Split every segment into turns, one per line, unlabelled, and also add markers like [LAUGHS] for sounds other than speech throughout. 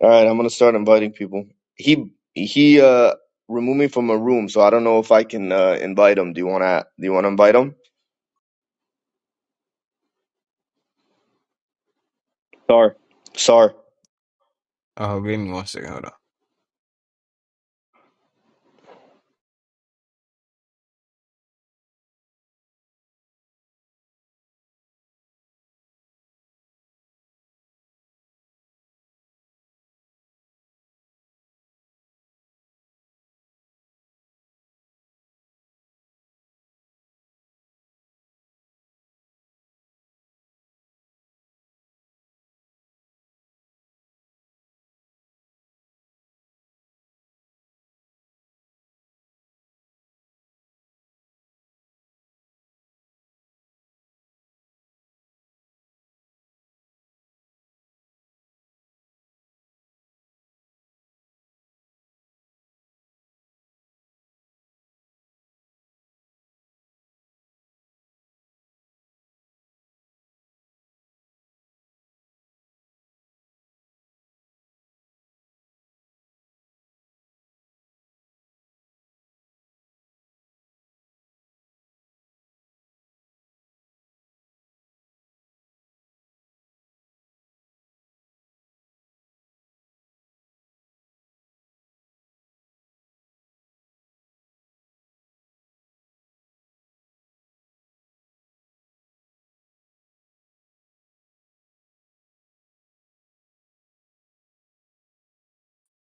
All right, I'm gonna start inviting people. He he uh removed me from a room, so I don't know if I can uh invite him. Do you wanna do you wanna invite him?
Sorry.
Sar.
Oh, give me one second. Hold on.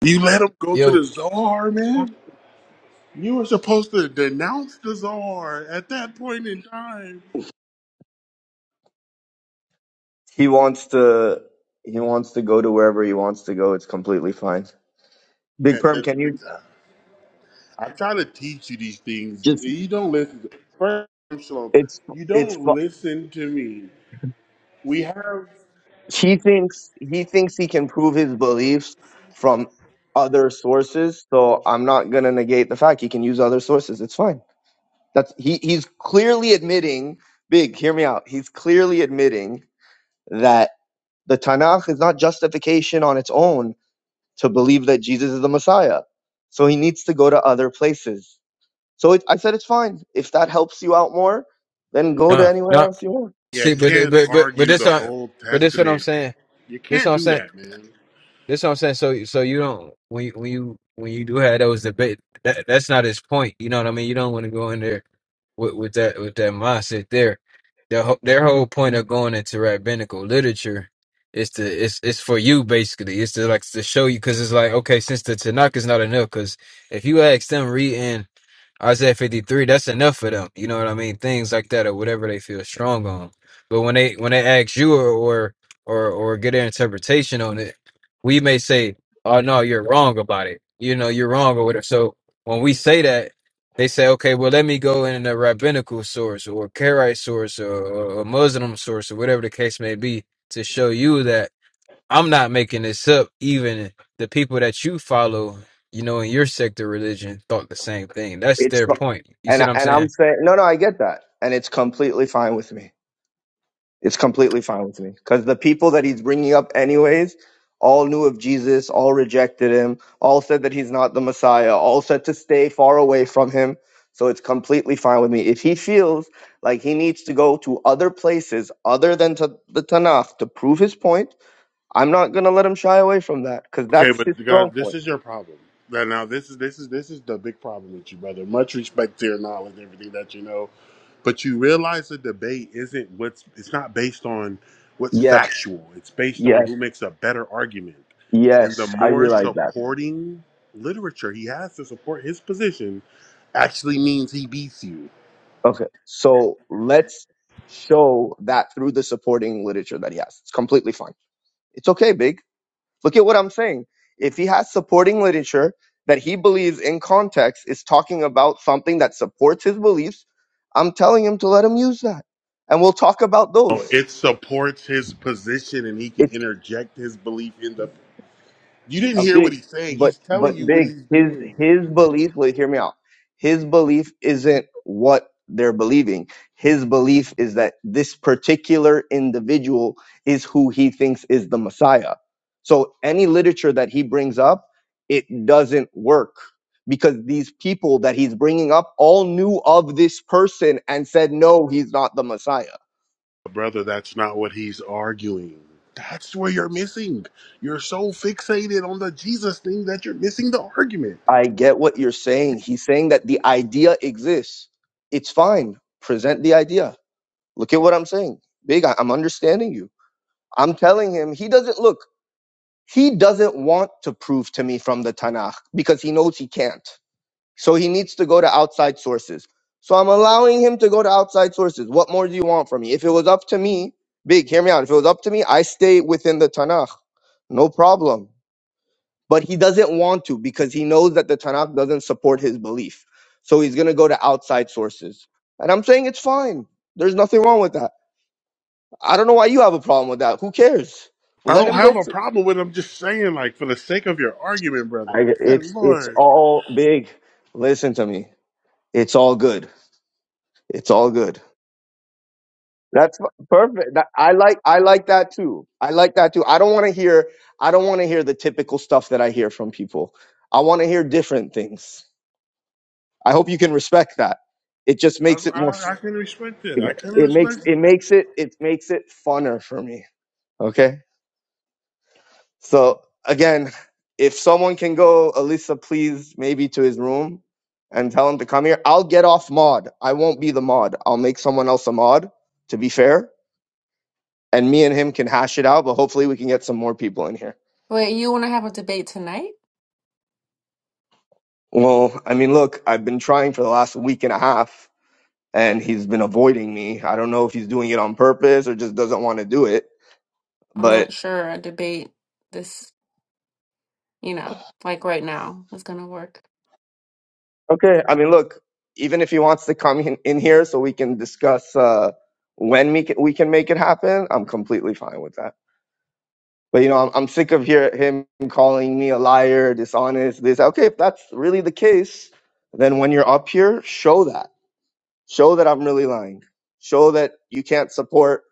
You let him go to
Yo,
the czar, man. You were supposed to denounce the czar at that point in time.
He wants to he wants to go to wherever he wants to go. It's completely fine. Big
That-
Perm,
that-
can you
I try to teach you these things.
just
You don't listen. First, Shalom,
it's
you
it's
don't
fu-
listen to me. We have.
he thinks he thinks he can prove his beliefs from other sources, so I'm not gonna negate the fact he can use other sources. It's fine. That's he he's clearly admitting Big, hear me out. He's clearly admitting that the Tanakh is not justification on its own to believe that Jesus is the Messiah. So he needs to go to other places. So it, I said it's fine. If that helps you out more, then go to
no,
anywhere
no.
else you want.
You
See, but
can't
but but but
argue
this
the
what
Old
but this what I'm
Testament.
saying.
You
This what
can't
I'm
do
saying.
that, man.
That's what I'm saying. So, so you don't when you when you when you do have those debate, that that's not his point. You know what I mean? You don't want to go in there with, with that with that mindset there. Their whole- their whole point of going into rabbinical literature is to it's it's for you basically. It's to like to show you because it's like okay, since the Tanakh is not enough, because if you ask them reading Isaiah 53, that's enough for them. You know what I mean? Things like that or whatever they feel strong on. But when they when they ask you or or or, or get their interpretation on it we may say, "Oh no, you're wrong about it." You know, you're wrong or whatever. So when we say that, they say, "Okay, well, let me go in a rabbinical source or a Karaite source or or a Muslim source or whatever the case may be to show you that I'm not making this up." Even the people that you follow, you know, in your sect of religion, thought the same thing. That's
It's
their
fi-
point. You
and
see
I-
what I'm
and I'm
saying?
saying no, no, I get that, and it's completely fine with me. It's completely fine with me because the people that he's bringing up, anyways, all knew of Jesus, all rejected him, all said that he's not the Messiah, all said to stay far away from him. So it's completely fine with me. If he feels like he needs to go to other places other than to the Tanakh to prove his point, I'm not going to let him shy away from that because
Okay,
that's
but
his strong
God, this
point.
is your problem. Now, now this is this is this is the big problem with you, brother. Much respect to your knowledge, everything that you know, but you realize the debate isn't what's. It's not based on what's
Yes,
factual. It's based on
yes,
who makes a better argument, and the
yes. I
more
realize that.
supporting literature he has to support his position, actually means he beats you.
Okay. So let's show that through the supporting literature that he has. It's completely fine. It's okay, Big. Look at what I'm saying. If he has supporting literature that he believes in context is talking about something that supports his beliefs, I'm telling him to let him use that. And we'll talk about
No,
those.
It supports his position, and he can interject his belief in the. You didn't
a
hear what
big
he's saying.
but
He's
but
telling you what
big
he's
his
doing.
his belief wait hear me out his belief isn't what they're believing his belief is that this particular individual is who he thinks is the messiah so any literature that he brings up it doesn't work because these people that he's bringing up all knew of this person and said no he's not the messiah
brother, that's not what he's arguing. That's where you're missing. You're so fixated on the Jesus thing that you're missing the argument.
i get what you're saying he's saying that the idea exists it's fine present the idea Look at what I'm saying. Big, I- I'm understanding you. I'm telling him he doesn't look, he doesn't want to prove to me from the Tanakh because he knows he can't. So he needs to go to outside sources. So I'm allowing him to go to outside sources. What more do you want from me? If it was up to me, Big, hear me out. If it was up to me, I stay within the Tanakh. No problem. But he doesn't want to because he knows that the Tanakh doesn't support his belief. So he's going to go to outside sources. And I'm saying it's fine. There's nothing wrong with that. I don't know why you have a problem with that. Who cares?
I
Let
don't
him
have
go
a
to.
problem with. it. I'm just saying, like, for the sake of your argument, brother.
I,
Good
it's it's
lord,
all big. Listen to me. It's all good. It's all good. That's fu- perfect. That, I like I like that too. I like that too. I don't want to hear I don't want to hear the typical stuff that I hear from people. I want to hear different things. I hope you can respect that. It just
I,
makes it more. f-
I, I can respect it. I can
It makes
respect it.
it makes it it makes it funner for me. Okay. So again, if someone can go, Alyssa, please, maybe to his room and tell him to come here. I'll get off mod. I won't be the mod. I'll make someone else a mod, to be fair. And me and him can hash it out, but hopefully we can get some more people in here.
Wait, you want to have a debate tonight?
Well, I mean, look, I've been trying for the last week and a half and he's been avoiding me. I don't know if he's doing it on purpose or just doesn't want to do it,
I'm
but
not sure a debate this, you know, like right now is gonna work.
Okay, I mean, look, even if he wants to come in, in here so we can discuss uh, when we can, we can make it happen, I'm completely fine with that. But you know, I'm, I'm sick of hear, him calling me a liar, dishonest. This okay? If that's really the case, then when you're up here, show that. Show that I'm really lying. Show that you can't support.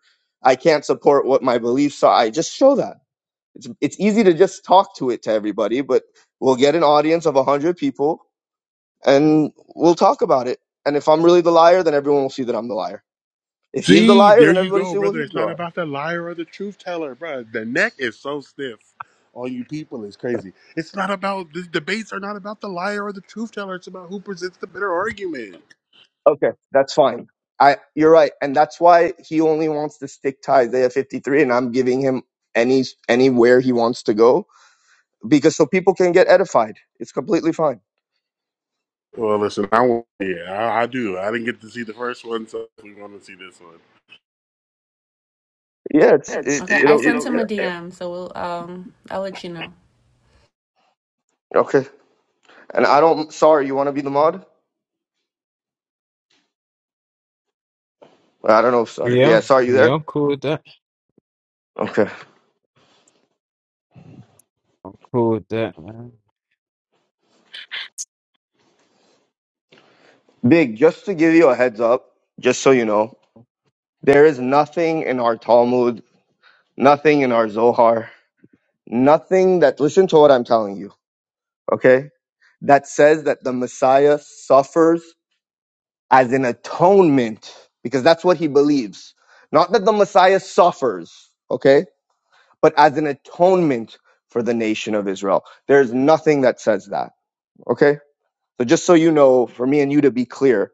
I can't support what my beliefs are. I just show that. It's it's easy to just talk to it to everybody, but we'll get an audience of a hundred people and we'll talk about it. And if I'm really the liar, then everyone will see that I'm the liar. If he's the
See,
liar,
there
then
you
everybody
go,
see well
brother.
he's
It's
the
not
liar.
about the liar or the truth teller, bro. The neck is so stiff. All you people is crazy. It's not about the debates are not about the liar or the truth teller. It's about who presents the better argument.
Okay, that's fine. I you're right, and that's why he only wants to stick to Isaiah 53, and I'm giving him any anywhere he wants to go because so people can get edified. It's completely fine.
Well, listen, I want, yeah, I, I do. I didn't get to see the first one, so we want to see this one.
Yeah, it's
Yeah, It's
it,
Okay, it I
it'll it-
sent it'll him a it DM, so we'll um I'll let you know.
okay. And I don't. Sorry, you want to be the mod? I don't know. If, Sar-
Yeah,
yeah, sorry, you
yeah,
there?
I'm cool with that.
Okay,
I'm cool with that, man.
big. Just to give you a heads up, just so you know, there is nothing in our Talmud Nothing in our Zohar, nothing that, listen to what I'm telling you, okay? That says that the Messiah suffers as an atonement, because that's what he believes. Not that the Messiah suffers, okay? But as an atonement for the nation of Israel. There's nothing that says that, okay? So just so you know, for me and you to be clear,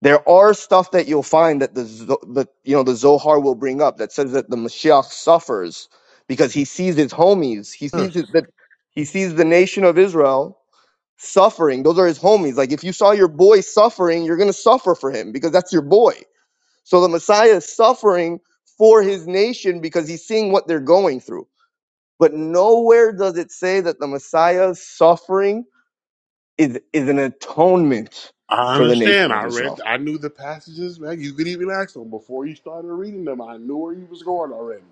There are stuff that you'll find that the, Zo- the you know the Zohar will bring up that says that the Mashiach suffers because he sees his homies, he
Huh.
sees it, that he sees the nation of Israel suffering. Those are his homies. Like if you saw your boy suffering, you're gonna suffer for him because that's your boy. So the Messiah is suffering for his nation because he's seeing what they're going through. But nowhere does it say that the Messiah's suffering is is an atonement
I
for the
understand.
nation
I
of Israel.
read, I knew the passages, man. You could even ask them before you started reading them. I knew where he was going already.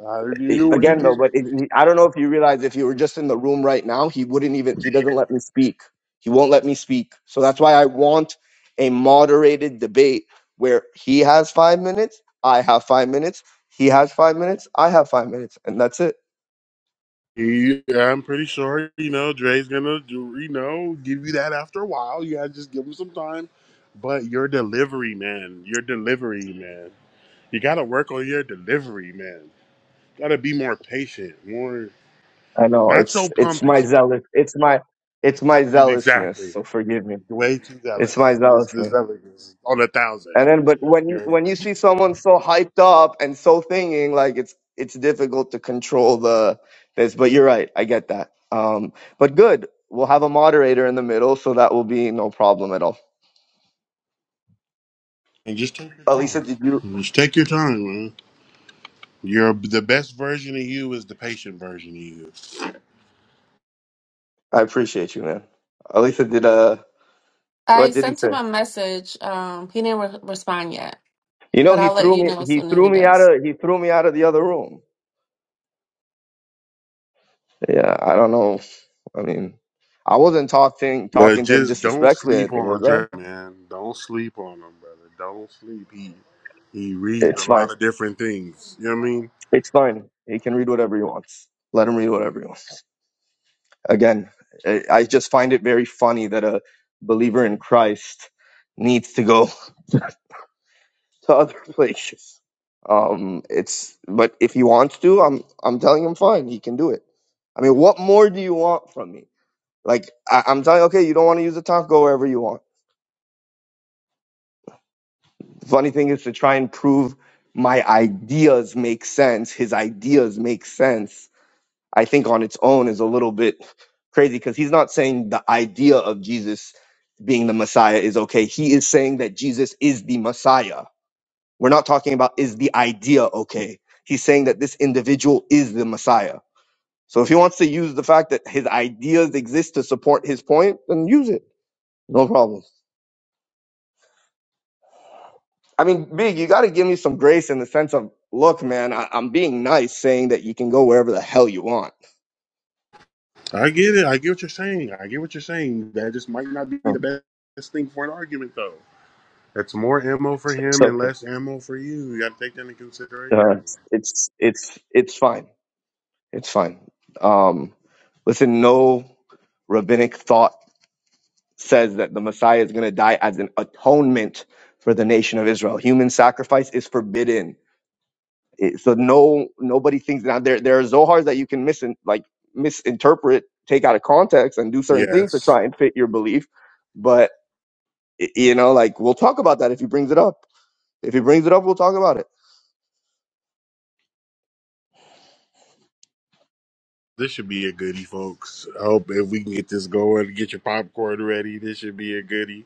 I already knew where he
again though
was.
but it, he- i don't know if you realize if you were just in the room right now he wouldn't even he doesn't let me speak he won't let me speak so that's why i want a moderated debate where he has five minutes i have five minutes he has five minutes i have five minutes and that's it
He, I'm pretty sure, you know, Dre's gonna do, you know, give you that after a while. You gotta just give him some time. But your delivery, man, your delivery, man. You gotta work on your delivery, man. Gotta be more patient, more
i know
not
it's
so
it's my
pompous, man.
zealous it's my it's my zealousness
Exactly.
so forgive me
Way too
it's my
zealous. This this
zealousness
zealous is on a thousand.
And then, but when you
You're
when you see someone so hyped up and so thinking, like it's it's difficult to control the this. But you're right, I get that. Um, but good, we'll have a moderator in the middle, so that will be no problem at all.
and just take your
Alisa,
time.
did you?
Just take your time, man. You're the best version of you is the patient version of you.
I appreciate you, man. Alisa, did uh,
I
what did he
sent him
say?
a message. Um, he didn't re respond yet,
You know,
but
he
I'll let
threw
you
me.
know as
He
soon as
threw
he
me out
does.
of. He threw me out of the other room. Yeah, I don't know. I mean, I wasn't talking
But
talking to him
just don't
disrespectfully or
sleep
anything,
on
was I?
Dre, man. Don't sleep on him, brother. Don't sleep. He he reads a
It's fine.
lot of different things. You know what I mean?
It's fine. He can read whatever he wants. Let him read whatever he wants. Again, I I just find it very funny that a believer in Christ needs to go [LAUGHS] to other places. Um, it's but if he wants to, I'm I'm telling him fine. He can do it. I mean, what more do you want from me? Like I, I'm telling, okay, you don't want to use the talk, go wherever you want. The funny thing is to try and prove my ideas make sense. His ideas make sense I think on its own is a little bit crazy because he's not saying the idea of Jesus being the Messiah is okay. He is saying that Jesus is the Messiah. We're not talking about is the idea okay. He's saying that this individual is the Messiah. So if he wants to use the fact that his ideas exist to support his point, then use it. No problem. I mean, Big, you got to give me some grace in the sense of, look, man, I- I'm being nice saying that you can go wherever the hell you want.
I get it. I get what you're saying. I get what you're saying. That just might not be the best thing for an argument, though. That's more ammo for him and less ammo for you. You got to take that into consideration.
Uh, it's it's it's fine. It's fine. Um, listen, no rabbinic thought says that the Messiah is going to die as an atonement for the nation of Israel. Human sacrifice is forbidden. It- so no, nobody thinks now there there are Zohars that you can mis like misinterpret, take out of context, and do certain things to
Yes.
try and fit your belief. But y- you know, like we'll talk about that if he brings it up. If he brings it up, we'll talk about it.
This should be a goodie, folks. I hope if we can get this going, get your popcorn ready. This should be a goodie.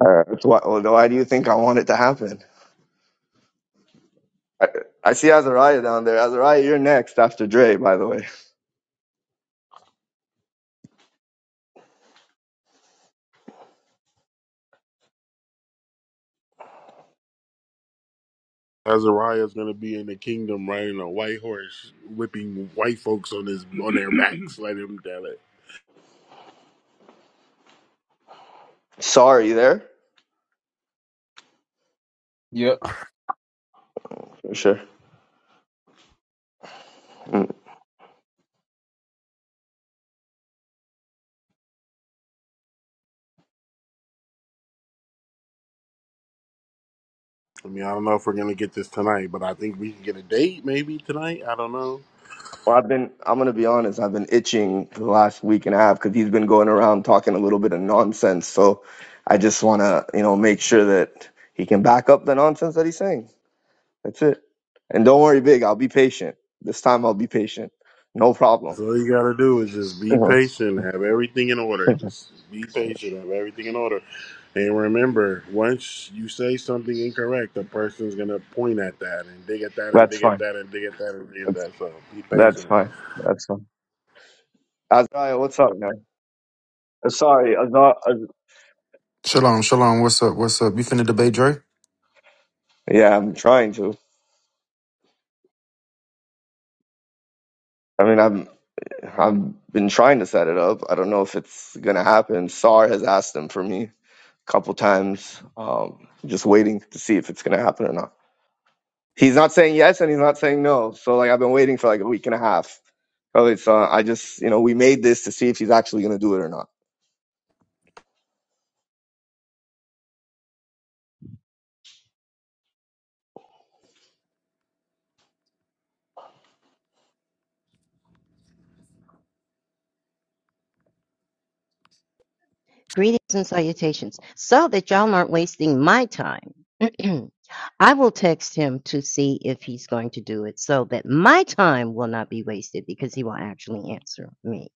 Uh, that's why. well, Why do you think I want it to happen? I, I see Azariah down there. Azariah, you're next after Dre, by the way.
Azariah's gonna be in the kingdom riding a white horse, whipping white folks on his on their backs. [CLEARS THROAT] Let him tell it.
Sorry there.
Yep.
For sure. Mm.
I mean, I don't know if we're gonna get this tonight, but I think we can get a date maybe tonight. I don't know.
Well, I've been, I'm going to be honest, I've been itching for the last week and a half because he's been going around talking a little bit of nonsense. So I just want to, you know, make sure that he can back up the nonsense that he's saying. That's it. And don't worry, Big, I'll be patient. This time I'll be patient. No problem.
So all you gotta do is just be
Uh-huh.
patient, have everything in order. Just be patient, have everything in order. And remember, once you say something incorrect, the person's gonna point at that and dig at that and
That's
dig at
fine.
that and dig at that and dig at
That's
that. So be
that's
patient.
fine. That's fine. Azariah, what's up? That's-
Shalom, shalom. What's up? What's up? You finna debate Dre?
Yeah, I'm trying to. I mean, I'm I've been trying to set it up. I don't know if it's gonna happen. Sar has asked him for me. couple times, um, just waiting to see if it's going to happen or not. He's not saying yes and he's not saying no. So like I've been waiting for like a week and a half. So it's uh, I just you know we made this to see if he's actually going to do it or not.
Greetings and salutations. So that y'all aren't wasting my time, [CLEARS THROAT] I will text him to see if he's going to do it so that my time will not be wasted because he will actually answer me.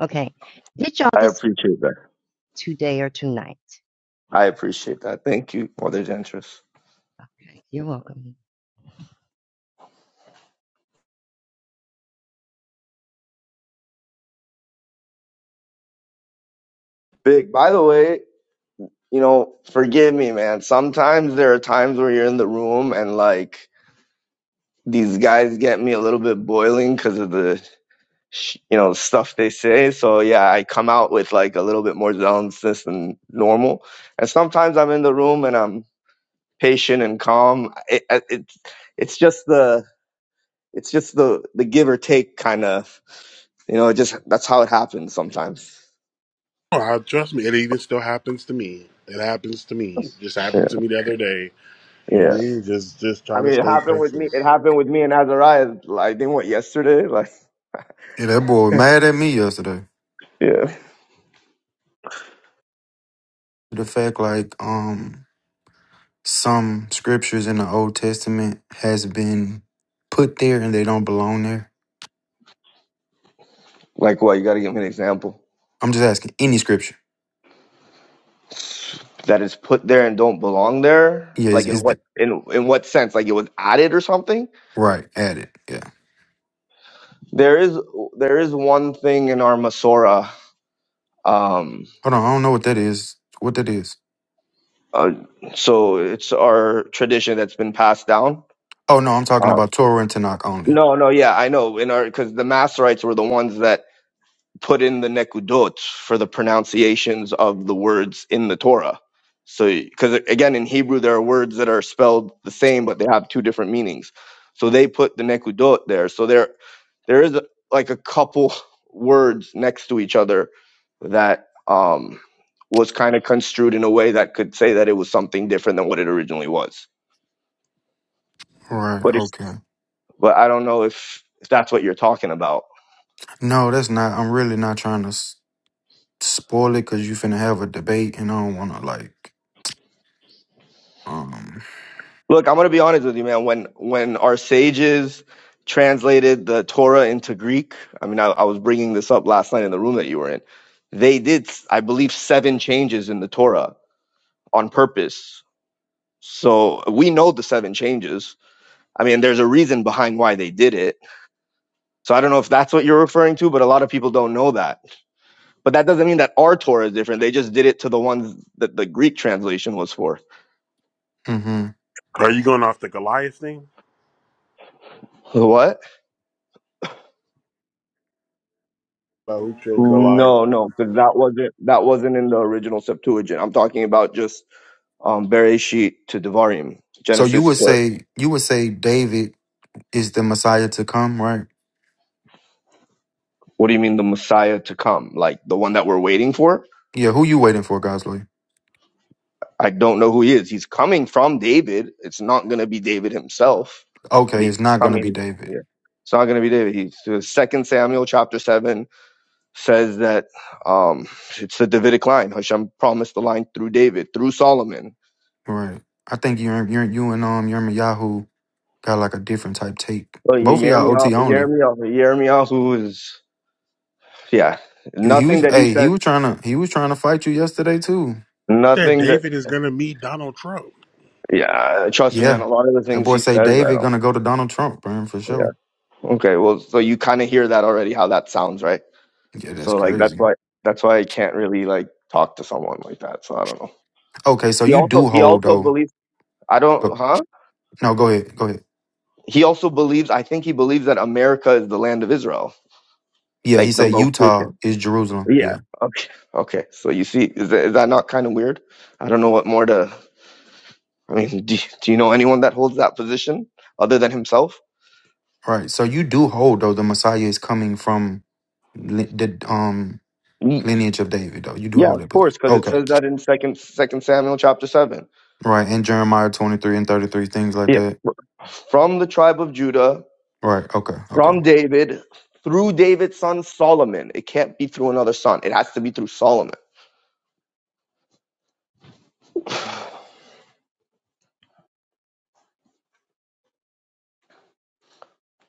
Okay. Did y'all
I
this
appreciate that.
today or tonight?
I appreciate that. Thank you, Mother Gentris.
Okay. You're welcome.
Big. By the way, you know, forgive me, man. Sometimes there are times where you're in the room and like these guys get me a little bit boiling because of the sh- you know stuff they say so yeah i come out with like a little bit more zealousness than normal and sometimes i'm in the room and i'm patient and calm it, it, it's it's just the it's just the the give or take kind of you know it just that's how it happens sometimes
Oh, I, trust me, it even still happens to me. It happens to me. It just
yeah
happened to me the other day. You know what
yeah
I mean? Just just try
i
to
mean it
stay
happened with
patient.
me it happened with me and azariah like they went yesterday like
Yeah, that boy
[LAUGHS]
mad at me yesterday.
yeah
The fact like um some scriptures in the Old Testament has been put there and they don't belong there.
like what you got to give me an example
I'm just asking any scripture.
that is put there and don't belong there
Yeah,
like
is
in
is
what
the
in in what sense like it was added or something
right added? Yeah.
there is there is one thing in our masora um
Hold on, I don't know what that is. What that is?
uh, so it's our tradition that's been passed down
Oh no, I'm talking
uh,
about Torah and Tanakh only.
no no yeah i know in our because the masorites were the ones that put in the nekudot for the pronunciations of the words in the Torah. So, because again, in Hebrew, there are words that are spelled the same, but they have two different meanings. So they put the nekudot there. So there, there is a, like a couple words next to each other that um, was kind of construed in a way that could say that it was something different than what it originally was.
Right.
But it's,
Okay.
but I don't know if if that's what you're talking about.
No, that's not. I'm really not trying to s- spoil it because you finna have a debate and I don't want to like um.
Look, I'm gonna be honest with you, man. When when our sages translated the Torah into Greek, I mean, I, I was bringing this up last night in the room that you were in. They did, I believe, seven changes in the Torah on purpose. So we know the seven changes. I mean, there's a reason behind why they did it. So I don't know if that's what you're referring to, but a lot of people don't know that. But that doesn't mean that our Torah is different. They just did it to the ones that the Greek translation was for.
mhm.
Are you going off the Goliath thing?
The What?
About who killed Goliath?
No, no, because that wasn't that wasn't in the original Septuagint. I'm talking about just um Bereshit to Devarim,
So you
Genesis.
would
To,
say you would say David is the Messiah to come, right?
what do you mean the Messiah to come? Like the one that we're waiting for?
Yeah. Who you waiting for, Gosley?
I don't know who he is. He's coming from David. It's not gonna be David himself, but
Okay,
he's
it's not gonna be
coming.
David,
Yeah, it's not gonna be David. He's uh, Second Samuel chapter seven says that um it's the Davidic line. Hashem promised the line through David, through Solomon.
right? I think you and- you and- you and um Yerma Yahoo got like a different type take.
So you
Both of
Hear me
y'all
out.
OT
you hear
only.
me out, you hear me out Who is Yeah,
He, he
nothing
was
that he
hey he
said.
was trying to he was trying to fight you yesterday too.
Said
Nothing that.
David is gonna meet Donald Trump.
Yeah, trust me, man.
Yeah,
A lot of the
that
things
boy
he says,
say
I
David
don't.
gonna go to Donald Trump, man, for sure.
Yeah. Okay. Well, so you kind of hear that already, how that sounds, right?
Yeah, that's
So like that's
crazy.
why that's why I can't really like talk to someone like that. So I don't know.
Okay, so
He
you
also
do
he
hold
also
though.
believes I don't
Go-
huh?
No, go ahead, go ahead.
He also believes I think he believes that America is the land of Israel,
Yeah, he
like the
said Utah
location.
is Jerusalem. Yeah.
Yeah. Okay. Okay. So you see, is that, is that not kind of weird? I don't know what more to. I mean, [LAUGHS] do, do you know anyone that holds that position other than himself?
Right. So you do hold though the Messiah is coming from li- the um
Ye-
lineage of David though. You do
Yeah,
hold
of
that
course,
position.
because it
Okay.
says that in second Second Samuel chapter seven.
Right. And Jeremiah 23 and 33 things like
Yeah,
that.
from the tribe of Judah,
Right. Okay. Okay.
from David, through David's son Solomon. It can't be through another son. It has to be through Solomon. [SIGHS]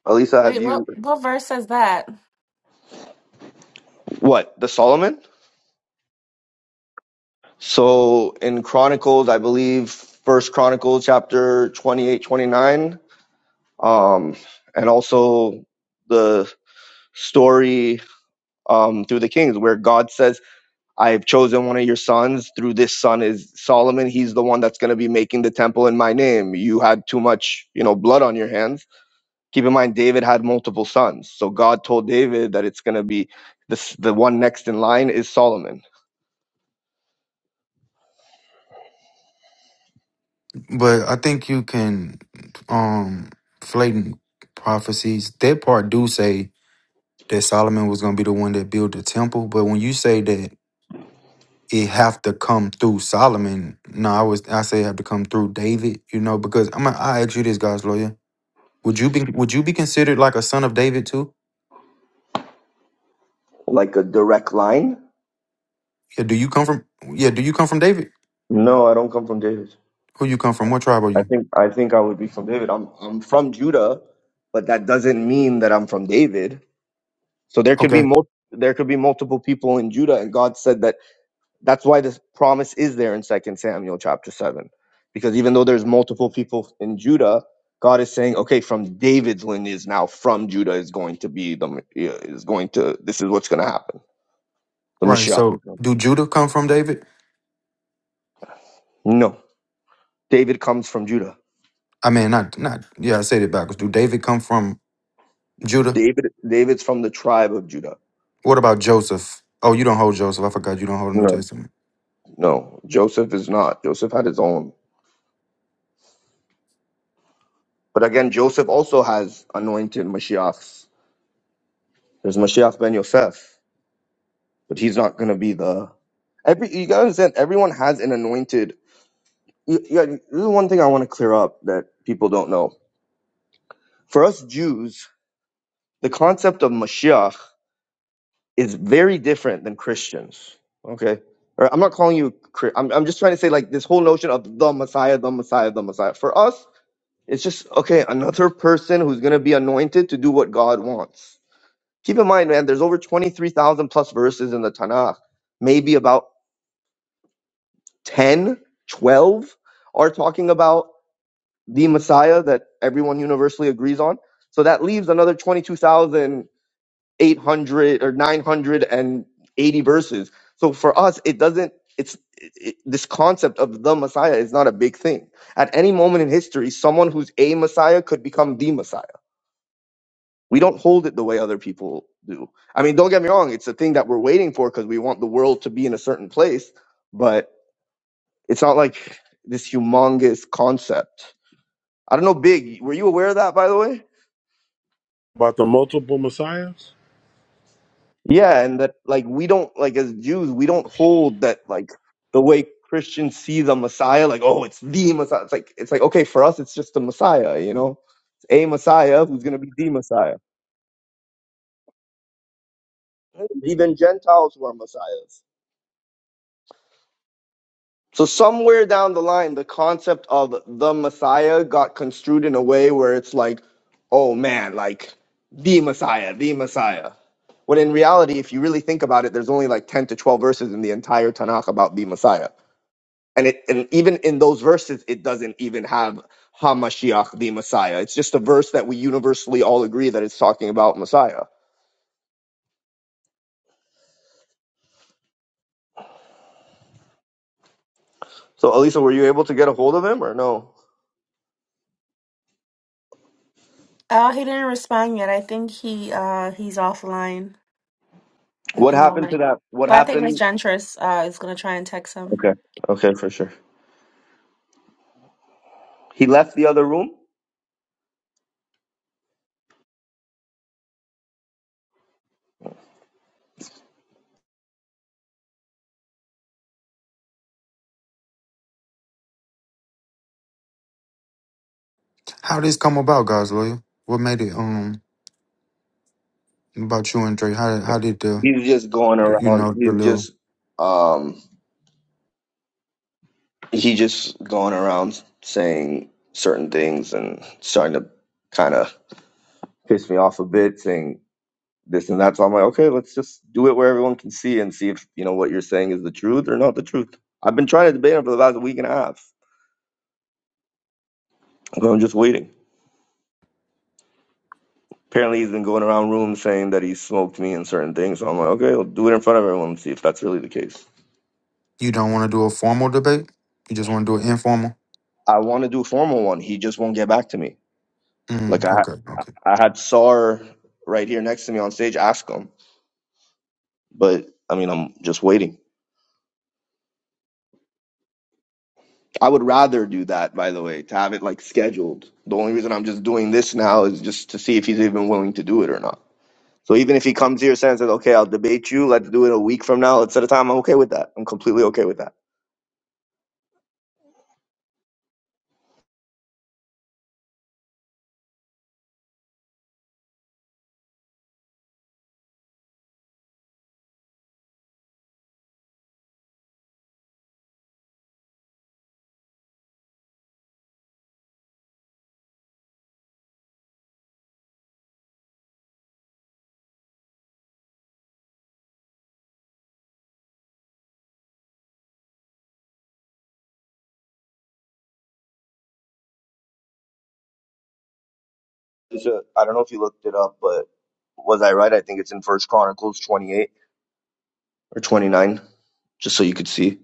Elisa, have
Wait, what
you
what verse says that?
what the Solomon? So in Chronicles, I believe First Chronicles chapter 28, 29, um, and also the story um, through the Kings where God says I've chosen one of your sons. Through this son is Solomon. He's the one that's going to be making the temple in my name. You had too much, you know, blood on your hands. Keep in mind, David had multiple sons. So God told David that it's going to be this, the one next in line is Solomon.
But I think you can um flating prophecies. That part do say that Solomon was going to be the one that built the temple, but when you say that it have to come through Solomon. No, I was I say it have to come through David, you know, because I'm gonna I ask you this guys lawyer Would you be would you be considered like a son of David too?
Like a direct line?
Yeah, do you come from yeah, do you come from David?
No, I don't come from David.
Who you come from? What tribe are
I
you?
think I think I would be from David. I'm I'm from Judah, but that doesn't mean that I'm from David. So there could be
Okay.
mul- there could be multiple people in Judah, and God said that That's why this promise is there in Second Samuel chapter 7. Because even though there's multiple people in Judah, God is saying, okay, from David's lineage now, from Judah is going to be the uh, is going to this is what's going to happen. The
Right.
Mashiach is
So
going.
do Judah come from David?
No, David comes from Judah.
I mean not not yeah, I said it backwards. Do David come from Judah?
David David's from the tribe of Judah.
What about Joseph? Oh, you don't hold Joseph. I forgot you don't hold the New
No,
Testament.
no, Joseph is not. Joseph had his own. But again, Joseph also has anointed Mashiachs. There's Mashiach ben Yosef. but he's not going to be the every you gotta understand everyone has an anointed you, you, this is one thing i want to clear up that people don't know for us jews the concept of mashiach is very different than christians okay or i'm not calling you Chri- I'm, I'm just trying to say like this whole notion of the messiah the messiah the messiah for us it's just okay another person who's going to be anointed to do what god wants keep in mind man there's over 23000 plus verses in the tanakh maybe about 10, 12 are talking about the Messiah that everyone universally agrees on. So that leaves another 22,800 or 980 verses. So for us, it doesn't, it's it, it- this concept of the Messiah is not a big thing. At any moment in history, someone who's a Messiah could become the Messiah. We don't hold it the way other people do. I mean, don't get me wrong, it's a thing that we're waiting for because we want the world to be in a certain place. But it's not like this humongous concept. I don't know, Big, were you aware of that, by the way?
About the multiple messiahs?
Yeah, and that, like, we don't, like, as Jews, we don't hold that, like, the way Christians see the Messiah, like, oh, it's the Messiah. It's like, it's like, okay, for us, it's just the Messiah, you know? It's a Messiah who's going to be the Messiah. Even Gentiles who are Messiahs. So somewhere down the line, the concept of the Messiah got construed in a way where it's like, oh man, like the Messiah, the Messiah. When in reality, if you really think about it, there's only like 10 to 12 verses in the entire Tanakh about the Messiah. And it and even in those verses, it doesn't even have Hamashiach, the Messiah. It's just a verse that we universally all agree that it's talking about Messiah. So Elisa, were you able to get a hold of him or no?
Oh, he didn't respond yet. I think he uh he's offline. at
What
the
happened to
moment.
that? What
But I think Miss
happened?
Jentress uh, is going to try and text him.
Okay. Okay, for sure. He left the other room.
How this come about, guys, lawyer? What made it um about you and Dre? How how did the
He's just going
you
around.
know the
He's
little
just um he just going around saying certain things and starting to kind of piss me off a bit, saying this and that. So I'm like, okay, let's just do it where everyone can see and see if you know what you're saying is the truth or not the truth. I've been trying to debate him for the last week and a half, but I'm just waiting. Apparently, he's been going around rooms saying that he smoked me and certain things. So I'm like, okay, we will do it in front of everyone and see if that's really the case.
you don't want to do a formal debate? You just want to do it informal?
I want to do a formal one. He just won't get back to me. Like
Mm,
I
okay, okay.
I had Sar right here next to me on stage ask him, but I mean, I'm just waiting. I would rather do that, by the way, to have it like scheduled. The only reason I'm just doing this now is just to see if he's even willing to do it or not. So even if he comes here saying, says, okay, I'll debate you, let's do it a week from now, let's set a time, I'm okay with that. I'm completely okay with that. It's a, I don't know if you looked it up, but was I right? I think it's in First Chronicles 28 or 29, just so you could see.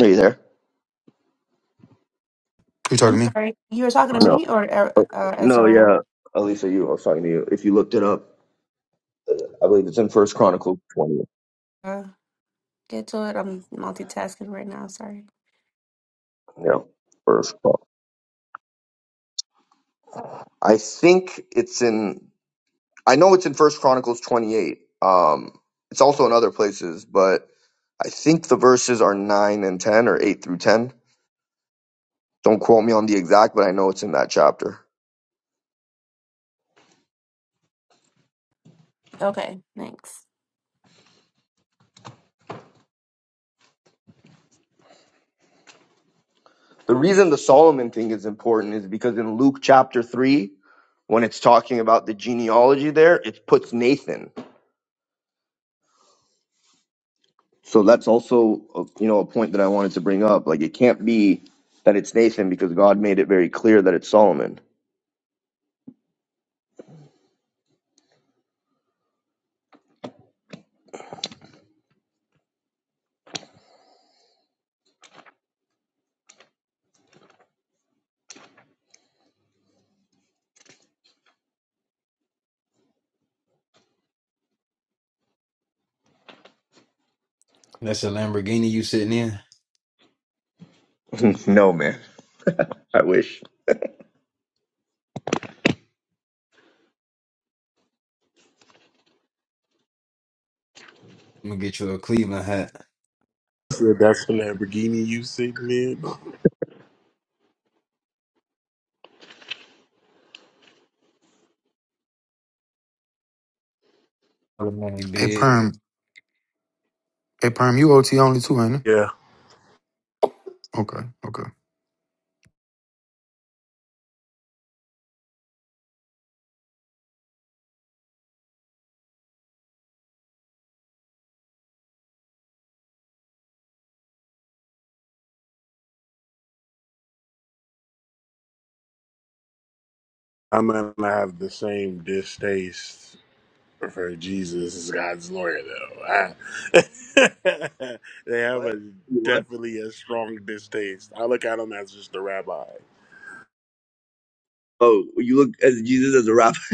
Are you there?
You
I'm
talking to me?
sorry. You were talking to
Awesome.
No.
me or uh,
Okay.
uh,
No,
Ezra?
yeah. Elisa, you, I was talking to you. If you looked it up, I believe it's in First Chronicles 20.
Uh, get to it. I'm multitasking right now. Sorry.
Yeah, First. Chron- I think it's in. I know it's in First Chronicles 28. Um, it's also in other places, but I think the verses are nine and ten or eight through ten. Don't quote me on the exact, but I know it's in that chapter.
Okay, thanks.
The reason the Solomon thing is important is because in Luke chapter three, when it's talking about the genealogy there, it puts Nathan. So that's also, uh, you know, a point that I wanted to bring up. Like, it can't be that it's Nathan because God made it very clear that it's Solomon.
That's a Lamborghini you sitting in.
[LAUGHS] no, man. I wish.
I'm gonna get you a Cleveland hat.
said that's the Lamborghini you sitting in.
Good morning,
Hey
big.
Perm, Hey perm, you OT only too, ain't it?
Yeah,
Okay, okay.
I'm gonna have the same distaste for Jesus as God's lawyer, though. I, [LAUGHS] they have
What?
a
What?
definitely a strong distaste. I look at him as just a rabbi.
Oh, you look as Jesus as a rabbi. [LAUGHS]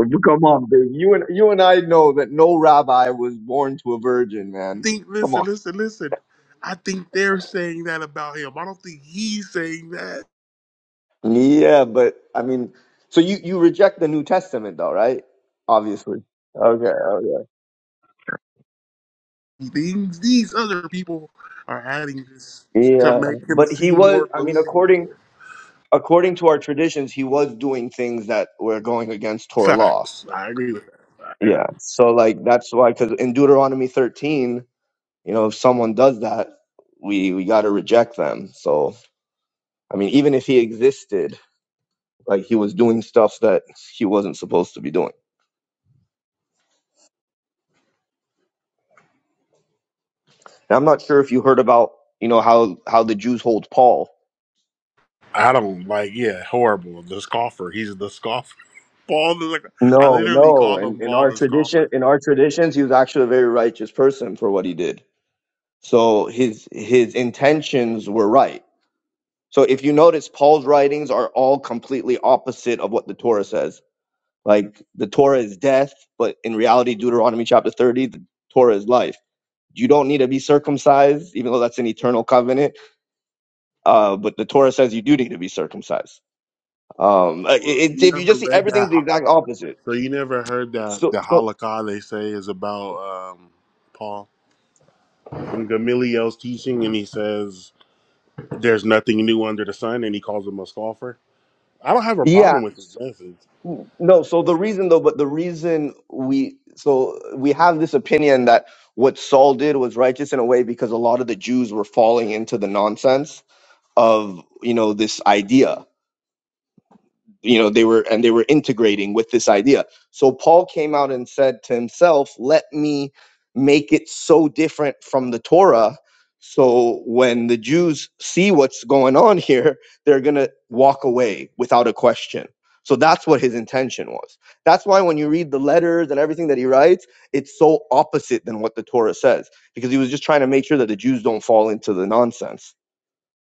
Come on, baby. You and you and I know that no rabbi was born to a virgin,
I
man.
think,
Come
listen,
on.
listen, listen. I think they're saying that about him. I don't think he's saying that.
Yeah, but I mean, so you you reject the New Testament, though, right? Obviously. Okay, okay.
Things these other people are adding this to
Yeah,
make him
but he
seem
was.
more
I mean, according
believable.
according to our traditions, he was doing things that were going against Torah law.
Facts. I agree with that.
Yeah. So like that's why, because in Deuteronomy 13, you know, if someone does that, we we got to reject them. So I mean, even if he existed, like he was doing stuff that he wasn't supposed to be doing. And I'm not sure if you heard about, you know, how how the Jews hold Paul.
I don't like, yeah, horrible. The scoffer. He's the scoffer. [LAUGHS] Paul the I
No,
literally
no.
called him
And in in
Paul
our
the
tradition,
scoffer.
in our traditions, he was actually a very righteous person for what he did. So his his intentions were right So if you notice, Paul's writings are all completely opposite of what the Torah says. Like the Torah is death, but in reality, Deuteronomy chapter 30, the Torah is life. You don't need to be circumcised, even though that's an eternal covenant. Uh, but the Torah says you do need to be circumcised. Um, uh,
Bro,
it, it-
you
if you
never
just see
read that.
everything's the
ho-
exact opposite.
So you never heard that
So,
the
so
halakha they say is about um, Paul from Gamaliel's teaching, and he says there's nothing new under the sun, and he calls him a scoffer. I don't have a
yeah.
problem with his message.
N- No, so the reason though, but the reason we so we have this opinion that what Saul did was righteous in a way because a lot of the Jews were falling into the nonsense of you know this idea you know they were and they were integrating with this idea so paul came out and said to himself let me make it so different from the torah so when the jews see what's going on here they're going to walk away without a question so that's what his intention was that's why when you read the letters and everything that he writes it's so opposite than what the torah says because he was just trying to make sure that the jews don't fall into the nonsense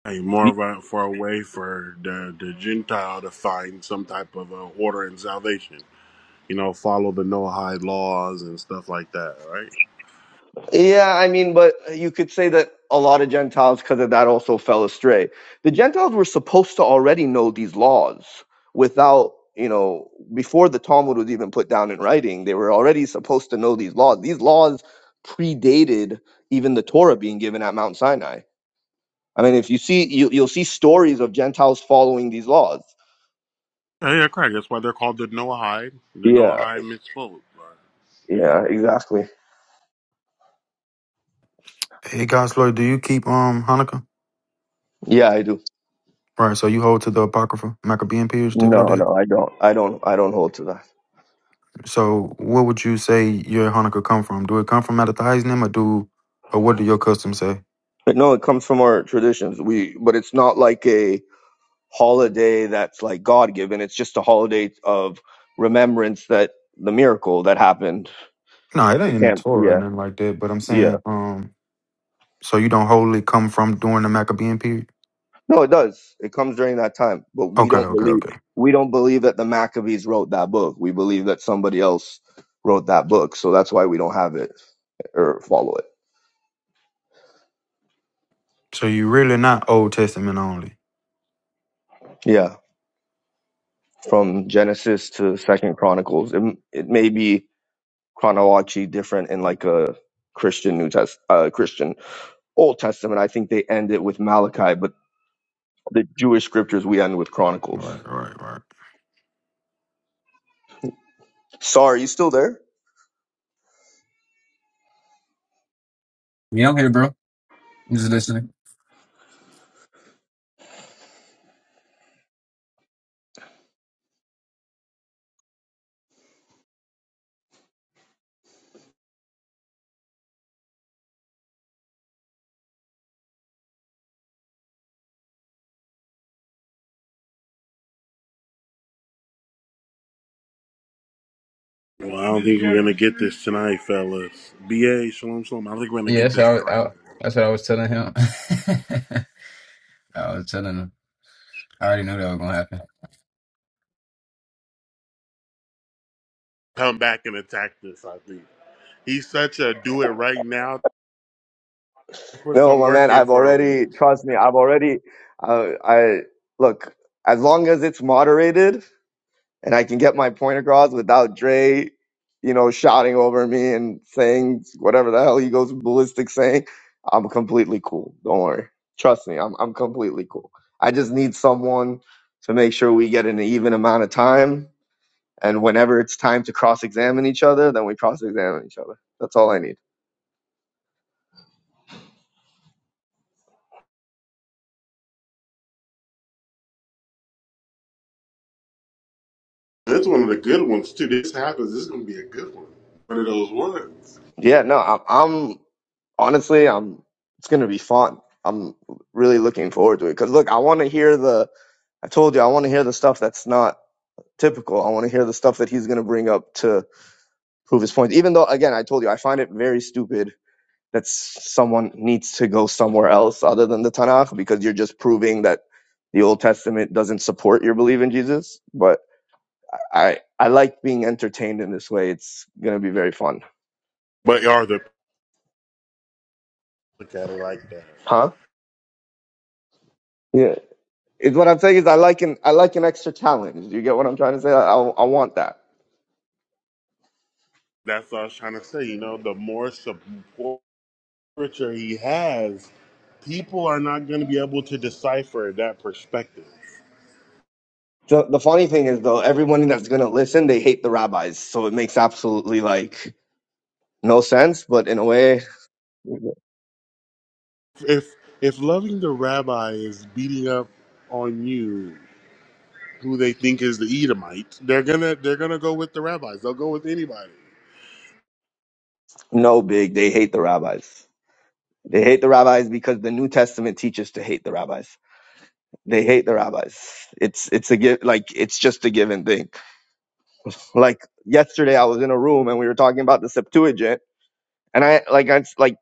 Hey, more of a, for a way for the, the Gentile to find some type of uh order and salvation. You know, follow the Noahide laws and stuff like that, right?
Yeah, I mean, but you could say that a lot of Gentiles, because of that, also fell astray. The Gentiles were supposed to already know these laws without, you know, before the Talmud was even put down in writing, they were already supposed to know these laws. These laws predated even the Torah being given at Mount Sinai. I mean, if you see, you, you'll see stories of Gentiles following these laws.
Oh, Yeah, correct. That's why they're called the Noahide. The
Yeah,
Noahide misspoke. Right.
yeah, exactly.
Hey guys, Lord, do you keep um Hanukkah?
Yeah, I do.
Right, so you hold to the Apocrypha, Maccabean period, stuff like
No,
that.
no, I don't. I don't. I don't hold to that.
So what would you say your Hanukkah come from? Do it come from out the Heisnim or do or what do your customs say?
But no, it comes from our traditions. We, but it's not like a holiday that's like God given. It's just a holiday of remembrance that the miracle that happened.
No, it
The
ain't in the
camp.
Torah or
Yeah.
nothing like that, but I'm
Yeah.
saying, um, so you don't wholly come from during the Maccabean period?
No, it does. It comes during that time, but we
Okay,
don't
okay,
believe,
okay.
we don't believe that the Maccabees wrote that book. We believe that somebody else wrote that book. So that's why we don't have it or follow it.
So you really not Old Testament only.
Yeah. From Genesis to second chronicles. It, it may be chronologically different in like a Christian New Test, uh, Christian Old Testament, I think they end it with Malachi, but the Jewish scriptures we end with Chronicles.
Right, right, right.
Sorry, you still there?
Yeah, I'm here, bro. I'm just listening.
Well, I don't think we're gonna get this tonight, fellas. Ba shalom shalom. I don't think we're gonna
Yeah,
get this
so I,
tonight.
I, that's what I was telling him. [LAUGHS] I was telling him. I already knew that was gonna happen.
Come back and attack this. I think he's such a do it right now. Put
No,
some
my
work
man,
in
I've
for a week.
already trust me, I've already uh, I look, as long as it's moderated and I can get my point across without Dre, you know, shouting over me and saying whatever the hell he goes ballistic saying, I'm completely cool. Don't worry. Trust me, I'm I'm completely cool. I just need someone to make sure we get an even amount of time and whenever it's time to cross-examine each other then we cross-examine each other that's all i need
That's one of the good ones too. This happens. This is gonna be a good one. One of those ones.
yeah no i'm, I'm honestly i'm it's going to be fun i'm really looking forward to it because look i want to hear the i told you i want to hear the stuff that's not typical i want to hear the stuff that he's going to bring up to prove his point even though again i told you i find it very stupid that someone needs to go somewhere else other than the tanakh because you're just proving that the old testament doesn't support your belief in jesus but I I like being entertained in this way. It's gonna be very fun,
But y'all the look at it like that.
huh? Yeah. It's what I'm saying is I like an I like an extra challenge. Do You get what I'm trying to say? I I want that.
That's what I was trying to say. You know, the more support he has, people are not going to be able to decipher that perspective.
So the funny thing is though, everyone that's gonna listen, they hate the rabbis, so it makes absolutely like no sense. But in a way,
If if loving the rabbi is beating up on you, who they think is the Edomite, they're gonna they're gonna go with the rabbis. They'll go with anybody.
no big. They hate the rabbis. They hate the rabbis because the New Testament teaches to hate the rabbis. They hate the rabbis. It's it's a give like it's just a give and think. Like yesterday, I was in a room and we were talking about the Septuagint, And I like I like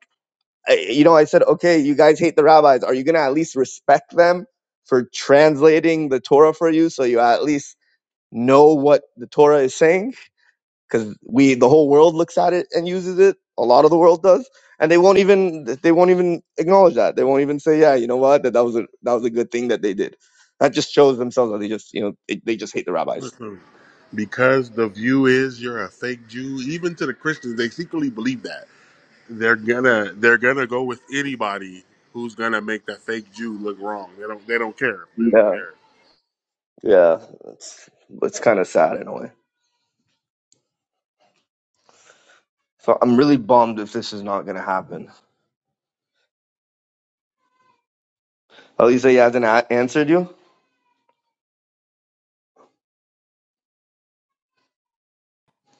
I, you know I said, okay, you guys hate the rabbis. Are you gonna at least respect them for translating the Torah for you, so you at least know what the Torah is saying? Because we the whole world looks at it and uses it. A lot of the world does, and they won't even they won't even acknowledge that. They won't even say, yeah, you know what, that, that was a that was a good thing that they did. That just shows themselves that they just you know they, they just hate the rabbis.
Listen, Because the view is you're a fake Jew. Even to the Christians, they secretly believe that they're gonna they're gonna go with anybody who's gonna make that fake Jew look wrong. They don't they don't care. They don't
Yeah,
care.
yeah, it's it's kind of sad in a way. So I'm really bummed if this is not gonna happen. Elisa, he hasn't a- answered you?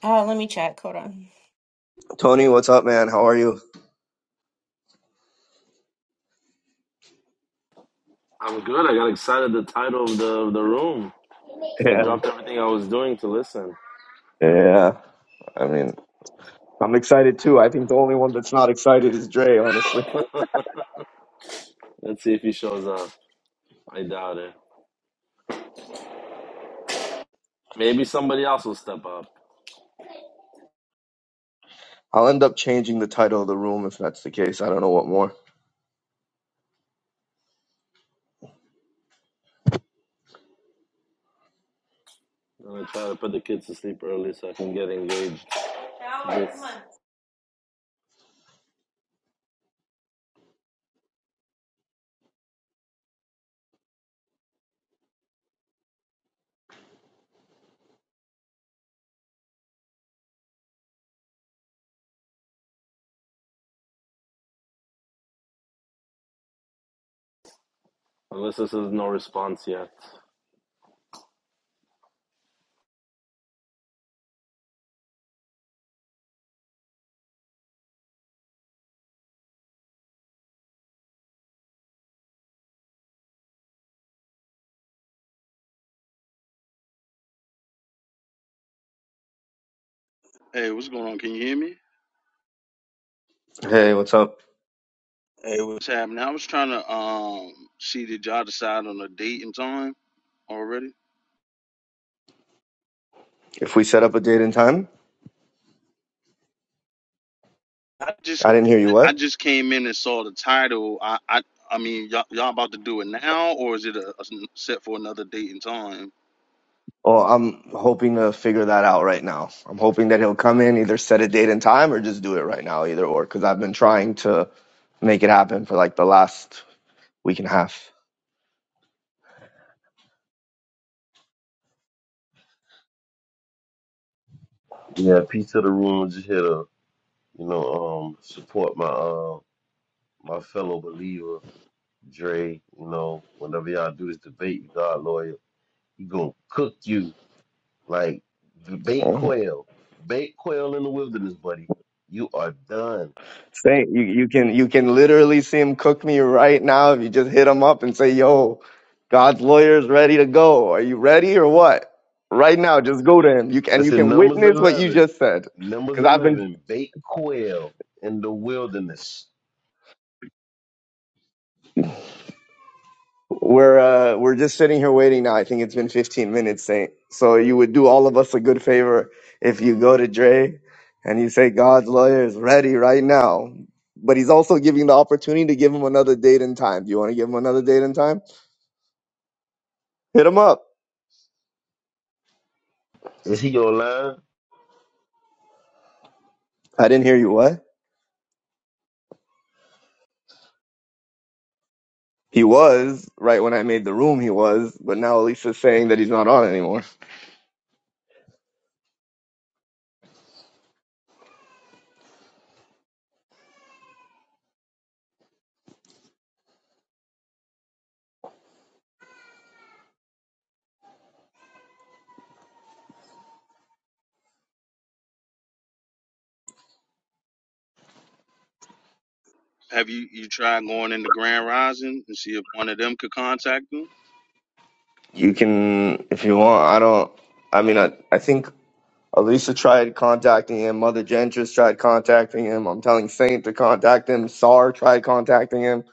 Uh, let me check. Hold on.
Tony, what's up, man? How are you?
I'm good. I got excited the title of the of the room. I
Yeah.
dropped everything I was doing to listen.
Yeah. I mean, I'm excited too. I think the only one that's not excited is Dre, honestly.
Let's see if he shows up. I doubt it. Maybe somebody else will step up.
I'll end up changing the title of the room if that's the case. I don't know what more.
I'm gonna try to put the kids to sleep early so I can get engaged. This- Unless this is no response yet.
Hey, what's going on? Can you hear me?
Hey, what's up?
Hey, what's happening? I was trying to um see did y'all decide on a date and time already?
If we set up a date and time,
I just
I didn't hear you
I, I
what?
just came in and saw the title. I I, I mean y'all, y'all about to do it now or is it a a set for another date and time?
Oh, I'm hoping to figure that out right now. I'm hoping that he'll come in, either set a date and time or just do it right now, either or, because I've been trying to make it happen for like the last week and a half.
Yeah, peace to the room. Just here to, you know, um, support my uh my fellow believer, Dre. You know, whenever y'all do this debate, God lawyer, he gonna cook you like the baked quail. Baked quail in the wilderness, buddy. You are done.
Same. You you can you can literally see him cook me right now if you just hit him up and say, "Yo, God's lawyer's ready to go. Are you ready or what?" Right now, just go to him. You can and you
Listen,
can
numbers
witness what you
eleven.
just said
Numbers
because I've been
eleven, baked quail in the wilderness.
we're uh, we're just sitting here waiting now. I think it's been 15 minutes, Saint. So you would do all of us a good favor if you go to Dre and you say, "God's lawyer is ready right now." But he's also giving the opportunity to give him another date and time. Do you want to give him another date and time? Hit him up.
Is he your line?
I didn't hear you. What? He was right when I made the room. He was, but now Elisa's saying that he's not on anymore.
Have you you tried going into Grand Rising and see if one of them could contact them?
You can, if you want. I don't. I mean, I, I think Elisa tried contacting him. Mother Gentris tried contacting him. I'm telling Saint to contact him. Sar tried contacting him.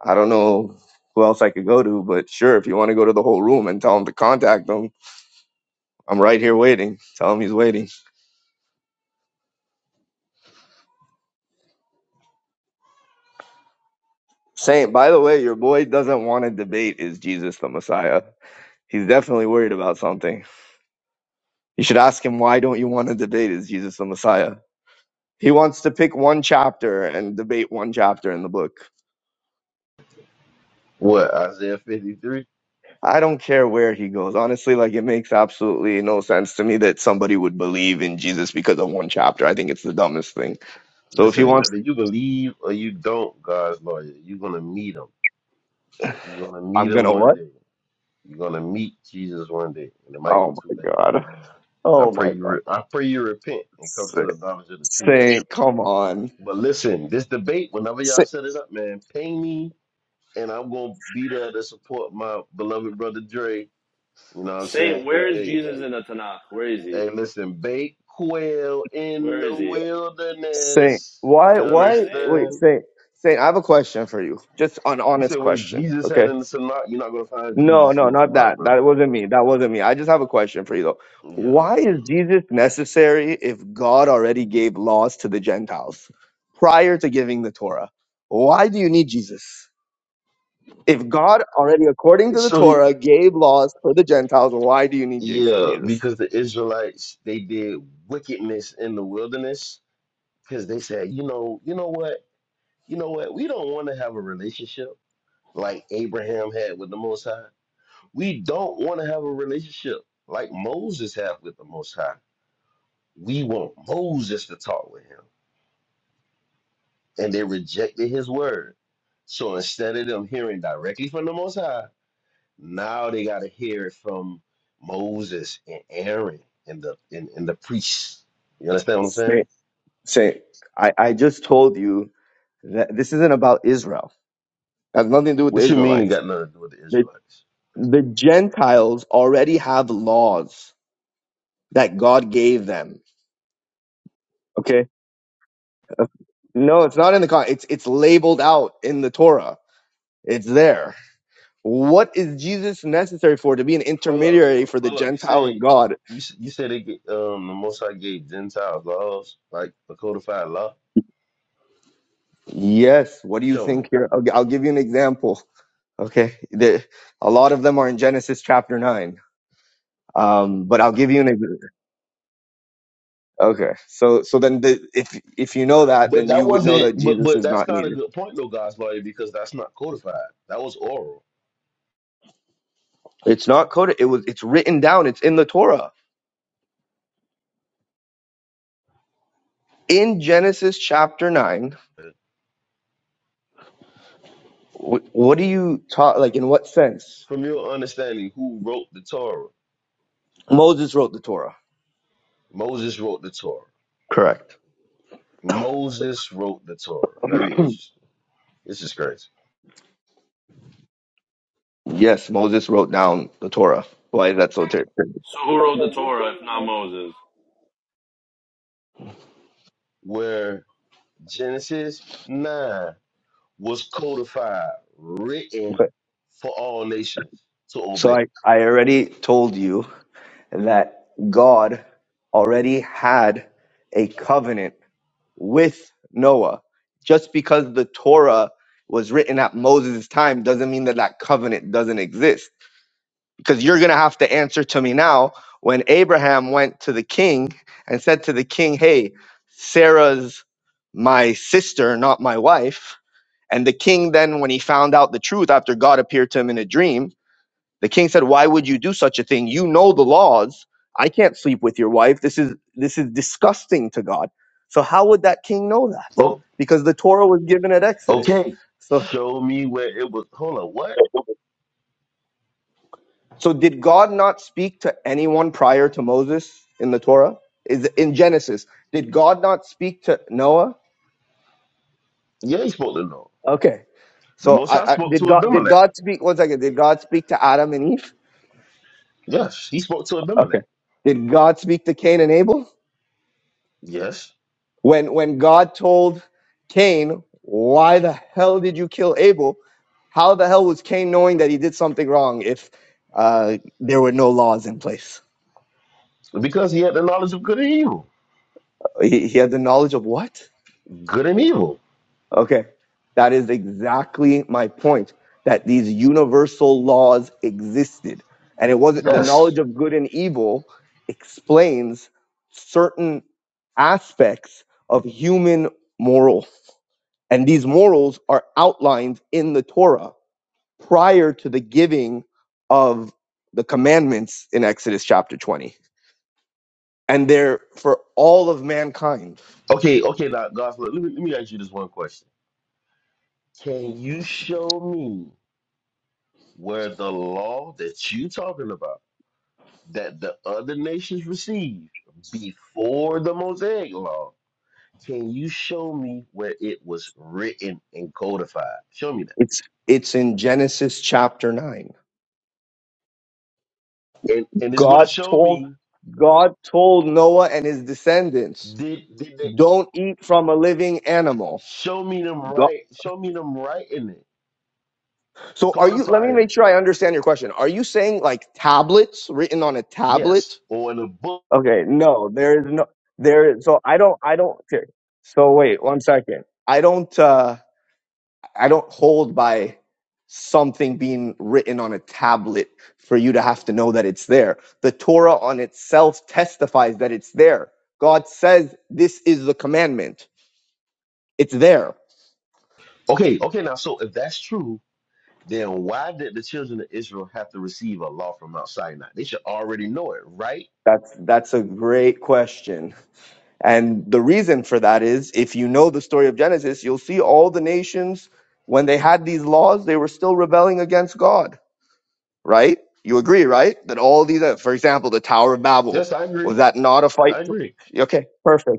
I don't know who else I could go to, but sure, if you want to go to the whole room and tell him to contact them, I'm right here waiting. Tell him he's waiting. Saint, by the way, your boy doesn't want to debate. Is Jesus the Messiah? He's definitely worried about something. You should ask him, why don't you want to debate is Jesus the Messiah? He wants to pick one chapter and debate one chapter in the book.
What, Isaiah 53?
I don't care where he goes. Honestly, like it makes absolutely no sense to me that somebody would believe in Jesus because of one chapter. I think it's the dumbest thing. So if he
Listen,
wants,
whether you believe or you don't, God's lawyer, you're gonna meet him. You're gonna meet
I'm
him
gonna
one
what?
day. You're gonna meet Jesus one day, and it might
Oh
be too
my
late.
god.
I
Oh
pray
my
you.
god.
Re- I pray you repent and come to
Saint,
the knowledge of the truth.
Saint come on.
But listen, this debate, whenever y'all
Saint,
set it up, man, ping me, and I'm gonna be there to support my beloved brother Dre. You know what I'm saying?
Saint,
Cause
where is
hey,
Jesus in the Tanakh? Where is he?
hey, listen, bake quail in
Where
the
is he?
Saint,
wilderness.
why,
You
Where
why?
is he?
Wait,
understand?
Saint, Saint, I have a question for you. Just an
You
honest
said where
question.
Jesus
Okay
had in the Tanakh. You're not gonna find
No,
Jesus in
no,
the
not
Tanakh,
that.
brother.
That wasn't me. That wasn't me. I just have a question for you though.
Yeah.
Why is Jesus necessary if God already gave laws to the Gentiles prior to giving the Torah? Why do you need Jesus? If God already, according to the
So
Torah, gave laws for the Gentiles, why do you need Jes-
Yeah,
Jesus?
because the Israelites they did wickedness in the wilderness because they said, you know, you know what, you know what, we don't want to have a relationship like Abraham had with the Most High. We don't want to have a relationship like Moses had with the Most High. We want Moses to talk with him, and they rejected his word. So instead of them hearing directly from the Most High, Now they got to hear it from Moses and Aaron and the and, and the priests. You understand what I'm
Say,
saying?
say, I, I just told you that this isn't about Israel. It has nothing to do with the
What you mean it
Israelites.
got nothing to do with the
The,
Israelites?
the Gentiles already have laws that God gave them. No, it's not in the con. It's it's labeled out in the Torah. It's there. What is Jesus necessary for to be an
Hold up,
intermediary
ho-
for the
hold up. You
Gentile and
say
God?
you s- you say they get um the Most High gave Gentiles laws like a codified law.
Yes. What do you
Show me.
think here? I'll, I'll give you an example. Okay, the, a lot of them are in Genesis chapter nine. Um, but I'll give you an example. Okay, so so then the, if if you know that,
But
then
that
you would know
wasn't.
that
But
Jesus
but
is not
that's not a
needed.
good point though, God's lawyer, because that's not codified. That was oral.
It's not coded. It was. It's written down. It's in the Torah in Genesis chapter nine What, what do you talk like? In what sense?
From your understanding, who wrote the Torah?
Moses wrote the Torah.
Moses wrote the Torah.
Correct.
Moses wrote the Torah. Very interesting. This is crazy.
Yes, Moses wrote down the Torah. Why is that so terrible?
So who wrote the Torah if not Moses?
Where Genesis 9 was codified, written for all nations to
So
obey.
I, I already told you that God already had a covenant with Noah. Just because the Torah was written at Moses' time doesn't mean that that covenant doesn't exist. because you're going to have to answer to me now. When Abraham went to the king and said to the king, Hey, Sarah's my sister, not my wife. And the king then, when he found out the truth after God appeared to him in a dream, the king said, Why would you do such a thing? You know the laws. I can't sleep with your wife. This is this is disgusting to God. So how would that king know that?
Oh,
Because the Torah was given at Exodus.
okay.
So [LAUGHS]
Show me where it was. Hold on, what?
So did God not speak to anyone prior to Moses in the Torah? Is in Genesis? Did God not speak to Noah?
Yeah, he spoke to Noah.
Okay.
The
So
Most High
I, I,
spoke
did
to
God did
Abimelech.
God speak one second? Did God speak to Adam and Eve?
Yes, he spoke to
Okay.
Abimelech.
Did God speak to Cain and Abel?
Yes,
When when God told Cain, "Why the hell did you kill Abel?" How the hell was Cain knowing that he did something wrong if uh, there were no laws in place?
because he had the knowledge of good and evil.
He, he had the knowledge of what?
Good and evil.
Okay. That is exactly my point that these universal laws existed. And it wasn't the
Yes.
knowledge of good and evil explains certain aspects of human morals. And these morals are outlined in the Torah prior to the giving of the commandments in Exodus chapter 20. And they're for all of mankind.
Okay, okay, now, guys, look, let me, let me ask you this one question. Can you show me where the law that you talking about? that the other nations received before the Mosaic law, can you show me where it was written and codified? Show me
It's it's in Genesis chapter 9
that. And and it's gonna
God
show
told
me
God told Noah and his descendants,
did did they
don't eat from a living animal.
show me them
Go-
right show me them writing it,
So are you let me
codifying
make
it.
sure I understand your question. Are you saying like tablets written on a
Yes.
tablet?
Or in a book.
Okay, no, there is no there is so I don't I don't okay. So wait, one second. I don't uh I don't hold by something being written on a tablet for you to have to know that it's there. The Torah on itself testifies that it's there. God says this is the commandment. It's there.
Okay, okay now so if that's true, then why did the children of Israel have to receive a law from Mount Sinai? They should already know it, right?
That's that's a great question. And the reason for that is if you know the story of Genesis, you'll see all the nations when they had these laws, they were still rebelling against God, right? You agree, right? That all these uh, for example, the Tower of Babel,
Yes, I
was
agree.
that not a fight?
I
for-
agree.
Okay, perfect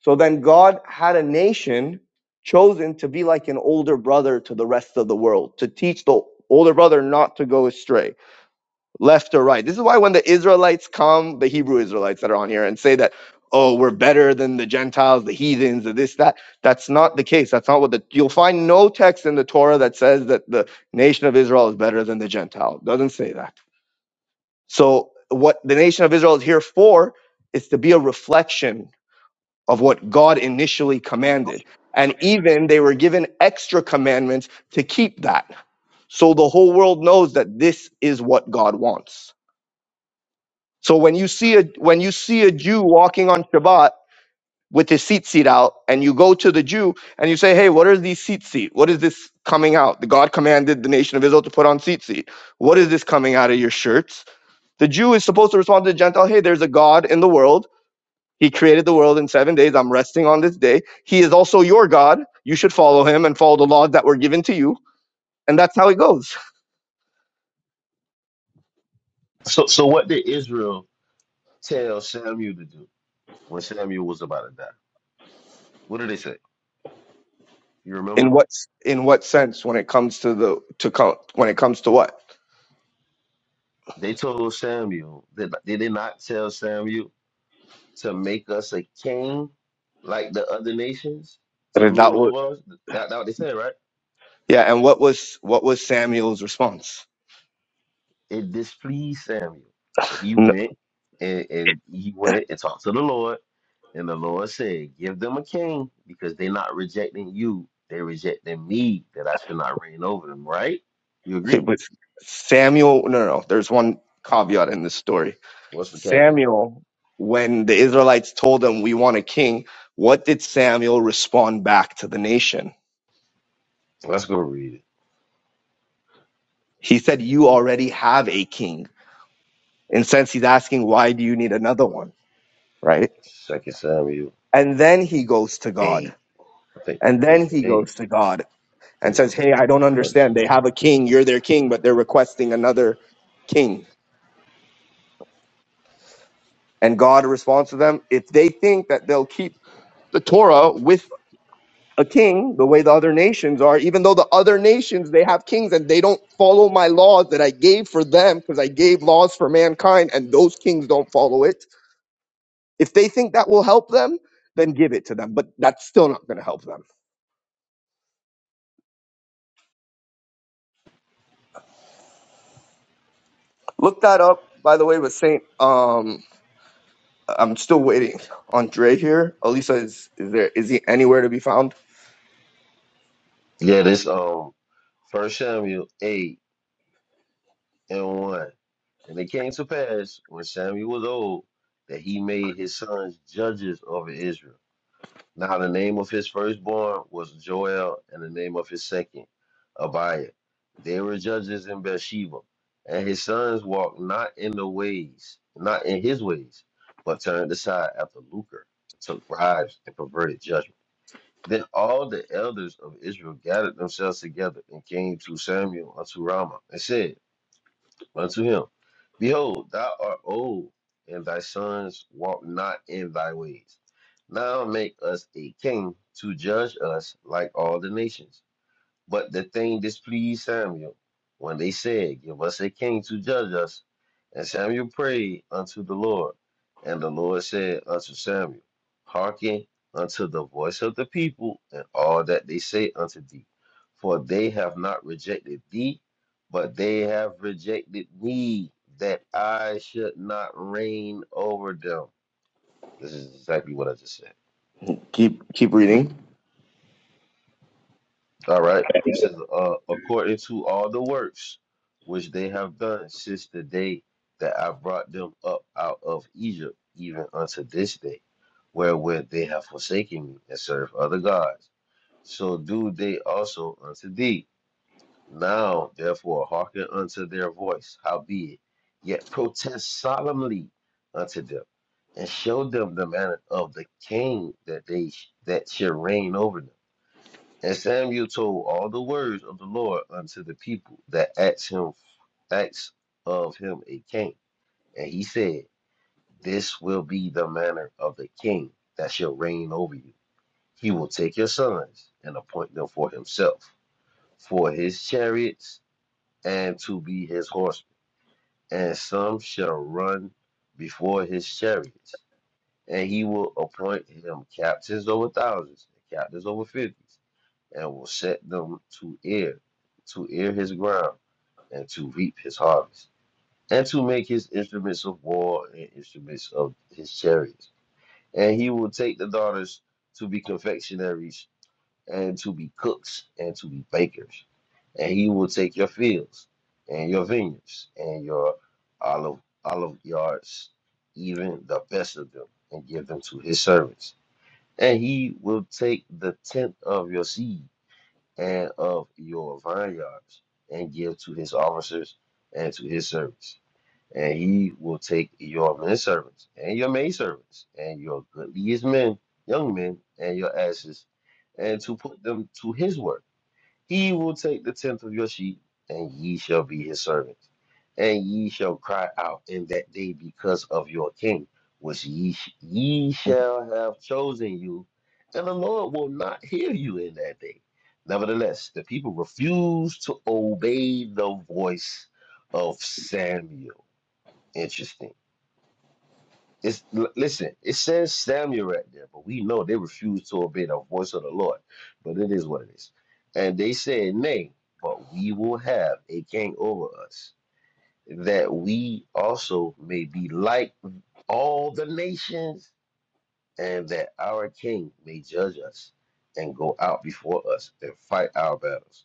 So then God had a nation chosen to be like an older brother to the rest of the world, to teach the older brother not to go astray, left or right. This is why when the Israelites come, the Hebrew Israelites that are on here, and say that, oh, we're better than the Gentiles, the heathens, the this, that, that's not the case. That's not what the, you'll find no text in the Torah that says that the nation of Israel is better than the Gentile. It doesn't say that. So what the nation of Israel is here for is to be a reflection of what God initially commanded. And even they were given extra commandments to keep that. So the whole world knows that this is what God wants. So when you see a when you see a Jew walking on Shabbat with his seat seat out, and you go to the Jew and you say, Hey, what are these seat seat? What is this coming out? The God commanded the nation of Israel to put on seat seat. What is this coming out of your shirts? The Jew is supposed to respond to the Gentile, hey, there's a God in the world he created the world in seven days. I'm resting on this day. He is also your God. You should follow him and follow the laws that were given to you. And that's how it goes.
So so what did Israel tell Samuel to do when Samuel was about to die? What did they say? You
In
remember?
what in what sense when it comes to the to co- when it comes to what?
They told Samuel that did they not tell Samuel to make us a king like the other nations to
That that
rule
was
over us? That, that what they said, right?
yeah. And what was what was Samuel's response?
It displeased Samuel. And he
No,
went and, and he went and talked to the Lord. And the Lord said, Give them a king because they're not rejecting you. They're rejecting me that I should not reign over them, right? You
okay,
agree?
but Samuel. No, no, no. There's one caveat in this story.
What's the caveat?
Samuel, when the Israelites told him we want a king, what did Samuel respond back to the nation?
Let's go read it.
He said, "You already have a king." In a sense, he's asking, why do you need another one? Right.
Second Samuel
And then he goes to God.
eight. I think
And then
is it
he
eight?
goes to God and
No.
says, Hey, I don't
First
understand. They
Samuel.
have a king. You're their king, but they're requesting another king. And God responds to them, if they think that they'll keep the Torah with a king, the way the other nations are, even though the other nations, they have kings and they don't follow my laws that I gave for them because I gave laws for mankind and those kings don't follow it If they think that will help them, then give it to them. But that's still not going to help them. Look that up, by the way, with Saint. Um, I'm still waiting on Dre here. Elisa, is, is there? Is he anywhere to be found?
Yeah, this um First Samuel eight and one. And it came to pass when Samuel was old that he made his sons judges over Israel. Now the name of his firstborn was Joel, and the name of his second, Abiah. They were judges in Beersheba, and his sons walked not in the ways, not in his ways, but turned aside after lucre, took bribes, and perverted judgment. Then all the elders of Israel gathered themselves together and came to Samuel unto Ramah and said, unto him, Behold, thou art old, and thy sons walk not in thy ways. Now make us a king to judge us like all the nations. But the thing displeased Samuel when they said, Give us a king to judge us. And Samuel prayed unto the Lord. And the Lord said unto Samuel, Hearken unto the voice of the people and all that they say unto thee. For they have not rejected thee, but they have rejected me, that I should not reign over them. This is exactly what I just said.
Keep keep reading.
All right. It says, uh, according to all the works which they have done since the day that I brought them up out of Egypt, even unto this day, wherewith they have forsaken me and served other gods, so do they also unto thee. Now, therefore, hearken unto their voice, howbeit, yet protest solemnly unto them, and show them the manner of the king that they that shall reign over them and Samuel told all the words of the Lord unto the people that asked him asked of him a king. And he said, This will be the manner of the king that shall reign over you. He will take your sons and appoint them for himself, for his chariots, and to be his horsemen. And some shall run before his chariots, and he will appoint him captains over thousands, and captains over fifties and will set them to ear, to ear his ground, and to reap his harvest, and to make his instruments of war and instruments of his chariots. And he will take the daughters to be confectionaries, and to be cooks, and to be bakers. And he will take your fields, and your vineyards, and your olive olive yards, even the best of them, and give them to his servants. And he will take the tenth of your seed and of your vineyards, and give to his officers and to his servants. And he will take your men servants and your maidservants and your goodliest men, young men, and your asses, and to put them to his work he will take the tenth of your sheep, and ye shall be his servants. And ye shall cry out in that day because of your king, which ye, sh- ye shall have chosen you, and the Lord will not hear you in that day. Nevertheless, the people refused to obey the voice of Samuel. Interesting. It's l- listen, it says Samuel right there, but we know they refused to obey the voice of the Lord. But it is what it is. And they said, Nay, but we will have a king over us, that we also may be like all the nations, and that our king may judge us and go out before us and fight our battles.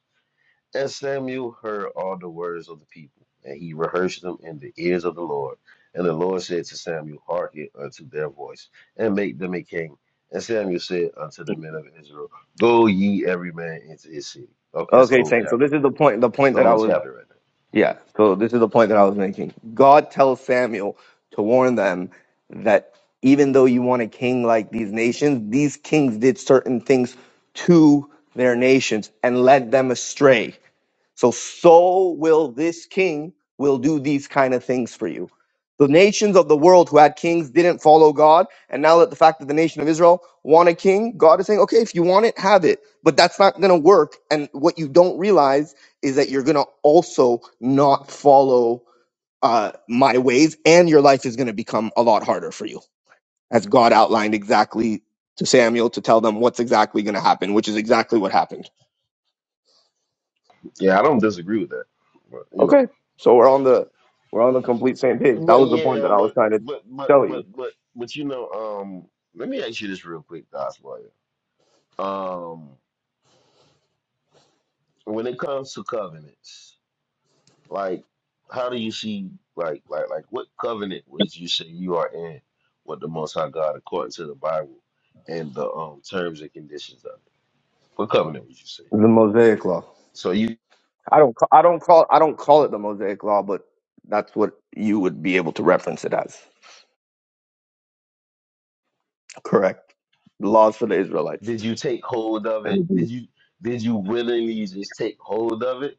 And Samuel heard all the words of the people, and he rehearsed them in the ears of the Lord. And the Lord said to Samuel, Hearken unto their voice, and make them a king. And Samuel said unto the men of Israel, Go ye every man into his city. Okay, that's the
Okay,
whole
Saint. So
chapter.
this is the point. The
That's
point
the
that I
whole
was.
chapter right there.
Yeah. So this is the point that I was making. God tells Samuel to warn them that even though you want a king like these nations, these kings did certain things to their nations and led them astray So so will this king will do these kind of things for you. The nations of the world who had kings didn't follow God, and now that the fact that the nation of Israel want a king, God is saying, "Okay, if you want it, have it." But that's not going to work. And what you don't realize is that you're going to also not follow uh, my ways, and your life is going to become a lot harder for you, as God outlined exactly to Samuel to tell them what's exactly going to happen, which is exactly what happened.
Yeah, I don't disagree with that. But you know.
Okay, so we're on the we're on the complete same page. That
But
was the point that
yeah,
I was
but
trying to
but but
tell
but
you.
but but you know, um, let me ask you this real quick, Gospel. Um, when it comes to covenants, Like, how do you see like like like what covenant was you say you are in with the Most High God according to the Bible and the um terms and conditions of it? What covenant would you say?
The Mosaic Law.
So you
I don't ca- I don't call I don't call it the Mosaic Law, but that's what you would be able to reference it as. Correct. Laws for the Israelites.
did you take hold of it?
And
Did you did you willingly just take hold of it?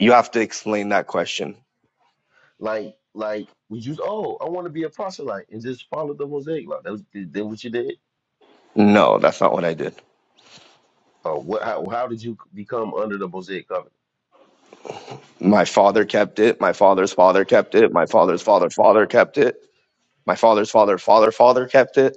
you have to explain that question.
Like like we you oh I want to be a proselyte and just follow the Mosaic law. That was did, that what you did?
No, that's not what I did.
Or what? How, how did you become under the Mosaic covenant?
My father kept it. My father's father kept it. My father's father father kept it. My father's father father father kept it.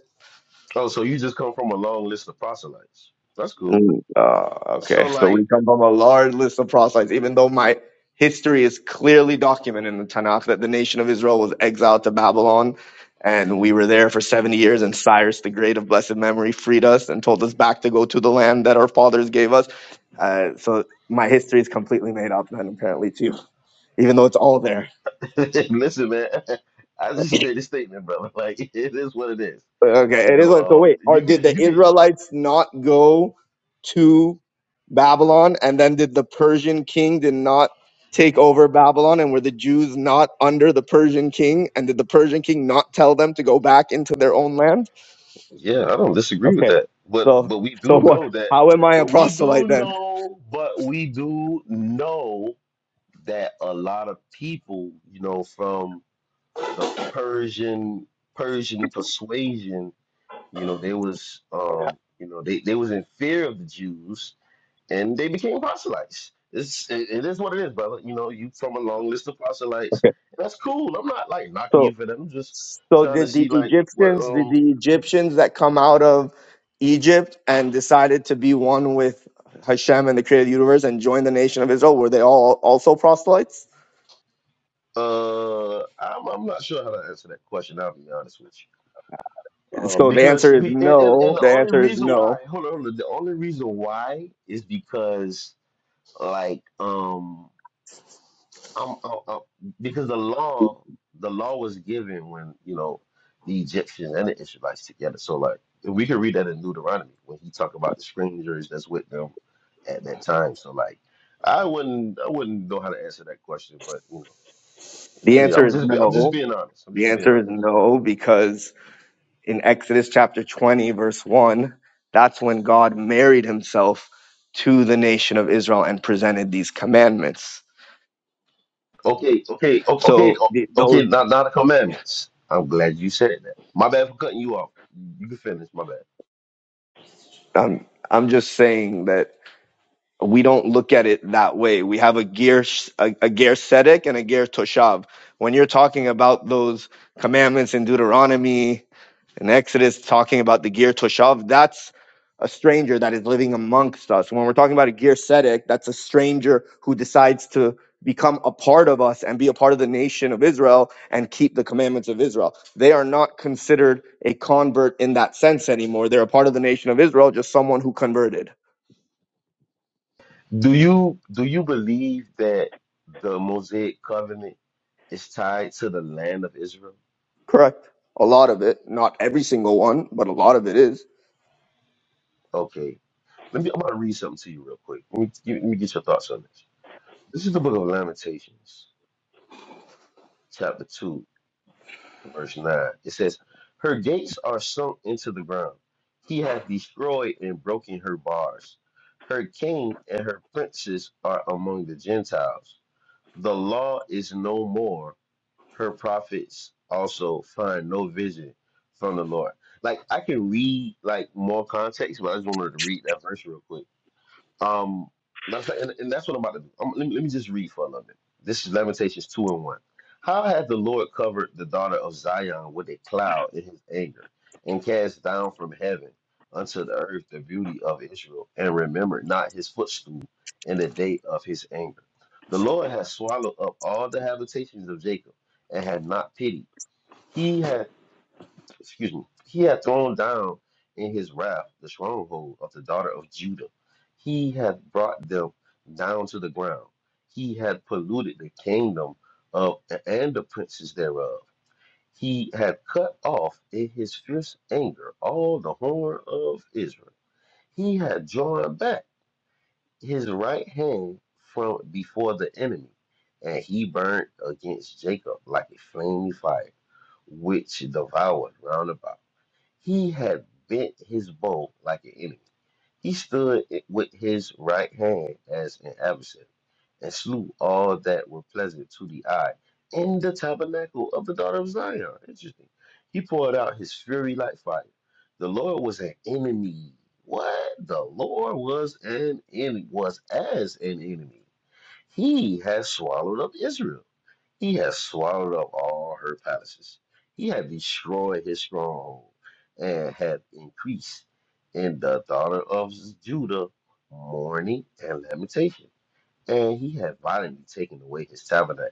Oh, so you just come from a long list of proselytes. That's cool.
Mm, uh, okay,
So
so
like
we come from a large list of proselytes, even though my history is clearly documented in the Tanakh that the nation of Israel was exiled to Babylon and we were there for 70 years and Cyrus the Great of blessed memory freed us and told us back to go to the land that our fathers gave us. Uh, so my history is completely made up then apparently too, even though it's all there.
[LAUGHS] Listen, man, [LAUGHS] I just made a statement, brother. Like [LAUGHS] it is what it is.
Okay,
You
it is.
know,
like, So
um,
wait, or
you
did
can,
the
you can.
Israelites not go to Babylon, and then did the Persian king did not take over Babylon, and were the Jews not under the Persian king, and did the Persian king not tell them to go back into their own land?
Yeah, I don't disagree with
Okay,
that. But
so
but we
so
do
what?
know that.
How am I a
But we
proselyte
do
then?
know. But we do know that a lot of people, you know, from the Persian Persian persuasion, you know, they was, um, you know, they they was in fear of the Jews and they became proselytes. It's it, it is what it is, brother. You know, you from a long list of proselytes.
Okay,
And that's cool. I'm not like knocking
so.
you for that. I'm just
So
trying to
did the
see like what
Egyptians, did
um
the Egyptians that come out of Egypt and decided to be one with Hashem and the creator of the universe and join the nation of Israel, were they all also proselytes?
uh I'm I'm not sure how to answer that question. I'll be honest with you. Um,
So the
because
answer is
be, and, and and
no.
the
The
only
answer is
reason why
no.
hold on, hold on the only reason why is because like um I'm, I'm, I'm, because the law, the law was given when you know the Egyptians and the Israelites together. So like we can read that in Deuteronomy when he talk about the strangers that's with them at that time. So like I wouldn't, I wouldn't know how to answer that question, but you know,
The
it is.
answer
I'm
is
just, be, I'm just
no.
being honest. I'm
The
just being
answer
honest.
is no, because in Exodus chapter 20, verse 1, that's when God married himself to the nation of Israel and presented these commandments.
Okay, okay, o- okay,
So
o-
the, those,
okay. Not, not the commandments. I'm glad you said that. My bad for cutting you off. You can finish. My bad.
I'm, I'm just saying that we don't look at it that way. We have a ger, a, a gear sedek and a ger toshav. When you're talking about those commandments in Deuteronomy and Exodus, talking about the ger toshav, that's a stranger that is living amongst us. When we're talking about a ger sedek, that's a stranger who decides to become a part of us and be a part of the nation of Israel and keep the commandments of Israel. They are not considered a convert in that sense anymore. They're a part of the nation of Israel, just someone who converted.
Do you, do you believe that the Mosaic covenant? It's tied to the land of Israel.
Correct. A lot of it, not every single one, but a lot of it is.
Okay. Let me I'm about to read something to you real quick. Let me, give, let me get your thoughts on this. This is the book of Lamentations, chapter 2, verse 9. It says, Her gates are sunk into the ground. He hath destroyed and broken her bars. Her king and her princes are among the Gentiles. The law is no more, her prophets also find no vision from the Lord. Like I can read like more context, but I just wanted to read that verse real quick. Um, matter of fact, and, and that's what I'm about to do. Um, let, me, let me just read for a little bit. This is Lamentations 2 and 1. How hath the Lord covered the daughter of Zion with a cloud in his anger, and cast down from heaven unto the earth the beauty of Israel, and remembered not his footstool in the day of his anger? The Lord hath swallowed up all the habitations of Jacob, and had not pity. He hath excuse me, he had thrown down in his wrath the stronghold of the daughter of Judah. He had brought them down to the ground. He had polluted the kingdom of and the princes thereof. He had cut off in his fierce anger all the horn of Israel. He had drawn back his right hand from before the enemy, and he burned against Jacob like a flaming fire, which devoured round about. He had bent his bow like an enemy. He stood it with his right hand as an adversary, and slew all that were pleasant to the eye in the tabernacle of the daughter of Zion. Interesting. He poured out his fury like fire. The Lord was an enemy. What? The Lord was an enemy, was as an enemy. He has swallowed up Israel. He has swallowed up all her palaces. He had destroyed his stronghold and had increased in the daughter of Judah mourning and lamentation and he had violently taken away his tabernacle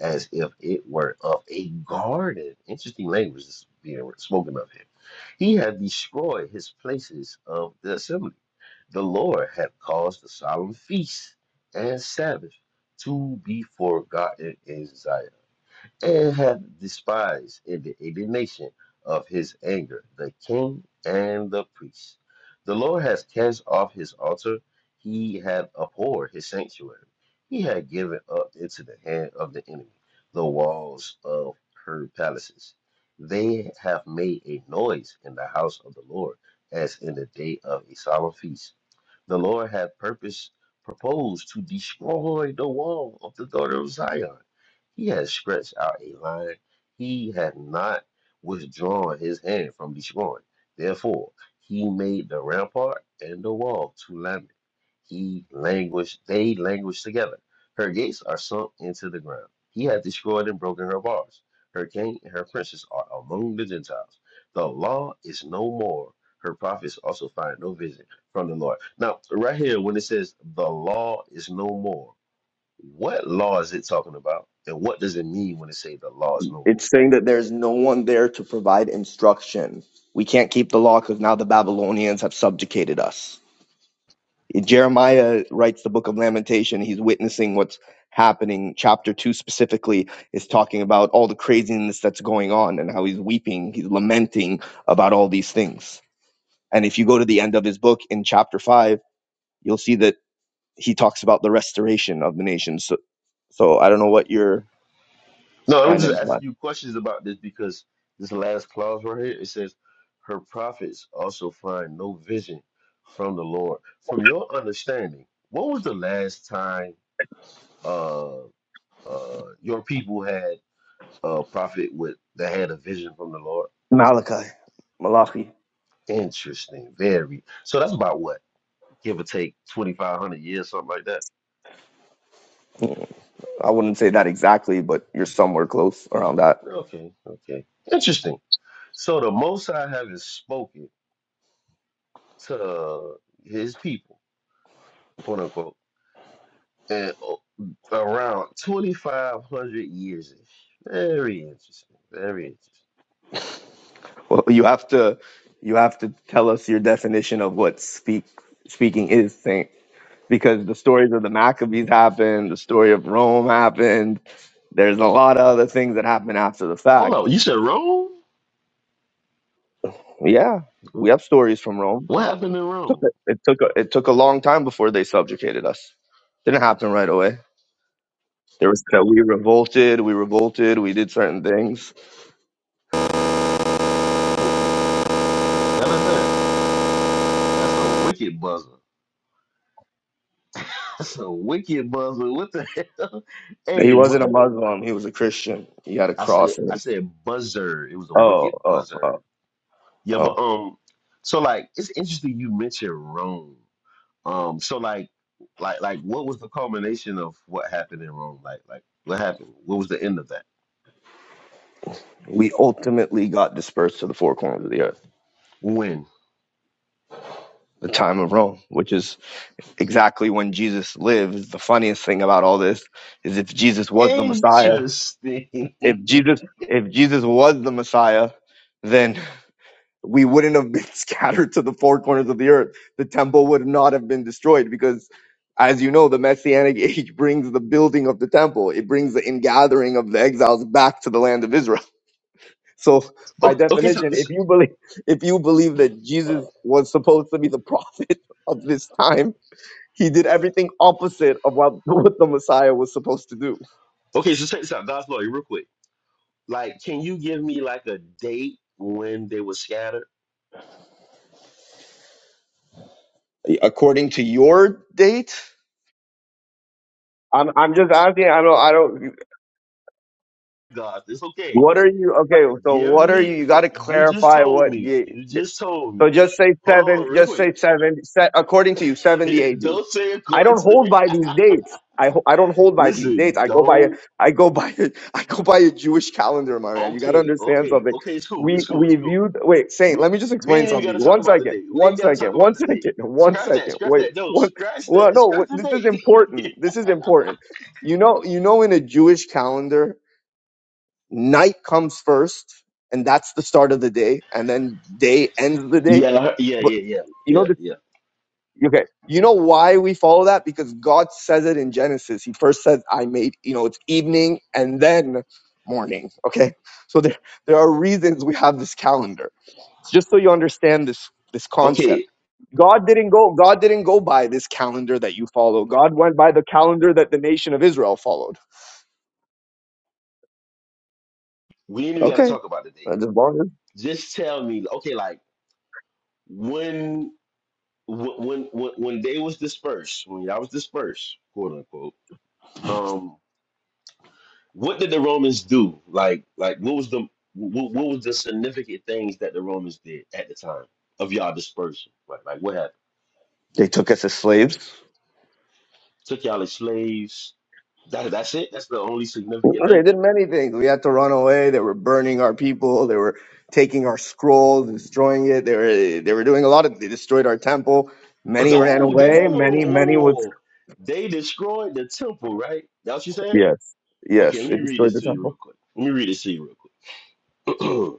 as if it were of a garden. Interesting language is being spoken of here. He had destroyed his places of the assembly. The Lord had caused the solemn feasts and Sabbath to be forgotten in Zion and hath despised in the indignation of his anger the king and the priest. The Lord has cast off his altar, he hath abhorred his sanctuary, he hath given up into the hand of the enemy the walls of her palaces. They have made a noise in the house of the Lord as in the day of a solemn feast the Lord had purpose proposed to destroy the wall of the daughter of Zion. He has stretched out a line. He had not withdrawn his hand from destroying. Therefore, he made the rampart and the wall to lament. He languished, they languished together. Her gates are sunk into the ground. He had destroyed and broken her bars. Her king and her princes are among the Gentiles. The law is no more. Her prophets also find no vision from the Lord. Now, right here, when it says the law is no more, what law is it talking about? And what does it mean when it say the law is no more?
It's saying that there's no one there to provide instruction. We can't keep the law because now the Babylonians have subjugated us. Jeremiah writes the book of Lamentation. He's witnessing what's happening. Chapter 2 specifically is talking about all the craziness that's going on and how he's weeping, he's lamenting about all these things. And if you go to the end of his book in chapter 5, you'll see that he talks about the restoration of the nation. So, so I don't know what your
No, I'm
trying to
just
imply.
asking you questions about this because this last clause right here, it says, her prophets also find no vision from the Lord. From your understanding, when was the last time uh uh your people had a prophet with that had a vision from the Lord?
Malachi, Malachi.
Interesting, very. So that's about what? give or take 2,500 years, something like that.
I wouldn't say that exactly, but you're somewhere close around that.
Okay, okay. Interesting. So the Most High having spoken to his people, quote unquote, and uh, around 2,500 years. ish. Very interesting. Very interesting.
Well, you have to, you have to tell us your definition of what speak speaking is, Saint, because the stories of the Maccabees happened, the story of Rome happened. There's a lot of other things that happen after the
Hold
fact.
on, you said Rome?
Yeah, we have
Wh-
stories from Rome.
What happened in
Took
Rome?
it, it took a, it took a long time before they subjugated us. Didn't happen right away. There was that we revolted, we revolted, we did certain things
What the hell is that? That's a wicked buzzer. [LAUGHS] That's a wicked buzzer. What the hell? [LAUGHS]
He
Hey, what?
wasn't a Muslim. He was a Christian. He had a
I said,
cross. In
I
his...
said buzzer. It was a
Oh,
wicked
oh,
buzzer.
oh,
Yeah, but
oh.
um, so like it's interesting you mentioned Rome. Um, so like, like, like, what was the culmination of what happened in Rome? Like, like, what happened? What was the end of that?
We ultimately got dispersed to the four corners of the earth,
When?
the time of Rome, which is exactly when Jesus lived. The funniest thing about all this is if Jesus was the Messiah,
Interesting. [LAUGHS]
if Jesus, if Jesus was the Messiah, then we wouldn't have been [LAUGHS] scattered to the four corners of the earth. The temple would not have been destroyed because, as you know, the Messianic [LAUGHS] age brings the building of the temple, it brings the ingathering of the exiles back to the land of Israel. [LAUGHS] So, by
okay, okay, so,
definition, if
so
you believe if you believe that Jesus was supposed to be the prophet [LAUGHS] of this time, he did everything opposite of what, [LAUGHS] what the Messiah was supposed to do.
okay, so check this out, God's lawyer, real quick. Like, can you give me like a date when they were scattered?
According to your date, I'm I'm just asking. I don't. I don't.
God, it's okay.
What are you? Okay, so
Give
what are
me.
you? You
For,
got to
You just
clarify
told
what.
me.
You,
You just told
so
me.
just say
Hold on, hold
seven.
on, real
Just say
quick.
seven. Set, according to you, seventy AD.
[LAUGHS] Don't say
I
according
don't hold
to.
by these
[LAUGHS]
dates. I ho- I don't hold by these dates.
Listen,
I go by a,
don't.
I go by a, [LAUGHS] I go by a Jewish calendar, my man. You got to
Okay,
understand
okay,
something.
okay. It's cool.
We
It's cool.
we
It's cool.
viewed. Wait, Saint.
We
Let me just
we
explain
ain't even got
something.
to talk
One
about the
second.
day. We
One
ain't got to talk
second.
about
One [LAUGHS]
the day.
second. One
Scratch that.
second.
Scratch
Wait.
that. No,
One.
scratch
Well,
that.
no.
Scratch
wait,
the
This is
day.
important. This is important. You know. You know. In a Jewish calendar, night comes first and that's the start of the day and then day ends the
[LAUGHS]
day
yeah, I heard- yeah,
but
yeah, yeah,
you know
yeah,
the
yeah.
okay you know why we follow that because god says it in genesis he first says i made you know it's evening and then morning okay so there there are reasons we have this calendar it's just so you understand this this concept
Okay,
god didn't go god didn't go by this calendar that you follow god went by the calendar that the nation of israel followed
we ain't even got to
okay
talk about the day.
That's as long as
Just tell me. Okay, like when wh- when when when they was dispersed, when y'all was dispersed, quote unquote. um, What did the Romans do? Like, like what was the what, what was the significant things that the Romans did at the time of y'all dispersion? Like, like what happened?
they took us as slaves
Took y'all as slaves. That that's it. That's the only significant
They
thing.
did many things. We had to run away. They were burning our people. They were taking our scrolls, destroying it. They were they were doing a lot of. They destroyed our temple.
But
Many
the,
ran
oh, they
away.
hold on, whoa,
Many
whoa,
many
whoa,
was
whoa. They destroyed the temple, right? That's what you said.
yes
Okay,
yes.
let
They
me read
destroyed
this
the
to you
temple.
real quick. Let me read this to you real quick. [CLEARS THROAT] and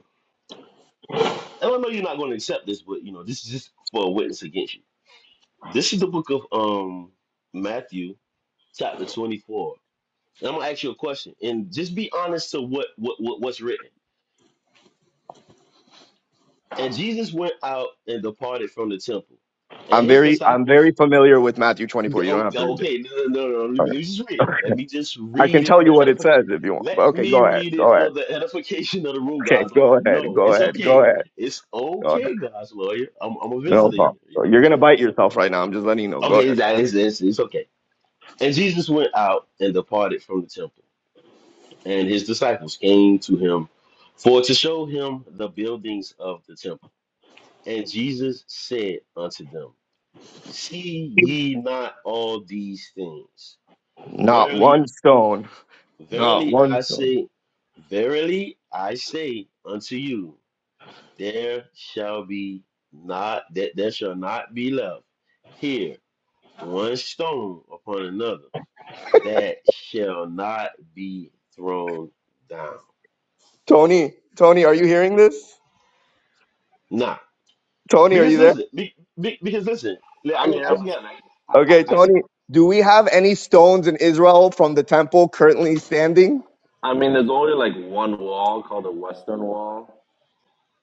I don't know you're not going to accept this, but you know this is just for a witness against you. This is the book of um Matthew, chapter 24. And I'm gonna ask you a question, and just be honest to what, what, what what's written. And Jesus went out and departed from the temple, and
I'm
his
very I'm very
disciples.
familiar with Matthew 24. You don't
oh,
have to read it.
Okay, no, no, no, no. Let me,
Okay.
let me just read it. Let me just
I can
read it
tell
for
you
the
what it
edification.
says if you want. But
Let
okay,
me
go ahead.
read it
Go ahead.
for the edification of the room,
Okay,
God's lawyer. I
go ahead.
know
Go
it's
ahead. Go
okay.
ahead.
It's
Go ahead.
okay, God's lawyer. I'm, I'm a
No
visitor here,
problem.
you know.
You're gonna bite yourself right now. I'm just letting you know. Go
Okay, it's,
ahead.
it's, it's it's okay. And Jesus went out and departed from the temple. and his disciples came to him for to show him the buildings of the temple. And Jesus said unto them, See ye not all these things?
Not
Verily,
one stone. Not
verily
one
I
stone.
say, verily I say unto you, there shall be not that there shall not be left here one stone upon another that shall not be thrown down.
Tony, Tony, are you hearing this?
Now,
Tony, are
Because
you there?
listen, be, be, because listen, li- I,
I'm
got-
here.
I
I'm
just got,
listening.
I, I,
Okay,
I just
Tony, do we have any stones in Israel from the temple currently standing?
I mean, there's only like one wall called the Western Wall.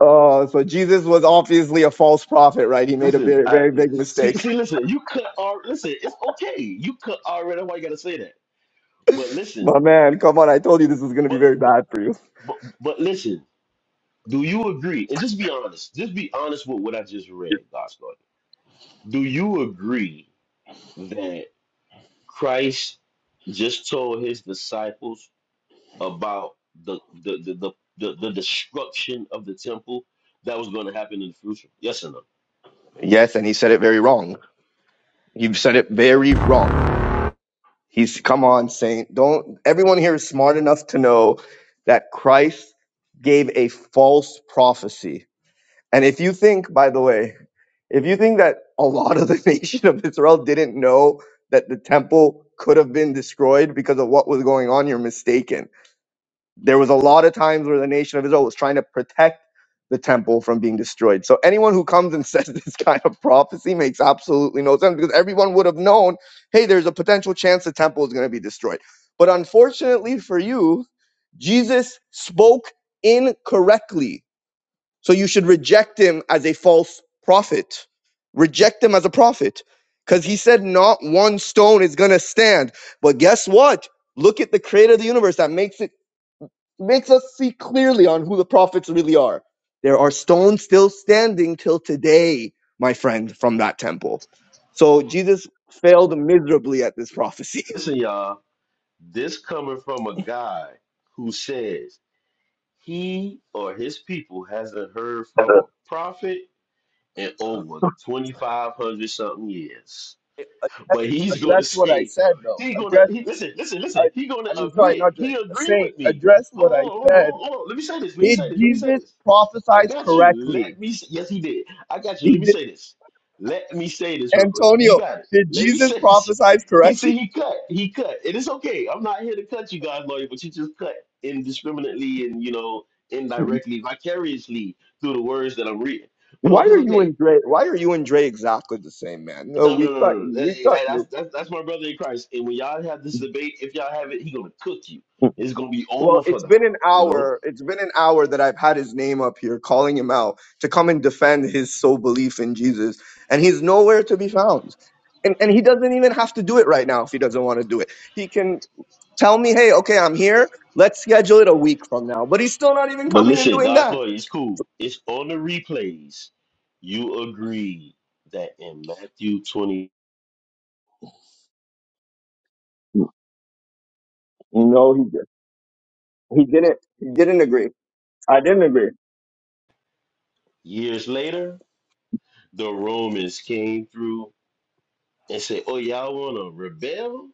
Oh, so Jesus was obviously a false prophet, right? He made a
listen.
very,
I,
very big
see,
mistake.
see, listen. You could are listen. It's okay. You could already. Why you gotta say that? But
[LAUGHS]
listen,
My man, come on, I told you this was going to be
but
very
but
bad for you.
but, but listen. Do you agree? And just be honest. Just be honest with what I just read, Gospel. Do you agree that Christ just told his disciples about the the the the, the, the destruction of the temple that was going to happen in the future? Yes or no?
Yes, and he said it very wrong. He said it very wrong. He's, come on, Saint. Don't, everyone here is smart enough to know that Christ gave a false prophecy And if you think, by the way, if you think that a lot of the [LAUGHS] nation of Israel didn't know that the temple could have been destroyed because of what was going on, you're mistaken. There was a lot of times where the nation of Israel was trying to protect the temple from being destroyed. So anyone who comes and [LAUGHS] says this kind of prophecy makes absolutely no sense because everyone would have known, hey, there's a potential chance the temple is going to be destroyed. But unfortunately for you, Jesus spoke incorrectly so you should reject him as a false prophet. Reject him as a prophet. Because he said not one stone is gonna stand. But guess what? Look at the creator of the universe that makes it makes us see clearly on who the prophets really are. There are stones still standing till today, my friend, from that temple. So Jesus failed miserably at this prophecy. [LAUGHS]
Listen, y'all, this coming from a guy who says he or his people hasn't heard from a prophet in over 2,500 something years
address
but he's going to
what I
say
said, though.
he going to
Address,
he, listen, listen,
I,
listen. He going
I
to
mean, sorry, not
admit he
Drake.
agreed
Saint,
with me.
address what I
Hold on, hold on, hold on,
said
hold on. Let me say this. Let me say
Did
this. Let me say
Jesus
this. I
prophesize
got you.
correctly?
Let me. s- Yes, he did. I got you.
He
Let me
did-
say this. Let me say this real quick. You
Antonio,
got it.
did
Let me [LAUGHS]
Jesus
say this.
prophesize
He said
correctly? [LAUGHS]
he cut. He cut. And it's okay. I'm not here to cut you guys, lawyer, but you just cut indiscriminately and you know indirectly, vicariously through the words that I'm reading. But
Why
look,
are
it's
you
okay.
and Dre? Why are you and Dre exactly the same, man? No,
No,
we
no, no, no.
cut
no.
you.
That,
We cut
that-
you.
that's, that's that's my brother in Christ. And when y'all have this debate, if y'all have it, he gonna cook you. It's gonna be
Well,
over for
it's
the
been an
house, you know.
hour. It's been an hour that I've had his name up here, calling him out to come and defend his sole belief in Jesus, and he's nowhere to be found. And and he doesn't even have to do it right now if he doesn't want to do it. He can tell me, hey, okay, I'm here. Let's schedule it a week from now. But he's still not even
But
coming and
listen,
doing
God's
that.
lawyer, it's cool. It's on the replays. You agree that in Matthew twenty
No, he did. He didn't. He didn't agree. I didn't agree.
years later, the Romans came through and said, "Oh, y'all wanna rebel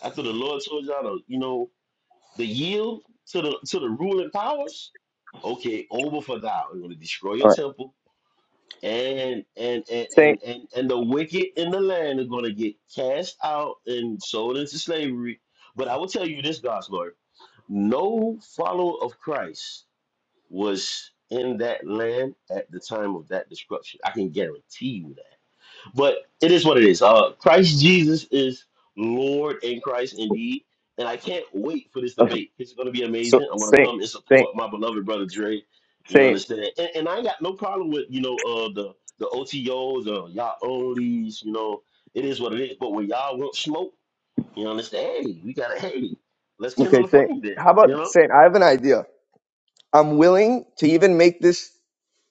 after the Lord told y'all to, you know, the yield to the to the ruling powers." Okay, over for thou. We're gonna destroy your
All right,
temple. and and and
Saint.
and and, and the wicked in the land are going to get cast out and sold into slavery. But I will tell you this, God's Lord, no follower of Christ was in that land at the time of that destruction. I can guarantee you that. But it is what it is. Uh, Christ Jesus is Lord and Christ indeed. And I can't wait for this
[LAUGHS] uh,
debate. It's going to be
So
amazing. I'm going to
Saint,
come and support
Saint,
my beloved brother Dre. You
Saint.
understand? And, and I ain't got no problem with, you know, uh, the, the OTOs or y'all onlys, you know, it is what it is. But when y'all want smoke, you understand? Hey, we got to, hey, let's kindle
Okay,
the
Saint.
flame then,
How
you
about
know?
Saint? I have an idea. I'm willing to even make this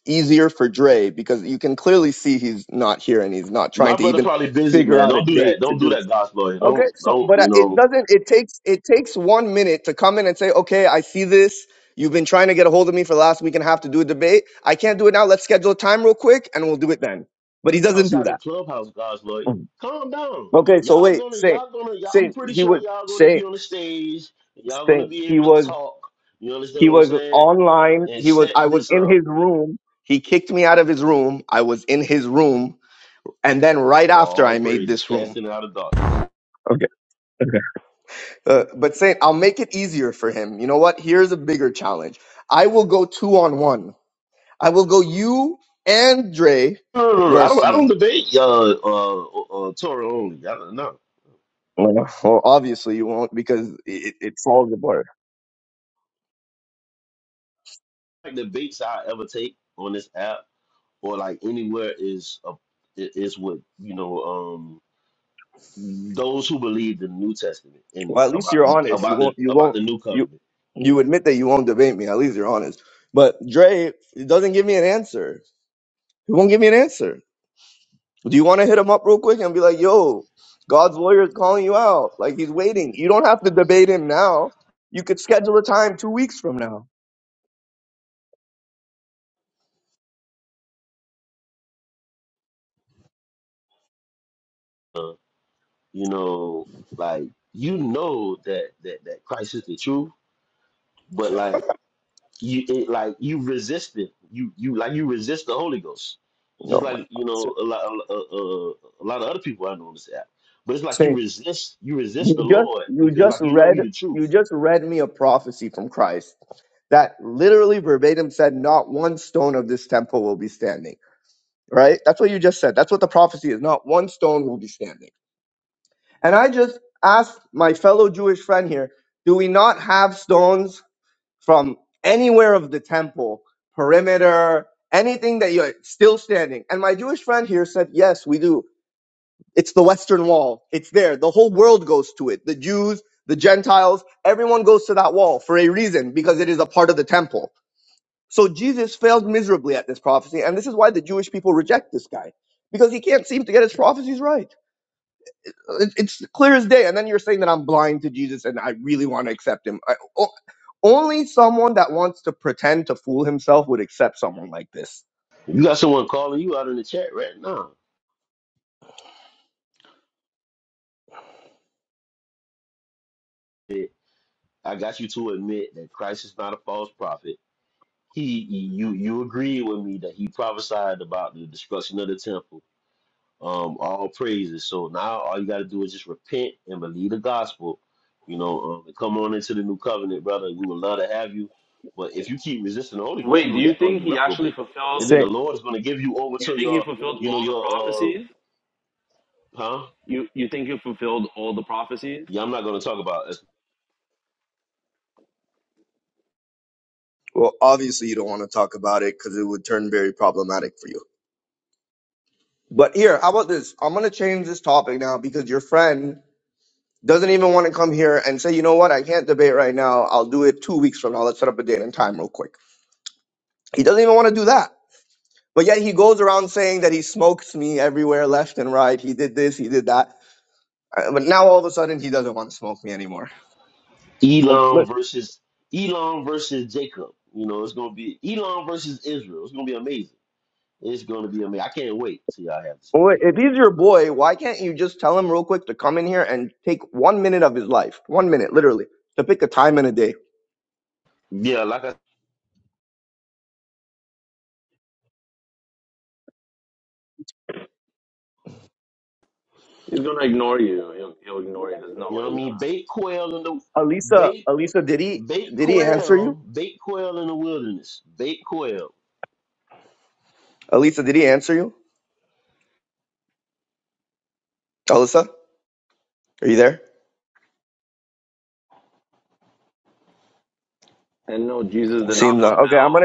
easier for Dre because you can clearly see he's not here and he's not
My
trying to
brother
even
probably busy,
figure
man.
out a
Don't do
date
that.
to
Don't do
do this.
that, gospel. lawyer.
Okay,
Don't,
so
don't,
but uh,
you
it
know.
doesn't. It takes it takes one minute to come in and say, okay, I see this. You've been trying to get a hold of me for the last week and a half to do a debate. I can't do it now. Let's schedule a time real quick, and we'll do it then. But he doesn't do
outside of
that.
clubhouse, God's lawyer.
Mhm.
Calm down.
Okay, so
Y'all
wait,
gonna,
say,
y'all gonna, y'all, I'm
say
pretty
he
sure
was
y'all gonna
say,
be on the stage. Y'all
say
gonna be
he
able to
was
talk. You understand
he
what I'm
was
saying?
online.
And
He was
set
I was
this
in
up.
his room. He kicked me out of his room. I was in his room, and then right
Oh,
after
all
I made
praises,
this room.
casting out of dark.
Okay. Uh, but saying, I'll make it easier for him. You know what? Here's a bigger challenge. I will go two on one. I will go you and Dre
No, no, no. no, I
versus
don't, I don't
me.
debate uh, uh, uh, uh, Torah only. I don't know.
Well, no, well, obviously you won't because it, it falls apart.
Like debates I ever take on this app or like anywhere is a, i- is what you know. Um, those who believe the New Testament and
Well, at least
about
you're
the
honest. You
about the
won't. You
about
won't.
the New
You
Covenant.
you
Yeah.
admit that you won't debate me. At least you're honest. But Dre doesn't give me an answer. He won't give me an answer. Do you want to hit him up real quick and be like, yo, God's lawyer is calling you out. Like he's waiting. You don't have to debate him now. You could schedule a time two weeks from now.
you know, like you know that that that Christ is the truth, but like you it like you resist it. You you like you resist the Holy Ghost, just
Oh my
like you
God.
know a lot a, a, a lot of other people I know on this app. But it's like you
Say,
resist you
you
resist the
just,
Lord
you
because
just
like you know
read,
He the
you
truth.
just read me a prophecy from Christ that literally verbatim said, not one stone of this temple will be standing, right? That's what you just said. That's what the prophecy is. Not one stone will be standing. And I just asked my fellow Jewish friend here, do we not have stones from anywhere of the temple, perimeter, anything that you're still standing. And my Jewish friend here said, Yes, we do. It's the Western Wall. It's there. The whole world goes to it. The Jews, the Gentiles, everyone goes to that wall for a reason because it is a part of the temple. So Jesus failed miserably at this prophecy. And this is why the Jewish people reject this guy because he can't seem to get his prophecies right. It- It's clear as day. And then you're saying that I'm blind to Jesus and I really want to accept him. I, o- only someone that wants to pretend to fool himself would accept someone like this.
you got someone calling you out in the chat right now, it, I got you to admit that Christ is not a false prophet. He you you agree with me that he prophesied about the destruction of the temple um, all praises. So now all you got to do is just repent and believe the gospel, you know, um, and come on into the new covenant, brother. We would love to have you, but if you keep resisting the Holy Ghost,
Wait, do
you're
you
just going to
think
be
he actually
reprobate, and
fulfilled?
then the
Say,
Lord is going to give you over
You
to
think he
your,
fulfilled
you know,
all the
your, uh,
prophecies?
huh?
You you think he fulfilled all the prophecies?
Yeah, I'm not going to talk about it.
Well, obviously, you don't want to talk about it because it would turn very problematic for you. But here, how about this? I'm going to change this topic now because your friend doesn't even want to come here and say, you know what, I can't debate right now. I'll do it two weeks from now. Let's set up a date and time real quick. He doesn't even want to do that. But yet he goes around saying that he smokes me everywhere, left and right. He did this, he did that. Uh, But now all of a sudden he doesn't want to smoke me anymore. Oh,
Elon
But
versus Elon versus Jacob. You know, it's going to be Elon versus Israel. It's going to be amazing. It's going to be amazing. I can't wait till y'all have this
oh, wait,
debate,
if he's your boy, why can't you just tell him real quick to come in here and take one minute of his life, one minute, literally, to pick a time and a day?
man. Yeah, like I,
He's gonna ignore you. He'll he'll ignore you. There's no
you know
way
what I
he's
mean.
gonna.
Bake quail in the
Alisa,
bake
Alisa, did he
Bait
did he answer
quail,
you?
bait quail in the wilderness, bait quail.
Alisa, did he answer you? Alisa, are you there?
And no, Jesus did not
Seems uh, okay.
fulfill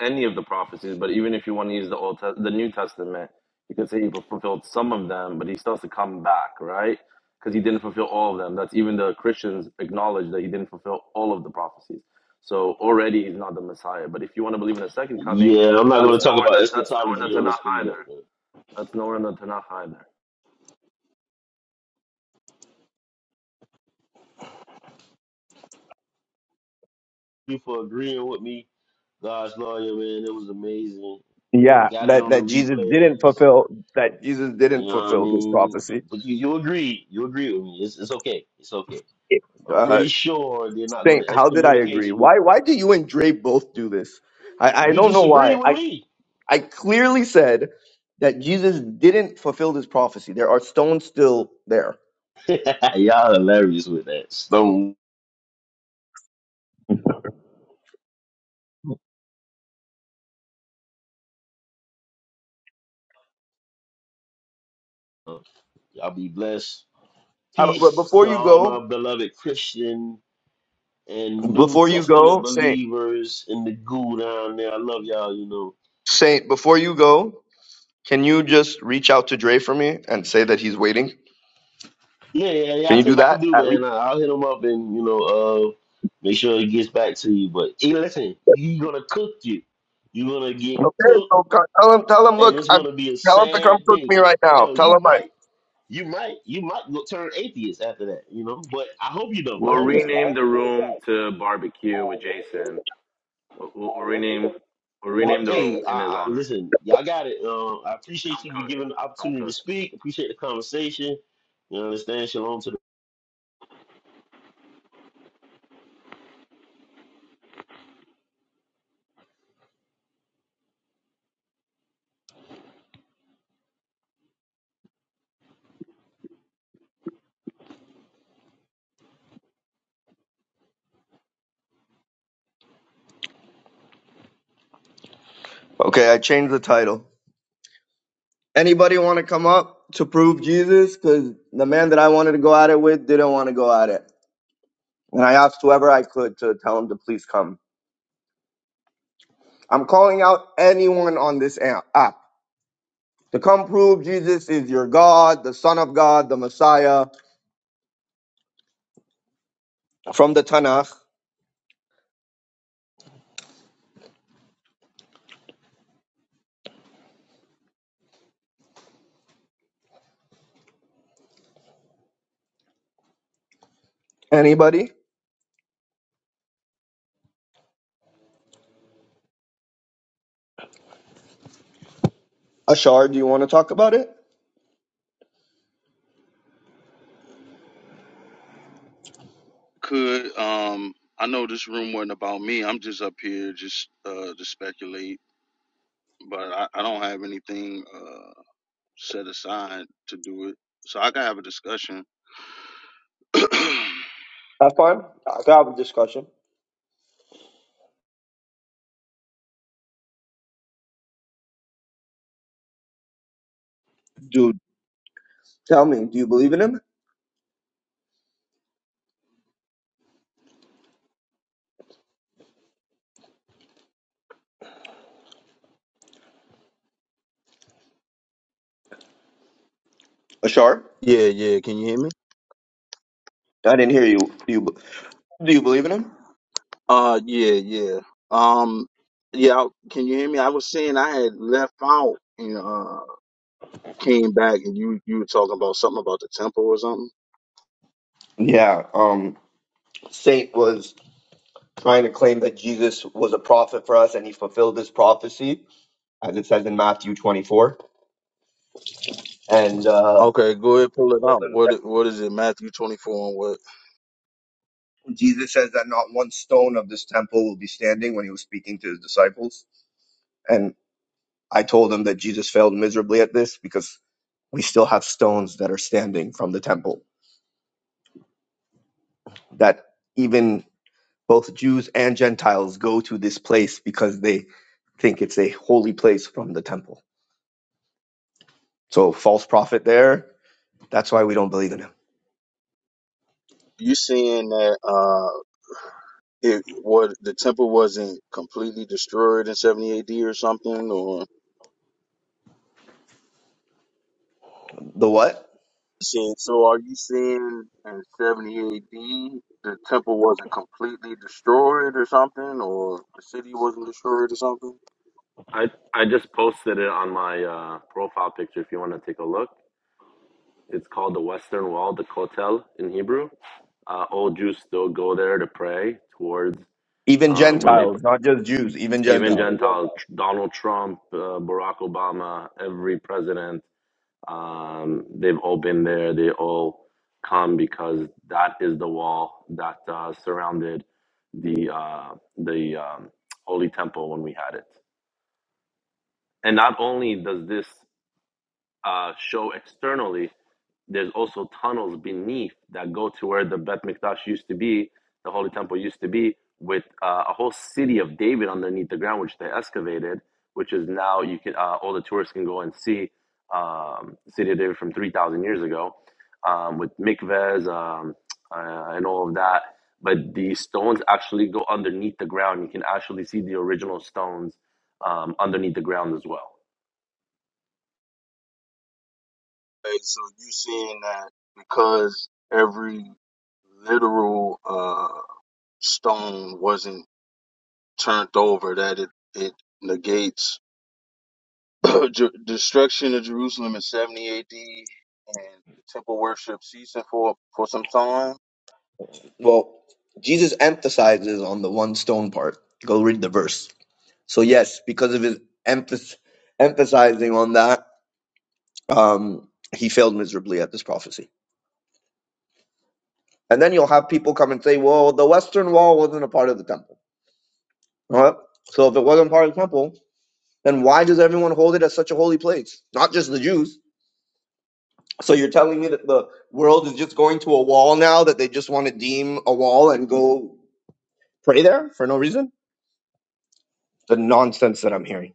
any of the prophecies. But even if you want to use the old Te- the New Testament, you could say he fulfilled some of them, but he still has to come back, right? Because he didn't fulfill all of them. That's even the Christians acknowledge that he didn't fulfill all of the prophecies. So already he's not the Messiah. But if you want to believe in a second coming,
Yeah, I'm not going
that's
to talk
nowhere in
about
the, that's nowhere in the
eschatology on the
Tanakh either.
stage, but
That's nowhere in the Tanakh either.
thank you for agreeing with me, God's lawyer, man. It was amazing.
Yeah,
Got it
that
on the
that Jesus didn't
replays.
fulfill that Jesus
You
didn't
know what I
fulfill this
mean?
prophecy.
But you, you agree, you agree with me. It's, it's okay. It's okay. I'm
Uh,
pretty sure they're not going
Saint,
to
how did I
excommunicate
agree?
you.
Why why do you and Dre both do this? I, I
You
don't know
just agree
why.
with me.
I clearly said that Jesus didn't fulfill this prophecy. There are stones still there.
[LAUGHS] Y'all hilarious with that stone. Y'all be blessed.
How- about- But
Peace
before
to
you
all
go,
my beloved Christian and New
before you
Testament
go, Saint,
believers in the goo down there. I love y'all, you know.
Saint, before you go, can you just reach out to Dre for me and say that he's waiting?
Yeah, yeah, yeah.
Can
I
you
see
do
what I can
that
do,
at least?
man. I, I'll hit them up and you know, uh, make sure it gets back to you. But hey, listen, you gonna cook you. You're gonna get
Okay,
cooked,
so co- tell him, tell him,
and
look,
it's
I'm,
gonna be a
tell him to come
sad
cook me
day.
right now.
Hell,
Tell
you
him I.
might, you might, you might go turn atheist after that, you know. But I hope you don't. I
We'll Well,
hope you could.
rename the room to barbecue with Jason. We'll, we'll, we'll rename we'll
But
rename the
hey,
room in his
I, I,
honor.
listen, y'all got it. Um, I appreciate
Come
you for
cook,
giving the
come
opportunity to
cook.
speak. Appreciate the conversation. You understand? Shalom to the
Okay, I changed the title. Anybody want to come up to prove Jesus? Because the man that I wanted to go at it with didn't want to go at it, and I asked whoever I could to tell him to please come. I'm calling out anyone on this a- app to come prove Jesus is your God, the Son of God, the Messiah from the Tanakh. Anybody? Ashar, do you want to talk about it?
Could um I know this room wasn't about me. I'm just up here just uh to speculate, but I, I don't have anything uh. set aside to do it. So I can have a discussion.
That's fine. I can have a discussion. Dude, tell me, do you believe in him? Ashar?
Yeah, yeah. Can you hear me?
I didn't hear you. Do you, be- do you believe in him?
Uh, yeah, yeah. Um, yeah. I- Can you hear me? I was saying I had left out and uh came back, and you you were talking about something about the temple or something.
Yeah. Um, Saint was trying to claim that Jesus was a prophet for us and he fulfilled this prophecy, as it says in Matthew 24. And uh,
Okay, go ahead,
I
pull it
told
out.
him.
What it- what is it? Matthew twenty four and what?
Jesus says that not one stone of this temple will be standing when he was speaking to his disciples. And I told him that Jesus failed miserably at this because we still have stones that are standing from the temple that even both Jews and Gentiles go to this place because they think it's a holy place from the temple. So false prophet there. That's why we don't believe in him.
You saying that uh it what the temple wasn't completely destroyed in seventy A.D. or something or?
The what?
seeing. So are you saying in 70 AD the temple wasn't completely destroyed or something, or the city wasn't destroyed or something?
I I just posted it on my uh, profile picture. If you want to take a look, it's called the Western Wall, the Kotel in Hebrew. Uh, old Jews still go there to pray towards
Even
um, when they
Gentiles, not just Jews, even
even
Gentiles.
Gentiles. Donald Trump, uh, Barack Obama, every president Um, they've all been there. They all come because that is the wall that uh, surrounded the uh, the um, holy temple when we had it. And not only does this uh, show externally, there's also tunnels beneath that go to where the Bet Mikdash used to be, the Holy Temple used to be, with uh, a whole city of David underneath the ground, which they excavated, which is now you can uh, all the tourists can go and see um, the city of David from 3,000 years ago, um, with mikvehs um, uh, and all of that. But the stones actually go underneath the ground. You can actually see the original stones um, underneath the ground as well.
Like, so you saying that because every literal uh, stone wasn't turned over, that it, it negates [CLEARS THROAT] Jer- destruction of Jerusalem in 70 AD and the temple worship ceasing for, for some time?
Well, Jesus emphasizes on the one stone part. Go read the verse So yes, because of his emphasis emphasizing on that, um, he failed miserably at this prophecy. And then you'll have people come and say, "Well, the Western Wall wasn't a part of the temple." All right. So if it wasn't part of the temple, then why does everyone hold it as such a holy place? Not just the Jews. So you're telling me that the world is just going to a wall now that they just want to deem a wall and go pray there for no reason? The nonsense that I'm hearing.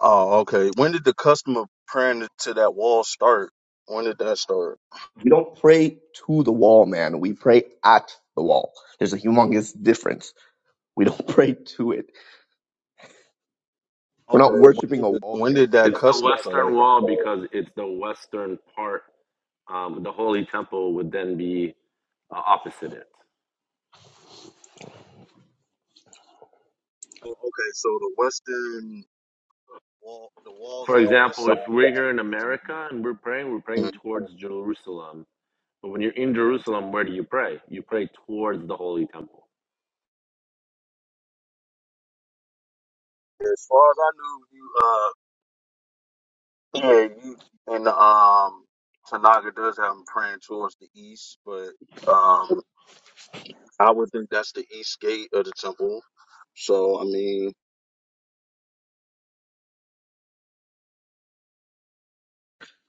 Oh, okay. When did the custom of praying to that wall start? When did that start?
We don't pray to the wall, man. We pray at the wall. There's a humongous difference We don't [LAUGHS] pray to it. We're
Okay.
not
When
worshiping
did
a
the
wall
when
here.
did that
It's the
custom start? Oh,
Western Wall because it's the western part. Um, the Holy Temple would then be uh, opposite it.
Okay, so the western wall, the walls
For
on the west
example,
side.
if we're here in America and we're praying, we're praying
Mhm.
towards Jerusalem. But when you're in Jerusalem, where do you pray? You pray towards the Holy Temple.
As far as I knew, you uh, yeah, you and um, Tanaga does have them praying towards the east, but um, I would think that's the east gate of the temple. So I mean,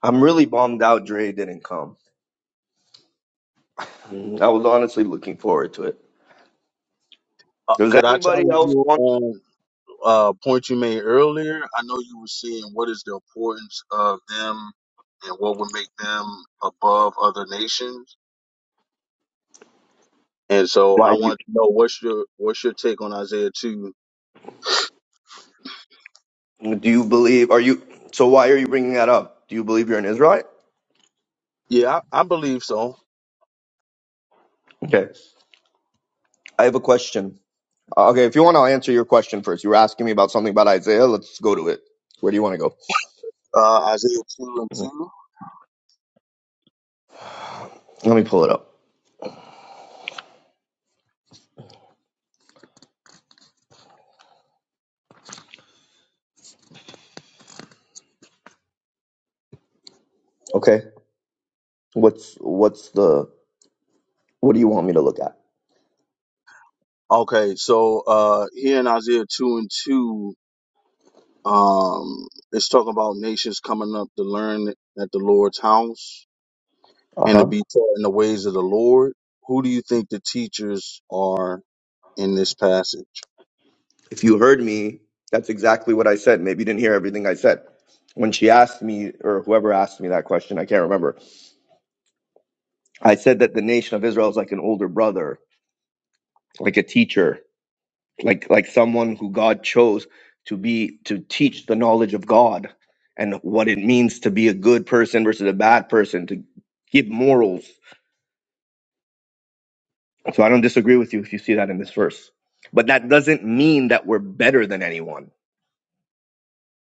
I'm really bummed out Dre didn't come. Mm, I was honestly looking forward to it.
uh,
Does
could I
anybody
challenge
else
you
want?
on? uh, point you made earlier, I know you were seeing what is the importance of them and what would make them above other nations. And so
Why
I
do
want to know what's your what's your take on Isaiah two?
you, do you believe? Are you so? Why are you bringing that up? Do you believe you're an Israelite?
Yeah, I, I believe so.
Okay, I have a question. Uh, Okay, if you want, I'll answer your question first. You were asking me about something about Isaiah. Let's go to it. Where do you want to go?
Uh, Isaiah two and
Mhm.
two.
Let me pull it up. Okay, what's what's the what do you want me to look at?
Okay, so uh, here in Isaiah two and two, um, it's talking about nations coming up to learn at the Lord's house
Uh
and to
huh.
be taught in the ways of the Lord. Who do you think the teachers are in this passage?
If you heard me, that's exactly what I said. Maybe you didn't hear everything I said. When she asked me, or whoever asked me that question, I can't remember. I said that the nation of Israel is like an older brother, like a teacher, like like someone who God chose to be to teach the knowledge of God and what it means to be a good person versus a bad person, to give morals. So I don't disagree with you if you see that in this verse. But that doesn't mean that we're better than anyone.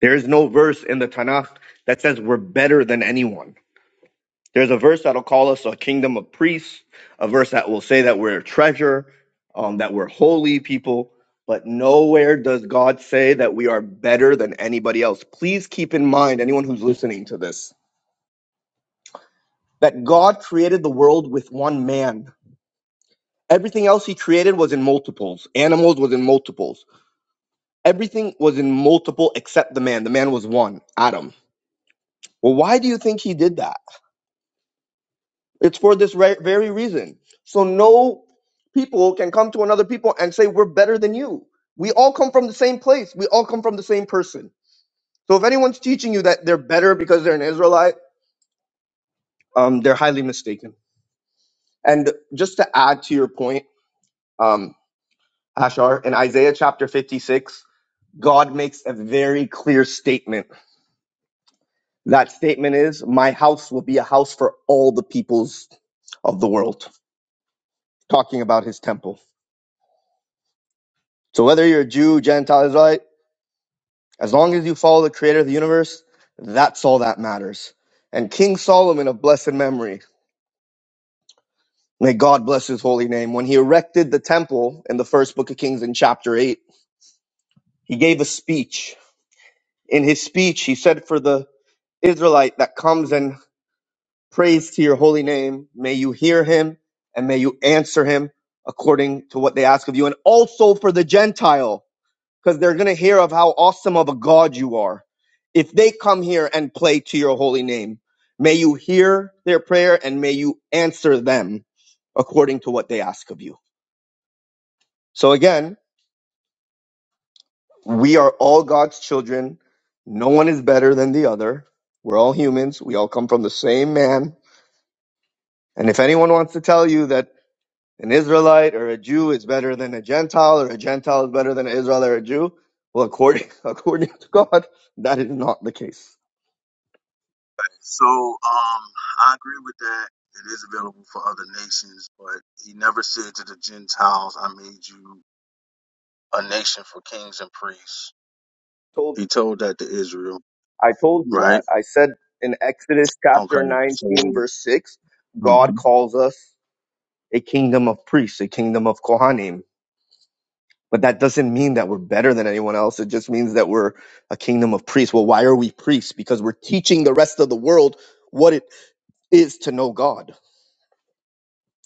There is no verse in the Tanakh that says we're better than anyone. There's a verse that'll call us a kingdom of priests, a verse that will say that we're a treasure, um, that we're holy people, but nowhere does God say that we are better than anybody else. Please keep in mind, anyone who's listening to this, that God created the world with one man. Everything else he created was in multiples. Animals was in multiples. Everything was in multiple except the man. The man was one, Adam. Well, why do you think he did that? It's for this re- very reason. So no people can come to another people and say we're better than you. We all come from the same place. We all come from the same person. So if anyone's teaching you that they're better because they're an Israelite, um, they're highly mistaken. And just to add to your point, um, Ashar, in Isaiah chapter 56, God makes a very clear statement. That statement is, "My house will be a house for all the peoples of the world," talking about His temple. So whether you're a Jew, Gentile, Israelite As long as you follow the creator of the universe, that's all that matters. And King Solomon of blessed memory, may God bless his holy name, when he erected the temple in the first book of Kings in chapter 8, he gave a speech. In his speech, he said, For the Israelite that comes and prays to your holy name, may you hear him and may you answer him according to what they ask of you. And also for the Gentile. because they're going to hear of how awesome of a God you are. If they come here and play to your holy name, may you hear their prayer and may you answer them according to what they ask of you. So again, we are all God's children. No one is better than the other. We're all humans. We all come from the same man. And if anyone wants to tell you that an Israelite or a Jew is better than a Gentile or a Gentile is better than an Israelite or a Jew, well, according, [LAUGHS] according to God, that is not the case
So um, I agree with that. It is available for other nations, but he never said to the Gentiles, I made you a nation for kings and priests.
Told.
He told that to Israel,
I told you that.
right?
I said in Exodus chapter
Okay. So
19, verse 6, God
Mhm.
calls us a kingdom of priests, a kingdom of Kohanim. But that doesn't mean that we're better than anyone else. It just means that we're a kingdom of priests. Well, why are we priests? Because we're teaching the rest of the world what it is to know God.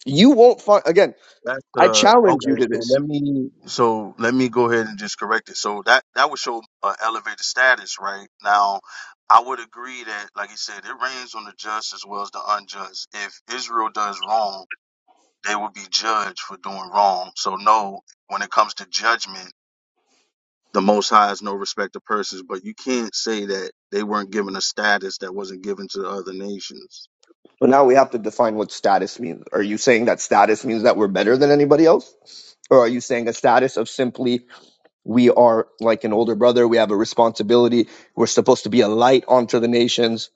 You won't find, again,
that's
I
the
challenge you
okay.
to
So
this.
let me so let me go ahead and just correct it. So that that would show uh, elevated status, right? Now, I would agree that, like he said, it rains on the just as well as the unjust. If Israel does wrong, they will be judged for doing wrong. So no, when it comes to judgment, the Most High is no respecter of persons. But you can't say that they weren't given a status that wasn't given to the other nations.
But now we have to define what status means. Are you saying that status means that we're better than anybody else? Or are you saying a status of simply we are like an older brother. We have a responsibility. We're supposed to be a light onto the nations.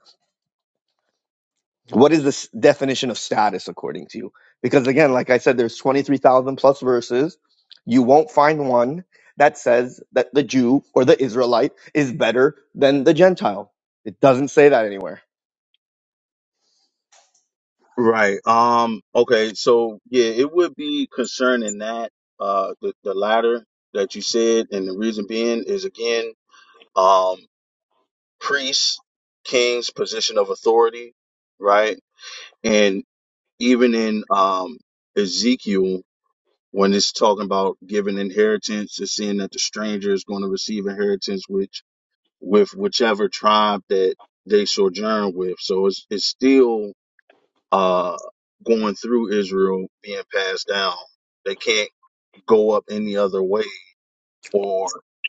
What is this definition of status according to you? Because again, like I said, there's 23,000 plus verses. You won't find one that says that the Jew or the Israelite is better than the Gentile. It doesn't say that anywhere.
Right. Um. Okay. So yeah, it would be concerning that uh the the latter that you said, and the reason being is again um priests, kings, position of authority, right? And even in um Ezekiel When it's talking about giving inheritance, it's saying that the stranger is going to receive inheritance which with whichever tribe that they sojourn with. So it's it's still uh going through Israel being passed down. They can't go up any other way or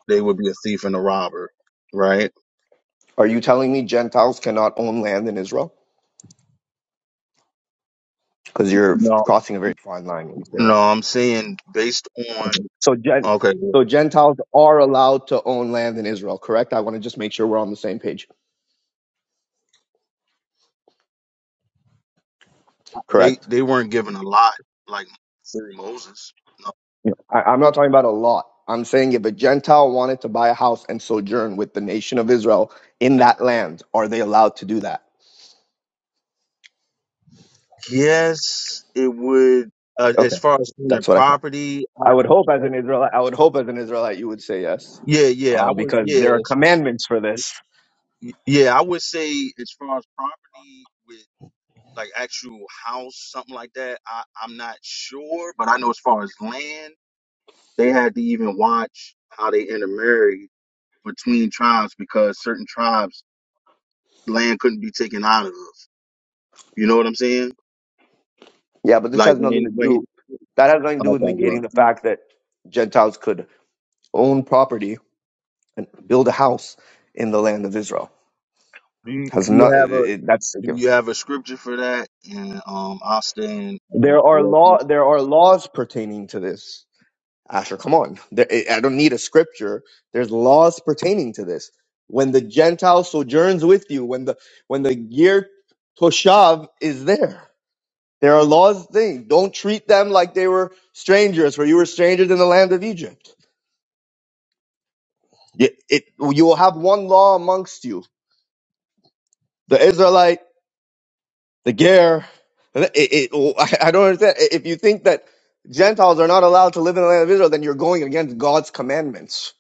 they would be a thief and a robber, right?
Are you telling me Gentiles cannot own land in Israel? Because you're
No.
crossing a very fine line when you say that.
No, I'm saying based on
Mhm. So, Gen-
okay, well,
so Gentiles are allowed to own land in Israel, correct? I want to just make sure we're on the same page,
they
correct?
they weren't given a lot like through Moses. No.
Yeah. I, I'm not talking about a lot. I'm saying if a Gentile wanted to buy a house and sojourn with the nation of Israel in that land, are they allowed to do that?
Yes, it would. Uh,
Okay,
as far as owning
that's what I said.
property, I,
I would hope as
oh,
an Israelite, I would hope as an Israelite, you would say yes,
yeah, yeah,
uh,
I would.
because
Yes,
there are commandments for this.
yeah, I would say as far as property with like actual house, something like that. I I'm not sure, but I know as far as land, they had to even watch how they intermarried between tribes because certain tribes land couldn't be taken out of. You know what I'm saying?
Yeah, but this
Like
has nothing
when
to
when he.
do. That has nothing to do
Okay,
with
well.
negating the fact that Gentiles could own property and build a house in the land of Israel.
Do you,
Has
do you
not it,
have a
that's a
do
given.
you have a scripture for that? And um, I'll stand. Uh,
There are
corrected.
law there are laws pertaining to this. Asher, come on. There, I I don't need a scripture. There's laws pertaining to this. When the Gentile sojourns with you, when the when the year Toshav is there, there are laws. Thing don't treat them like they were strangers, for you were strangers in the land of Egypt. It, it, you will have one law amongst you. The Israelite the gear. It, it, I I don't understand. If you think that Gentiles are not allowed to live in the land of Israel, then you're going against God's commandments.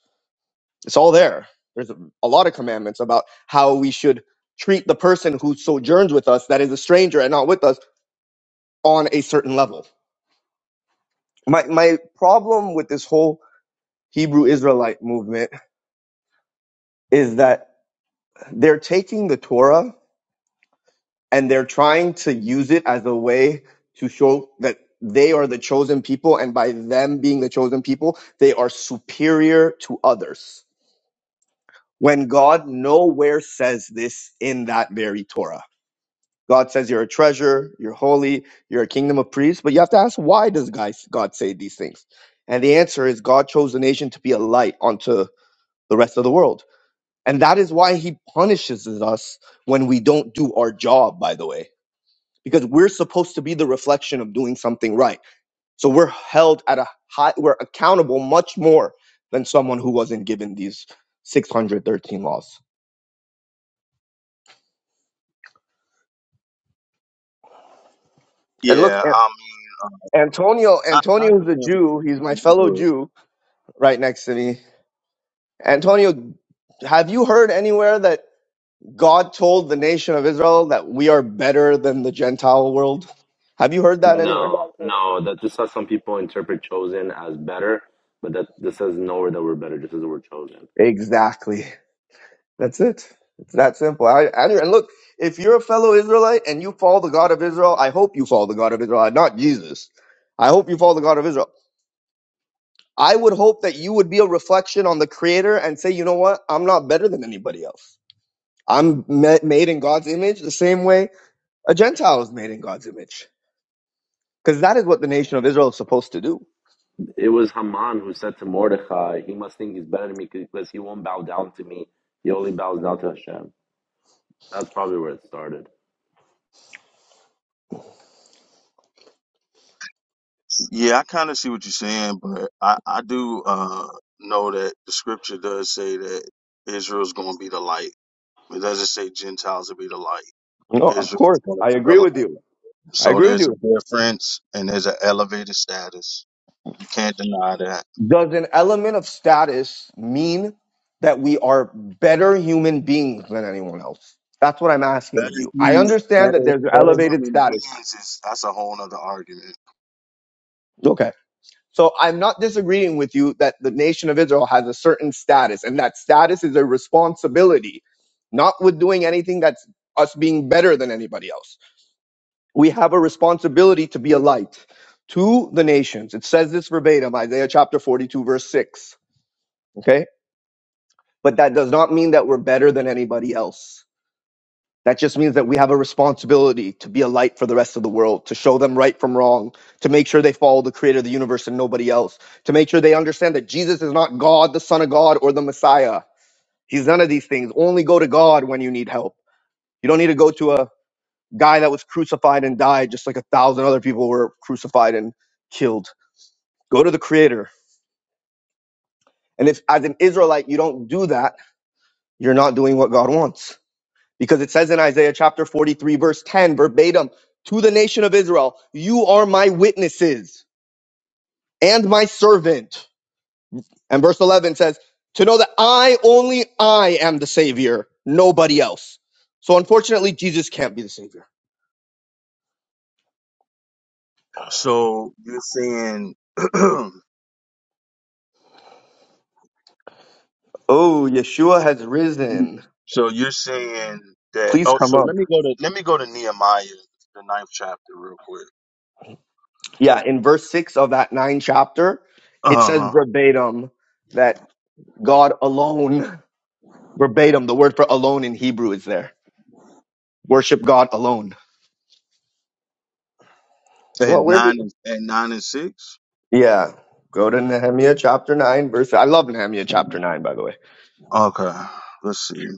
It's all there. There's a a lot of commandments about how we should treat the person who sojourns with us, that is a stranger and not with us, on a certain level. My my problem with this whole Hebrew Israelite movement is that they're taking the Torah and they're trying to use it as a way to show that they are the chosen people and by them being the chosen people they are superior to others when god nowhere says this in that very torah god says you're a treasure you're holy you're a kingdom of priests but you have to ask why does guys god say these things and the answer is god chose the nation to be a light unto the rest of the world and that is why he punishes us when we don't do our job by the way because we're supposed to be the reflection of doing something right. So we're held at a high, we're accountable much more than someone who wasn't given these 613 laws. And look,
yeah,
An-
I mean,
Antonio,
I, I
Antonio's a
understand what
Jew. He's
you're
my
saying,
fellow
but-
Jew right next to me. Antonio, have you heard anywhere that God told the nation of Israel that we are better than the Gentile world? Have you heard that anywhere?
No, no, that's just how some people interpret chosen as better, but that this says nowhere that we're better, just says we're chosen.
Exactly. That's it. It's that simple. I, I, and look, if you're a fellow Israelite and you follow the God of Israel, I hope you follow the God of Israel, not Jesus. I hope you follow the God of Israel. I would hope that you would be a reflection on the Creator and say, you know what? I'm not better than anybody else. I'm ma- made in God's image the same way a Gentile is made in God's image. Because that is what the nation of Israel is supposed to do.
It was Haman who said to Mordecai, He must think he's better than me because he won't bow down to me. He only bows down to Hashem. That's probably where it started.
yeah, I kind of see what you're saying, but I I do uh know that the scripture does say that Israel's going to be the light. It doesn't say Gentiles will be the light.
No, of
Israel's
course.
going to
I
be the
agree
light.
with you. I
So
agree with
there's a
you.
difference and there's an elevated status. You can't deny that.
Does an element of status mean that we are better human beings than anyone else? That's what I'm asking
Better,
of you. I
human-
understand that
better,
there's
better
elevated
human
status.
beings is that's a whole nother argument.
Okay. So I'm not disagreeing with you that the nation of Israel has a certain status, and that status is a responsibility, not with doing anything that's us being better than anybody else. We have a responsibility to be a light to the nations. It says this verbatim, Isaiah chapter 42, verse 6. Okay but that does not mean that we're better than anybody else. That just means that we have a responsibility to be a light for the rest of the world, to show them right from wrong, to make sure they follow the creator of the universe and nobody else, to make sure they understand that Jesus is not God, the Son of God, or the Messiah. He's none of these things. Only go to God when you need help. You don't need to go to a guy that was crucified and died just like a thousand other people were crucified and killed. Go to the creator. And if, as an Israelite, you don't do that, you're not doing what God wants Because it says in Isaiah chapter 43, verse 10, verbatim, to the nation of Israel, you are my witnesses and my servant. And verse 11 says, to know that I, only I am the Savior, nobody else. So unfortunately, Jesus can't be the Savior.
So you're saying, [CLEARS THROAT] so
Oh, Yeshua has risen.
you're saying that.
Please
Oh,
come
so
up.
let me go to let me go to Nehemiah, the ninth chapter, real quick.
Yeah, in verse 6 of that 9 chapter, it
Uh
says
huh.
verbatim that God alone, verbatim, the word for alone in Hebrew is there. Worship God alone.
At
Well, where?
nine and at nine and six.
Yeah. Go to Nehemiah chapter 9, verse. I love Nehemiah chapter 9, by the way.
Okay, let's see.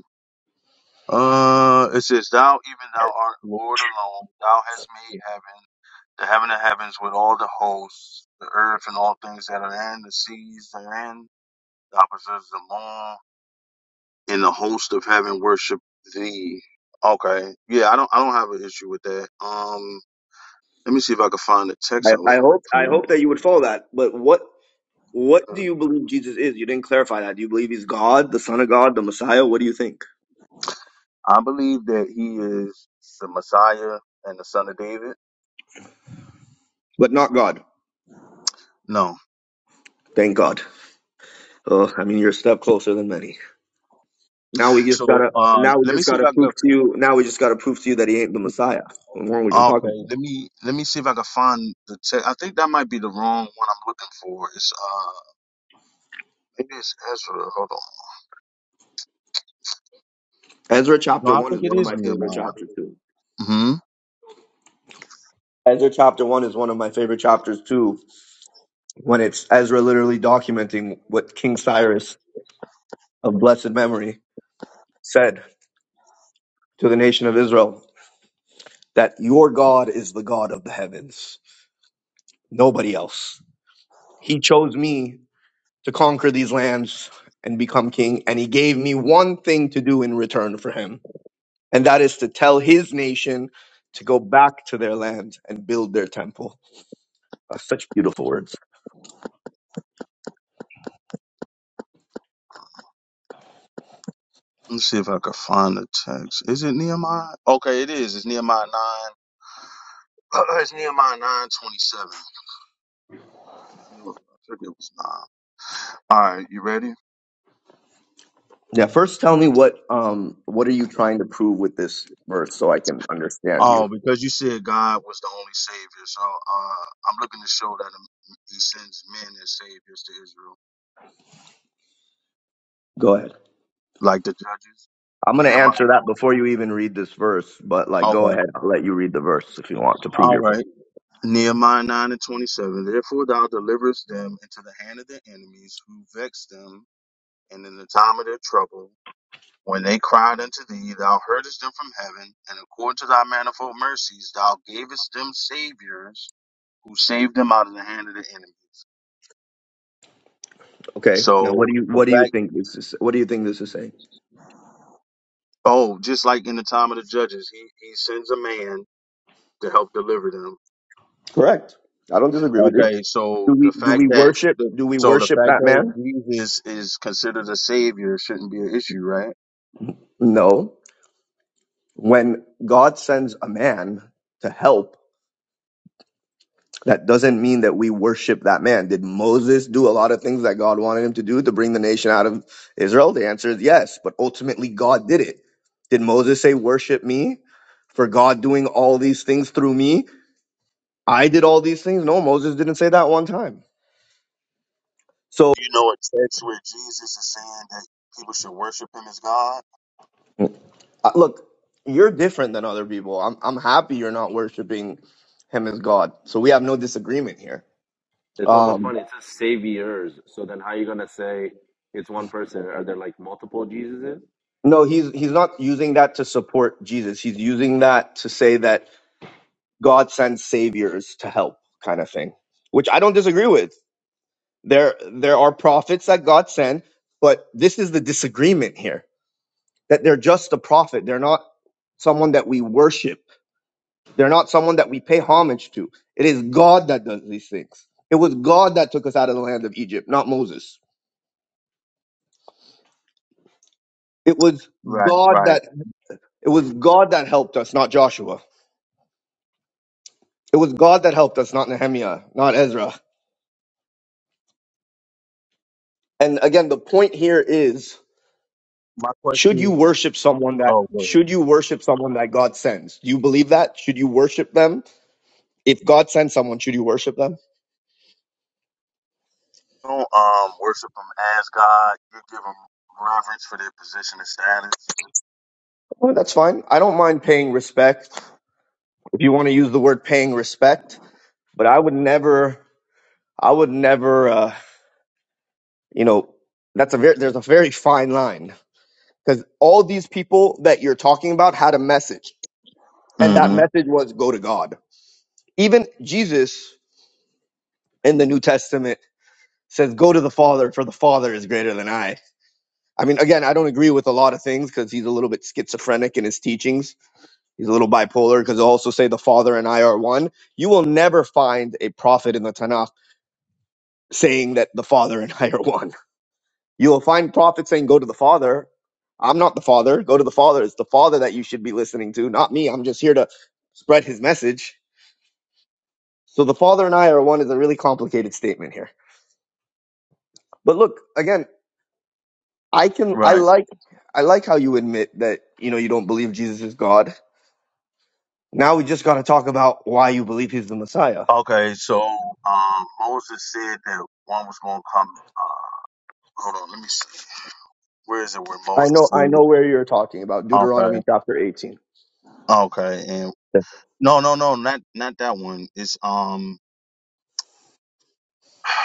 Uh, it says, "Thou even thou art Lord alone. Thou hast made heaven, the heaven of heavens, with all the hosts, the earth and all things that are in the seas therein. Thou possesses them all. in the host of heaven worship thee. Okay. Yeah, I don't I don't have an issue with that. Um let me see if I can find the text
I,
I was
I
looking
hope I hope that you would follow that. But what what
for.
do
Uh,
you believe Jesus is? You didn't clarify that. Do you believe he's God, the Son of God, the Messiah? What do you think?
I believe that he is the Messiah and the son of David.
But not God.
No.
Thank God. Oh, I mean, you're a step closer than many. Now we just
So
gotta.
uh
Now we
let me
just
see if
gotta
I
prove
can
to you. Now we just gotta prove to you that he ain't the Messiah. What more we can talk
Okay,
about?
let me let me see if I can find the text. I think that might be the wrong one I'm looking for. It's uh maybe it's Ezra. Hold on.
Ezra
No,
chapter
I
one
think
is
it
one of
is
my favorite
Nehemiah.
chapters too.
Mm-hmm.
Ezra chapter one is one of my favorite chapters too when it's Ezra literally documenting what King Cyrus of blessed memory said to the nation of Israel that your God is the God of the heavens, nobody else. He chose me to conquer these lands and become king, and he gave me one thing to do in return for him, and that is to tell his nation to go back to their land and build their temple. Uh, such beautiful words.
Let's see if I can find the text. Is it Nehemiah? Okay, it is. It's Nehemiah 9. [CLEARS THROAT] it's Nehemiah 9 27. I knew it. I figured it was 9. All right, you ready?
Yeah, first tell me what um what are you trying to prove with this verse so I can understand you.
Oh, because you said God was the only Savior. So uh, I'm looking to show that He sends men as Saviors to Israel,
Go ahead.
like the judges.
I'm going to
Nehemiah
answer that before you even read this verse, but like
9.
go
Okay.
ahead, I'll let you read the verse if you want to prove
All
your point.
right. Nehemiah 9 and 27. Therefore, thou deliverest them into the hand of their enemies who vex them, and in the time of their trouble. When they cried unto thee, thou heardest them from heaven, and according to thy manifold mercies, thou gavest them saviors who saved them out of the hand of the enemies.
Okay. Now what
So
do you
the
what do you
fact,
think this is what do you think this is saying?
oh, just like in the time of the judges, he, he sends a man to help deliver them.
Correct. I don't disagree with you.
Okay,
Do
so the
we do
fact
we
that
worship
the
do we
so the
worship
fact
that
that
man?
Jesus is considered a savior shouldn't be an issue, right?
No. When God sends a man to help That doesn't mean that we worship that man. Did Moses do a lot of things that God wanted him to do to bring the nation out of Israel? The answer is yes, but ultimately God did it. Did Moses say, Worship me for God doing all these things through me? I did all these things. No, Moses didn't say that one time. So,
You know a text where Jesus is saying that people should worship him as God.
uh, look, you're different than other people. I'm, I'm happy you're not worshiping him as God. So we have no disagreement here.
It's also
Um,
funny. It says saviors. So then, how are you gonna say it's one person? Are there like multiple Jesuses?
no, he's he's not using that to support Jesus. He's using that to say that God sends saviors to help kind of thing, which I don't disagree with. There there are prophets that God sent, but this is the disagreement here that they're just a prophet. They're not someone that we worship. They're not someone that we pay homage to. It is God that does these things. It was God that took us out of the land of Egypt, not Moses. It was
Right,
God
right.
that it was God that helped us, not Joshua. It was God that helped us, not Nehemiah, not Ezra. And again, the point here is
My
should you
question.
worship someone that
Oh, word.
should you worship someone that God sends? Do you believe that? Should you worship them? If God sends someone, should you worship them?
Don't um worship them as God. You give them reverence for their position and status.
Well, that's fine. I don't mind paying respect. If you want to use the word paying respect, but I would never I would never uh you know, that's a very there's a very fine line cuz all these people that you're talking about had a message and that
hmm
message was go to God. Even Jesus in the New Testament says go to the Father for the Father is greater than I I mean, again, I don't agree with a lot of things because he's a little bit schizophrenic in his teachings. He's a little bipolar because he'll also say the Father and I are one. You will never find a prophet in the Tanakh saying that the Father and [LAUGHS] I are one. You will find prophets saying, Go to the Father. I'm not the Father. Go to the Father. It's the Father that you should be listening to, not me. I'm just here to spread his message. So the Father and I are one is a really complicated statement here. But look, again, I can I
Right.
like I like how you admit that you know you don't believe Jesus is God Now we just got to talk about why you believe he's the Messiah.
Okay, so um Moses said that one was going to come. Uh, hold on, let me see. Where is it? Where
I
Moses?
know I
Said?
know where you're talking about.
Okay.
Deuteronomy chapter 18.
Okay. And no, no, no, not not that one. It's um. [SIGHS]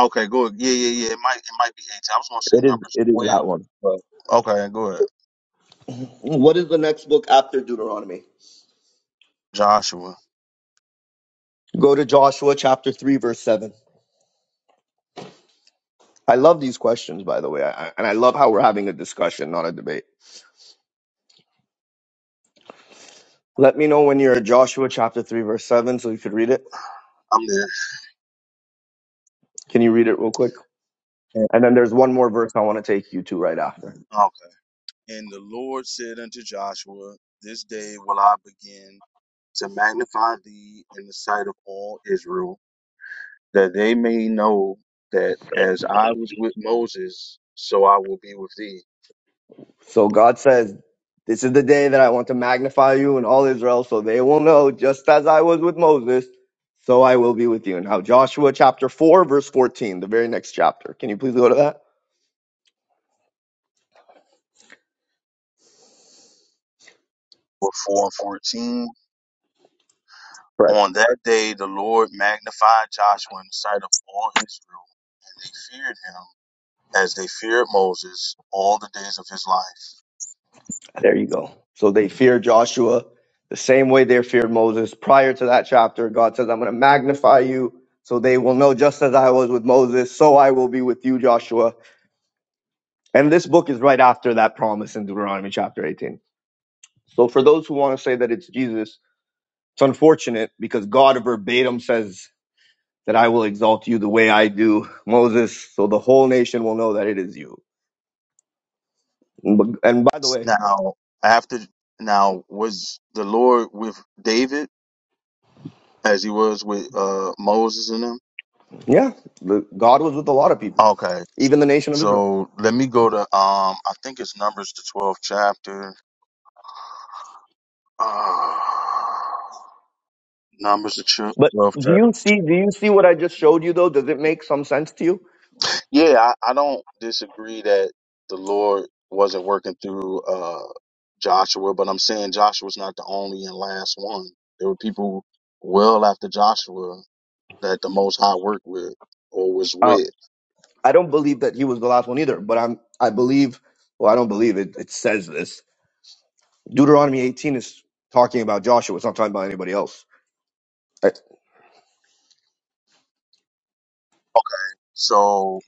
Okay, go. ahead. Yeah, yeah, yeah. It might it might be eighteen. I was gonna say
It is
numbers
it is that
twelve,
one.
but okay, go ahead.
What is the next book after Deuteronomy?
Joshua.
Go to Joshua chapter 3, verse 7. I love these questions, by the way, I, I- and I love how we're having a discussion, not a debate. Let me know when you're at Joshua chapter 3, verse 7, so you could read it.
I'm there.
Can you read it real quick? And then there's one more verse I want to take you to right after.
Okay. And the Lord said unto Joshua, This day will I begin to magnify thee in the sight of all Israel, that they may know that as I was with Moses, so I will be with thee.
So God says, This is the day that I want to magnify you and all Israel, so they will know, just as I was with Moses, so I will be with you. Now, Joshua chapter 4, verse 14, the very next chapter. Can you please go to that?
For 4 and 14.
Correct.
On that day the Lord magnified Joshua in the sight of all Israel, and they feared him as they feared Moses all the days of his life.
There you go. So they fear Joshua the same way they feared Moses. Prior to that chapter, God says, I'm going to magnify you. So they will know just as I was with Moses, so I will be with you, Joshua. And this book is right after that promise in Deuteronomy chapter 18. So for those who want to say that it's Jesus, It's unfortunate because God verbatim says that I will exalt you the way I do [LAUGHS] Moses, so the whole nation will know that it is you. And b- and by the way,
Now, after, now, was the Lord with David? as he was with uh Moses and them.
yeah, the- God was with a lot of people,
Okay.
even the nation of Israel.
So let me go to um I think it's Numbers the twelfth chapter. [SIGHS] Uh, Numbers the ch-
But
twelfth
do
chapter.
you see? Do you see what I just showed you? Though, does it make some sense to you?
Yeah, I, I don't disagree that the Lord wasn't working through uh Joshua, but I'm saying Joshua's not the only and last one. There were people well after Joshua that the most high worked with or was
Uh,
with.
I don't believe that he was the last one either. But I'm. I believe. Well, I don't believe it. It says this. Deuteronomy 18 is talking about Joshua. It's not talking about anybody else. Uh,
Okay. So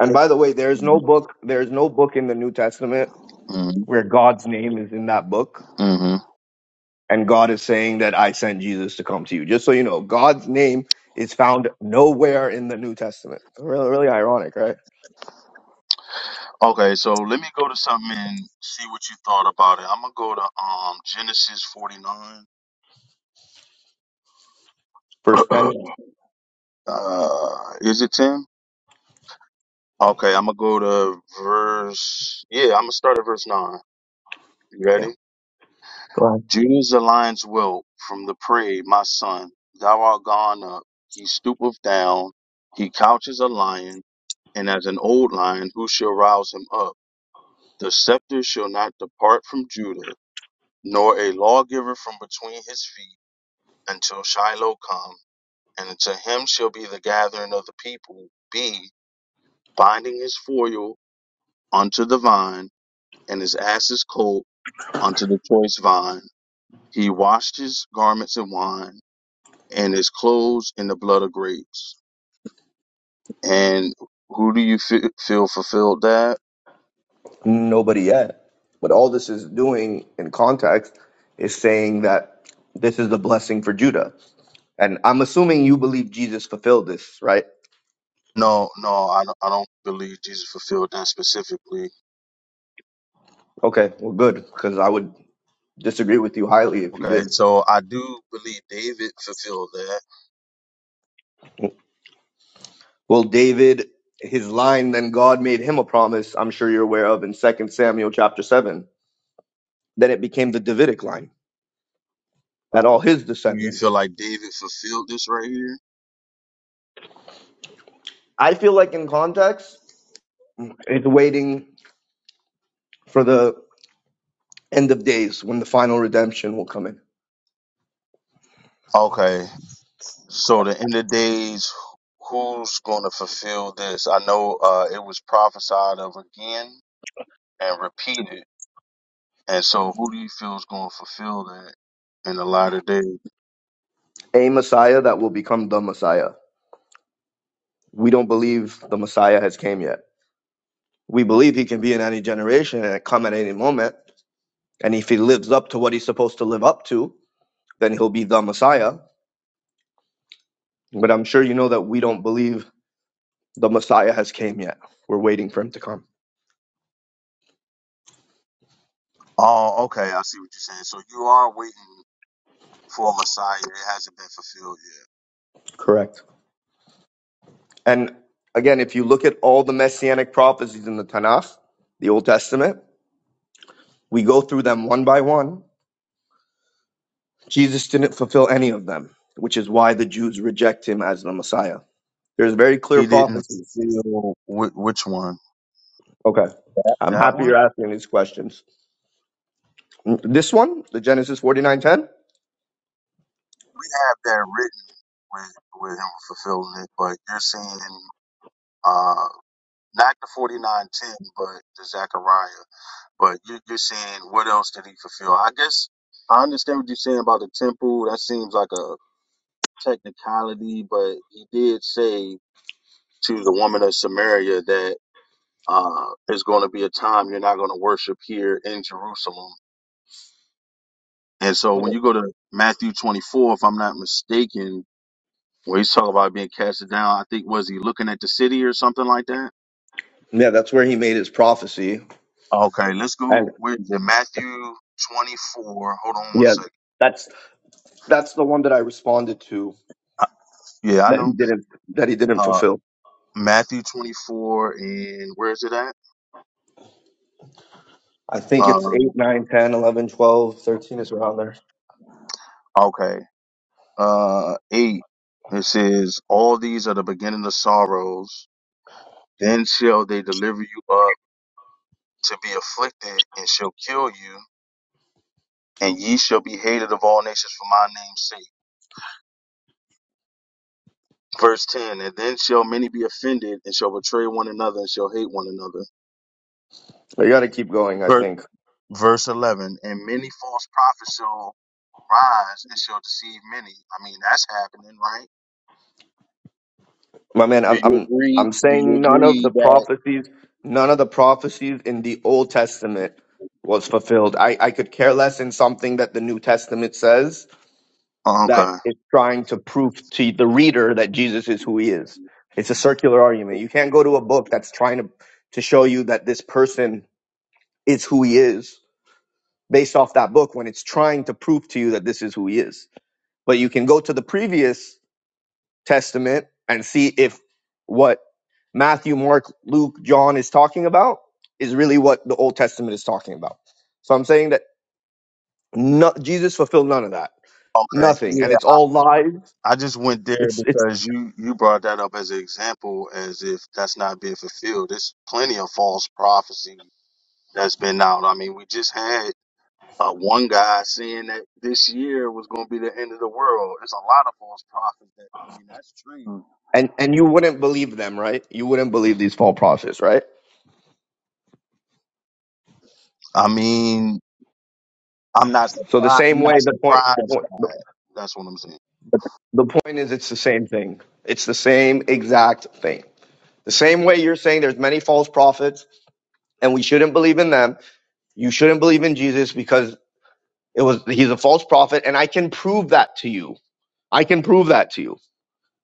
And by the way, there is no book. There is no book in the New Testament
Mhm.
where God's name is in that book,
Mhm.
and God is saying that I sent Jesus to come to you. Just so you know, God's name is found nowhere in the New Testament. Really, really ironic, right?
Okay, so let me go to something and see what you thought about it. I'm gonna go to um Genesis 49.
Verse 10.
[CLEARS THROAT] uh, is it 10? Okay, I'm gonna go to verse. Yeah, I'm gonna start at verse 9. You
Yeah.
ready?
Go ahead.
Judah's a lion's whelp from the prey, my son. Thou art gone up. He stoopeth down. He couches a lion, and as an old lion, who shall rouse him up? The scepter shall not depart from Judah, nor a lawgiver from between his feet until Shiloh come, and to him shall be the gathering of the people. B, binding his foil unto the vine, and his ass's colt unto the choice vine. He washed his garments in wine, and his clothes in the blood of grapes. And who do you fe- feel fulfilled that?
Nobody yet. But all this is doing in context is saying that this is the blessing for Judah. And I'm assuming you believe Jesus fulfilled this, right?
No, no, I don't, I don't believe Jesus fulfilled that specifically.
Okay, well, good, because I would disagree with you highly if you
Okay,
did.
so I do believe David fulfilled that.
Well, David, his line, then God made him a promise, I'm sure you're aware of in Second Samuel chapter 7. Then it became the Davidic line, that all his
Do you feel
descendants.
like David fulfilled this right here?
I feel like in context, it's waiting for the end of days when the final redemption will come in.
Okay, So the end of days, who's going to fulfill this? I know uh, it was prophesied of again and repeated. And so who do you feel is going to fulfill that in the latter days?
A Messiah that will become the Messiah. We don't believe the Messiah has came yet. We believe he can be in any generation and come at any moment. And if he lives up to what he's supposed to live up to, then he'll be the Messiah. But I'm sure you know that we don't believe The Messiah has came yet. We're waiting for him to come.
Oh, okay. I see what you're saying. So you are waiting for a Messiah. It hasn't been fulfilled yet.
Correct. And again, if you look at all the messianic prophecies in the Tanakh, the Old Testament, we go through them one by one. Jesus didn't fulfill any of them, which is why the Jews reject him as the Messiah. There's very clear
He didn't
prophecies.
fulfill whi- which one?
Okay. I'm
That
happy
one?
you're asking these questions. This one, the Genesis 49:10?
We have that written with, with him fulfilling it, but you're saying uh, not the 4910, but the Zechariah. But you, you're saying, what else did he fulfill? I guess I understand what you're saying about the temple. That seems like a technicality, but he did say to the woman of Samaria that uh, there's going to be a time you're not going to worship here in Jerusalem. And so when
Oh,
you go to Matthew 24, if I'm not mistaken, where he's talking about being casted down, I think was he looking at the city or something like that?
Yeah, that's where he made his prophecy.
Okay, let's
And
go. Where is it? Matthew 24. Hold on one
yeah,
second.
that's that's the one that I responded to
Yeah, I
that he
know.
didn't that he didn't
Uh,
fulfill.
Matthew 24 and where is it at?
I think it's
Um,
8, nine, ten, eleven, twelve, thirteen is around there.
okay. Uh, eight. It says, all these are the beginning of sorrows. Then shall they deliver you up to be afflicted and shall kill you and ye shall be hated of all nations for my name's sake. Verse 10, and then shall many be offended and shall betray one another and shall hate one another.
You got to keep going, I
Verse,
think.
verse 11, and many false prophets shall rise and shall deceive many. I mean, that's happening, right?
My man,
Do
I'm,
you
I'm,
agree?
I'm
Do you
saying none of the
agree that?
prophecies, none of the prophecies in the Old Testament was fulfilled. I, I could care less in something that the New Testament says
Oh,
that
okay.
it's trying to prove to the reader that Jesus is who he is. It's a circular argument. You can't go to a book that's trying to, to show you that this person is who he is based off that book when it's trying to prove to you that this is who he is. but you can go to the previous testament and see if what Matthew, Mark, Luke, John is talking about is really what the Old Testament is talking about. So I'm saying that no, Jesus fulfilled none of that.
Okay.
Nothing. And
Yeah.
it's all lies.
I just went there
It's it's
because you you brought that up as an example, as if that's not being fulfilled. There's plenty of false prophecy that's been out. I mean, we just had uh, one guy saying that this year was going to be the end of the world. There's a lot of false prophets. That, I mean, that's true.
and and you wouldn't believe them, right? You wouldn't believe these false prophets, right?
I mean, I'm not
So the
surprised.
same
I'm not
way the point the
surprised
point
by
the,
it. That's what I'm saying.
the point is it's the same thing. It's the same exact thing. The same way you're saying there's many false prophets and we shouldn't believe in them, You shouldn't believe in Jesus because it was he's a false prophet, and I can prove that to you. I can prove that to you,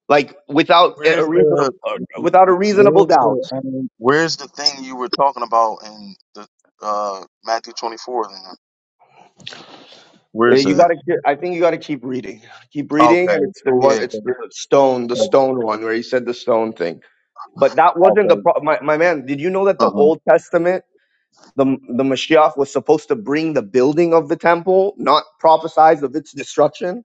like without a
Where's the
reasonable without a reasonable
where's
doubt.
the um, where's the thing you were talking about in the uh Matthew twenty four? Then
Uh,
where's
You
that?
gotta. ke- I think you gotta keep reading. Keep reading,
Okay,
and it's the one.
yeah, 'cause-
It's the stone, the
'cause-
stone one where he said the stone thing. But that wasn't the
okay,
pro- my my man. Did you know that the
uh-huh.
Old Testament, the the Mashiach was supposed to bring the building of the temple, not prophesize of its destruction?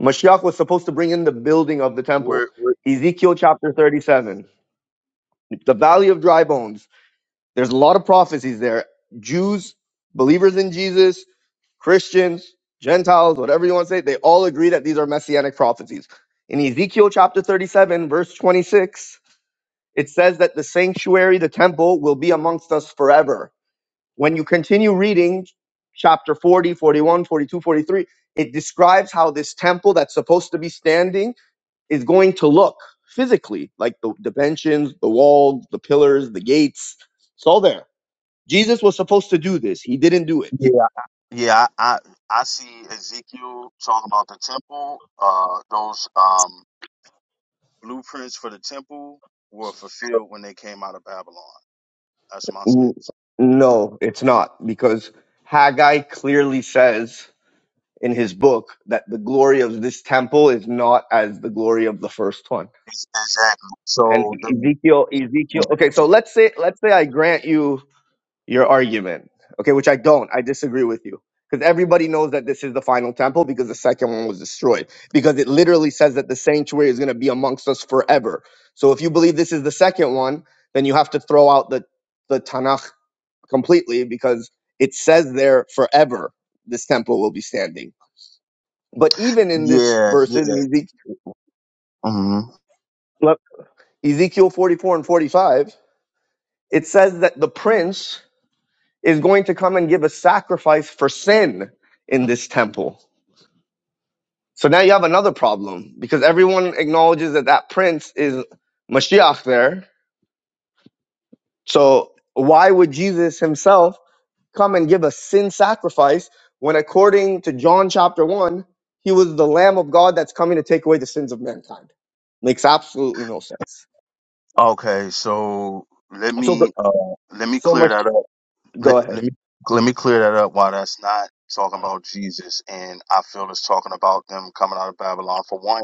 Mashiach was supposed to bring in the building of the temple.
Where, where,
Ezekiel chapter 37, the valley of dry bones. There's a lot of prophecies there. Jews, believers in Jesus, Christians, Gentiles, whatever you want to say, they all agree that these are messianic prophecies. In Ezekiel chapter 37, verse 26, it says that the sanctuary, the temple, will be amongst us forever. When you continue reading chapter 40, 41, 42, 43, it describes how this temple that's supposed to be standing is going to look physically like the dimensions, the walls, the pillars, the gates. It's all there. Jesus was supposed to do this. He didn't do it.
yeah, yeah, I, I I see Ezekiel talking about the temple. Uh, those um blueprints for the temple were fulfilled when they came out of Babylon. That's my
N-
stance.
No, it's not because Haggai clearly says in his book that the glory of this temple is not as the glory of the first one.
Ex- Exactly.
And
So the
Ezekiel, Ezekiel. Okay, so let's say let's say I grant you your argument. Okay, which I don't. I disagree with you. Because everybody knows that this is the final temple because the second one was destroyed. Because it literally says that the sanctuary is going to be amongst us forever. So if you believe this is the second one, then you have to throw out the, the Tanakh completely because it says there forever this temple will be standing. But even in this
yeah,
verse in Ezekiel,
yeah.
Ezekiel 44 and 45, it says that the prince is going to come and give a sacrifice for sin in this temple. So now you have another problem because everyone acknowledges that that prince is Mashiach there. So why would Jesus himself come and give a sin sacrifice when, according to John chapter 1, he was the Lamb of God that's coming to take away the sins of mankind? Makes absolutely no sense.
Okay, so let
So, the,
me uh let me
so
clear
much.
that up.
Go
Let,
ahead.
let me let me clear that up why that's not talking about Jesus and I feel it's talking about them coming out of Babylon. For one,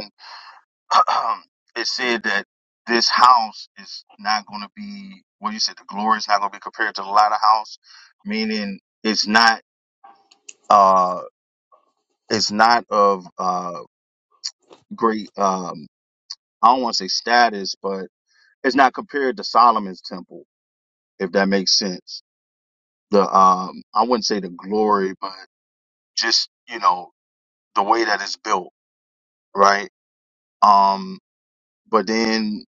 [CLEARS THROAT] it said that this house is not going to be what you said the glory is not going to be compared to the latter house, meaning it's not uh it's not of uh great um I don't want to say status, but it's not compared to Solomon's temple if that makes sense the um I wouldn't say the glory, but just you know the way that it's built, right? Um, but then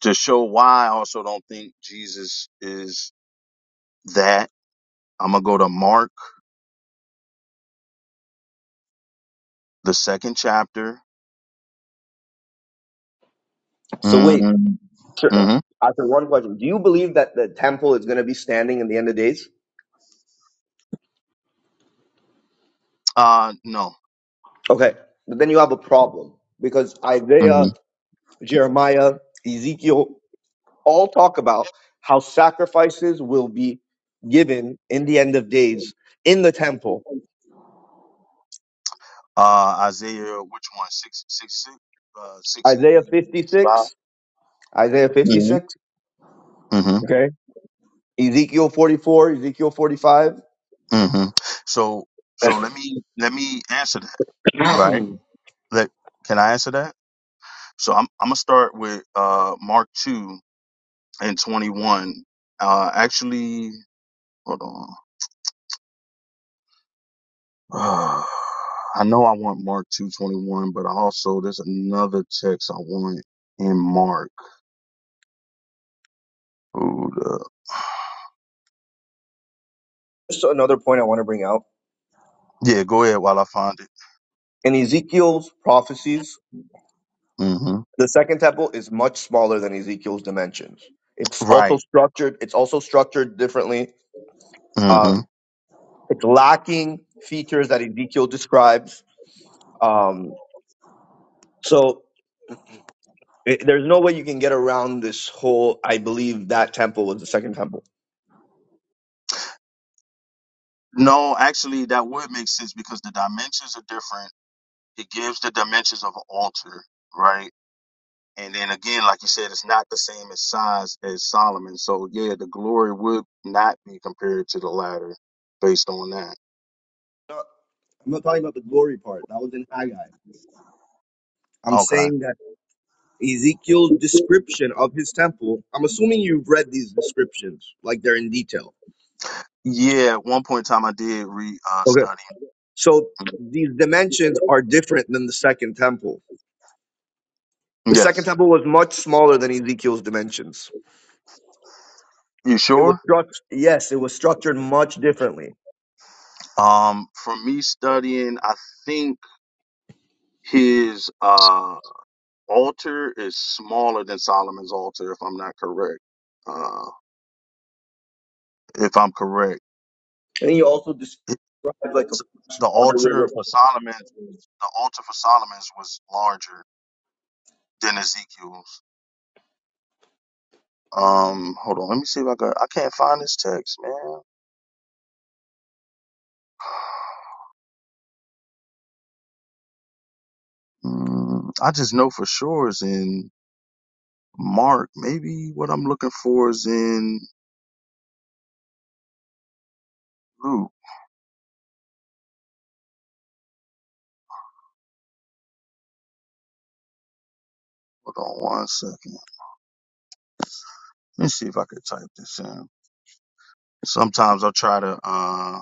to show why, I also don't think Jesus is that. I'm gonna go to Mark, the second chapter.
So, wait.
Mm-hmm.
Sure.
Mm-hmm.
After one question, do you believe that the temple is going to be standing in the end of days?
Uh, no.
Okay, but then you have a problem because
hmm
Isaiah, Jeremiah, Ezekiel all talk about how sacrifices will be given in the end of days in the temple.
Uh, Isaiah, which one? Six, six, six, uh,
Isaiah
65?
56, Isaiah 56,
Mm-hmm.
okay, Ezekiel 44, Ezekiel 45.
Mm-hmm. So,
[COUGHS]
so let me, let me answer that, right? that can I answer that? So I'm I'm gonna start with uh Mark two and twenty one. Uh actually hold on. [SIGHS] Uh, I know I want Mark two twenty one, but I also there's another text I want in Mark. Hold up.
Just another point I want to bring out.
Yeah, go ahead while I find it.
In Ezekiel's prophecies,
Mm-hmm.
the second temple is much smaller than Ezekiel's dimensions. It's also
Right.
structured, it's also structured differently. Um,
Mm-hmm.
It's lacking features that Ezekiel describes. Um, so it, there's no way you can get around this whole. I believe that temple was the second temple.
No, actually that would make sense because the dimensions are different. It gives the dimensions of an altar, right? And then again, like you said, it's not the same as size as Solomon. So yeah, the glory would not be compared to the latter based on that.
No, I'm not talking about the glory part. That was in Haggai. I'm
Okay.
saying that Ezekiel's description of his temple, I'm assuming you've read these descriptions, like they're in detail.
Yeah, at one point in time I did re uh
Okay.
study.
So these dimensions are different than the second temple. The second
Yes.
temple was much smaller than Ezekiel's dimensions.
You
It was
sure?
struct- yes, it was structured much differently.
Um for me studying, I think his uh altar is smaller than Solomon's altar if I'm not correct. Uh if I'm correct.
And he also described like a fresh
The
water
altar
river.
for Solomon's was the altar for Solomon's was larger. than Ezekiel's. Um, hold on, let me see if I can. I can't find this text, man. Mm, I just know for sure it's in Mark. Maybe what I'm looking for is in Luke. Hold on one second. Let me see if I could type this in. Sometimes I try to uh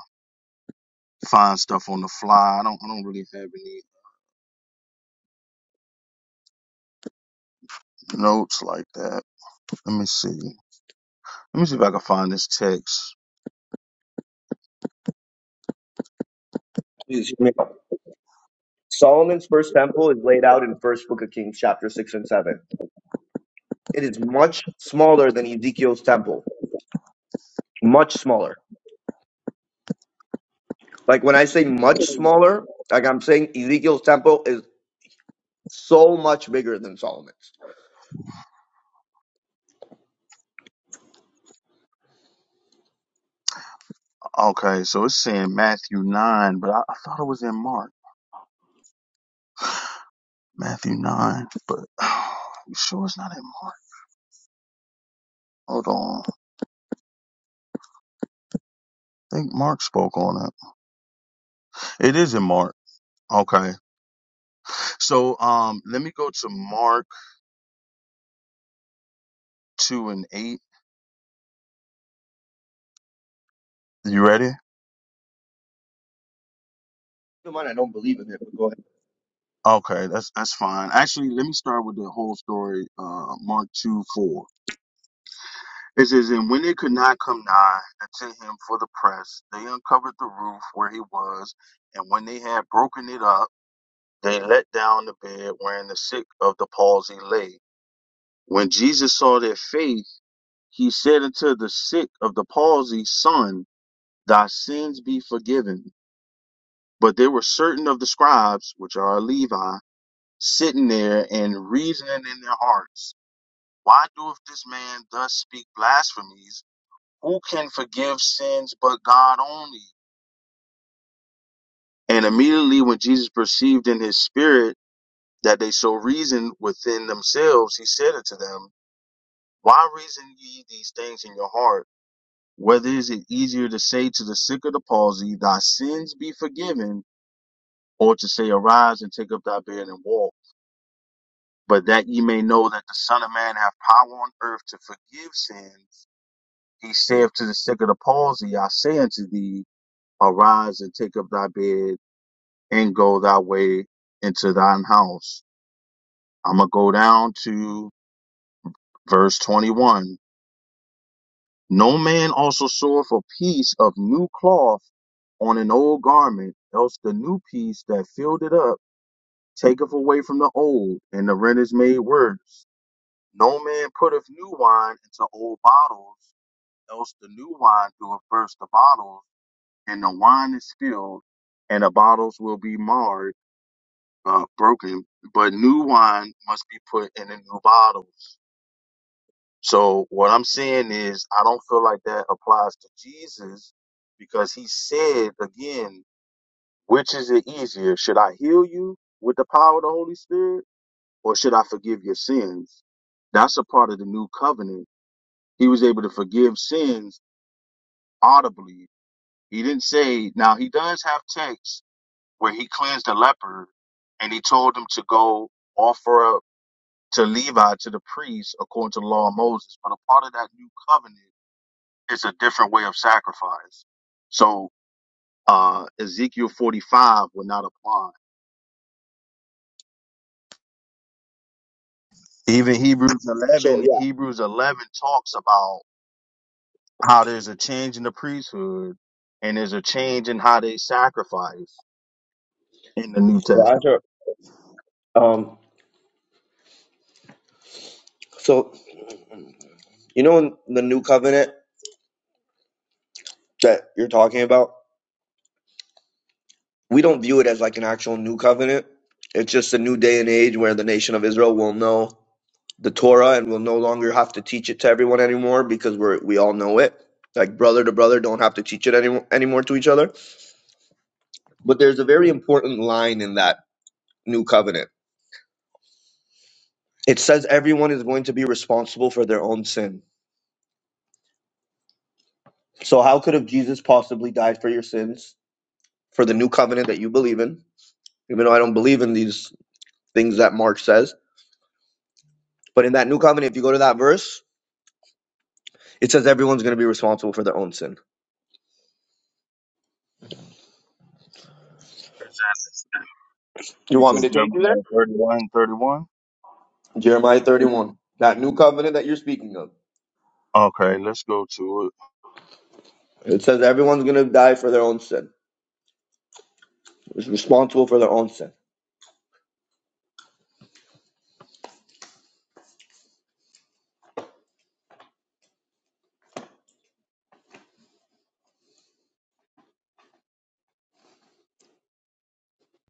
find stuff on the fly. I don't. I don't really have any notes like that. Let me see. Let me see if I can find this text.
Please hear me Solomon's first temple is laid out in First Book of Kings, chapter six and seven. It is much smaller than Ezekiel's temple. Much smaller. Like when I say much smaller, like I'm saying Ezekiel's temple is so much bigger than Solomon's.
Okay, so it's saying Matthew nine, but I, I thought it was in Mark. Matthew 9, but [SIGHS] oh, you sure it's not in Mark? Hold on. I think Mark spoke on it. It is in Mark. Okay. So um let me go to Mark 2 and 8. You ready?
Never mind, I don't believe in it, but go ahead.
Okay, that's that's fine. Actually, let me start with the whole story, uh Mark 2 4. It says, And when they could not come nigh unto him for the press, they uncovered the roof where he was, and when they had broken it up, they let down the bed wherein the sick of the palsy lay. When Jesus saw their faith, He said unto the sick of the palsy, Son, thy sins be forgiven. But there were certain of the scribes, which are Levi, sitting there and reasoning in their hearts, Why doeth this man thus speak blasphemies? Who can forgive sins but God only? And immediately when Jesus perceived in his spirit that they so reasoned within themselves, he said unto them, Why reason ye these things in your heart? Whether is it easier to say to the sick of the palsy, Thy sins be forgiven, or to say, Arise and take up thy bed and walk? But that ye may know that the Son of Man hath power on earth to forgive sins, he saith to the sick of the palsy, I say unto thee, Arise and take up thy bed and go thy way into thine house. I'm going to go down to verse 21. No man also seweth a piece of new cloth on an old garment, else the new piece that filled it up taketh away from the old, and the rent is made worse. No man putteth new wine into old bottles, else the new wine doeth burst the bottles, and the wine is spilled, and the bottles will be marred, uh, broken. But new wine must be put in the new bottles. So what I'm saying is, I don't feel like that applies to Jesus because he said again, which is it easier? Should I heal you with the power of the Holy Spirit or should I forgive your sins? That's a part of the new covenant. He was able to forgive sins audibly. He didn't say, now he does have texts where he cleansed the leper and he told him to go offer up to Levi, to the priest, according to the law of Moses. But a part of that new covenant it's a different way of sacrifice. So uh, Ezekiel 45 would not apply. Even Hebrews
So
11,
yeah.
Hebrews 11 talks about how there's a change in the priesthood and there's a change in how they sacrifice in the New
So
Testament.
after um so you know in the new covenant that you're talking about? we don't view it as like an actual new covenant. It's just a new day and age where the nation of Israel will know the Torah and will no longer have to teach it to everyone anymore because we're we all know it. Like brother to brother, don't have to teach it any, anymore to each other. But there's a very important line in that new covenant. It says everyone is going to be responsible for their own sin. So how could have Jesus possibly died for your sins for the new covenant that you believe in? Even though I don't believe in these things that Mark says, but in that new covenant, if you go to that verse, It says everyone's going to be responsible for their own sin.
Where's that?
You
You
want me
said
to take you there?
Jeremiah thirty-one, thirty-one.
Jeremiah 31. That new covenant that you're speaking of.
Okay, let's go to it.
It says everyone's going to die for their own sin. Is responsible for their own sin.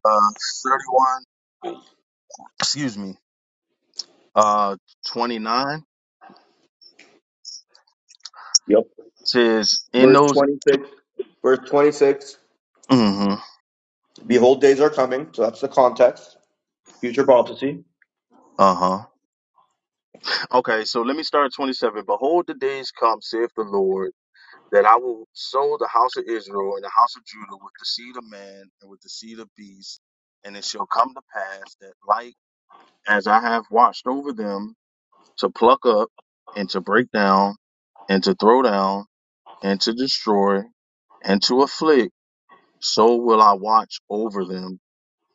Uh, 31, excuse me, uh, 29 It
Yep.
says, in
Verse
those,
26. Verse 26.
mhm,
Behold, days are coming. So that's the context. Future prophecy.
uh-huh. Okay, so let me start at 27. Behold, the days come, saith the Lord, that I will sow the house of Israel and the house of Judah with the seed of man and with the seed of beast. And it shall come to pass that, like as I have watched over them to pluck up and to break down and to throw down and to destroy and to afflict, so will I watch over them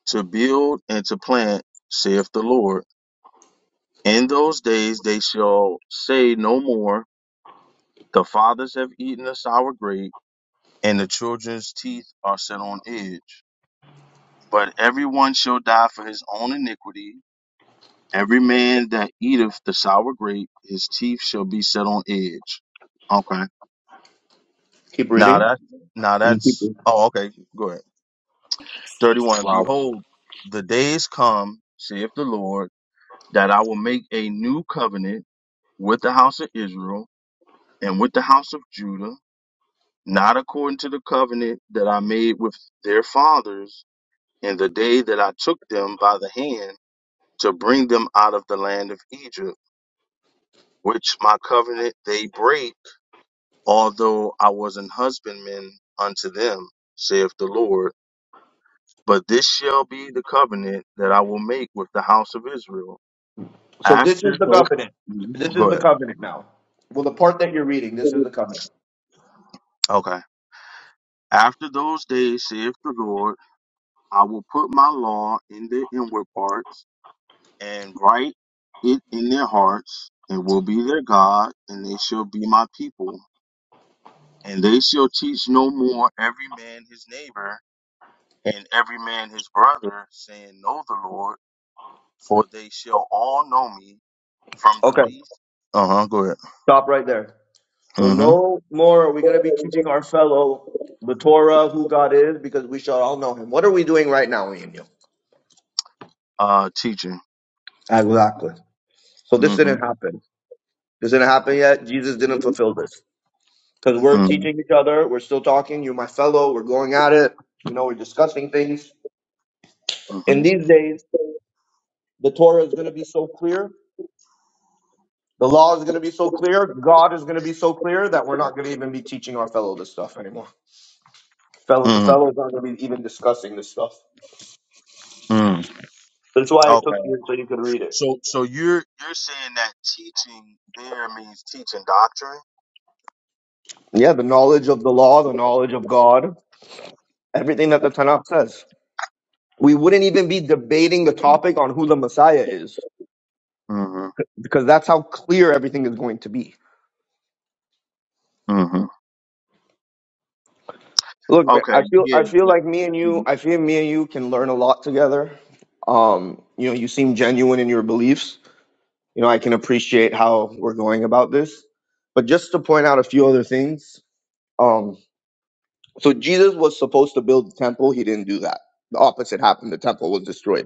to build and to plant, saith the Lord. In those days they shall say no more. The fathers have eaten the sour grape, and the children's teeth are set on edge. But every one shall die for his own iniquity. Every man that eateth the sour grape, his teeth shall be set on edge. Okay.
Keep
Now
reading.
that now
You keep
that's
reading.
oh okay, go ahead. Thirty one.
Wow.
Behold, the days come, saith the Lord, that I will make a new covenant with the house of Israel and with the house of Judah, not according to the covenant that I made with their fathers in the day that I took them by the hand to bring them out of the land of Egypt, which my covenant they break, although I was an husbandman unto them, saith the Lord. But this shall be the covenant that I will make with the house of Israel.
So this is
After
the
those,
covenant. This is
go
the
ahead.
covenant now. Well, the part that you're reading, this is the covenant.
Okay. After those days, saith the Lord, I will put my law in their inward parts and write it in their hearts, and will be their God, and they shall be my people. And they shall teach no more every man his neighbor, and every man his brother, saying, Know the Lord, for they shall all know me, from the
Okay.
least. Uh huh. Go ahead.
Stop right there. So
Mm
no more are we going to be
hmm.
teaching our fellow the Torah, who God is, because we shall all know him. What are we doing right now, Emmanuel?
Uh, teaching.
Exactly. So this
Mm hmm.
didn't happen. This didn't happen yet. Jesus didn't fulfill this. Because we're
Mm,
teaching each other. We're still talking. You're my fellow. We're going at it. You know, we're discussing things.
mhm,
In these days, the Torah is going to be so clear. The law is going to be so clear. God is going to be so clear that we're not going to even be teaching our fellow this stuff anymore. Fellow to
mm,
fellow is not going to be even discussing this stuff.
hmm. mm.
That's why I took
Okay.
you so you could read it.
So so you're you're saying that teaching there means teaching doctrine?
Yeah, the knowledge of the law, the knowledge of God, everything that the Tanakh says. We wouldn't even be debating the topic on who the Messiah is
Mm-hmm.
because that's how clear everything is going to be.
Mm-hmm.
Look, man,
Okay,
I feel I
yeah.
feel like me and you, I feel me and you can learn a lot together. Um, you know, you seem genuine in your beliefs. You know, I can appreciate how we're going about this. But just to point out a few other things, um, so Jesus was supposed to build the temple, he didn't do that. The opposite happened, the temple was destroyed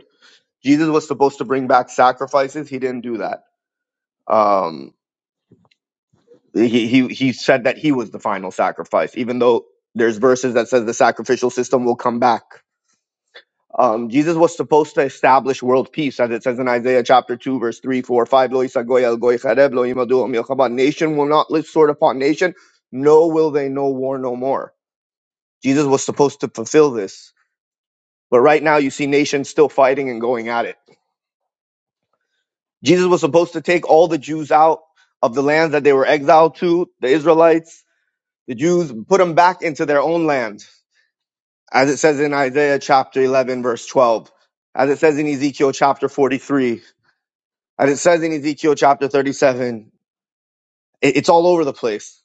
Jesus was supposed to bring back sacrifices. He didn't do that. Um, he, he he said that he was the final sacrifice, even though there's verses that says the sacrificial system will come back. Um, Jesus was supposed to establish world peace, as it says in Isaiah chapter 2, verse three, four, five. 4, 5. "Lo isagoy al goy chareb, lo yimadu al milchama." Nation will not live sword upon nation, no will they know war no more. Jesus was supposed to fulfill this. But right now you see nations still fighting and going at it Jesus was supposed to take all the Jews out of the lands that they were exiled to, the Israelites, the Jews, put them back into their own land, as it says in Isaiah chapter 11, verse 12, as it says in Ezekiel chapter 43, as it says in Ezekiel chapter 37. It- It's all over the place.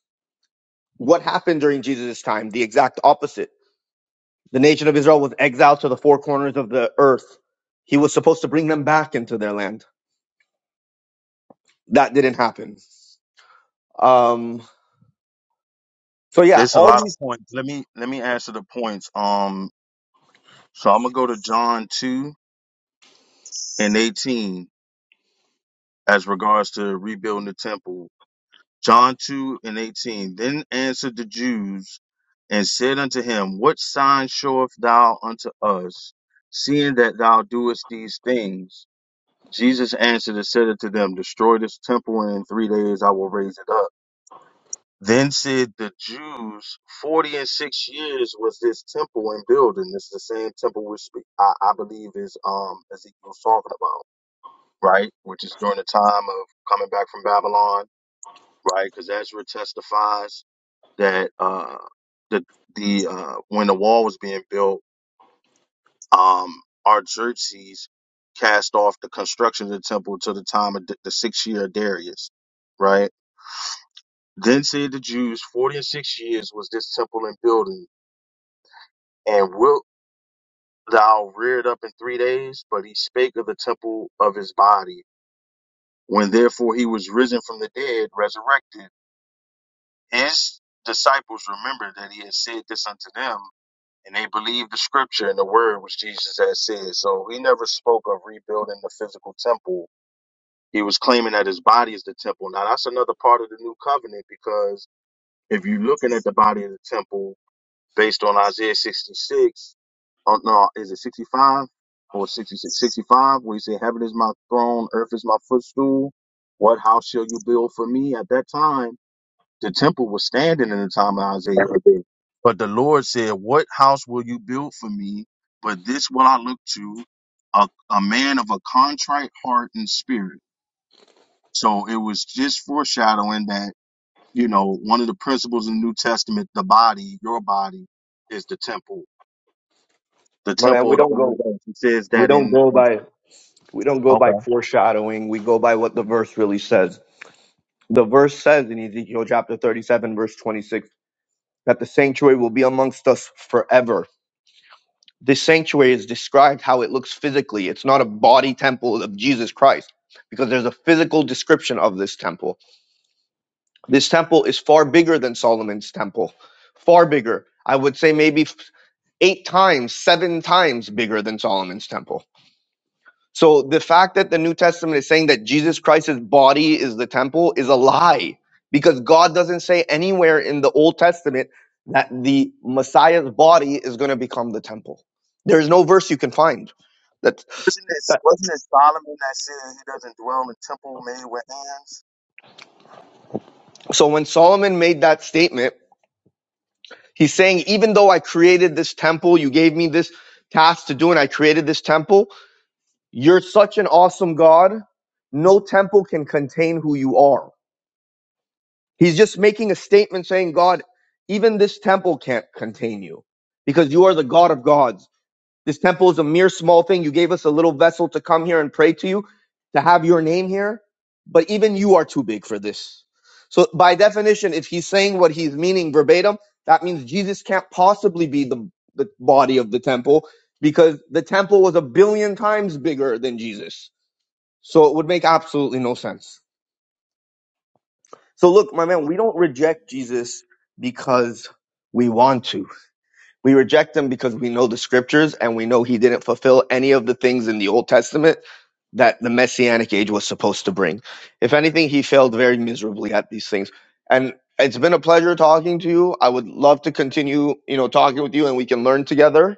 What happened during Jesus' time? The exact opposite. The nation of Israel was exiled to the four corners of the earth. He was supposed to bring them back into their land. That didn't happen. Um, so yeah,
There's a
all
lot of points. Let me let me answer the points. Um, so I'm gonna go to John two and eighteen as regards to rebuilding the temple. John two and eighteen. Then answered the Jews and said unto him, What sign showeth thou unto us, seeing that thou doest these things? Jesus answered and said unto them, Destroy this temple, and in three days I will raise it up. Then said the Jews, 40 and six years was this temple in building. It's the same temple which spe- I, I believe is um Ezekiel's talking about, right? Which is during the time of coming back from Babylon, right? Because Ezra testifies that uh the the uh when the wall was being built, um Artaxerxes cast off the construction of the temple to the time of the, the sixth year of Darius, right? Then said the Jews, forty and six years was this temple in building And wilt thou reared up in three days? But he spake of the temple of his body. When therefore he was risen from the dead, resurrected, his disciples remembered that he had said this unto them, and they believed the scripture and the word which Jesus had said. So he never spoke of rebuilding the physical temple. He was claiming that his body is the temple. Now that's another part of the new covenant because if you're looking at the body of the temple, based on Isaiah 66. Oh, no, is it 65 or 66? 65, where he said, Heaven is my throne, earth is my footstool. What house shall you build for me? At that time, the temple was standing in the time of Isaiah.
these
But the Lord said, What house will you build for me? But this will I look to, a, a man of a contrite heart and spirit. So it was just foreshadowing that, you know, one of the principles in the New Testament, the body, your body, is the temple the
Well, man,
temple
we
of the
don't
Holy
go
Ghost. He says
we
that
don't
in
go by we don't go by
Okay.
foreshadowing. We go by what the verse really says. The verse says in Ezekiel chapter 37 verse 26 that the sanctuary will be amongst us forever. This sanctuary is described how it looks physically. It's not a body temple of Jesus Christ because there's a physical description of this temple. This temple is far bigger than Solomon's temple. Far bigger. I would say maybe f- 8 times, 7 times bigger than Solomon's temple So the fact that the New Testament is saying that Jesus Christ's body is the temple is a lie because God doesn't say anywhere in the Old Testament that the Messiah's body is going to become the temple. There is no verse you can find that.
Wasn't it,
that-
wasn't it Solomon that said he doesn't dwell in a temple made with hands?
So when Solomon made that statement, he's saying, even though I created this temple, you gave me this task to do, and I created this temple, you're such an awesome God. No temple can contain who you are He's just making a statement saying, God, even this temple can't contain you because you are the God of gods. This temple is a mere small thing. You gave us a little vessel to come here and pray to you, to have your name here, but even you are too big for this. So by definition, if he's saying what he's meaning verbatim, that means Jesus can't possibly be the, the body of the temple because the temple was a billion times bigger than Jesus. So it would make absolutely no sense. So look, my man, we don't reject Jesus because we want to. We reject him because we know the scriptures and we know he didn't fulfill any of the things in the Old Testament that the messianic age was supposed to bring. If anything, he failed very miserably at these things. And it's been a pleasure talking to you. I would love to continue, you know, talking with you and we can learn together.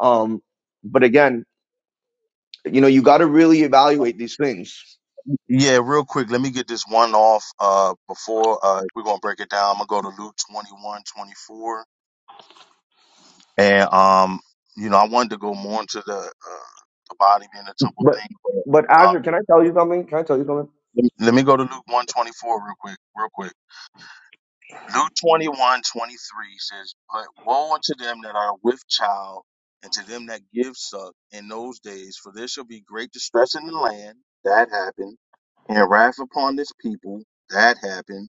Um, but again, you know, you got to really evaluate these things.
yeah. Real quick, let me get this one off uh before uh we're gonna break it down. I'm gonna go to Luke 21 24. and um you know I wanted to go more into the uh, the body being the temple
But
thing,
but
but um
Azure, can I tell you something? Can I tell you something?
let me, let me go to Luke 124 real quick, real quick. Luke 21 23 says, But woe unto them that are with child, and to them that give suck in those days, for there shall be great distress in the land, that happened, and wrath upon this people, that happened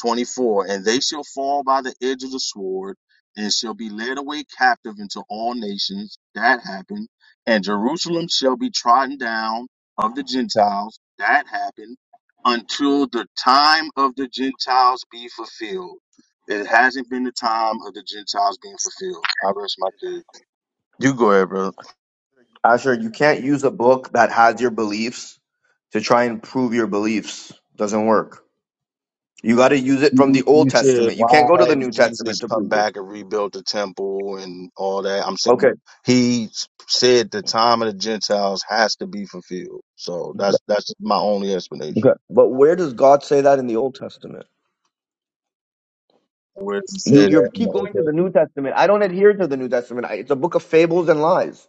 24 and they shall fall by the edge of the sword and shall be led away captive into all nations that happened and jerusalem shall be trodden down of the gentiles that happened until the time of the gentiles be fulfilled it hasn't been the time of the gentiles being fulfilled i rest my case you go ahead brother.
Asher, you can't use a book that has your beliefs to try and prove your beliefs. Doesn't work. You got to use it from
You
the Old
you said
Testament. You can't
why
go to the
had
New Testament
Jesus
to
come
prove this.
back and rebuilt the temple and all that. I'm saying
Okay.
he s- said the time of the Gentiles has to be fulfilled. So that's that's my only
Okay.
explanation.
But where does God say that in the Old Testament?
Where does it say
You you
that? in
keep
the Old
going to
Testament?
the New Testament. I don't adhere to the New Testament. I, it's a book of fables and lies.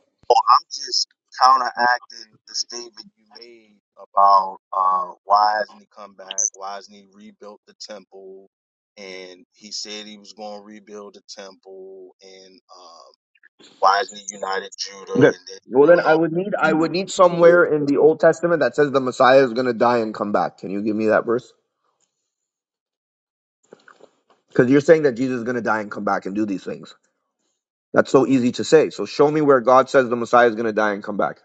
I'm just counteracting the statement you made about uh, why hasn't he come back? Why hasn't he rebuilt the temple? And he said he was going to rebuild the temple and. um, wisely united Judah
Okay.
and then
Well then
Israel. and
I
all
would need I would need somewhere in the
that.
Old Testament that says the Messiah is going to die and come back. Can you give me that verse? Cuz you're saying that Jesus is going to die and come back and do these things. That's so easy to say. So show me where God says the Messiah is going to die and come back.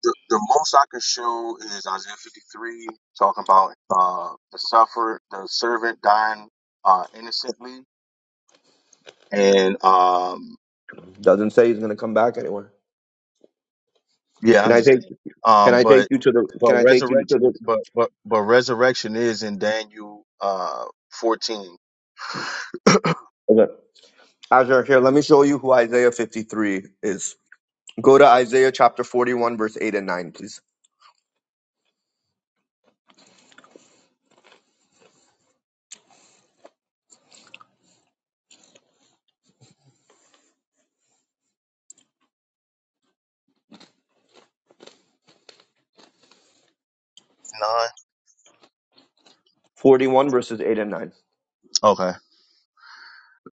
The, the most I could show is Isaiah 53 talking about uh, the sufferer, the servant dying uh, innocently, and um,
Doesn't say he's going to come back anywhere.
yeah, I
Can I take
understand.
Can
Um,
I take
but
you to the
but
Can I take you to the
resurrection, but but but resurrection is in Daniel uh 14 nine.
okay. Azure here? Let me show you who Isaiah 53 is. Go to Isaiah chapter 41, verse 8 and 9, please. 41 verses 8 and 9.
Okay.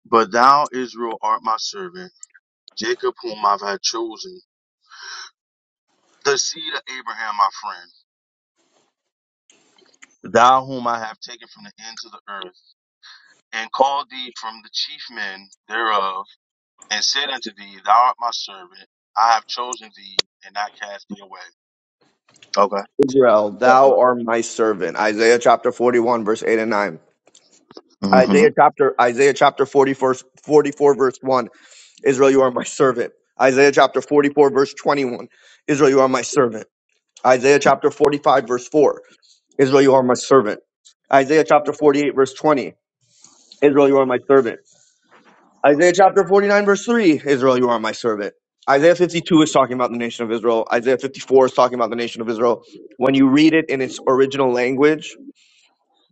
But thou, Israel, art my servant, Jacob, whom I've had chosen. the seed of Abraham, my friend, thou whom I have taken from the ends of the earth, and called thee from the chief men thereof, and said unto thee, Thou art my servant, I have chosen thee, and not cast thee away.
Israel,
Okay.
thou art my servant. Isaiah chapter 41, verse 8 and 9.
hmm
Isaiah chapter Isaiah chapter 44 44 verse 1. Israel, you are my servant. Isaiah chapter 44, verse 21. Israel, you are my servant. Isaiah chapter 45, verse 4, Israel, you are my servant. Isaiah chapter 48, verse 20, Israel, you are my servant. Isaiah chapter 49, verse 3, Israel, you are my servant. Isaiah 52 is talking about the nation of Israel. Isaiah 54 is talking about the nation of Israel. When you read it in its original language,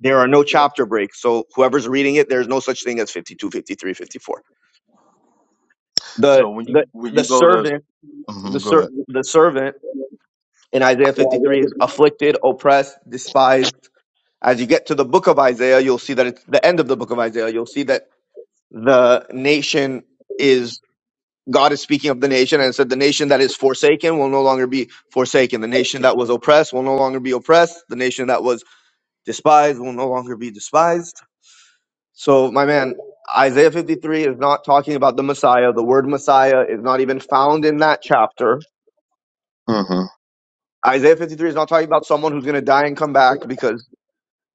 there are no chapter breaks. So whoever's reading it, there's no such thing as 52, 53, 54.
So when
The
you
the
when
the
you go to
servant, the
hmm go
ser-
ahead.
the servant in Isaiah 53 is afflicted, oppressed, despised As you get to the book of Isaiah, you'll see that it's the end of the book of Isaiah. You'll see that the nation is, God is speaking of the nation and said, the nation that is forsaken will no longer be forsaken. The nation that was oppressed will no longer be oppressed. The nation that was despised will no longer be despised. So, my man, Isaiah 53 is not talking about the Messiah. The word Messiah is not even found in that chapter.
hmm
Isaiah 53 is not talking about someone who's going to die and come back because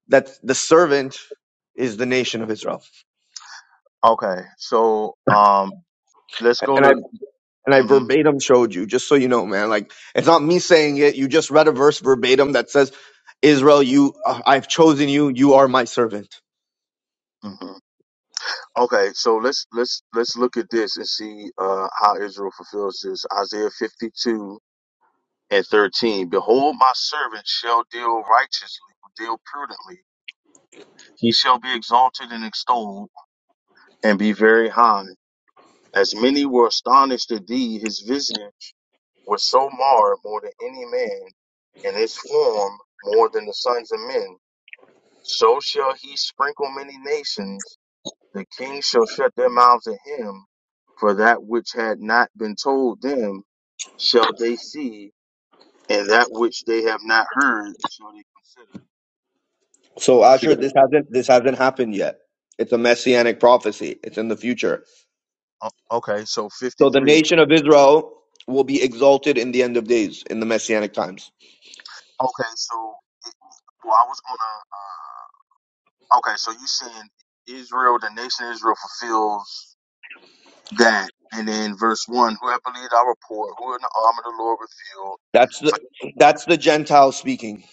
that's the servant is the nation of Israel.
Okay. So um, let's go
And I
to.
and I
hmm
verbatim showed you, just so you know, man. Like it's not me saying it. You just read a verse verbatim that says, "Israel, you, uh, I've chosen you. You are my servant."
hmm Okay. So let's let's let's look at this and see uh how Israel fulfills this. Isaiah 52 and 13 behold my servant shall deal righteously deal prudently he shall be exalted and extolled and be very high as many were astonished at thee his visage was so marred more than any man and his form more than the sons of men so shall he sprinkle many nations the kings shall shut their mouths at him for that which had not been told them shall they see and that which they have not heard shall they consider
So, Asher, this hasn't this hasn't happened yet. It's a messianic prophecy. It's in the future.
Oh, okay, so
So, the
53.
nation of Israel will be exalted in the end of days, in the messianic times.
Okay, so it, well, I was gonna. Uh, okay, so you saying Israel, the nation Israel, fulfills that, and then verse one: Whoever believed our report, who in the arm of the Lord revealed.
That's the that's the Gentile speaking.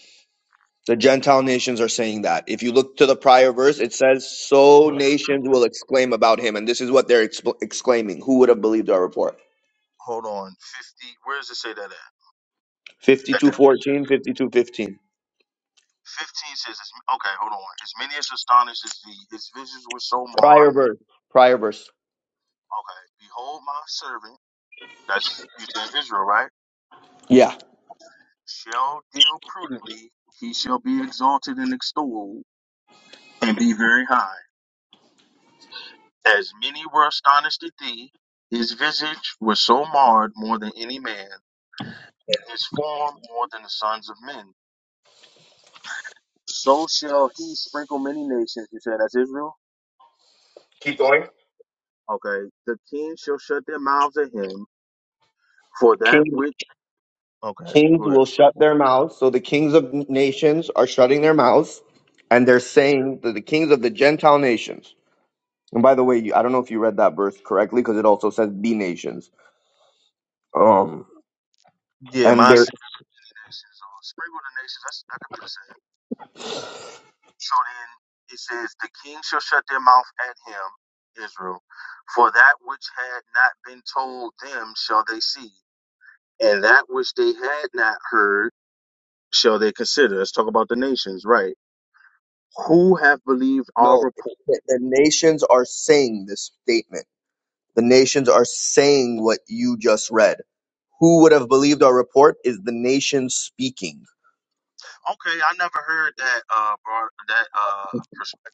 The Gentile nations are saying that. If you look to the prior verse, it says, So
For,
nations will exclaim about him. And this is what they're expl exclaiming. Who would have believed our report?
hold on, 50. Where does it say that at? That the
Fifty-two,
15
fourteen, fifty-two, fifteen.
says, as- okay, hold on. As many as astonished as thee, his visions were so marred.
Prior
Okay,
verse. Prior verse.
behold my servant. That's you said Israel, right?
Yeah.
shall deal prudently, he shall be exalted and extolled, and be very high. As many were astonished at thee, his visage was so marred more than any man, and his form more than the sons of men. So shall he sprinkle many nations. You said that's Israel?
Keep going.
Okay. The king shall shut their mouths at him for that
King,
which. Okay,
kings
good.
will shut their mouths. So the kings of nations are shutting their mouths. And they're saying that the kings of the Gentile nations. And by the way, you- I don't know if you read that verse correctly because it also says be nations. Um,
Yeah,
and
my.
they're
Sprinkle the nations. That's, that could be the same. So then he says, The king shall shut their mouth at him, Israel, for that which had not been told them shall they see, and that which they had not heard shall they consider. Let's talk about the nations, right? Who have believed our
No,
report?
the, the nations are saying this statement. The nations are saying what you just read. Who would have believed our report is the nations speaking.
Okay, I never heard that uh broad, that uh perspective.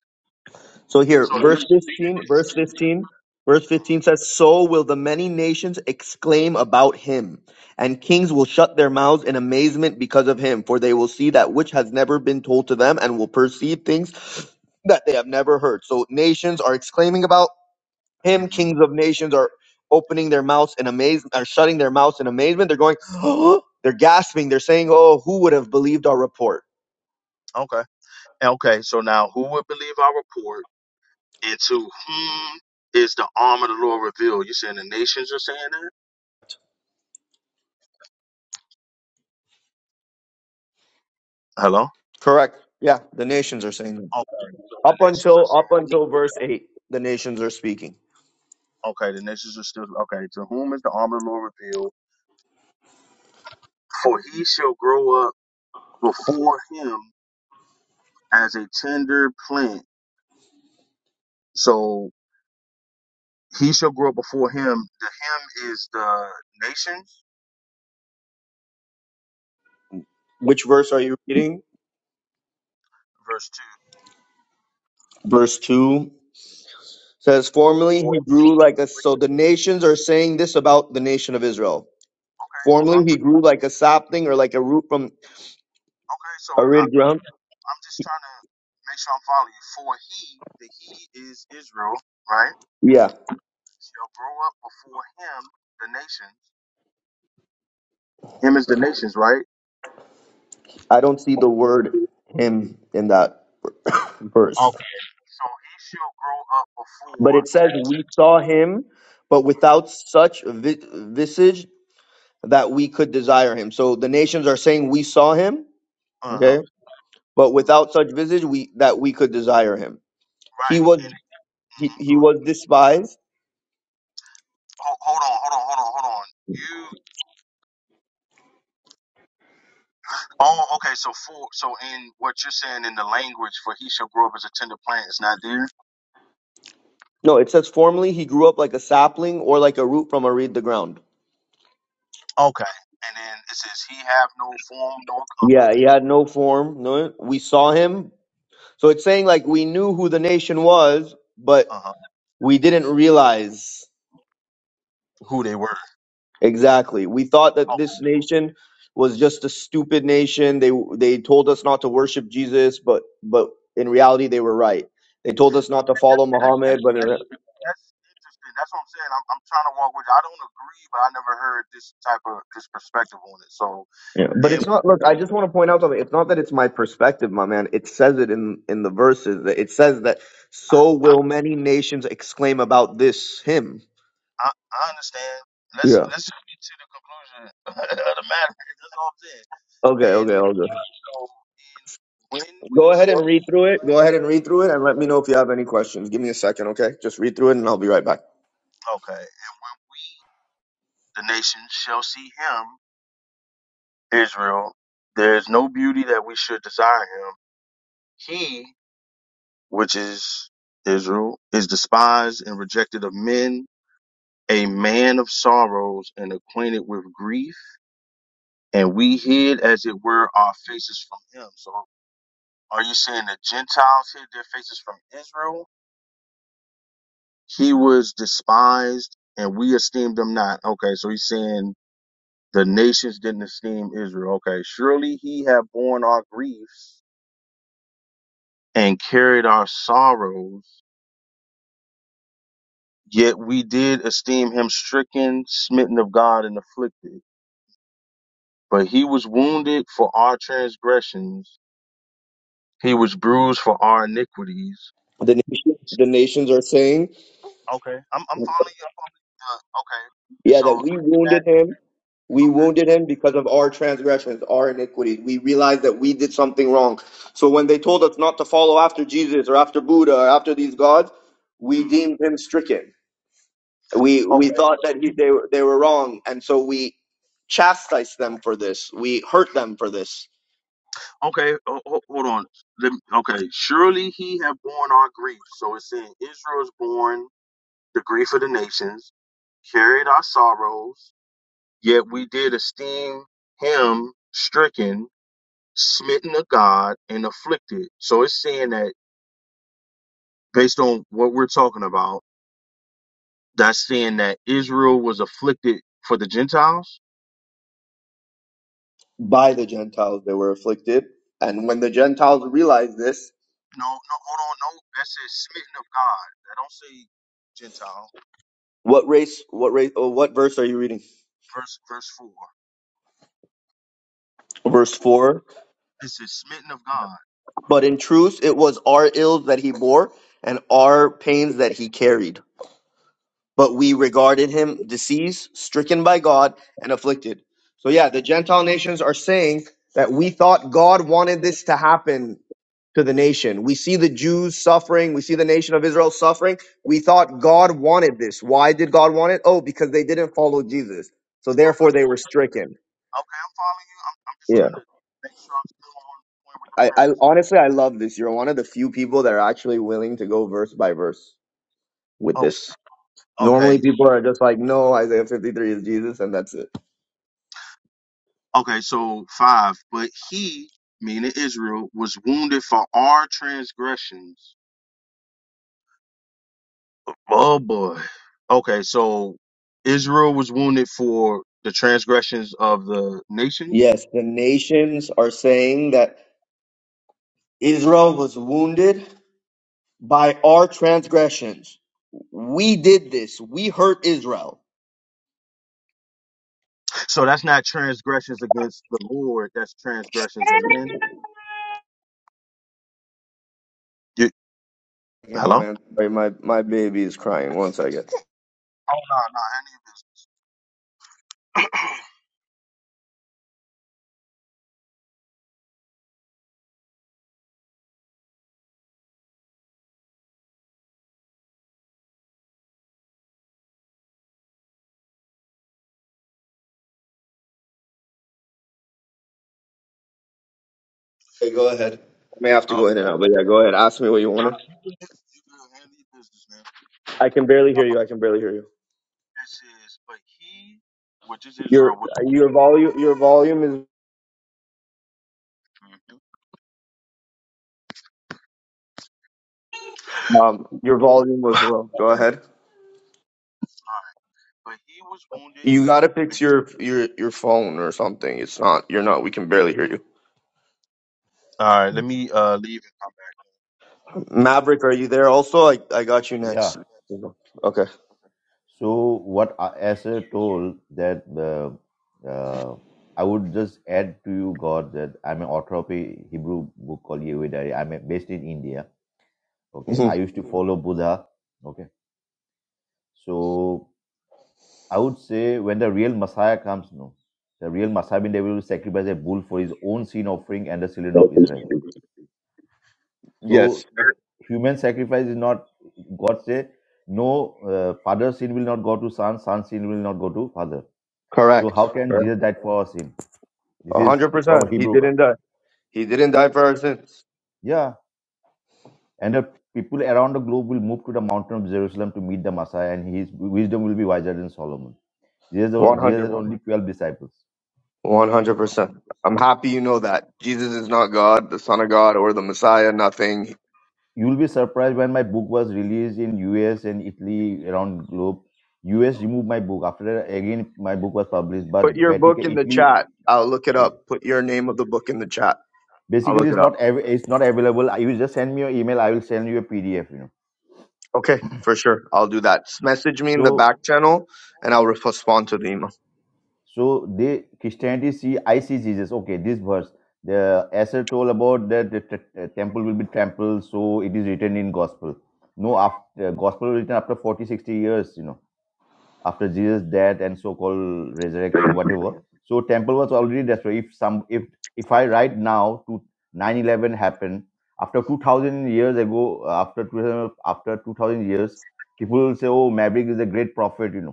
So here,
So
verse 15, verse 15, verse 15 says, So will the many nations exclaim about him, and kings will shut their mouths in amazement because of him, for they will see that which has never been told to them and will perceive things that they have never heard. So nations are exclaiming about him
hmm
kings of nations are opening their mouths in amazement are shutting their mouths in amazement they're going [GASPS] they're gasping they're saying oh who would have believed our report
Okay. Okay. So now, who would believe our report, and to whom is the arm of the Lord revealed? You saying the nations are saying that? Hello.
correct yeah the nations are saying that
Okay, so
up
the nations are
until up
saying,
until verse 8 the nations are speaking
okay, the nations are still, okay, to whom is the arm of the Lord revealed? For he shall grow up before him as a tender plant. So he shall grow up before him. The him is the nations,
which verse are you reading
verse 2.
verse 2 says formerly
For,
he
he,
grew like a so the nations are saying this about the nation of israel
okay, so
formerly
I'm,
he grew like a sapling or like a root from
okay, so I,
arid ground
I'm just trying to make sure I'm following you. For he, the he is Israel, right?
yeah
Shall grow up before him, the nations. Him is the nations, right?
I don't see the word him in that [COUGHS] verse.
Okay. So he shall grow up
But
before.
it says, We saw him, but without such vi- visage that we could desire him. So the nations are saying, We saw him,
Uh huh.
okay? But without such visage we that we could desire him. He
Right.
was he, he
Good.
was despised.
Ho- hold on. Hold on. Hold on. Hold on. You. Oh, okay. So for so in what you're saying in the language for he shall grow up as a tender plant is not there.
No, it says formerly he grew up like a sapling or like a root from a reed the ground.
Okay. And then it says he have no form nor
Yeah, he
comeliness.
had no form. No, we saw him. So it's saying like we knew who the nation was, but
Uh huh.
we didn't realize
Who they were.
exactly. We thought that
Oh,
this nation was just a stupid nation. They they told us not to worship Jesus, but but in reality they were right. They told us not to
that's,
follow
that's, that's, that's,
Muhammad, but in,
that's
re-
interesting. That's what I'm saying. I'm, I'm trying to walk with you. I don't agree, but I never heard this type of this perspective on it. So
yeah. but it's not. Look, I just
and
want to point out something. It's not that it's my perspective, my man. It says it in in the verses. that It says that so will many nations exclaim about this him.
I, I understand. Let's
Yeah.
let's just get to the conclusion [LAUGHS] of the matter. That's all I'm saying.
Okay.
And
Okay. Okay.
so, and when we
Go ahead
shall,
and read through it. Go ahead and read through it and let me know if you have any questions. Give me a second, okay? Just read through it and I'll be right back.
okay, we the nation shall see him, Israel. There is no beauty that we should desire him. He, which is Israel, is despised and rejected of men, a man of sorrows and acquainted with grief. And we hid, as it were, our faces from him. So, are you saying the Gentiles hid their faces from Israel? He was despised and we esteemed him not. Okay, so he's saying the nations didn't esteem Israel. Okay, surely he have borne our griefs and carried our sorrows, yet we did esteem him stricken, smitten of God, and afflicted. But he was wounded for our transgressions, he was bruised for our iniquities.
The, nation, the nations are saying,
Okay, I'm, I'm following you. I'm following you. Uh, Okay,
yeah, that
so
we wounded
that.
him. We wounded him because of our transgressions, our iniquities. We realized that we did something wrong. So when they told us not to follow after Jesus or after Buddha or after these gods, we deemed him stricken. We we
okay,
thought that he, they were they were wrong, and so we chastised them for this. We hurt them for this
Okay, ho- ho- hold on. Let me- okay, surely he have borne our grief. So it's saying Israel is borne the grief of the nations, carried our sorrows, yet we did esteem him stricken, smitten of God, and afflicted. So it's saying that based on what we're talking about, that's saying that Israel was afflicted for the Gentiles.
by the Gentiles they were afflicted. And when the Gentiles realized this,
No, no, hold on, no. That says smitten of God. I don't say Gentile.
what race, what race, or what verse are you reading?
Verse, verse four.
Verse 4.
It says smitten of God.
But in truth, it was our ills that he bore and our pains that he carried. but we regarded him diseased, stricken by God, and afflicted. So, yeah, the Gentile nations are saying that we thought God wanted this to happen to the nation. We see the Jews suffering. We see the nation of Israel suffering. We thought God wanted this. Why did God want it? Oh, because they didn't follow Jesus. So, therefore, they were stricken.
Okay, I'm following you. I'm, I'm just
Yeah.
trying to make sure I'm still on point
I, I honestly, I love this. You're one of the few people that are actually willing to go verse by verse with this. Normally,
with the premise. Oh, okay.
people are just like, no, Isaiah 53 is Jesus, and that's it.
Okay, so five. But he, meaning Israel, was wounded for our transgressions. Oh boy. Okay, so Israel was wounded for the transgressions of the nations.
Yes, the nations are saying that Israel was wounded by our transgressions. We did this. We hurt Israel.
So that's not transgressions against the Lord. That's transgressions of men. You,
Hey, my
hello.
man. Sorry, my my baby is crying. One second.
Oh no, no, handle your business.
Hey, go ahead. I may have to
Oh,
go in and out, but yeah, go ahead. Ask me what you
no,
wanted.
you good? You good? Handle your business, man.
I can barely hear you. I can barely hear you.
This is, but he, which is
Your
Israel, which,
your volume your volume is
Mhm.
um your volume was
Okay.
low. Go ahead.
but he was wounded.
You gotta
but-
fix your
he-
your your phone or something. It's not. You're not. We can barely hear you.
All right, let me uh leave. and come back.
Maverick, are you there? Also, I, I got you
yeah.
next. Okay.
So what I, as I told that uh, uh, I would just add to you, God, that I'm an author of a Hebrew book called Yehuda. I'm a- based in India. Okay,
hmm
I used to follow Buddha. Okay, so I would say when the real Messiah comes, no, the real Messiah means they will sacrifice a bull for his own sin offering and the children of Israel.
Yes,
So human sacrifice is not God say no. Uh, father's sin will not go to son. Son's sin will not go to father. So
correct.
how can Jesus died for our sin? This
A
is
hundred
from
percent. He
Hebrew Bible.
didn't die. He didn't die for our sins.
Yeah, and the people around the globe will move to the mountain of Jerusalem to meet the Messiah, and his wisdom will be wiser than Solomon.
One
Jesus, Jesus
hundred.
had only twelve disciples.
One hundred percent. I'm happy you know that. Jesus is not God, the Son of God, or the Messiah. Nothing.
You will be surprised when my book was released in U.S. and Italy around globe. U.S. removed my book after that, again my book was published, but
Put your book
Vatican
in the
Italy
chat. I'll look it
yeah.
up. Put your name of the book in the chat. I'll
basically
look it
it's
up.
not av- it's not available. You just send me your email, I will send you a PDF. You know,
Okay, for sure. I'll do that. Just message me in the
so
back channel, and I'll respond to the email.
So they Christianity see I see Jesus. Okay, this verse. The Esther told about that the t- t- temple will be trampled, so it is written in gospel. No, after gospel written after 40 60 years, you know, after Jesus' death and so-called resurrection, whatever. So temple was already destroyed. If some if if I write now to nine eleven happened after 2000 years ago, after 2000, after 2000 years, people will say, oh, Maverick is a great prophet, you know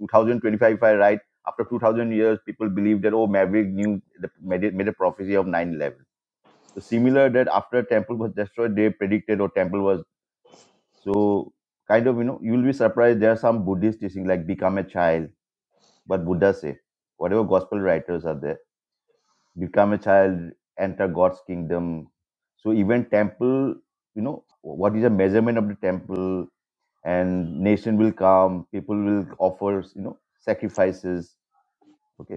2025, if I right, after 2000 years, people believed that, oh, Maverick knew, the, made, it, made a prophecy of 9 11. So similar that after temple was destroyed, they predicted, or temple was, so kind of, you know, you will be surprised. There are some Buddhist teaching like become a child, but Buddha say, whatever gospel writers are there, become a child, enter God's kingdom. So even temple, you know, what is the measurement of the temple and nation will come, people will offer, you know, sacrifices Okay.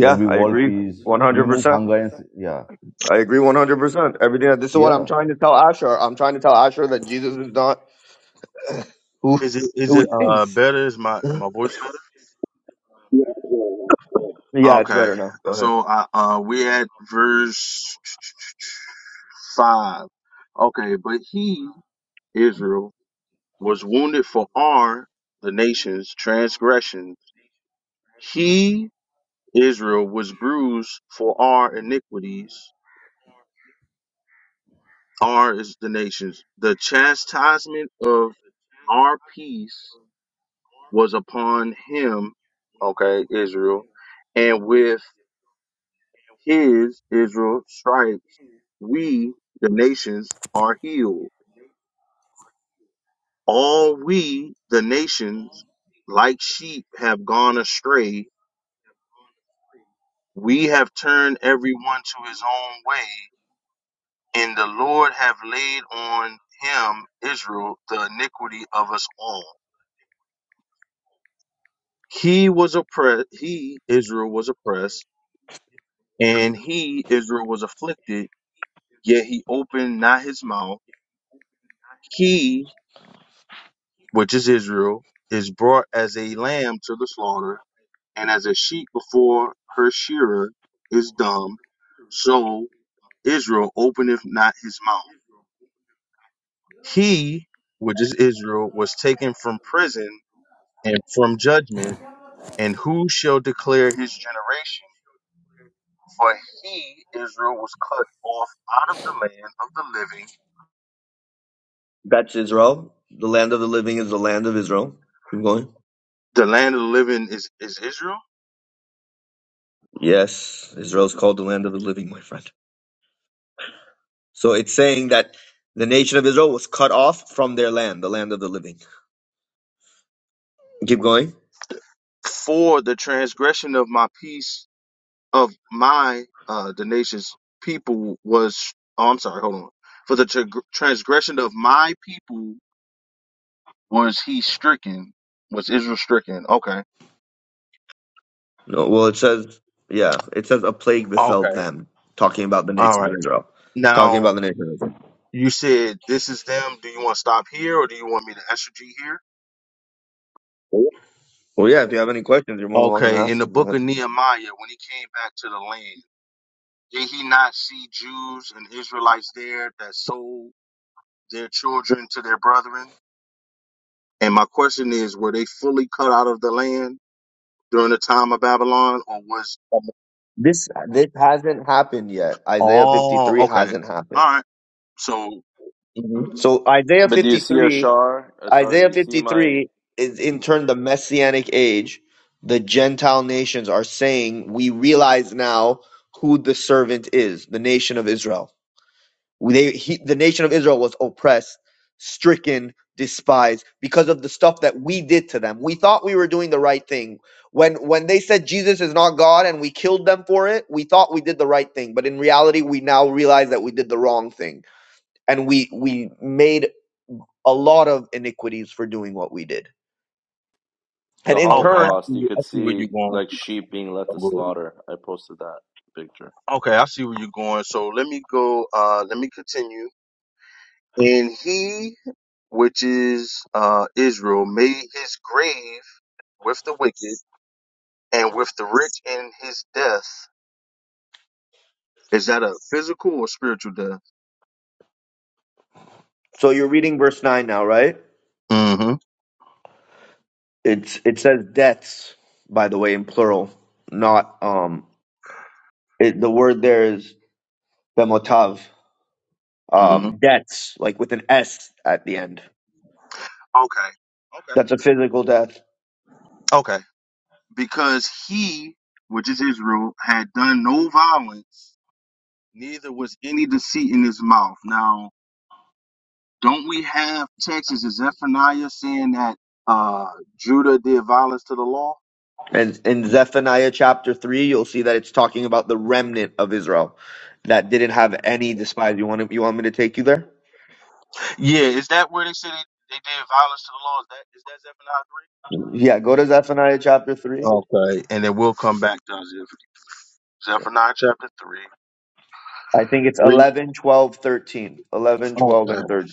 There'll be
I
wall
agree.
peas.
One hundred
Remove
percent.
hunger and s- yeah,
I agree 100%. Everything this is what I'm
yeah.
trying to tell Asher. I'm trying to tell Asher that Jesus is not who
Is it is
who
it
he
uh
thinks.
better? Is my my voice better?
Yeah, it's
Okay,
better now. Go ahead.
so I uh we at verse five. Okay, but he Israel was wounded for our the nation's transgressions. He Israel was bruised for our iniquities. R is the nations. The chastisement of our peace was upon him, okay, Israel, and with his Israel stripes, we, the nations, are healed. All we, the nations, like sheep have gone astray. We have turned everyone to his own way, and the Lord have laid on him, Israel, the iniquity of us all. He was oppressed. He, Israel, was oppressed, and he, Israel, was afflicted, yet he opened not his mouth. He, which is Israel, is brought as a lamb to the slaughter, and as a sheep before her shearer is dumb, so Israel openeth not his mouth. He, which is Israel, was taken from prison and from judgment, and who shall declare his generation? For he, Israel, was cut off out of the land of the living.
That's Israel. The land of the living is the land of Israel. Keep going.
The land of the living is, is Israel.
Yes, Israel is called the land of the living, my friend. So it's saying that the nation of Israel was cut off from their land, the land of the living. Keep going.
For the transgression of my peace of my uh the nation's people was oh I'm sorry, hold on. For the tr- transgression of my people was he stricken, was Israel stricken. Okay.
No, well, it says, yeah, it says a plague befell
Okay.
them, talking about the
All
nation of
right.
Israel. Talking
Now
about the nation of Israel.
you said this is them. Do you want to stop here or do you want me to exegete here?
Well, yeah, if you have any questions, you're more than welcome to
Okay, in
ask
the
them. Go
book
ahead.
of Nehemiah, when he came back to the land, did he not see Jews and Israelites there that sold their children to their brethren? And my question is, were they fully cut out of the land during the time of Babylon, or was?
This this hasn't happened yet. Isaiah
Oh,
53
okay,
hasn't
all
happened.
right. So, Mhm.
So Isaiah
But do you see
53,
Ashar? Uh, sorry, do
Isaiah
you see my
53 is in turn the messianic age. The Gentile nations are saying, "We realize now who the servant is, the nation of Israel." They, he, the nation of Israel was oppressed, stricken, despised because of the stuff that we did to them. We thought we were doing the right thing. When when they said Jesus is not God and we killed them for it, we thought we did the right thing, but in reality we now realize that we did the wrong thing. And we we made a lot of iniquities for doing what we did. And
the
in
okay, I
turn,
Holocaust. You
see I
could
see where you're
see
going.
like sheep being led to
Oh, good.
slaughter. I posted that picture.
Okay, I see where you're going. So let me go. Uh, let me continue. And he which is uh, Israel, made his grave with the wicked and with the rich in his death. Is that a physical or spiritual death?
so you're reading verse 9 now, right?
Mm-hmm.
It's it says deaths by the way in plural, not um it, the word there is bemotav
Mm-hmm.
um, debts, like with an S at the end.
Okay. Okay.
That's a physical death.
Okay. Because he, which is Israel, had done no violence, neither was any deceit in his mouth. Now, don't we have Texas is Zephaniah saying that uh, Judah did violence to the law?
And in Zephaniah chapter 3, you'll see that it's talking about the remnant of Israel that didn't have any despise. You want, to, you want me to take you there?
Yeah, is that where they said they, they did violence to the law? Is that is that Zephaniah
Yeah, go to Zephaniah chapter 3.
Okay. And then we'll come back to Zeph-
Yeah.
Zephaniah chapter 3.
I think it's
Read.
11, 12, thirteen. eleven, twelve,
Okay.
and 13.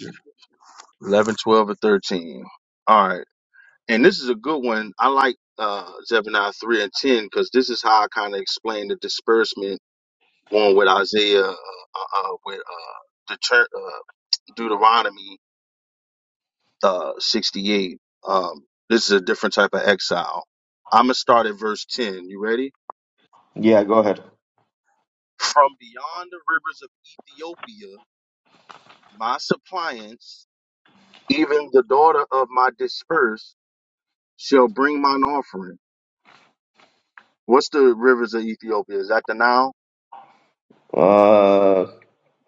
11, twelve, and 13. All right. And this is a good one. I like uh, Zephaniah 3 and 10 because this is how I kind of explain the disbursement going with Isaiah, uh, uh, uh, with uh, deter- uh, Deuteronomy uh, 68. Um, this is a different type of exile. I'm going to start at verse 10. You ready?
Yeah, go ahead.
From beyond the rivers of Ethiopia, my suppliants Even the daughter of my dispersed shall bring mine offering. What's the rivers of Ethiopia? Is that the Nile?
Uh,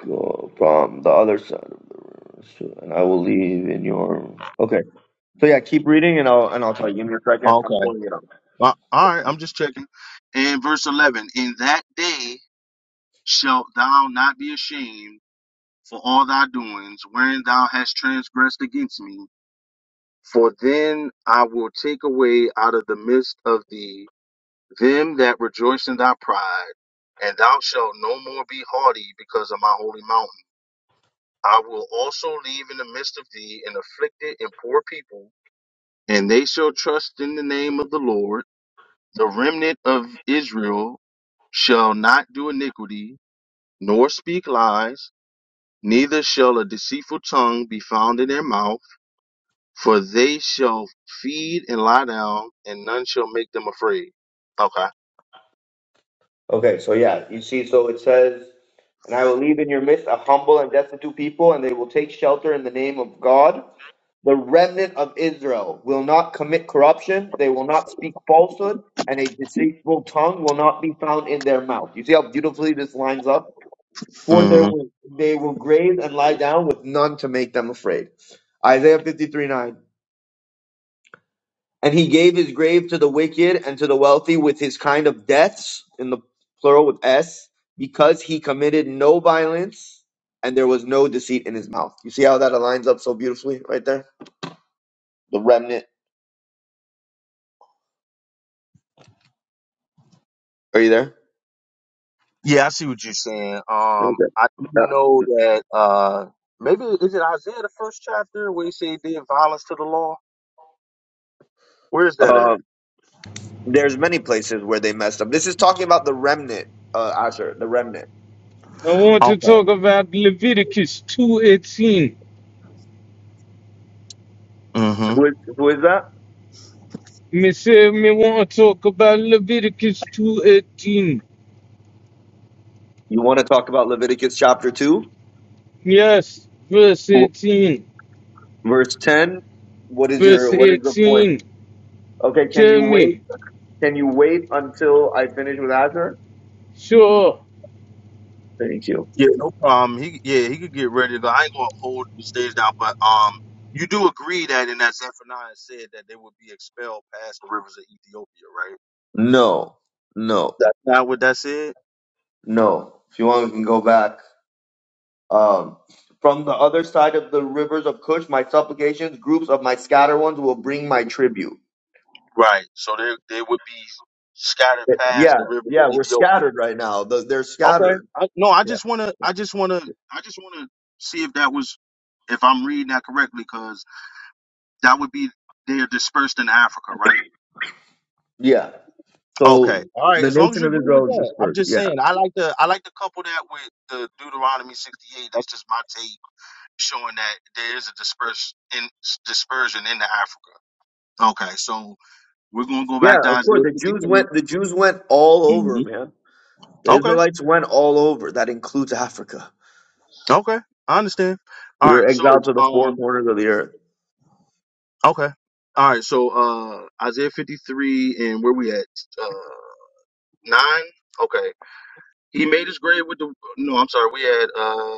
go from the other side of the and I will leave in your. Okay. So yeah, keep reading, and I'll and I'll tell you. Give me a second. I'm
Okay.
pulling it up.
Uh, all right. I'm just checking. And verse 11 In that day shalt thou not be ashamed for all thy doings, wherein thou hast transgressed against me. For then I will take away out of the midst of thee them that rejoice in thy pride, and thou shalt no more be haughty because of my holy mountain. I will also leave in the midst of thee an afflicted and poor people, and they shall trust in the name of the Lord. The remnant of Israel shall not do iniquity, nor speak lies, neither shall a deceitful tongue be found in their mouth, for they shall feed and lie down, and none shall make them afraid. Okay.
Okay, so yeah, you see, so it says, And I will leave in your midst a humble and destitute people, and they will take shelter in the name of God. The remnant of Israel will not commit corruption, they will not speak falsehood, and a deceitful tongue will not be found in their mouth. You see how beautifully this lines up? For there
hmm
will, they will graze and lie down with none to make them afraid. Isaiah fifty-three nine. And he gave his grave to the wicked and to the wealthy with his kind of deaths, in the plural with S, because he committed no violence and there was no deceit in his mouth. You see how that aligns up so beautifully right there? The remnant. Are you there?
Yeah, I see what you're saying.
Okay.
Um, I do
Yeah.
know that uh, maybe is it Isaiah the first chapter where he said he did violence to the law? Where's that
Uh,
at?
there's many places where they messed up. This is talking about the remnant, uh, Asher, the remnant.
I want to
Okay.
talk about Leviticus 2.18.
Mm-hmm.
Who is, who is that?
Me say me want to talk about Leviticus 2.18.
You want to talk about Leviticus chapter 2,
Yes, verse 18.
verse 10? What is
Verse
your, what is the point?
18.
Okay, can
Tell
you wait?
me,
Can you wait until I finish with Azure?
sure.
Thank you.
Yeah, no problem. He yeah, he could get ready. To, I ain't gonna hold the stage down, but um, you do agree that in that Zephaniah said that they would be expelled past the rivers of Ethiopia, right?
No, no,
That's not what that said.
no. If you want, we can go back. Um, from the other side of the rivers of Cush, my supplications, groups of my scattered ones will bring my tribute.
Right. So they they would be scattered past
Yeah,
the rivers of
yeah, we're
Ethiopia.
scattered right now. The, they're
Okay.
scattered.
I, no, I
Yeah.
just wanna, I just wanna, I just wanna see if that was, if I'm reading that correctly, because that would be they are dispersed in Africa, right?
Yeah. So
Okay. All right.
The
As long as
nation
you
of
agree with
Israel is
that, I'm
dispersed.
just
Yeah.
saying I like to I like to couple that with the Deuteronomy 68. That's just my take showing that there is a disperse in dispersion into Africa. Okay. So we're gonna go
yeah,
back to
of course,
Isaiah
the Jews
53.
went. The Jews went all over,
hmm
man. The
Okay.
Israelites went all over. That includes Africa.
Okay. I understand.
We
All right.
were
So
exiled to the four
um.
corners of the earth.
Okay. All right. So uh, Isaiah 53 and where we at? Uh, nine. Okay. He made his grave with the no. I'm sorry. We had uh.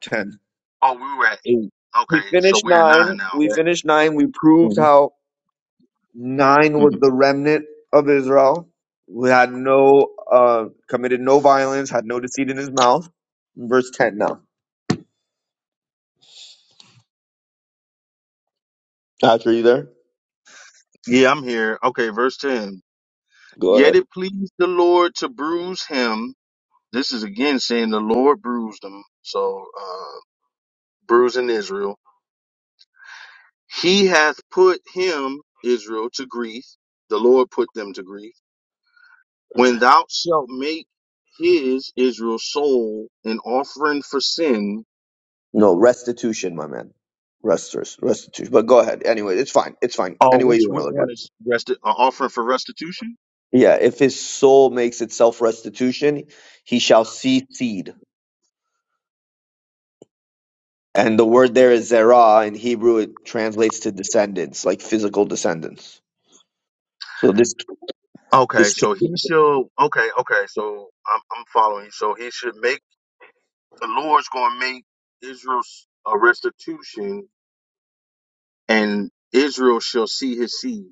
Ten.
Oh, we were at eight.
we
Okay, so
finished
we're at
nine.
nine now.
We
Right?
finished nine. We proved
Mhm,
how nine was
mhm.
the remnant of Israel. We had no uh committed no violence, had no deceit in his mouth. Verse ten now. After you there?
Yeah, I'm here. Okay, verse 10.
Go
Yet
ahead.
it pleased the Lord to bruise him. This is again saying the Lord bruised him. So, uh, bruising Israel. He hath put him, Israel, to grief. The Lord put them to grief. When thou shalt make his, Israel, soul an offering for sin.
No, restitution, my man. Restors, restitution. But go ahead. Anyway, it's fine. It's fine.
Oh,
Any way
which,
you want to
which
look at
one
it.
is resti- an offering for restitution?
Yeah, if his soul makes itself restitution, he shall see seed. And the word there is zerah. In Hebrew, it translates to descendants, like physical descendants. So this
Okay,
this
so he should. Okay, okay, so I'm I'm following. So he should make the Lord's going to make Israel's a restitution, and Israel shall see his seed.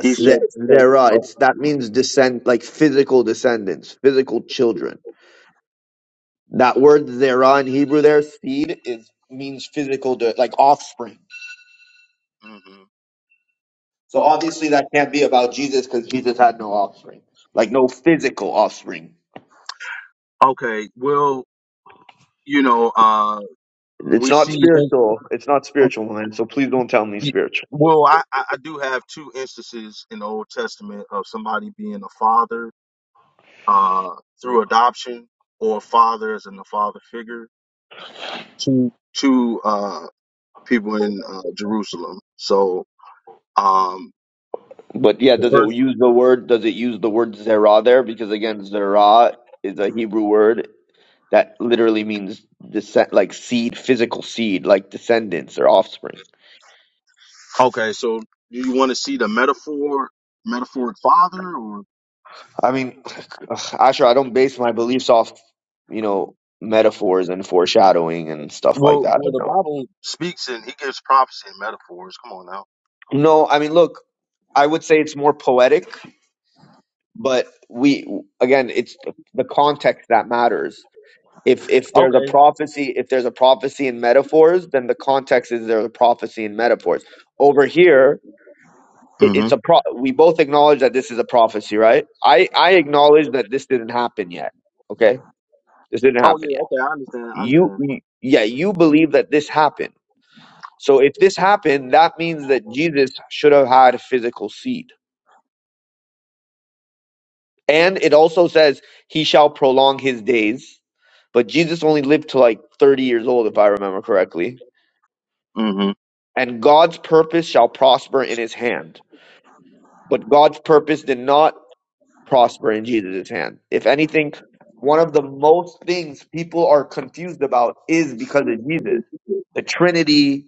He
there,
shall.
there are. It's that means descent, like physical descendants, physical children. That word zerah in Hebrew, there seed is means physical, de- like offspring.
Mhm.
So obviously that can't be about Jesus because Jesus had no offspring, like no physical offspring.
Okay, well, you know, uh,
It's
we
not
see.
spiritual. It's not spiritual, man. So please don't tell me spiritual.
Well, I I I do have two instances in the Old Testament of somebody being a father uh through adoption or a father as in the father figure to to uh. people in uh, Jerusalem. So, um,
But yeah,
The
does it
first,
use the word? Does it use the word zerah there? Because again, zerah is a Hebrew word That literally means descent, like seed, physical seed, like descendants or offspring.
okay, so do you want to see the metaphor, metaphoric father, or
I mean, [SIGHS] ugh, Asher, I don't base my beliefs off, you know, metaphors and foreshadowing and stuff like
well,
that. I
well, the
don't.
Bible. speaks and he gives prophecy and metaphors? Come on now.
No, I mean, look, I would say it's more poetic, but we again, it's the context that matters. If if
Okay.
there's a prophecy, if there's a prophecy in metaphors, then the context is there's a prophecy in metaphors. Over here, it,
hmm
it's a pro- we both acknowledge that this is a prophecy right i i acknowledge that this didn't happen yet okay this didn't
Oh
happen
yeah,
yet
okay, I understand. I
you
understand.
you- yeah you believe that this happened so if this happened that means that jesus should have had physical seed and it also says he shall prolong his days but jesus only lived to like 30 years old if i remember correctly
hmm
and god's purpose shall prosper in his hand but god's purpose did not prosper in Jesus' hand. If anything, one of the most things people are confused about is because of Jesus. The Trinity.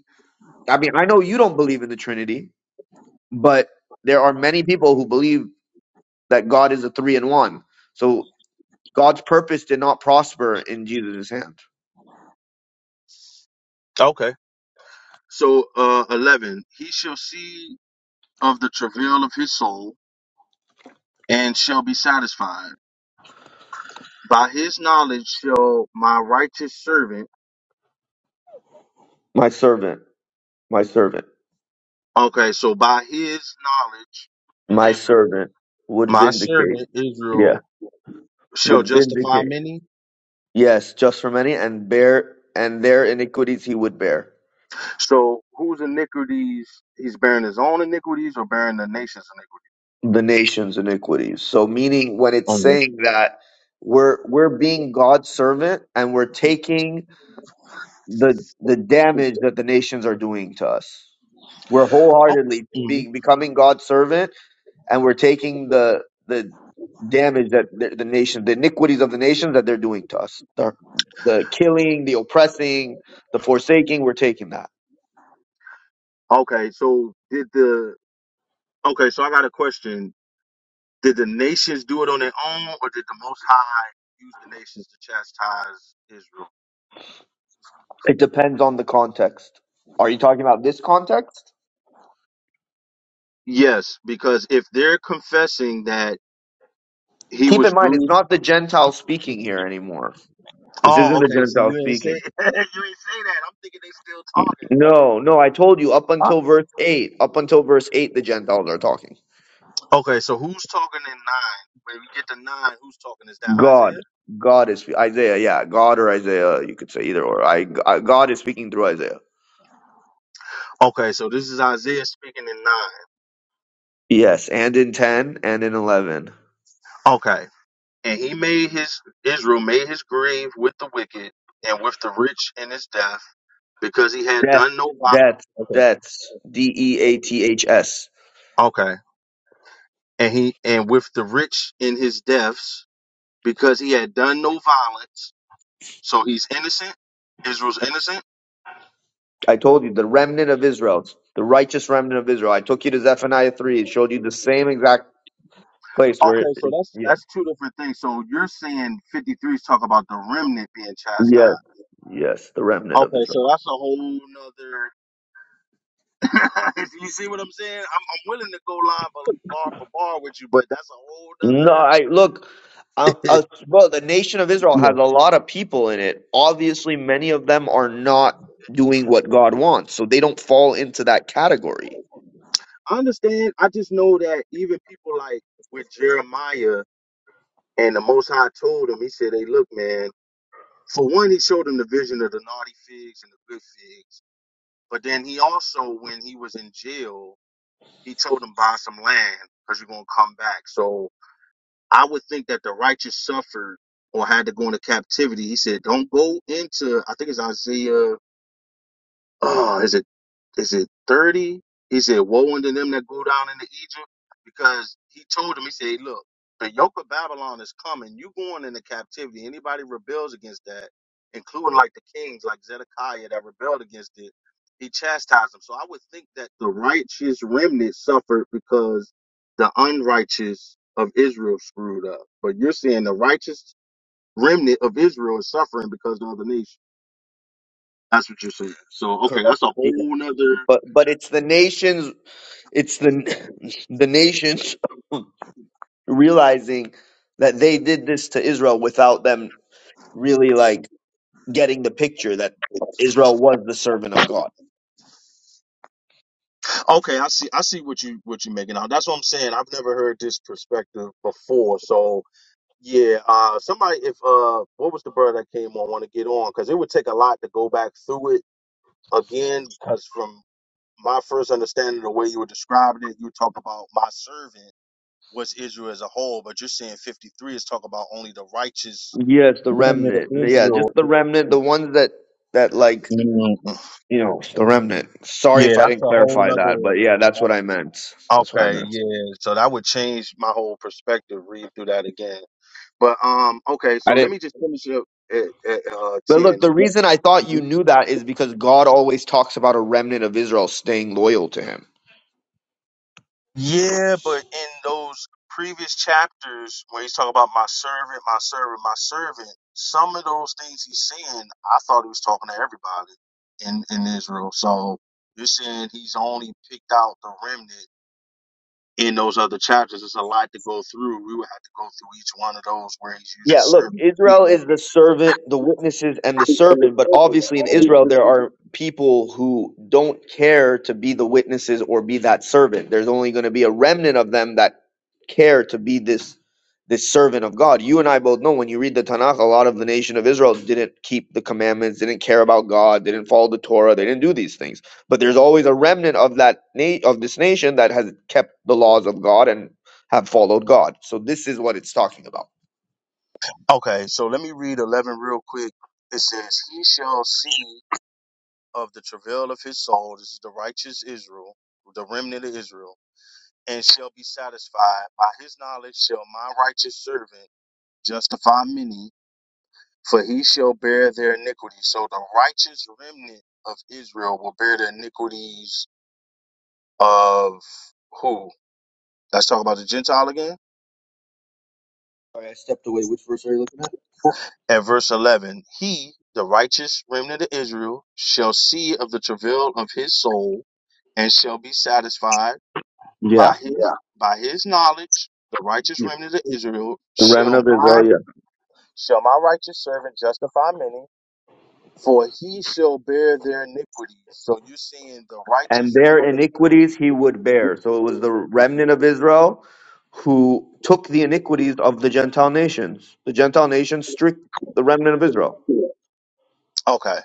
I mean, I know you don't believe in the Trinity, but there are many people who believe that God is a three in one. So God's purpose did not prosper in Jesus' hand.
Okay. So, uh, eleven. He shall see of the travail of his soul and shall be satisfied. By his knowledge shall my righteous servant.
My servant, my servant,
Okay, so by his knowledge,
my
Israel.
servant would
My
vindicate.
servant
Yeah,
Israel
would
shall justify
vindicate.
many.
Yes, just for many and bear, and their iniquities he would bear.
So whose iniquities he's bearing his own iniquities or bearing the nation's
the nation's iniquities. So meaning when it's
iniquities? Mhm.
saying that we're we're being God's servant and we're taking the the damage that the nations are doing to us. We're
Oh,
wholeheartedly
mhm.
being becoming God's servant and we're taking the the damage that the, the nation the iniquities of the nations that they're doing to us. The, the killing, the oppressing, the forsaking, we're taking that.
Okay, so did the okay, so I got a question. Did the nations do it on their own or did the most high use the nations to chastise Israel?
It depends on the context. Are you talking about this context?
Yes, because if they're confessing that he
Keep in
was
mind, it's
bruised
not the Gentiles speaking here anymore. This
Oh,
isn't the
okay. So
Gentiles
you ain't say [LAUGHS]
speaking.
you ain't say that. I'm thinking they still talking. Okay,
No, no, I
good.
told you up until verse 8. Up until verse 8, the Gentiles are talking.
Okay, so who's talking in nine? When we get to nine, who's talking? Is that Isaiah?
God. God is Isaiah, yeah. God or Isaiah, you could say either or. I, I- God is speaking through Isaiah.
Okay, so this is Isaiah speaking in nine.
Yes, and in 10 and in 11.
Okay. And he made his Israel made his grave with the wicked and with the rich in his death, because he had
That,
done no wi-
that,
Okay.
that's D E A T H S.
Okay. And he and with the rich in his deaths, because he had done no violence. So he's innocent. Israel's innocent.
I told you, the remnant of Israel, the righteous remnant of Israel. I took you to Zephaniah 3, it showed you the same exact place where it,
Okay, so
it
that's
yeah.
that's two different things. So you're saying 53 is talking about the remnant being
Yes.
chastised.
Yes, the remnant of
Okay, so
Israel.
that's a whole nother. [LAUGHS] If you see what I'm saying? I'm, I'm willing to go line for bar for bar with you, but that's a whole
No, I look. Uh,
nother.
uh,
[LAUGHS]
well, the nation of Israel has
Yeah.
a lot of people in it. Obviously, many of them are not doing what God wants, so they don't fall into that category.
I understand. I just know that even people like with Jeremiah and the Most High told him, he said, "Hey, look, man. For one, he showed him the vision of the naughty figs and the good figs. But then he also, when he was in jail, he told him buy some land because you're gonna come back. So I would think that the righteous suffered or had to go into captivity. He said, Don't go into, I think it's Isaiah oh, is it is it thirty? He said, "Woe unto them that go down into Egypt," because he told them, he said, "Hey, "Look, the yoke of Babylon is coming. You going into captivity. Anybody rebels against that, including like the kings, like Zedekiah, that rebelled against it, he chastised them." So I would think that the righteous remnant suffered because the unrighteous of Israel screwed up. But you're saying the righteous remnant of Israel is suffering because of the nation. That's what you're saying. So okay,
Correct.
that's a
Yeah.
whole nother.
But but it's the nations. It's the [LAUGHS] the nations realizing that they did this to Israel without them really like getting the picture that Israel was the servant of God.
Okay, I see. I see what you what you're making out. That's what I'm saying. I've never heard this perspective before. So yeah, uh, somebody, if uh, what was the brother that came on? Want to get on because it would take a lot to go back through it again. Because from my first understanding, of the way you were describing it, you talk about my servant was Israel as a whole, but you're saying 53 is talk about only the righteous
Yes, the
remnant of
remnant. Yeah, just
Israel.
the remnant, the ones that that like
Mm,
you know, the remnant. Sorry
Yeah,
if I
that's
didn't
a whole
clarify that, but
nother.
yeah, that's what I meant. That's what I
Okay,
meant.
yeah. So that would change my whole perspective. Read through that again. But um, okay.
I
So let
didn't.
me just finish it up at, at uh
But look,
ten.
the
Yep.
reason I thought you
Mhm.
knew that is because God always talks about a remnant of Israel staying loyal to him.
Yeah, but in those previous chapters when he's talking about my servant, my servant, my servant, some of those things he's saying, I thought he was talking to everybody in in Israel. So you're saying he's only picked out the remnant in those other chapters. It's a lot to go through. We would have to go through each one of those where he's
Yeah, look,
using
Israel
servant.
is the servant, the witnesses, and the servant. But obviously, in Israel, there are people who don't care to be the witnesses or be that servant. There's only going to be a remnant of them that care to be this this servant of God. You and I both know when you read the Tanakh, a lot of the nation of Israel didn't keep the commandments, didn't care about God, didn't follow the Torah, they didn't do these things. But there's always a remnant of that na- of this nation that has kept the laws of God and have followed God. So this is what it's talking about.
Okay, so let me read 11 real quick. It says, He shall see of the travail of his soul, this is the righteous Israel, the remnant of Israel, and shall be satisfied. By his knowledge shall my righteous servant justify many, for he shall bear their iniquity. So the righteous remnant of Israel will bear the iniquities of who? Let's talk about the Gentile again.
Sorry, I stepped away. Which verse are you looking at?
At verse 11, he, the righteous remnant of Israel, shall see of the travail of his soul and shall be satisfied
Yeah.
by his, Yeah. by his knowledge. The righteous
The
remnant of Israel
remnant
shall
of Israel,
my,
yeah.
shall my righteous servant justify many, for he shall bear their iniquities. So you're seeing the
And
righteous
their
remnant.
iniquities he would bear. So it was the remnant of Israel who took the iniquities of the Gentile nations. The Gentile nations strict the remnant of Israel.
Okay.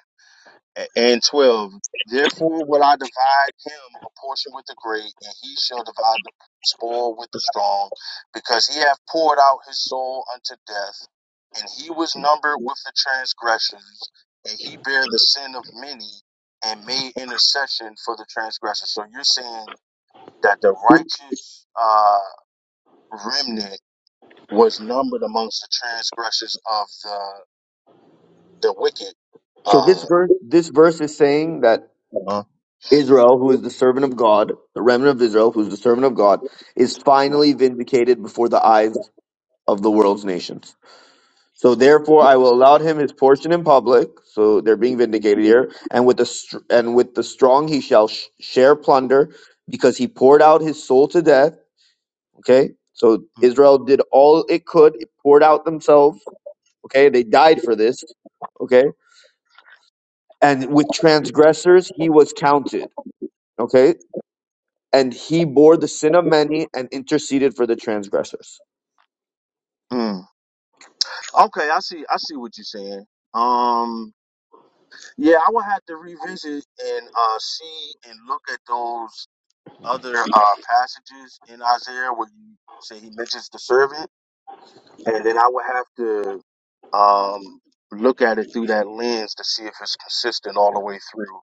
and 12 therefore will i divide him a portion with the great and he shall divide the spoil with the strong because he hath poured out his soul unto death and he was numbered with the transgressors and he bare the sin of many and made intercession for the transgressors so you're saying that the righteous uh, remnant was numbered amongst the transgressors of the the wicked
So this
uh,
verse this verse is saying that
Huh?
Israel, who is the servant of God, the remnant of Israel, who is the servant of God, is finally vindicated before the eyes of the world's nations. So therefore, I will allow him his portion in public. So they're being vindicated here, and with the str- and with the strong he shall sh- share plunder, because he poured out his soul to death. Okay, so Israel did all it could; it poured out themselves. Okay, they died for this. Okay, and with transgressors he was counted. Okay, and he bore the sin of many and interceded for the transgressors.
Okay, I see. I see what you're saying. Um, yeah, I would have to revisit and uh, see and look at those other uh, passages in Isaiah where you say he mentions the servant, and then I would have to um, look at it through that lens to see if it's consistent all the way through.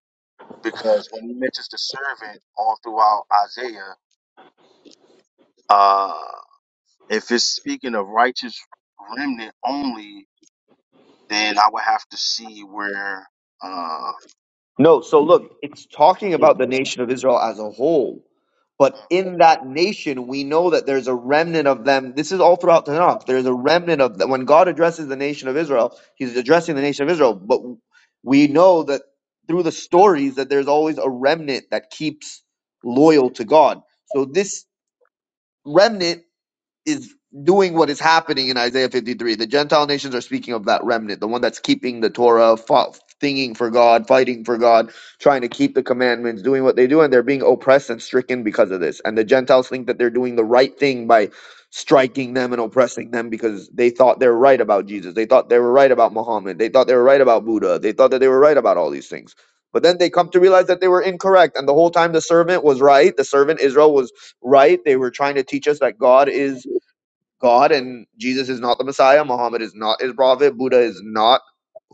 Because when he mentions the servant all throughout Isaiah, uh, if it's speaking of righteous remnant only, then I would have to see where. uh,
No, so look, it's talking
hmm
about the nation of Israel as a whole. But in that nation, we know that there's a remnant of them. This is all throughout Tanakh. There's a remnant of them. When God addresses the nation of Israel, he's addressing the nation of Israel. But we know that through the stories that there's always a remnant that keeps loyal to God. So this remnant is doing what is happening in Isaiah 53. The Gentile nations are speaking of that remnant, the one that's keeping the Torah, fa- thinking for God, fighting for God, trying to keep the commandments, doing what they do, and they're being oppressed and stricken because of this. And the Gentiles think that they're doing the right thing by striking them and oppressing them because they thought they were right about Jesus. They thought they were right about Muhammad. They thought they were right about Buddha. They thought that they were right about all these things. But then they come to realize that they were incorrect. And the whole time the servant was right, the servant Israel was right. They were trying to teach us that God is God and Jesus is not the Messiah, Muhammad is not his prophet, Buddha is not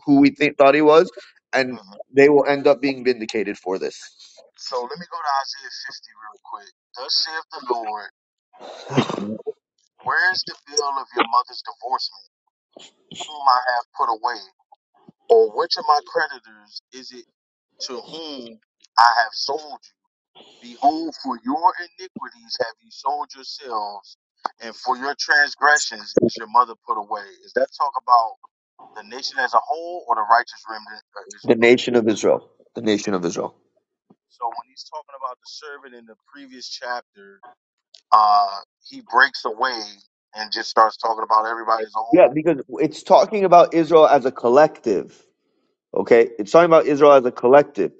who we think thought he was, and they will end up being vindicated for this.
So let me go to Isaiah 50 real quick. Thus saith the Lord, Where is the bill of your mother's divorcement, whom I have put away? Or which of my creditors is it to whom I have sold you? Behold, for your iniquities have you sold yourselves, and for your transgressions is your mother put away. Is that talk about the nation as a whole or the righteous remnant of
The
Israel?
nation of Israel. The nation of Israel.
So when he's talking about the servant in the previous chapter, uh, he breaks away and just starts talking about everybody as a
Yeah,
whole.
because it's talking about Israel as a collective. Okay? It's talking about Israel as a collective.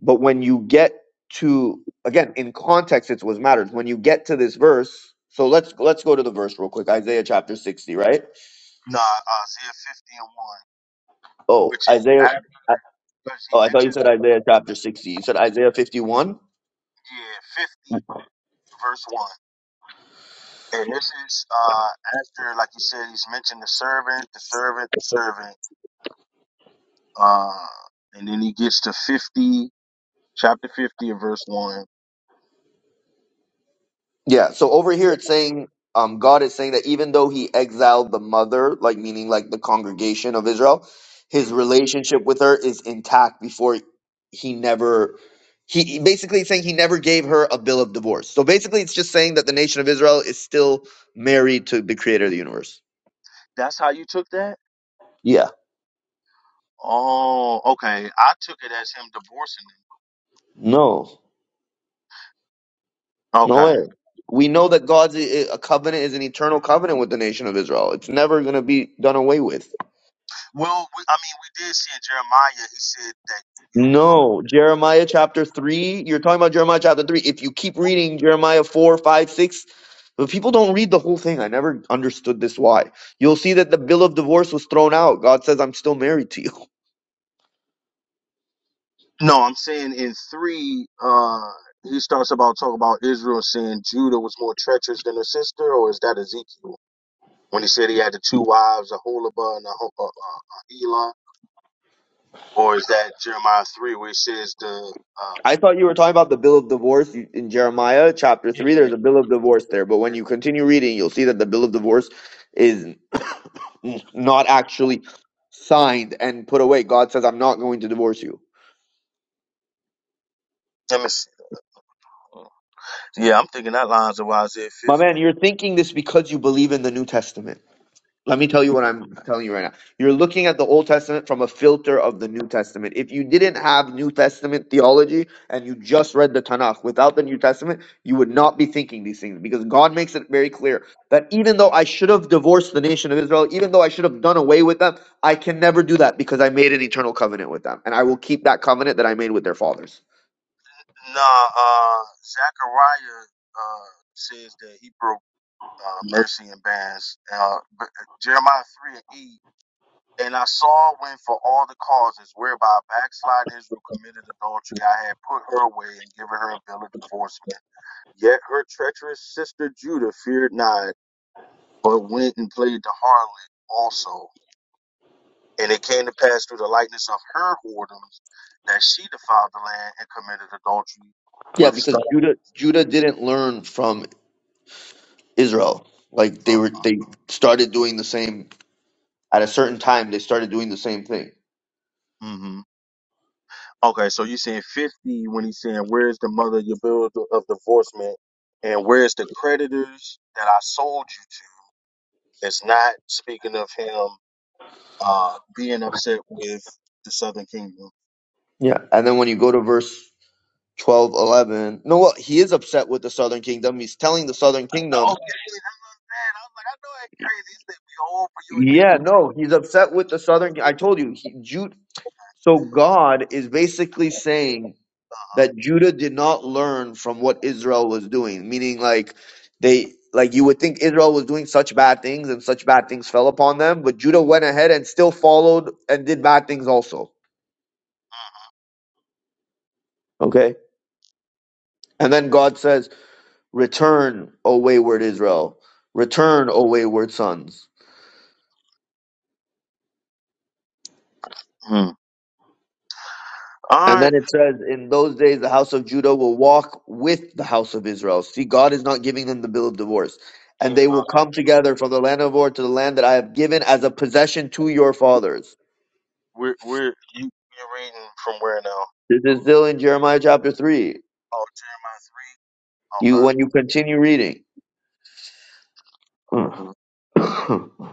But when you get to again in context it's what matters. When you get to this verse, so let's let's go to the verse real quick. Isaiah chapter sixty, right?
Nah, uh, Isaiah 50 and 1,
Oh,
which is
Isaiah
after, because he
Oh, I thought you
mentions,
said Isaiah chapter 60. You said Isaiah 51?
yeah, 50 verse 1. And this is uh, after, like you said, he's mentioned the servant, the servant, the servant. Uh, and then he gets to 50, chapter 50 and verse 1.
Yeah. So over here it's saying um, God is saying that even though he exiled the mother, like meaning like the congregation of Israel, his relationship with her is intact before he never he he basically is saying he never gave her a bill of divorce. So basically it's just saying that the nation of Israel is still married to the creator of the universe.
That's how you took that?
Yeah.
Oh, okay. I took it as him divorcing him.
No. No
Okay.
way. We know that God's i- i- a covenant is an eternal covenant with the nation of Israel. It's never going to be done away with.
Well, we, I mean, we did see in Jeremiah, he said that you broke.
No, Jeremiah chapter 3. You're talking about Jeremiah chapter 3. If you keep reading Jeremiah 4, 5, 6, but people don't read the whole thing. I never understood this why. You'll see that the bill of divorce was thrown out. God says, I'm still married to you. [LAUGHS]
No, I'm saying in three, uh, he starts about talking about Israel saying Judah was more treacherous than her sister, or is that Ezekiel when he said he had the two wives, a Aholibah and Aho- uh, uh, uh, Elah, or is that Jeremiah three where it says the uh,
I thought you were talking about the bill of divorce in Jeremiah chapter 3. There's a bill of divorce there. But when you continue reading, you'll see that the bill of divorce is [COUGHS] not actually signed and put away. God says, I'm not going to divorce you.
let me see. yeah, I'm thinking that lines of Isaiah 50.
My man, you're thinking this because you believe in the New Testament. Let me tell you what I'm telling you right now. You're looking at the Old Testament from a filter of the New Testament. If you didn't have New Testament theology and you just read the Tanakh without the New Testament, you would not be thinking these things because God makes it very clear that even though I should have divorced the nation of Israel, even though I should have done away with them, I can never do that because I made an eternal covenant with them and I will keep that covenant that I made with their fathers.
Nah, uh, Zechariah uh, says that he broke uh, mercy and bands. Uh, but uh, Jeremiah 3 and 8 And I saw when for all the causes whereby backsliding Israel committed adultery, I had put her away and given her a bill of divorcement. Yet her treacherous sister Judah feared not, but went and played the harlot also. And it came to pass through the likeness of her whoredoms that she defiled the land and committed adultery
Yeah,
with
because
stone.
Judah Judah didn't learn from Israel. Like they were they started doing the same At a certain time, they started doing the same thing.
hmm Okay, so you're saying 50 when he's saying, Where is the mother of your bill of divorcement? And where's the creditors that I sold you to? It's not speaking of him uh, being upset with the Southern Kingdom.
Yeah. And then when you go to verse twelve, eleven, 11, no, well, he is upset with the southern kingdom. He's telling the southern
Oh,
kingdom,
okay. Man, I was like, I know that crazy. He said, "Behold, for your
yeah,
iniquity."
no, he's upset with the southern. I told you, he, Jude. So God is basically saying
Uh-huh.
that Judah did not learn from what Israel was doing, meaning like they, like you would think Israel was doing such bad things and such bad things fell upon them, but Judah went ahead and still followed and did bad things also. Okay. And then God says, Return, O wayward Israel. Return, O wayward sons.
Hmm. All
And then
right.
it says, In those days, the house of Judah will walk with the house of Israel. See, God is not giving them the bill of divorce. And
And
they will
uh,
come together from the land of Or to the land that I have given as a possession to your fathers.
we're we're you you're reading from where now?
This is still in Jeremiah chapter 3.
Oh, Jeremiah
You, when you continue reading,
three. Okay. hmm
[CLEARS THROAT]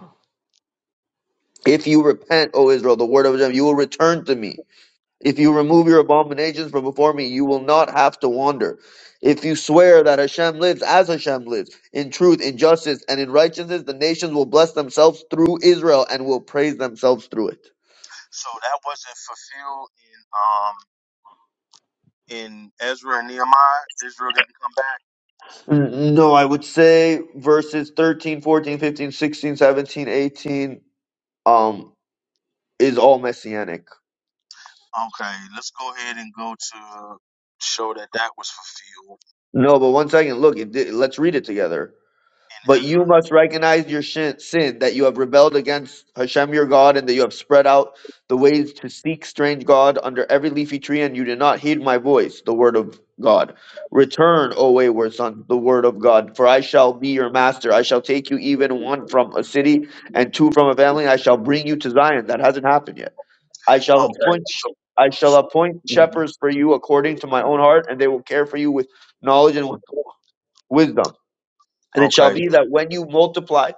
if you repent, O Israel, the word of Hashem, you will return to me. If you remove your abominations from before me, you will not have to wander. If you swear that Hashem lives as Hashem lives, in truth, in justice, and in righteousness, the nations will bless themselves through Israel and will praise themselves through it.
So that wasn't fulfilled in um in Ezra and Nehemiah. Israel didn't come back.
No, I would say verses 13, 14, 15, 16, 17, 18 um, is all messianic.
Okay, let's go ahead and go to show that that was fulfilled
No, but one second, look, it, let's read it together.
in
But you
Ezra.
must recognize your shin, sin, that you have rebelled against Hashem your God, and that you have spread out the ways to seek strange God under every leafy tree, and you did not heed my voice, the word of God. Return, O wayward sons, the word of God, for I shall be your master. I shall take you even one from a city and two from a family. I shall bring you to Zion. That hasn't happened yet. I shall
Okay.
appoint
So.
I shall appoint shepherds for you according to my own heart, and they will care for you with knowledge and wisdom. And it shall
Okay, let
be that when you multiply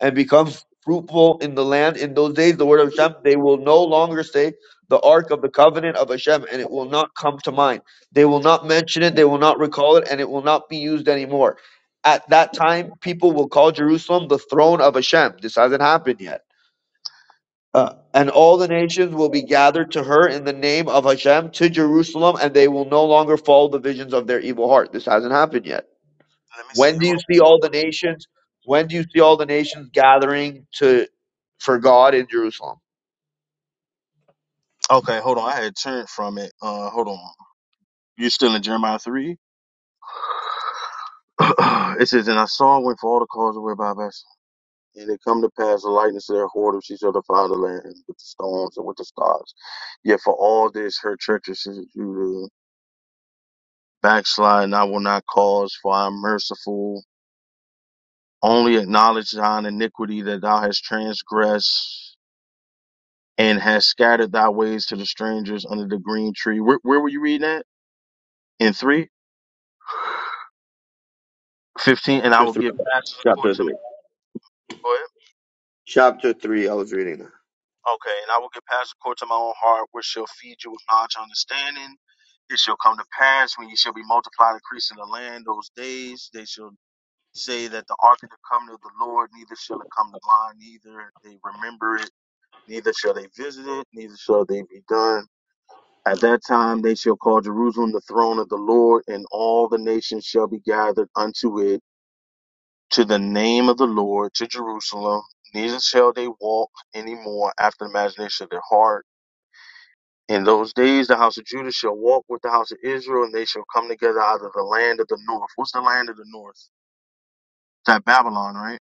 and become fruitful in the land in those days, the word of Hashem, they will no longer say the ark of the covenant of Hashem, and it will not come to mind. They will not mention it, they will not recall it, and it will not be used anymore. At that time, people will call Jerusalem the throne of Hashem. This hasn't happened yet. Uh, and all the nations will be gathered to her in the name of Hashem to Jerusalem, and they will no longer follow the visions of their evil heart. This hasn't happened yet
me see.
when do you
Hold
see all the
on.
nations? When do you see all the nations gathering to for God in Jerusalem?
Okay, hold on. I had turned from it. Uh, hold on. You still in Jeremiah three? [CLEARS THROAT] it says, "And I saw and went for all the cause of by vessel, and it come to pass the lightness of their whoredom. She shall defy the land with the storms and with the stars. Yet for all this her treacherous is due to backslide, and I will not cause, for I am merciful. Only acknowledge thine iniquity that thou hast transgressed." And hast scattered thy ways to the strangers under the green tree. Where, where were you reading at? in three, fifteen, and I
Chapter
will
three.
give passes according
Chapter
to
three.
my, go ahead.
Chapter three. I was reading that.
Okay, and I will give passes according to my own heart, which shall feed you with knowledge and understanding. It shall come to pass when you shall be multiplied, increasing the land those days. They shall say that the ark of the covenant of the Lord, neither shall it come to mind, neither they remember it, neither shall they visit it, neither shall they be done. At that time they shall call Jerusalem the throne of the Lord, and all the nations shall be gathered unto it to the name of the Lord, to Jerusalem, neither shall they walk any more after the imagination of their heart. In those days, the house of Judah shall walk with the house of Israel, and they shall come together out of the land of the north. What's the land of the north? That Babylon, right?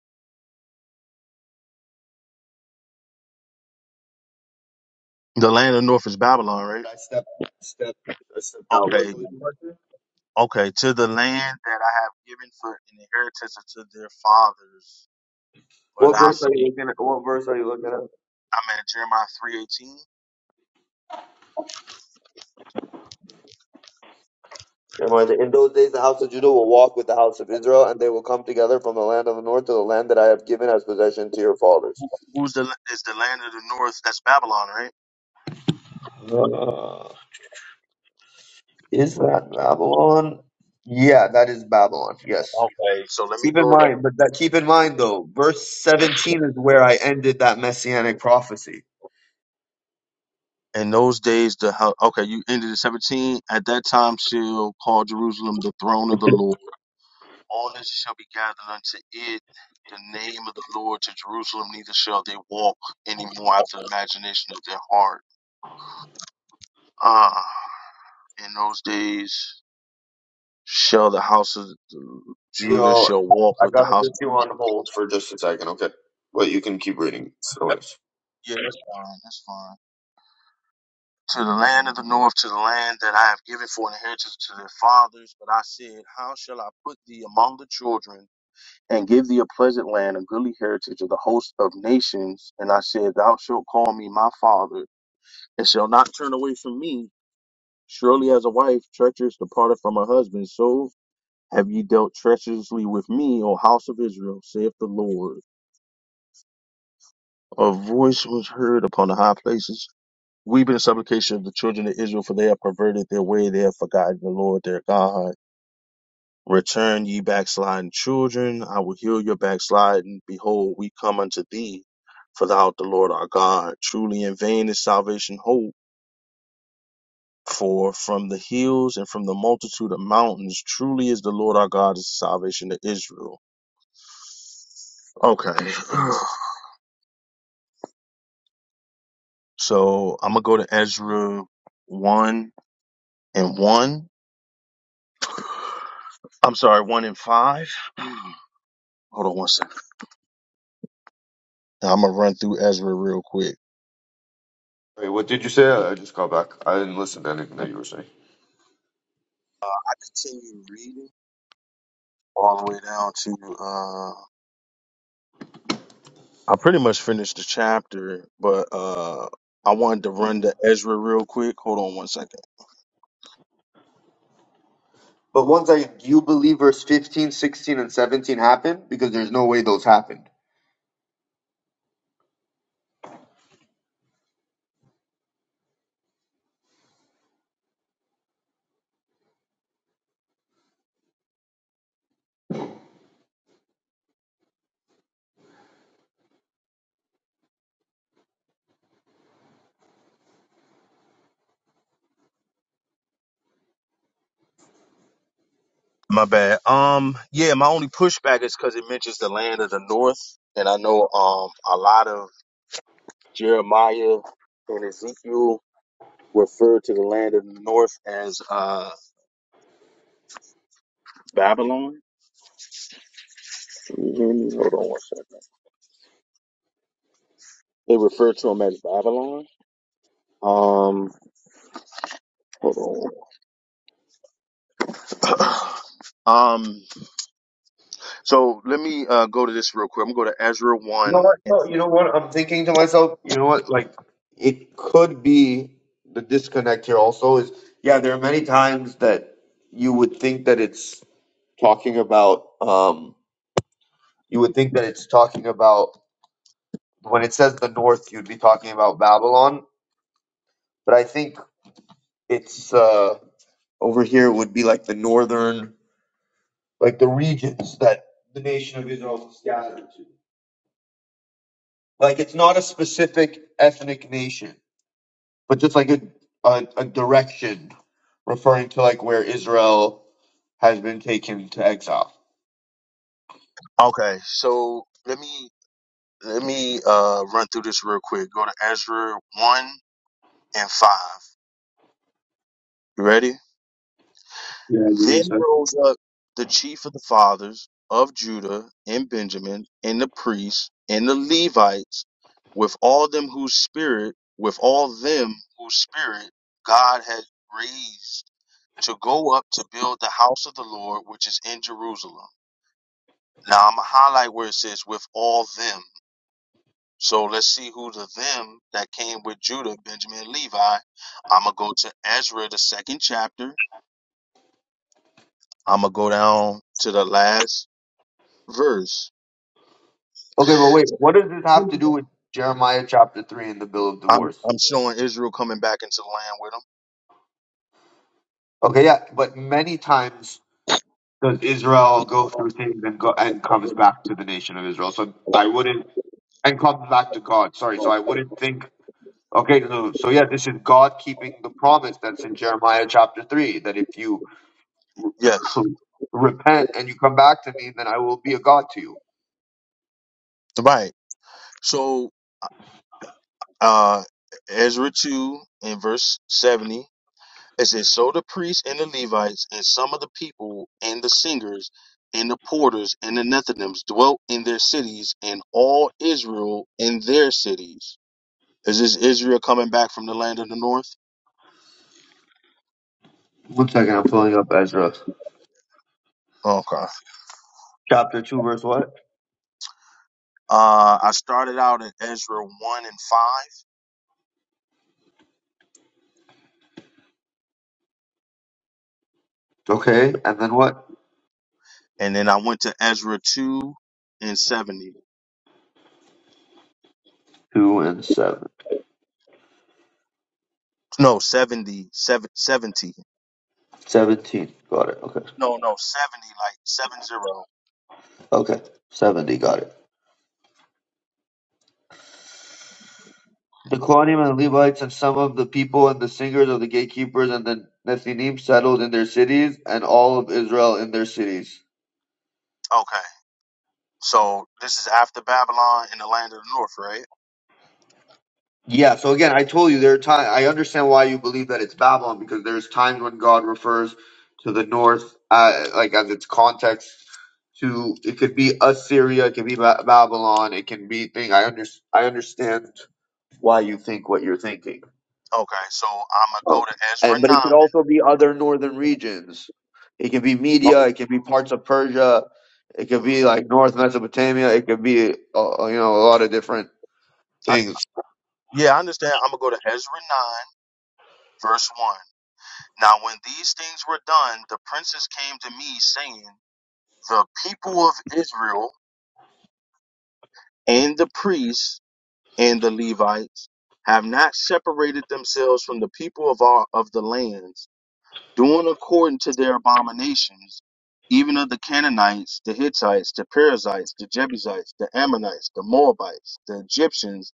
The land of the north is Babylon,
I
right?
stepped. Step. I stepped out. What,
Okay,
what was your question?
okay. To the land that I have given for an inheritance unto their fathers. But
What
I
verse are you
see,
looking at? What verse are you looking at?
I'm at Jeremiah three eighteen.
Never mind. In those days, the house of Judah will walk with the house of Israel, and they will come together from the land of the north to the land that I have given as possession to your fathers.
Who's the is the land of the north? That's Babylon, right?
Uh, is that Babylon? Yeah, that is Babylon. Yes.
Okay, so let me
Keep in
go to.
mind, but that keep in mind though, verse 17 is where I ended that messianic prophecy.
In those days, the house, okay, you ended at 17. At that time, shall call Jerusalem the throne of the Lord. All nations shall be gathered unto it, the name of the Lord to Jerusalem, neither shall they walk anymore after the imagination of their heart. Ah, in those days, shall the house of Judah
Yo,
shall walk
I
with the
gotta
house.
put you on hold for just a second, okay? But you can keep reading. So it's-
Yeah, that's fine. That's fine. To the land of the north, to the land that I have given for an inheritance to their fathers. But I said, How shall I put thee among the children? and give thee a pleasant land, a goodly heritage of the host of nations. And I said, Thou shalt call me my father, and shalt not turn away from me. Surely as a wife treacherous departed from her husband, so have ye dealt treacherously with me, O house of Israel, saith the Lord. A voice was heard upon the high places, weeping and supplication of the children of Israel, for they have perverted their way, they have forgotten the Lord their God. Return, ye backsliding children, I will heal your backsliding. Behold, we come unto thee, for thou art the Lord our God. Truly in vain is salvation hope, for from the hills and from the multitude of mountains, truly is the Lord our God is the salvation to Israel. Okay, [SIGHS] so I'm gonna go to Ezra one and one. I'm sorry, one and five. [SIGHS] [CLEARS THROAT] Hold on one second. Now I'm gonna run through Ezra real quick.
Wait, what did you say? I I just called back. I didn't listen to anything that you were saying.
I continue reading. all the way down to uh I pretty much finished the chapter, but uh I wanted to run to Ezra real quick. Hold on one second.
But once I, do you believe verse 15, 16, and 17 happened? Because there's no way those happened.
My bad. Um yeah, my only pushback is cuz it mentions the land of the north and I know um a lot of Jeremiah and Ezekiel refer to the land of the north as uh Babylon. Hold on one second. They refer to them as Babylon. Um hold on. [CLEARS THROAT] um So let me uh, go to this real quick. I'm gonna go to Ezra
You know
one.
what?
And,
No, you know what? I'm thinking to myself, you know what? Like, it could be the disconnect here also is, yeah, there are many times that you would think that it's talking about, um, you would think that it's talking about, when it says the north, you'd be talking about Babylon, but I think it's, uh, over here would be like the northern, like the regions that the nation of Israel is scattered to. Like, it's not a specific ethnic nation but just like a, a a direction referring to like where Israel has been taken to exile.
Okay, so let me let me uh, run through this real quick. Go to Ezra one and five. You ready?
Yeah, give me a
Then
sec.
rose up the chief of the fathers of Judah and Benjamin and the priests and the Levites with all them whose spirit with all them whose spirit God had raised to go up to build the house of the Lord which is in Jerusalem Now I'm gonna highlight where it says with all them. So let's see who the them that came with Judah, Benjamin, and Levi. I'm gonna go to Ezra, the second chapter. I'm gonna go down to the last verse.
Okay, but wait, what does this have to do with Jeremiah chapter 3 and the bill of
I'm
divorce?
I'm showing Israel coming back into the land with them.
Okay, yeah, but many times does Israel go through things and go and comes back to the nation of Israel. So I wouldn't and comes back to God. Sorry, so I wouldn't think okay, no, so yeah, this is God keeping the promise that's in Jeremiah chapter 3 that if you
Yes,
to repent and you come back to me, then I will be a God to you.
right. So uh Ezra two in verse seventy. It says, So the priests and the Levites and some of the people and the singers and the porters and the Nethinims dwelt in their cities and all Israel in their cities. Is this Israel coming back from the land of the north?
One second, I'm pulling up Ezra.
Okay.
Chapter 2, verse what?
Uh, I started out at Ezra 1 and 5,
Okay, and then what?
and then I went to Ezra 2 and 70.
2 and 7.
No, seventy seven seventy.
17. Got it. Okay.
No, no, 70, like seven zero.
Okay. 70. Got it. The Kohanim and the Levites and some of the people and the singers of the gatekeepers and the Nethinim settled in their cities, and all of Israel in their cities.
Okay. So this is after Babylon in the land of the north, right?
Yeah, so again, I told you there are times I understand why you believe that it's Babylon because there's times when God refers to the north, uh, like as its context to it could be Assyria, it could be ba- Babylon, it can be thing. I under, I understand why you think what you're thinking,
Okay, so I'm
Oh.
gonna go to Ezra
and but it could
nine.
also be other northern regions. It could be
Oh,
Media, it could be parts of Persia, it could be like North Mesopotamia, it could be uh, you know a lot of different
I,
things.
yeah, I understand. I'm gonna go to Ezra nine, verse one. Now, when these things were done, the princes came to me, saying, "The people of Israel and the priests and the Levites have not separated themselves from the people of our of the lands, doing according to their abominations." Even of the Canaanites, the Hittites, the Perizzites, the Jebusites, the Ammonites, the Moabites, the Egyptians,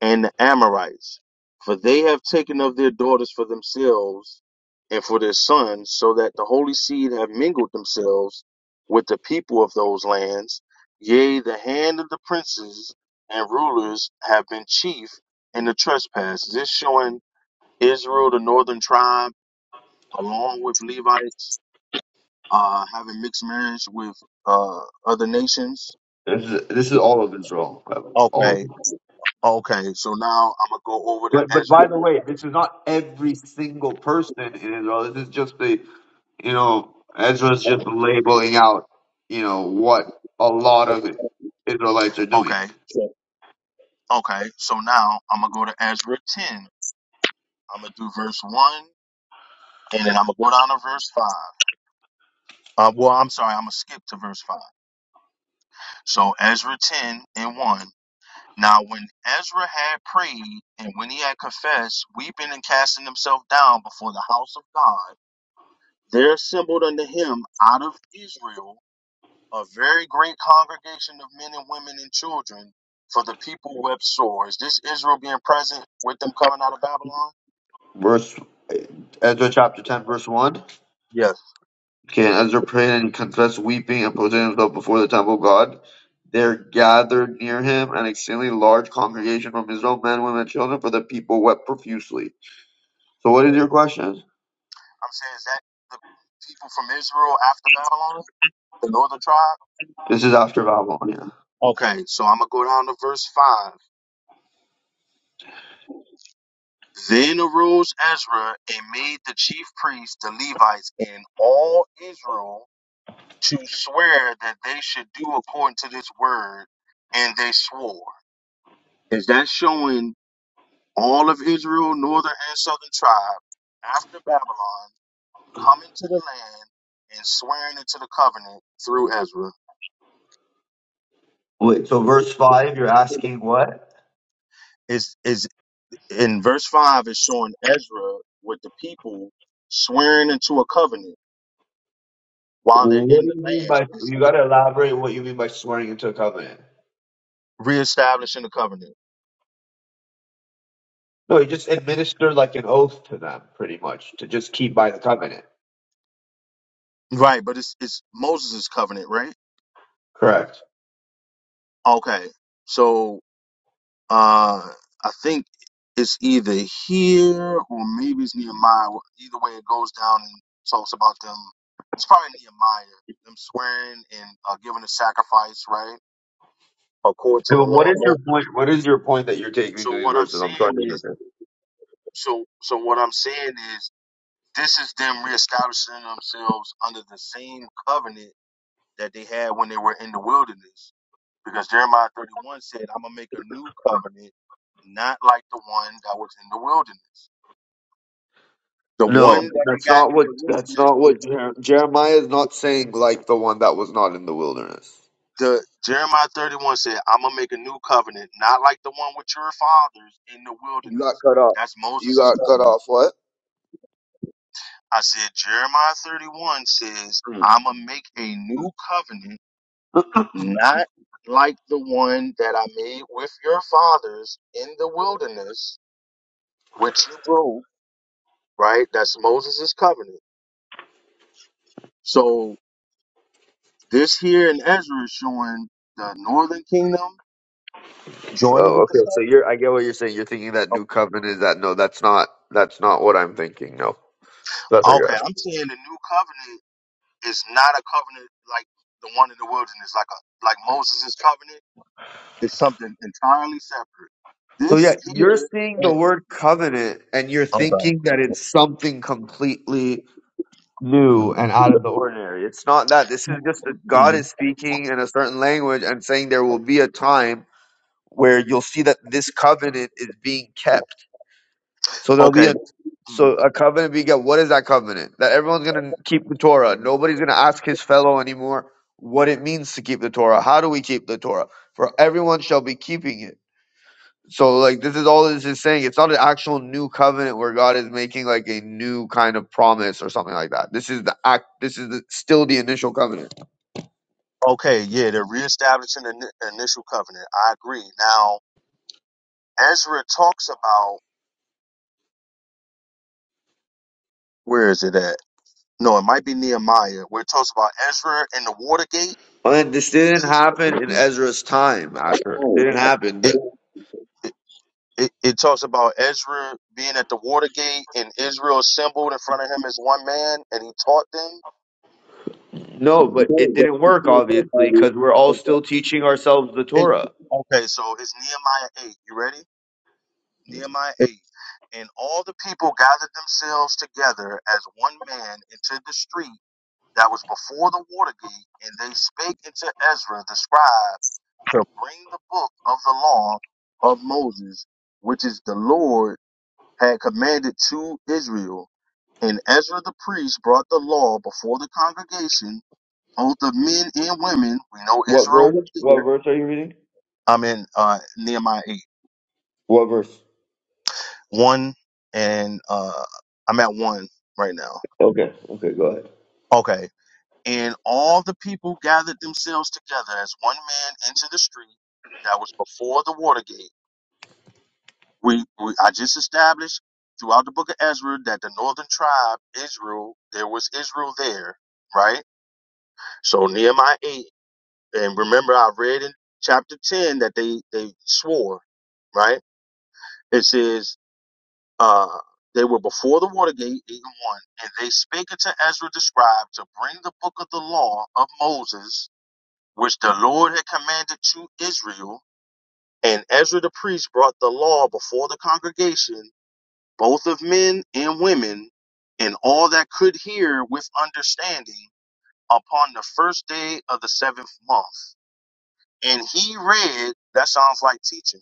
and the Amorites, for they have taken of their daughters for themselves and for their sons, so that the holy seed have mingled themselves with the people of those lands. Yea, the hand of the princes and rulers have been chief in the trespass. This showing Israel, the northern tribe, along with Levites, uh, having mixed marriage with uh, other nations.
This is, this is all of Israel, all of
Okay,
it.
okay. So now I'm gonna go over to
But but
Ezra.
by the way, this is not every single person in Israel. This is just the you know Ezra's just labeling out you know what a lot of Israelites are doing.
Okay. Okay, so now I'm gonna go to Ezra 10. I'm gonna do verse 1 and then I'm gonna go down to verse 5. Uh, well, I'm sorry, I'm gonna skip to verse 5. So Ezra 10 and 1. Now, when Ezra had prayed and when he had confessed, weeping and casting himself down before the house of God, there assembled unto him out of Israel a very great congregation of men and women and children, for the people wept sore. Is this Israel being present with them coming out of Babylon?
Verse Ezra chapter ten verse one.
Yes.
Can Ezra prayed and confessed weeping and prostrated himself before the temple of God? There gathered near him an exceedingly large congregation from Israel, men, women, and children, for the people wept profusely. So what is your question?
I'm saying, is that the people from Israel after Babylon, the northern tribe?
This is after Babylon, yeah.
Okay. Okay, so I'm going to go down to verse 5. Then arose Ezra and made the chief priests, the Levites, and all Israel to swear that they should do according to this word, and they swore. Is that showing all of Israel, northern and southern tribe, after Babylon, coming to the land and swearing into the covenant through Ezra?
Wait, so verse five, you're asking what?
Is is. in verse 5 is showing Ezra with the people swearing into a covenant while they're
What
in
do
the
you mean
land
by
is
you got to elaborate what you mean by swearing into a covenant?
reestablishing the covenant
No, you just administer like an oath to them, pretty much, to just keep by the covenant.
right but it's it's Moses' covenant right
Correct.
okay so uh I think it's either here or maybe it's Nehemiah Well, either way it goes down and talks about them it's probably Nehemiah them swearing and uh, giving a sacrifice right according to the
So what
law of
is your
Moses.
point? What is your point that you're taking to
so
these
what I'm
verses? I'm trying
saying
to
is
understand.
So, so what I'm saying is, this is them reestablishing themselves under the same covenant that they had when they were in the wilderness. Because Jeremiah 31 said, "I'm gonna make a new covenant, not like the one that was in the wilderness. The one
No,
that
that's
they got
not
in
what.
the
That's
wilderness
not
was
what Jer- Jeremiah is not saying. Like the one that was not in the wilderness.
the Jeremiah 31 said, I'm gonna make a new covenant, not like the one with your fathers in the
You got
wilderness.
cut off.
That's
You
Moses'
got cut
covenant.
off. What?
I said, Jeremiah 31 says,
Mm.
I'm gonna make a new covenant." not like the one that I made with your fathers in the wilderness, which you broke, right? That's Moses' covenant. So this here in Ezra is showing the northern kingdom joining
Oh,
with the
okay. So
southern.
you're. I get what you're saying. You're thinking that new covenant is that. No, that's not. That's not what I'm thinking. No. That's what you're
Okay, I'm saying the new covenant is not a covenant like the one in the wilderness, like a like Moses' covenant. It's something entirely separate.
So
This
yeah, you're seeing the
here.
word covenant and you're
Okay.
thinking that it's something completely new and out of the ordinary. It's not that. This is just that God
Mhm.
is speaking in a certain language and saying there will be a time where you'll see that this covenant is being kept. So there'll be
Okay.
a so a covenant being kept. What is that covenant? That everyone's gonna keep the Torah. Nobody's gonna ask his fellow anymore what it means to keep the Torah. How do we keep the Torah? For everyone shall be keeping it. So like this is all this is saying. It's not an actual new covenant where God is making like a new kind of promise or something like that. This is the act. This is the, still the initial covenant.
Okay, yeah, they're reestablishing the ni- initial covenant. I agree. Now, Ezra talks about where is it at? No, it might be Nehemiah, where it talks about Ezra and the water gate.
And this didn't
See,
happen in Ezra's time. Asher, it
oh,
didn't
wow.
happen.
it,
The-
it, it it talks about Ezra being at the water gate and Israel assembled in front of him as one man, and he taught them.
no, but it didn't work obviously because we're all still teaching ourselves the Torah.
Okay, so it's Nehemiah eight. You ready? Nehemiah 8. And all the people gathered themselves together as one man into the street that was before the water gate, and they spake unto Ezra the scribe to bring the book of the law of Moses, which is the Lord had commanded to Israel. And Ezra the priest brought the law before the congregation, both of men and women. We know
What
Israel
verse?
was
What
there.
verse are you reading?
I'm in uh, Nehemiah 8,
What verse?
1 and uh, I'm at 1 right now.
Okay, okay, go ahead.
Okay. And all the people gathered themselves together as one man into the street that was before the water gate. We, we I just established throughout the book of Ezra that the northern tribe, Israel, there was Israel there, right? So Nehemiah 8, and remember I read in chapter 10 that they, they swore, right? It says, uh, they were before the water gate, 8 and 1, and they spake unto Ezra the scribe to bring the book of the law of Moses which the Lord had commanded to Israel. And Ezra the priest brought the law before the congregation, both of men and women, and all that could hear with understanding upon the first day of the seventh month. And he read, that sounds like teaching,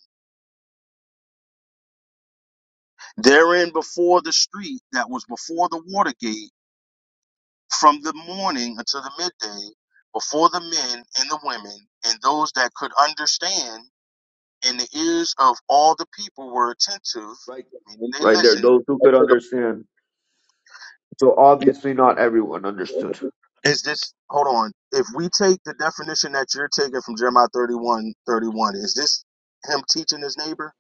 therein before the street that was before the water gate, from the morning until the midday, before the men and the women, and those that could understand and the ears of all the people were attentive,
Right, there.
meaning they
right there.
listened
Those who could
unto the.
understand. So obviously, not everyone understood.
Is this? Hold on. If we take the definition that you're taking from Jeremiah 31 31, is this him teaching his neighbor?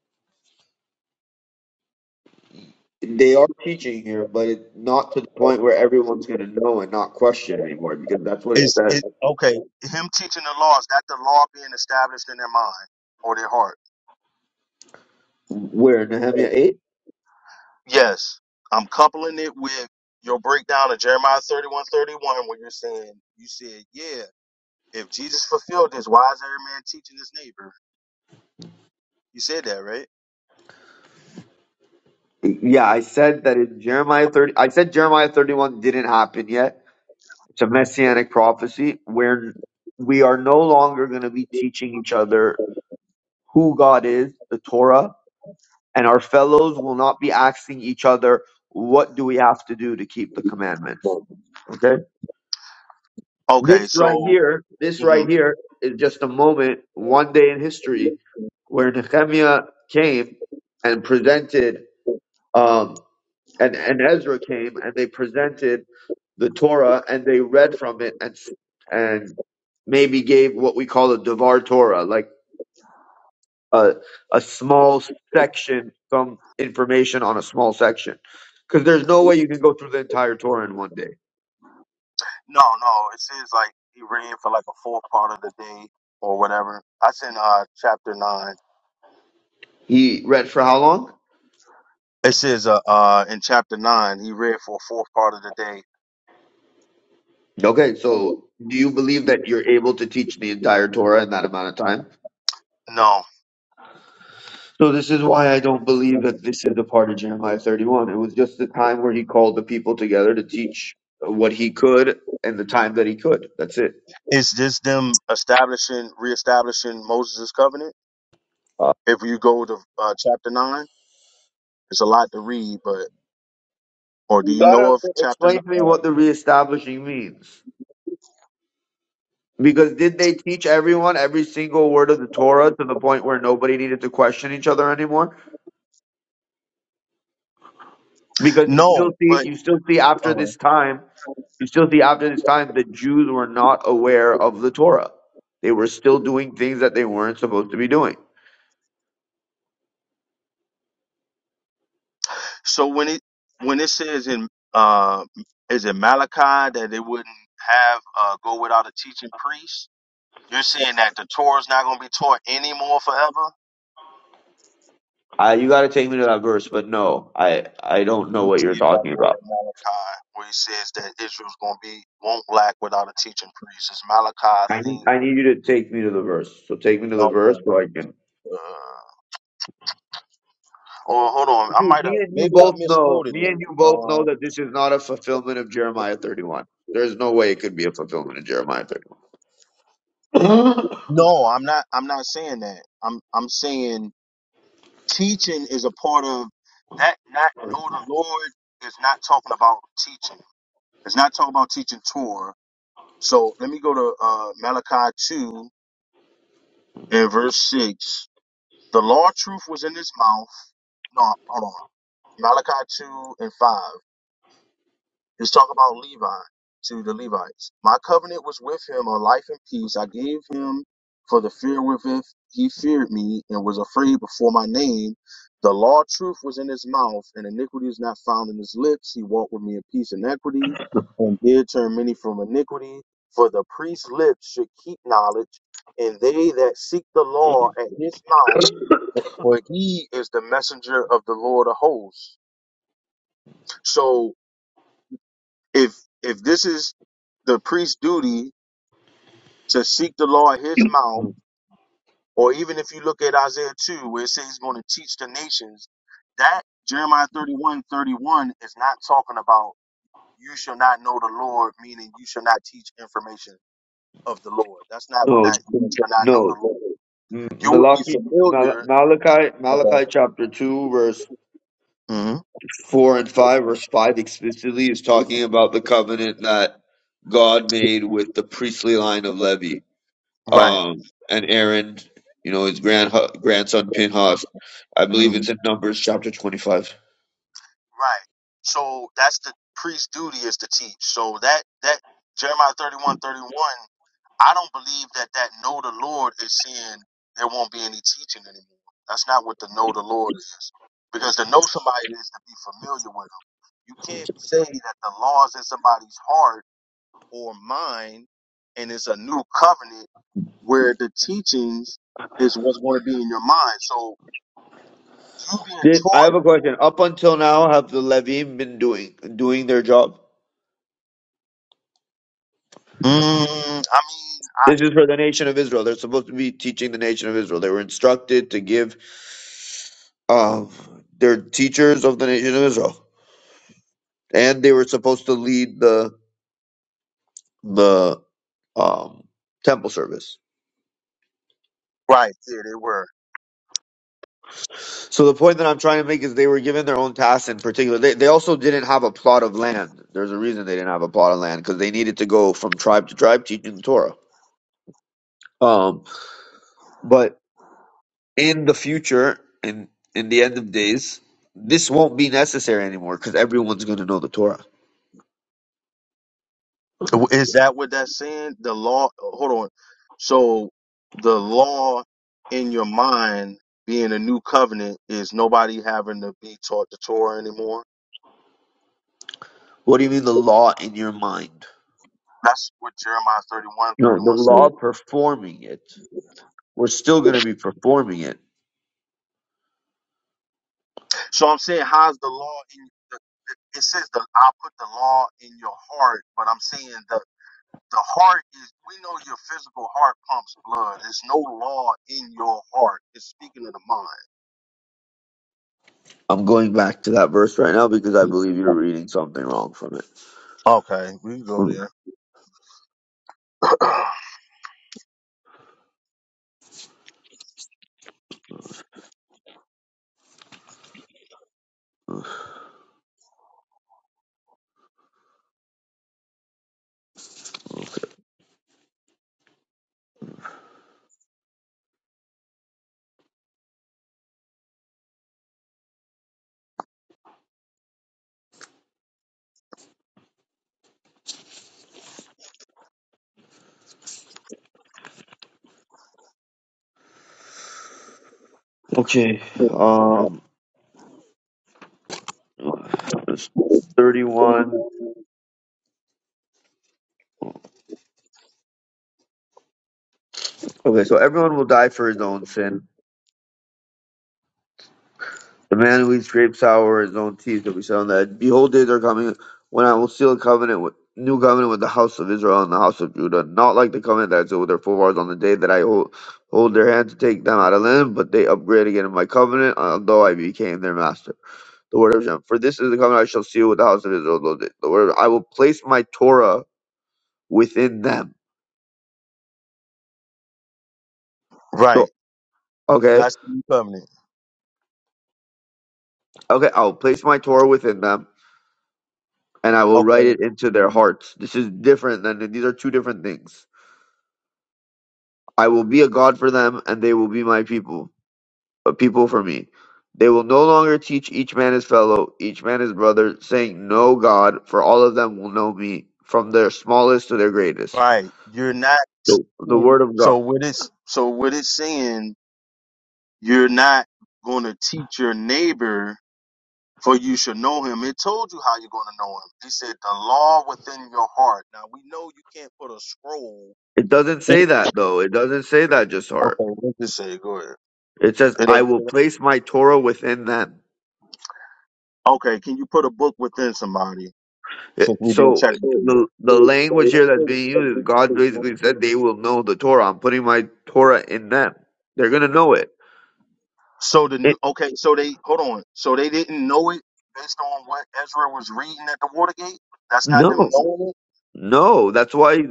They are teaching here, but it, not to the point where everyone's going to know and not question anymore, because that's what it
Is
says.
it okay? Him teaching the law is that the law being established in their mind or their heart?
Where Nehemiah eight?
Yes, I'm coupling it with your breakdown of Jeremiah 31 31, where you're saying you said, yeah, if Jesus fulfilled this, why is every man teaching his neighbor? You said that, right?
Yeah, I said that in Jeremiah thirty. I said Jeremiah thirty-one didn't happen yet. It's a messianic prophecy where we are no longer going to be teaching each other who God is, the Torah, and our fellows will not be asking each other what do we have to do to keep the commandments. Okay.
Okay,
This right
so
here, this right
mhm.
here is just a moment, one day in history, where Nehemiah came and presented, um, and, and Ezra came and they presented the Torah and they read from it and and maybe gave what we call a Devar Torah, like a a small section, some information on a small section, because there's no way you can go through the entire Torah in one day.
no, no, it seems like he ran for like a fourth part of the day or whatever. I sent uh chapter nine.
He read for how long?
It says uh, uh in chapter nine he read for a fourth part of the day.
Okay, so do you believe that you're able to teach the entire Torah in that amount of time?
No,
So this is why I don't believe that this is the part of Jeremiah 31. It was just the time where he called the people together to teach what he could and the time that he could. That's it.
it's just them establishing, reestablishing Moses' covenant.
Uh,
If you go to uh, chapter nine, it's a lot to read, but or do
you
you know
gotta
of chapter? n-
explain to me
Uh,
what the reestablishing means. Because did they teach everyone every single word of the Torah to the point where nobody needed to question each other anymore? Because you still
no,
see,
but
you still see after
uh,
this time You still see after this time the Jews were not aware of the Torah. They were still doing things that they weren't supposed to be doing.
So when it when it says in uh, is it Malachi that they wouldn't have uh, go without a teaching priest? You're saying that the Torah is not going to be taught anymore forever.
Uh, you got to take me to that verse, but no, I I don't
Let
know
me
what you're
see if I
talking
go
about.
with Malachi, where he says that Israel's going to be won't lack without a teaching priest. It's Malachi, I
I need,
think.
I need you to take me to the verse. So take me to the verse
Okay.
so I can.
Uh, oh, hold on. I
Dude,
might have.
me and you
Maybe I
both know.
misquoted
Me
it.
and you both know
Um,
that this is not a fulfillment of Jeremiah 31. There's no way it could be a fulfillment of Jeremiah 31.
no, I'm not. I'm not saying that. I'm. I'm saying Teaching is a part of that. Not know the Lord is not talking about teaching. It's not talking about teaching Torah. So let me go to uh, Malachi two and verse six. The law of truth was in his mouth. No, hold on. Malachi two and five. It's talk about Levi to the Levites. My covenant was with him a life and peace. I gave him for the fear wherewith he feared me and was afraid before my name. The law of truth was in his mouth, and iniquity is not found in his lips. He walked with me in peace and equity, and did turn many from iniquity. For the priest's lips should keep knowledge, and they that seek the law at his mouth, for he is the messenger of the Lord of hosts. So if if this is the priest's duty to seek the law at his mouth,
[LAUGHS]
or even if you look at Isaiah 2, where it says he's going to teach the nations, that Jeremiah 31 31 is not talking about you shall not know the Lord, meaning you shall not teach information of the Lord. That's not what
no,
that you shall not know
no.
the Lord.
M-
You would be
Malachi, Mal-
familiar.
Malachi,
Okay.
Malachi chapter two, verse
hmm
four and five, verse five explicitly is talking about the covenant that God made with the priestly line of Levi,
Right.
um, and Aaron, you know, his grand grandson Pinhas. I
hmm
believe it's in Numbers chapter twenty-five.
Right. So that's the priest's duty is to teach. So that that Jeremiah 31 31. I don't believe that that know the Lord is saying there won't be any teaching anymore. That's not what the know the Lord is. Because to know somebody is to be familiar with them. You can't say that the laws in somebody's heart or mind and it's a new covenant where the teachings is what's going to be in your mind. So you being
Did I have a
taught,
question? Up until now, have the Levim been doing doing their job?
mm, I mean, I,
This is for the nation of Israel. They're supposed to be teaching the nation of Israel. They were instructed to give um, their teachers of the nation of Israel, and they were supposed to lead the the um, temple service.
right, yeah, they were.
So the point that I'm trying to make is they were given their own tasks in particular. They, they also didn't have a plot of land. There's a reason they didn't have a plot of land because they needed to go from tribe to tribe teaching the Torah. Um, but in the future, in in the end of days, this won't be necessary anymore because everyone's going to know the Torah.
Is that what that's saying? The law, hold on. So the law in your mind being a new covenant is nobody having to be taught the Torah anymore.
What do you mean the law in your mind?
That's what Jeremiah thirty-one,
No, the
thirty-one
law
says.
performing it. We're still going to be performing it.
So I'm saying, how's the law in the, it says that I put the law in your heart, but I'm saying the the heart is we know your physical heart pumps blood. There's no law in your heart. It's speaking of the mind.
I'm going back to that verse right now because I believe you're reading something wrong from it.
Okay, we can go
Mm.
there. [CLEARS THROAT]
Okay. Um, 31. Okay, so everyone will die for his own sin. The man who eats grape sour or his own teeth will be set on the head. Behold, days are coming when I will seal a covenant with new covenant with the house of Israel and the house of Judah, not like the covenant that I sealed with their forefathers on the day that I hold, hold their hand to take them out of land, but they upgrade again in my covenant, although I became their master. The word of Hashem. For this is the covenant I shall seal with the house of Israel. The the word of, I will place my Torah within them
right.
So, okay,
That's the new covenant.
okay, I'll place my Torah within them, and I will write
Okay.
it into their
Mhm.
hearts. This is different than these are two different things. I will be a God for them, and they will be my people, a people for me. They will no longer teach each man his fellow, each man his brother, saying, "No God," for all of them will know me, from their smallest to their greatest.
Right. You're not
So, the
sin-
word of God.
so with it's. so with it saying you're not gonna teach your neighbor for you should know him. It told you how you're gonna know him. He said the law within your heart. Now we know you can't put a scroll
It doesn't
in
say that though. It doesn't say that just heart.
Okay, let's just say go ahead.
It says,
It
"I
doesn't
will
say that.
place my Torah within them."
Okay, can you put a book within somebody since
It-
we being
So
technical?
the the language here that's being used is God basically said they will know the Torah. I'm putting my Torah in them. They're gonna know it.
So the new
it
okay, so they hold on. So they didn't know it based on what Ezra was reading at the Watergate. That's not them
no,
knowing it.
no. That's why he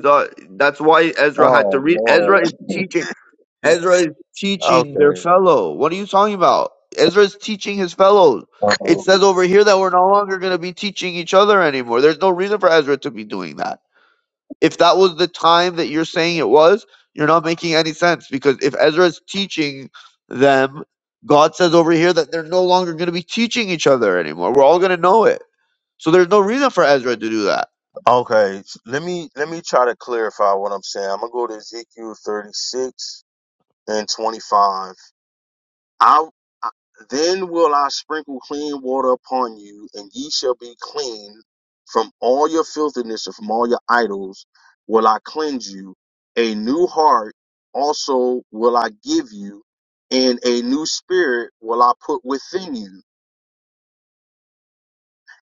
that's why Ezra had to
Oh
read.
Lord.
Ezra is teaching.
[LAUGHS]
Ezra is teaching their
Okay.
fellow. What are you talking about? Ezra is teaching his fellows.
Uh,
It says over here that we're no longer gonna be teaching each other anymore. There's no reason for Ezra to be doing that. If that was the time that you're saying it was, you're not making any sense because if Ezra is teaching them, God says over here that they're no longer going to be teaching each other anymore. We're all going to know it. So there's no reason for Ezra to do that.
okay. s- Let me let me try to clarify what I'm saying. I'm gonna go to Ezekiel 36 and 25. I, I then will I sprinkle clean water upon you, and ye shall be clean from all your filthiness and from all your idols. Will I cleanse you? A new heart also will I give you, and a new spirit will I put within you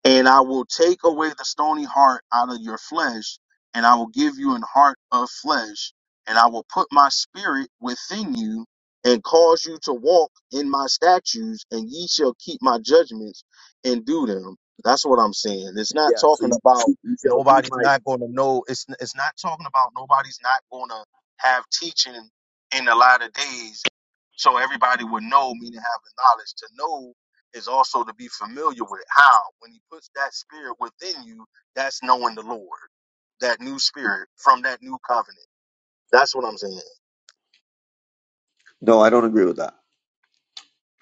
and I will take away the stony heart out of your flesh, and I will give you an heart of flesh, and I will put my spirit within you, and cause you to walk in my statutes, and ye shall keep my judgments and do them. That's what I'm saying. It's not
Yeah, so
talking
you,
about
you shall keep
nobody's
my.
not going to know. It's it's not talking about nobody's not going to have teaching in the latter days, so everybody would know, meaning have the knowledge to know is also to be familiar with how when he puts that spirit within you that's knowing the lord that new spirit from that new covenant that's what i'm saying
No, I don't agree with that.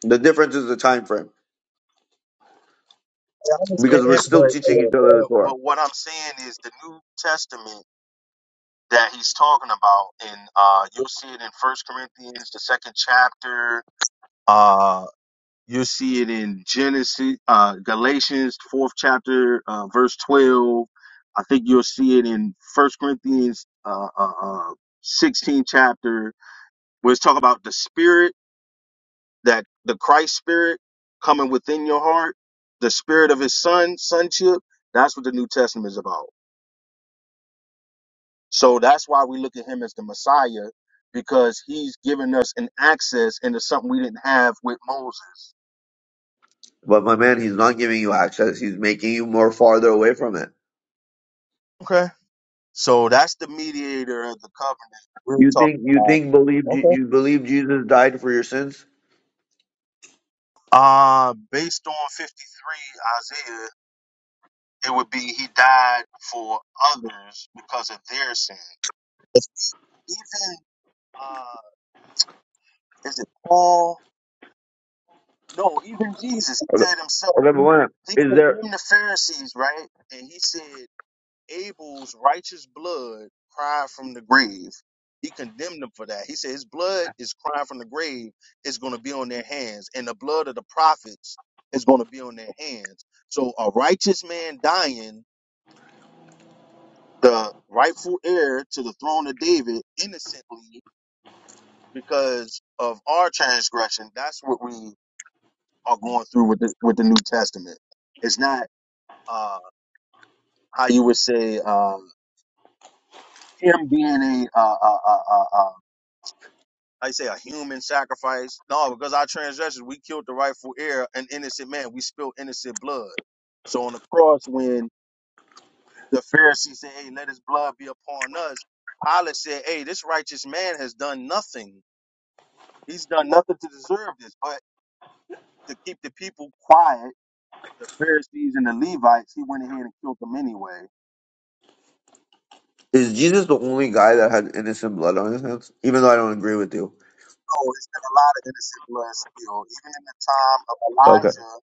The difference is the time frame
I
because we're
understand,
still
but
teaching each other the
but,
Torah.
but what i'm saying is the new testament that he's talking about and uh you'll see it in first corinthians the second chapter uh, You see it in Genesis, uh, Galatians, fourth chapter, uh, verse twelve. I think you'll see it in First Corinthians, uh, uh, uh, sixteen chapter, where it's talking about the Spirit that the Christ Spirit coming within your heart, the Spirit of His Son, sonship. That's what the New Testament is about. So that's why we look at Him as the Messiah because He's given us an access into something we didn't have with Moses.
But my man, he's not giving you access. He's making you more farther away from it.
So that's the mediator of the covenant we're
You think
talking
you
about.
think believe Je-
Okay.
you believe Jesus died for your sins?
Uh, based on 53 Isaiah, it would be he died for others because of their sin. If we even, uh, is it Paul? No, even Jesus, he
Okay, okay,
said himself,
but
he,
wait a minute.
he
is there
condemned the Pharisees, right? And he said, Abel's righteous blood cried from the grave. He condemned them for that. He said his blood is crying from the grave is going to be on their hands, and the blood of the prophets is going to be on their hands. So a righteous man dying, the rightful heir to the throne of David, innocently because of our transgression. That's what we are going through with the with the New Testament. It's not uh, how you would say uh, him being a uh, uh, uh, uh, uh, like I say, a human sacrifice. No, because our transgressions, we killed the rightful heir, an innocent man. We spilled innocent blood. So on the cross, when the Pharisees said, "Hey, let His blood be upon us," Pilate said, "Hey, this righteous man has done nothing. He's done nothing to deserve this." But to keep the people quiet, the Pharisees and the Levites, he went ahead and killed them anyway.
Is Jesus the only guy that had innocent blood on his hands? Even though I don't agree with you.
So it's been a lot of innocent blood spilled, even in the time of
Okay.
Elijah,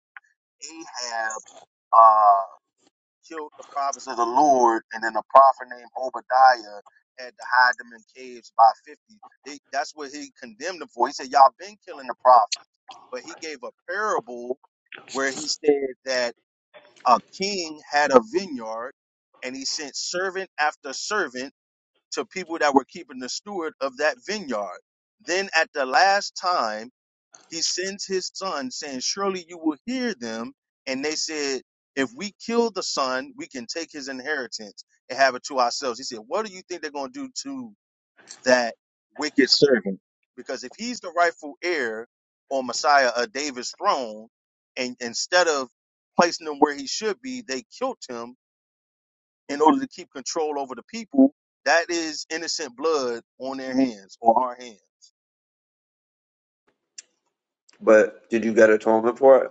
Ahab. uh. killed the prophets of the Lord, and then a prophet named Obadiah had to hide them in caves by 50. They, that's what he condemned them for. He said, Y'all been killing the prophets. But he gave a parable where he said that a king had a vineyard and he sent servant after servant to people that were keeping the steward of that vineyard. Then at the last time, he sends his son saying surely you will hear them and they said if we kill the son we can take his inheritance and have it to ourselves he said what do you think they're going to do to that wicked servant because if he's the rightful heir or messiah of david's throne and instead of placing him where he should be they killed him in order to keep control over the people that is innocent blood on their hands or our hands
But did you get atonement for it?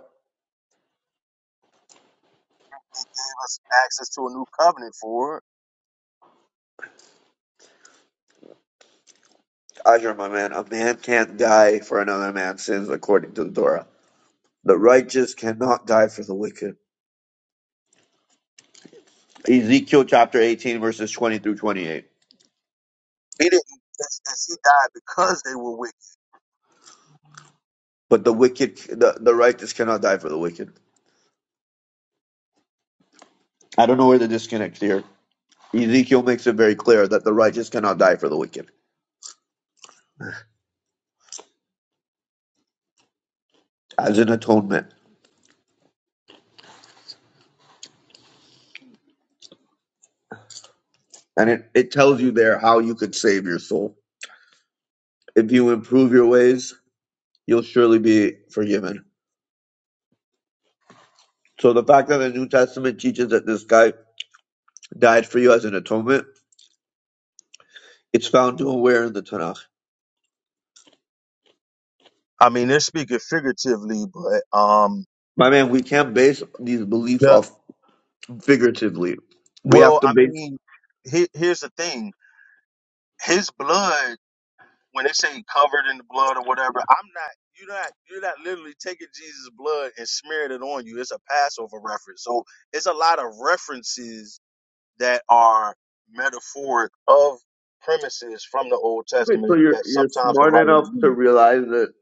gave us access to a new covenant for
Azure, my man, a man can't die for another man's sins according to the Torah. The righteous cannot die for the wicked. Ezekiel chapter 18, verses 20 through 28.
He didn't. it's- it's- He died because they were wicked.
But the wicked, the, the righteous cannot die for the wicked. I don't know where the disconnect here. Ezekiel makes it very clear that the righteous cannot die for the wicked as an atonement. And it, it tells you there how you could save your soul. If you improve your ways, you'll surely be forgiven. So the fact that the New Testament teaches that this guy died for you as an atonement, it's found nowhere in the Tanakh.
I mean, they're speaking figuratively, but um,
My man, we can't base these beliefs
the
off figuratively. We have
well,
to
I
base
mean, he, here's the thing: his blood. When they say covered in the blood or whatever, I'm not. You're not. You're not literally taking Jesus' blood and smearing it on you. It's a Passover reference. So it's a lot of references that are metaphoric of premises from the Old
Wait, so
Testament
you're
that
you're
sometimes the
smart
writers
enough to
use.
realize that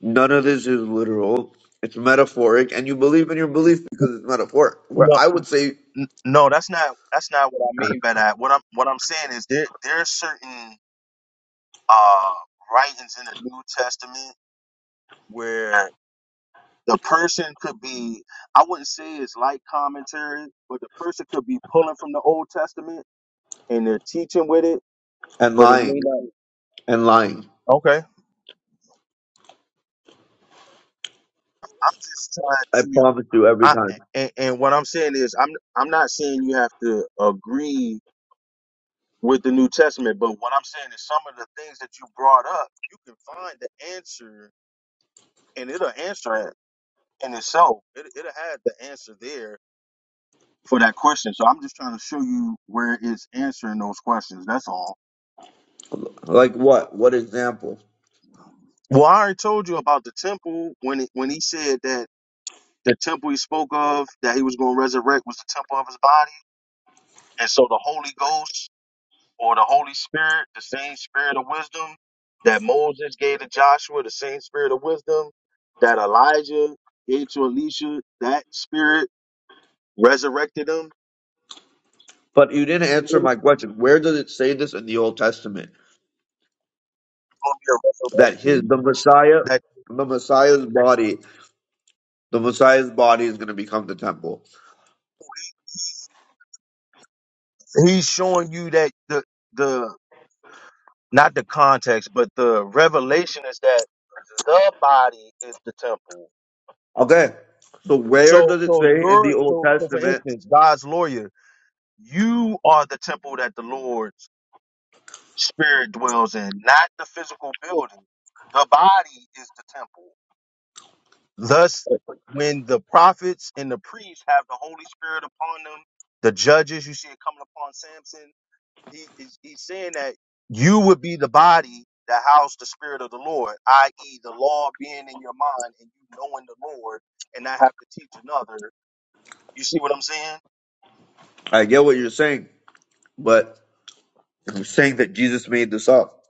none of this is literal. It's metaphoric, and you believe in your belief because it's metaphoric. Where I would say
N- No, that's not that's not what I mean by that. What I'm what I'm saying is there there are certain uh writings in the New Testament where the person could be I wouldn't say it's like commentary, but the person could be pulling from the Old Testament and they're teaching with it,
and
but it may
lying
not.
and lying.
Okay. I'm just
I
trying to
promise you every
I
time.
and, and what I'm saying is I'm I'm not saying you have to agree with the New Testament, but what I'm saying is some of the things that you brought up, you can find the answer and it'll answer it in itself. It, it'll have the answer there for that question. So I'm just trying to show you where it's answering those questions. That's all.
Like what? What example?
Well, I already told you about the temple when it, when he said that the temple he spoke of that he was going to resurrect was the temple of his body, and so the Holy Ghost or the Holy Spirit, the same Spirit of wisdom that Moses gave to Joshua, the same Spirit of wisdom that Elijah gave to Elisha, that Spirit resurrected him
But you didn't answer my question. Where does it say this in the Old Testament
gonna be
that
a
his
resurrection.
the Messiah,
That
the Messiah's body, the Messiah's body is going to become the temple?
he's showing you that the the not the context, but the revelation is that the body is the temple.
Okay. So where
So
does it
so
say in the
you're
Old
so, so for
Testament?
instance, God's lawyer, you are the temple that the Lord's spirit dwells in, not the physical building. The body is the temple. Thus, when the prophets and the priests have the Holy Spirit upon them, the judges, you see it coming upon Samson He, he's, he's saying that you would be the body that housed the spirit of the Lord, i.e., the law being in your mind and you knowing the Lord and not have to teach another. You see what I'm saying?
I get what you're saying, but I'm saying that Jesus made this up.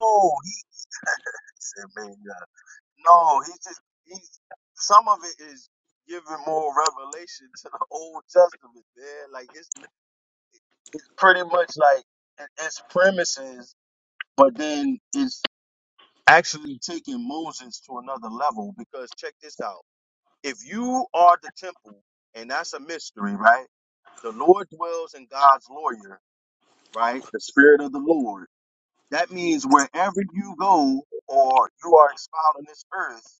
No, he said, man, yeah. no, he's just he's some of it is giving more revelation to the Old Testament, man. Like it's it's pretty much like it- it's premises, but then it's actually taking Moses to another level because check this out. If you are the temple, and that's a mystery, right? The Lord dwells in God's lawyer, right? The spirit of the Lord. That means wherever you go or you are exiled on this earth,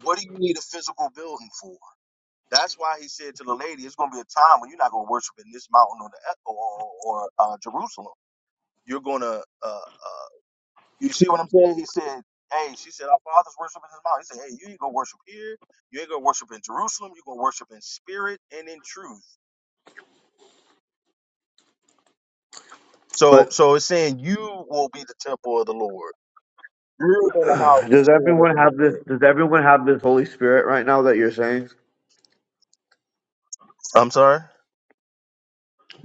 what do you need a physical building for? That's why he said to the lady, it's going to be a time when you're not going to worship in this mountain or, the, or, or uh, Jerusalem. You're going to uh, uh, You see what I'm saying? He said, Hey, she said, Our fathers worship in his mouth. He said, Hey, you ain't gonna worship here, you ain't gonna worship in Jerusalem, you're gonna worship in spirit and in truth. So
But
so it's saying you will be the temple of the Lord. You're
[SIGHS]
gonna house the
does
spirit of
everyone
the
have this?
Lord.
Does everyone have this Holy Spirit right now that you're saying?
I'm sorry?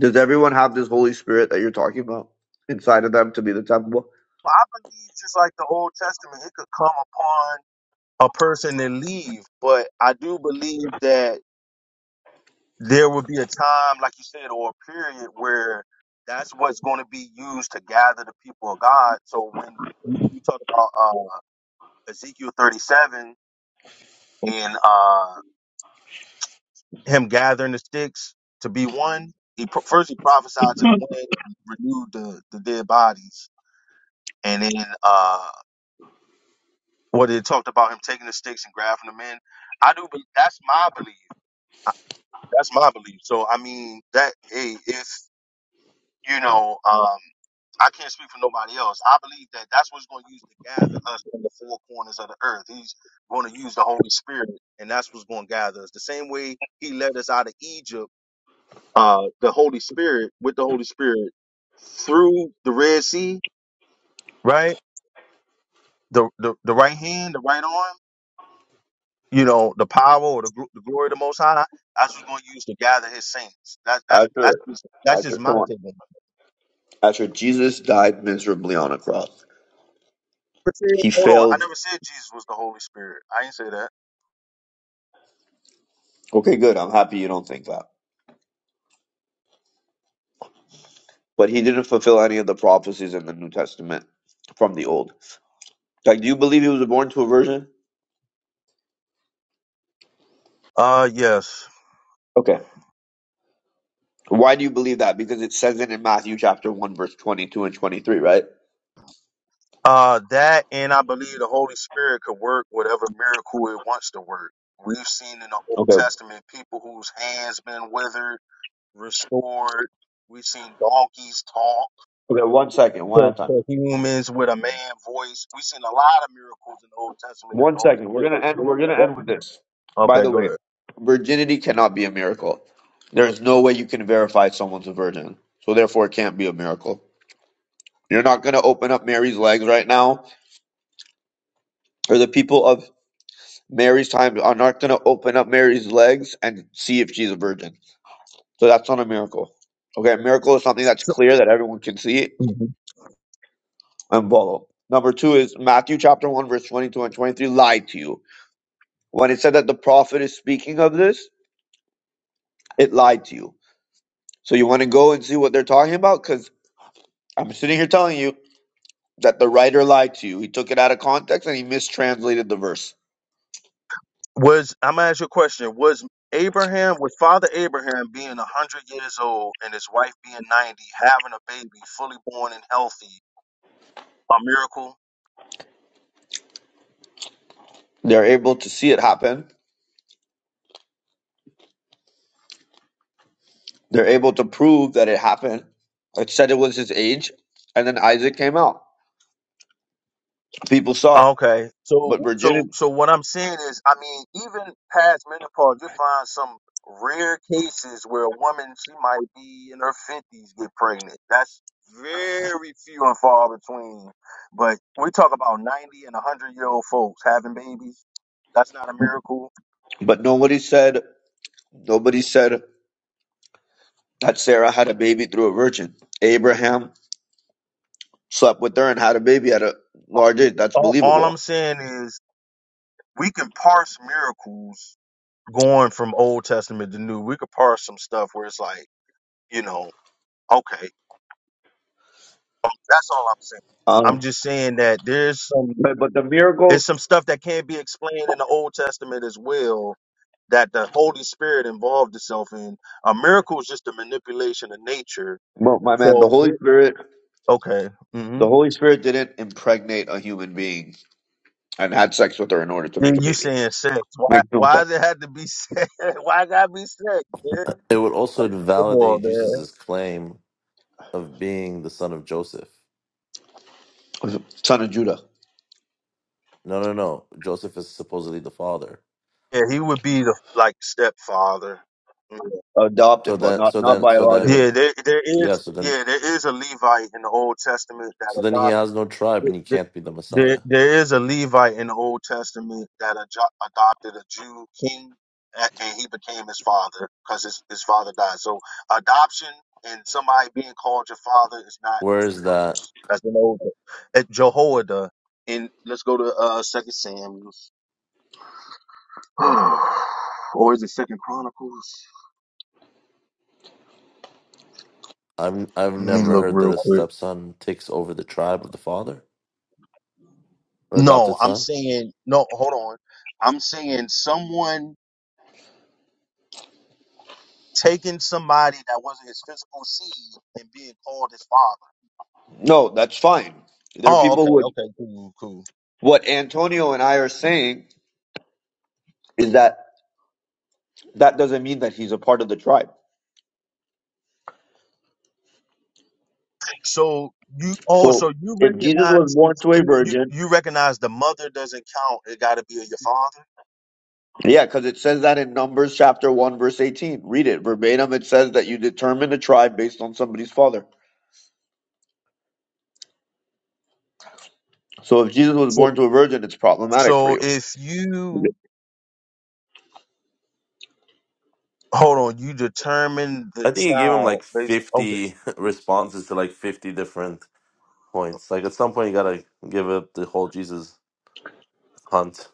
Does everyone have this Holy Spirit that you're talking about inside of them to be the temple?
I believe just like the Old Testament, it could come upon a person to leave, but I do believe that there will be a time, like you said, or a period where that's what's going to be used to gather the people of God. So when you you talk about uh, Ezekiel 37 and uh, him gathering the sticks to be one, he pro- first he prophesied to the wind, and renewed the, the dead bodies, and then uh, what it talked about him taking the sticks and grabbing them in. I do, believe that's my belief. I- That's my belief. So I mean that hey, if you know. Um, I can't speak for nobody else. I believe that that's what's going to use to gather us from the four corners of the earth. He's going to use the Holy Spirit, and that's what's going to gather us. The same way He led us out of Egypt, uh, the Holy Spirit with the Holy Spirit through the Red Sea, right? The the, the right hand, the right arm, you know, the power or the, gl- the glory of the Most High. That's what's going to use to gather His saints. That, that's that's
Asher,
just, that's
Asher,
just my
come on.
take. on it.
After Jesus died miserably on a cross,
But see,
he
Hold on, I
failed.
never said Jesus was the Holy Spirit. I didn't say that.
Okay, good. I'm happy you don't think that. But he didn't fulfill any of the prophecies in the New Testament from the Old. Like, do you believe he was born to a virgin?
Uh, yes.
Okay. Why do you believe that? Because it says it in Matthew chapter 1, verse 22 and 23, right?
Uh, that and I believe the Holy Spirit could work whatever miracle it wants to work. We've seen in the Old
Okay.
Testament people whose hands been withered, restored. We've seen donkeys talk
Okay, one second, one
to,
at a time.
to humans with a man voice. We've seen a lot of miracles in the Old Testament from
One
the Holy
second. We're gonna end we're gonna
Spirit.
end with this. By
Okay,
the
go
way,
ahead.
virginity cannot be a miracle. There's no way you can verify someone's a virgin. So therefore it can't be a miracle. You're not going to open up Mary's legs right now, or the people of Mary's time are not going to open up Mary's legs and see if she's a virgin. So that's not a miracle. Okay, a miracle is something that's
So,
clear that everyone can see
Mhm.
and follow. Number two is Matthew chapter 1, verse 22 and 23 lied to you. When it said that the prophet is speaking of this, it lied to you. So you want to go and see what they're talking about? Because I'm sitting here telling you that the writer lied to you. He took it out of context and he mistranslated the verse.
was I'm gonna ask you a question? Was Abraham, was Father Abraham being a hundred years old and his wife being ninety, having a baby fully born and healthy? A miracle.
They're able to see it happen They're able to prove that it happened. It said it was his age, and then Isaac came out. People saw it,
Okay. So
but Virginia,
so so what I'm saying is, I mean, even past menopause, you find some rare cases where a woman she might be in her fifties get pregnant. That's very few and far between. But we talk about ninety and hundred year old folks having babies. That's not a miracle.
but nobody said nobody said that Sarah had a baby through a virgin. Abraham slept with her and had a baby at a large age. That's
All, all I'm
believable.
saying is we can parse miracles going from Old Testament to New. We could parse some stuff where it's like, you know, okay That's all I'm saying.
Um,
I'm just saying that there's some
but but the miracle,
there's some stuff that can't be explained in the Old Testament as well that the Holy Spirit involved itself in. A miracle is just a manipulation of nature.
well, my man, the
So
Holy
it-
Spirit,
okay, mm-hmm.
the Holy Spirit didn't impregnate a human being and had sex with her in order to make a
and you
baby.
saying sex? Why?
Makes no
Why
sense.
does it have to be sex? [LAUGHS] Why gotta be sex? Man?
It would also
Come on,
invalidate
man.
Jesus' claim of being the son of Joseph.
Son of Judah,
No, no, no. Joseph is supposedly the father.
Yeah, he would be the like stepfather. Yeah,
So
adopted, but
that,
not
so
not
then, so
biological.
then,
yeah there there
yeah.
is
So then,
yeah there is a Levite in the Old Testament
So
that
then he has no tribe and he
adopted.
can't be the
There,
Messiah.
there is a Levite in the Old Testament that ado- adopted a Jew king, a- and he became his father because his, his father died. So adoption and somebody being called your father is not a new
Whereas that
premise. That's an old. At Jehoiada, and let's go to uh Second Samuel, [SIGHS] or is it Second Chronicles?
I'm I've
Let me
never
look
heard that
real
a
quick.
stepson takes over the tribe of the father or
No,
adopted
I'm
son.
saying no. Hold on, I'm saying someone. taking somebody that wasn't his physical seed and being called his father.
No, that's fine. There are
Oh,
people
okay,
who would.
okay, cool, cool.
What Antonio and I are saying is that that doesn't mean that he's a part of the tribe.
So you, oh,
So
so you
if Jesus was
recognize
born
it's-
to a
you, you
virgin,
you recognize the mother doesn't count. It got to be your father.
yeah, because it says that in Numbers chapter 1, verse 18. Read it verbatim. It says that you determine a tribe based on somebody's father. So if Jesus was
So,
born to a virgin, it's problematic for
so
you.
if you hold on, you determine the
I think he gave him
child.
like
Based, okay,
fifty [LAUGHS] responses to like fifty different points. Like at some point you gotta give up the whole Jesus hunt.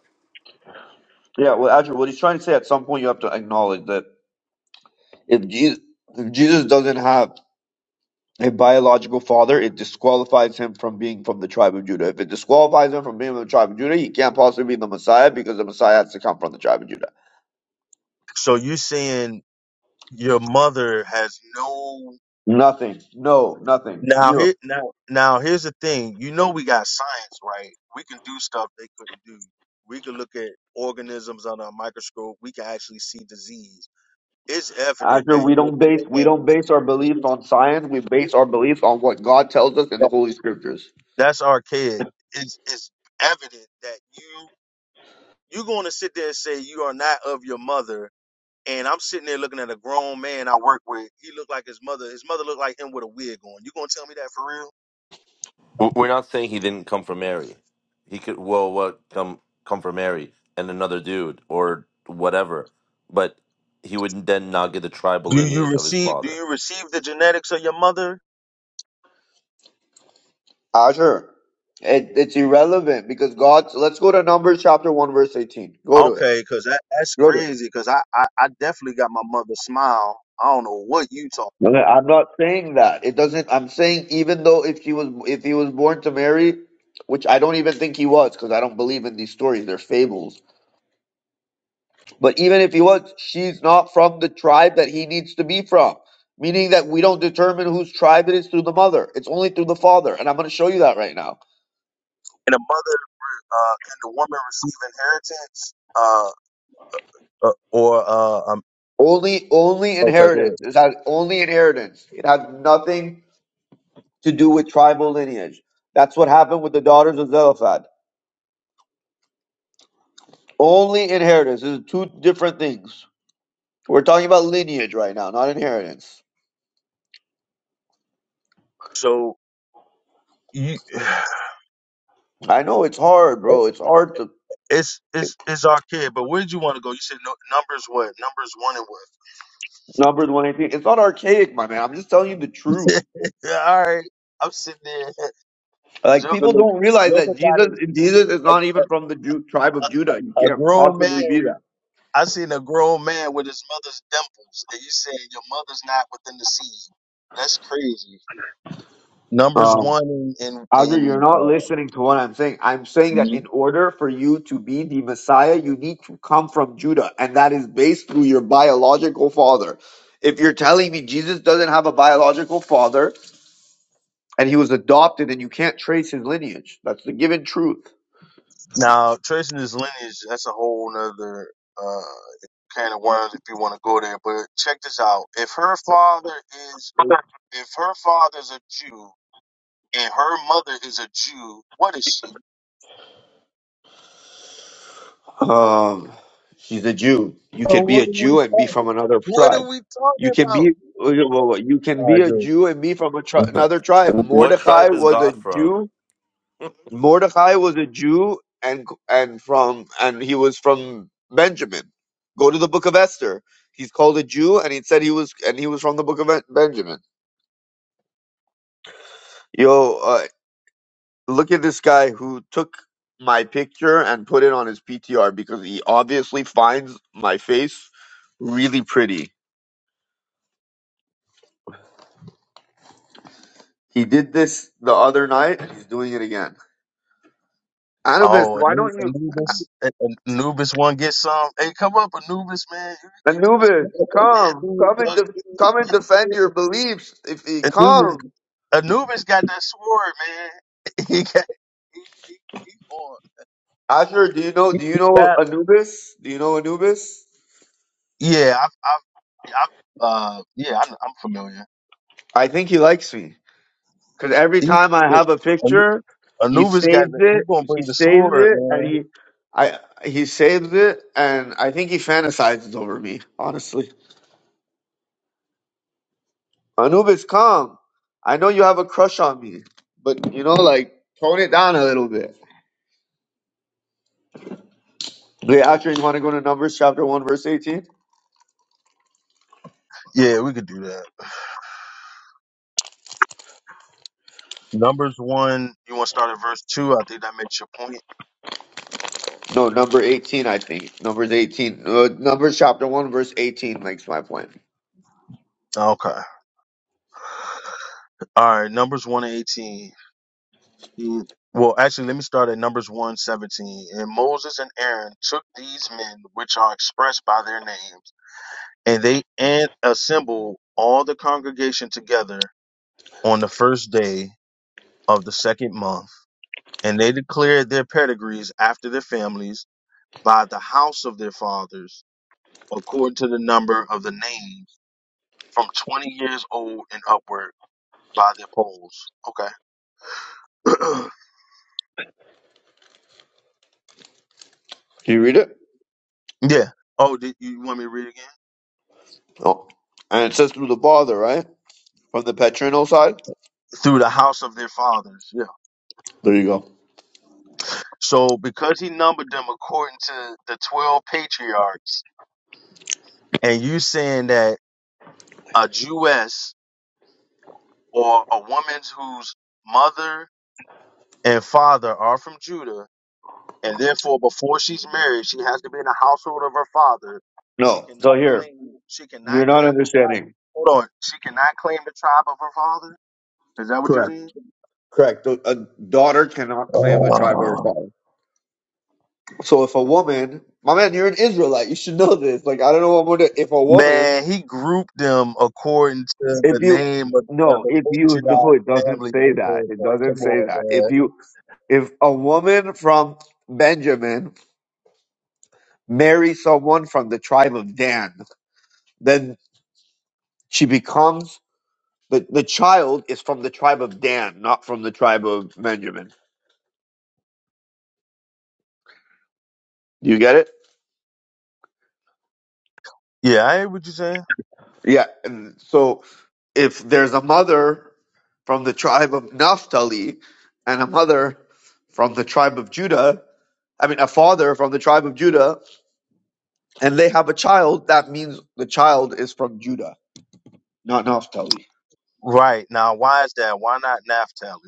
Yeah, well, actually, what he's trying to say at some point, you have to acknowledge that if Jesus, if Jesus doesn't have a biological father, it disqualifies him from being from the tribe of Judah. If it disqualifies him from being from the tribe of Judah, he can't possibly be the Messiah because the Messiah has to come from the tribe of Judah.
so you're saying your mother has no.
Nothing. No, nothing.
Now
Zero.
here now now here's the thing. You know we got science, right? We can do stuff they couldn't do. We can look at organisms under a microscope. We can actually see disease. It's evident
After
that
we
in your
don't base we don't base our beliefs
DNA
on science. We base our beliefs on what God tells us in the
that-
Holy Scriptures.
that's archaic. It's it's evident that you you're going to sit there and say you are not of your mother. And I'm sitting there looking at a grown man I work with. He looked like his mother. His mother looked like him with a wig on. You gonna tell me that for real?
W- We're not saying he didn't come from Mary. He could well what come come from Mary and another dude or whatever. But he would then not get the tribal
Do you
lineage of his
receive do
father.
you receive the genetics of your mother?
Asher, it, it's irrelevant because God. Let's go to Numbers chapter one verse eighteen. Go to it.
Okay, cause that, that's
Go to it.
crazy. Cause I, I I definitely got my mother's smile. I don't know what you talking
No, no,
about.
I'm not saying that. It doesn't. I'm saying even though if he was if he was born to Mary, which I don't even think he was, because I don't believe in these stories. They're fables. But even if he was, she's not from the tribe that he needs to be from. Meaning that we don't determine whose tribe it is through the mother. It's only through the father, and I'm going to show you that right now.
Can a mother uh can the woman receive inheritance? Uh, uh or uh um
Only only
okay go ahead.
inheritance. It has only inheritance. It has nothing to do with tribal lineage. That's what happened with the daughters of Zelophehad. Only inheritance. These are two different things. We're talking about lineage right now, not inheritance.
So you [SIGHS] it-
I know it's hard, bro. It's hard to
it's it's it's our but where'd you want to go? You said no, numbers what? Numbers one and what? [LAUGHS]
number the 118. It's not archaic, my man. I'm just telling you the truth.
Yeah, all right. I'm sitting there. [LAUGHS]
Like
Joker,
people
look-
don't realize
Joker
that
got
Jesus
his
Jesus is not
a,
even from the Jew, tribe of Judah. You
a a
can't
grown
possibly
man.
be that.
I seen a grown man with his mother's dimples, and you saying your mother's not within the seed. That's crazy. Numbers
Um
one in in,
Azra, you're
in
not
uh,
listening to what I'm saying. I'm saying that
Mhm.
in order for you to be the Messiah, you need to come from Judah, and that is based through your biological father. If you're telling me Jesus doesn't have a biological father, and he was adopted, and you can't trace his lineage. That's the given truth.
now tracing his lineage. That's a whole nother uh, can of worms if you want to go there. But check this out: if her father is if her father's a Jew and her mother is a Jew, what is she?
Um, she's a Jew. You
So
can be a
what are we
Jew and be
talking?
from another
What
tribe.
are we
You
talking
can be
about?
you can
I
be a
agree.
Jew and be from a tri-
Okay.
another tribe.
What
Mordecai
tribe is
was a
God from?
Jew. Mordecai was a Jew, and and from and he was from Benjamin. Go to the Book of Esther. He's called a Jew, and he said he was and he was from the Book of Ben- Benjamin. Yo, uh, look at this guy who took my picture and put it on his PTR because he obviously finds my face really pretty. He did this the other night and he's doing it again. Anubis,
Oh,
why
Anu-
don't you
Anubis, A- A- Anubis, one get some. Hey, come up, Anubis, man. You,
Anubis, come.
you, [LAUGHS]
Come and
yeah,
def come and defend your beliefs if he
Anubis, Anubis
come.
Anubis got that sword, man. [LAUGHS] He got, he, he, he, on.
Asher, do you know
he,
do you
he
know
got.
Anubis? Do you know Anubis?
Yeah, I've, I've, yeah, I've, uh, yeah, I'm, I'm familiar.
I think he likes me. Because every
He,
time I
he-
have a
Anu-
picture, he
Anubis got.
saves
The, he
it.
gonna
He
bring the
saves
sword,
it, and
man.
he, I, he saves it, and I think he fantasizes over me. Honestly, Anubis, come. I know you have a crush on me, but you know, like, tone it down a little bit. Wait, actually, you want to go to Numbers chapter one, verse eighteen?
Yeah, we could do that. Numbers one. You want to start at verse two? I think that makes your point.
No, number eighteen, I think. Numbers eighteen. Uh, Numbers chapter one, verse eighteen makes my point.
Okay. All right. Numbers one and eighteen. Mm, Well, actually, let me start at Numbers one seventeen, And Moses and Aaron took these men, which are expressed by their names, and they and assembled all the congregation together on the first day of the second month. And they declared their pedigrees after their families by the house of their fathers, according to the number of the names from 20 years old and upward by their polls. Okay. [CLEARS THROAT]
Can you read it?
yeah. Oh, did you want me to read again?
Oh, and it says through the father, right, from the paternal side.
through the house of their fathers. Yeah.
There you go.
So because he numbered them according to the 12 patriarchs, and you saying that a Jewess or a woman whose mother and father are from Judah, and therefore before she's married, she has to be in the household of her father. She
No. So
cannot
here,
claim. She
you're
cannot
not
claim the tribe.
understanding.
Hold on. She cannot claim the tribe of her father. Is that what you're
Correct.
saying?
Correct. A a daughter cannot claim the tribe of her father. So if a woman, my man, you're an Israelite. You should know this. Like I don't know what more to. If a woman,
Man, he grouped them according to
if
the
you
name of, of
no,
the
if you
patriarch
no, it doesn't
family.
say
that
that.
they're
It
from.
doesn't
Come
say
on,
that. If
man.
you if a woman from Benjamin marries someone from the tribe of Dan, then she becomes the the child is from the tribe of Dan, not from the tribe of Benjamin. Do you get it?
Yeah, I hear what you're saying.
Yeah. And so if there's a mother from the tribe of Naphtali and a mother from the tribe of Judah, I mean, a father from the tribe of Judah, and they have a child, that means the child is from Judah, not Naphtali,
Right. Now, why is that? Why not Naphtali?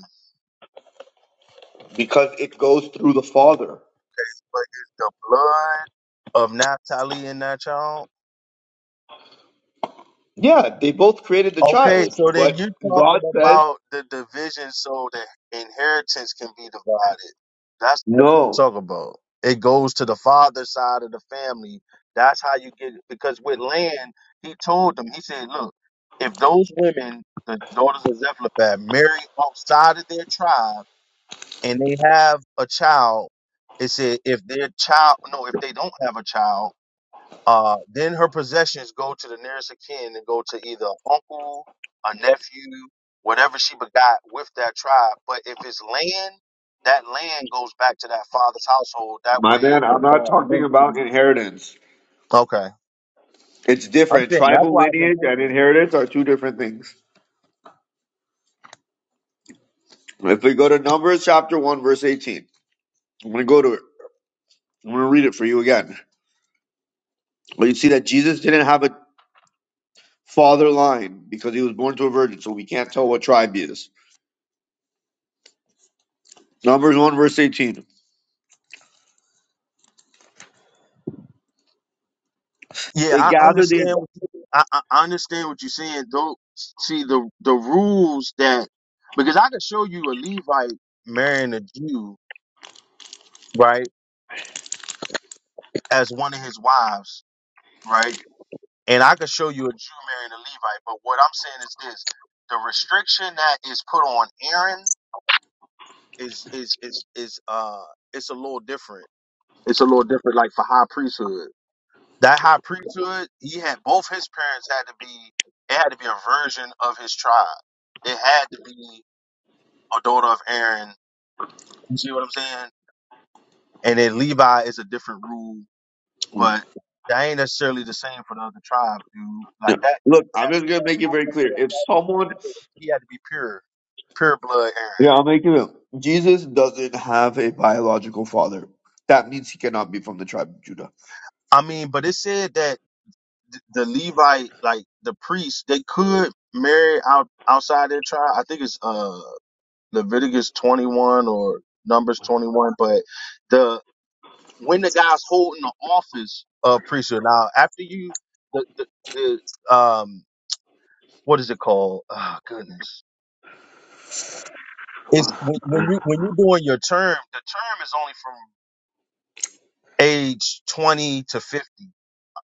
because it goes through the father.
But is the blood of Naphtali in that child?
Yeah, they both created the
Okay,
child,
so then
but
you're talking
God says,
about the division so the inheritance can be divided. That's what you
no,
talk about. It goes to the father side of the family. That's how you get it. Because with land, he told them, he said, look, if those women, the daughters of Zephaphat, marry outside of their tribe and they have a child, it said if their child, no, if they don't have a child, uh, then her possessions go to the nearest of kin and go to either uncle, a nephew, whatever she begot with that tribe. But if it's land, that land goes back to that father's household. That
my
way.
man, I'm not talking about inheritance.
Okay.
It's
I'm
different.
saying that's
Tribal
why it's
lineage and
important.
inheritance are two different things. If we go to Numbers chapter 1, verse 18, I'm going to go to it. I'm going to read it for you again. But you see that Jesus didn't have a father line because he was born to a virgin, so we can't tell what tribe he is. Numbers 1, verse 18. They
Yeah, I
gathered the.
understand. What you, I, I I understand what you're saying. Don't see the the rules that because I could show you a Levite marrying a Jew, right, as one of his wives, right? And I could show you a Jew marrying a Levite, but what I'm saying is this: the restriction that is put on Aaron is is is is uh it's a little different. It's a little different, like for high priesthood. That high priesthood, he had both his parents had to be. It had to be a version of his tribe. It had to be a daughter of Aaron. You see what I'm saying? And then Levi is a different rule, but that ain't necessarily the same for the other tribes, dude.
Yeah.
Like that.
Look, I'm just going to make it very clear. If someone.
He had to be pure, pure blood Aaron.
Yeah, I'll make it. Jesus doesn't have a biological father. That means he cannot be from the tribe of Judah.
I mean, but it said that th- the Levite, like the priest, they could marry out outside their tribe. I think it's uh Leviticus twenty one or Numbers twenty one. But the when the guy's holding the office of priesthood now, after you, the, the, the um, what is it called? Oh goodness, it's when, when you when you doing your term. The term is only from age twenty to fifty.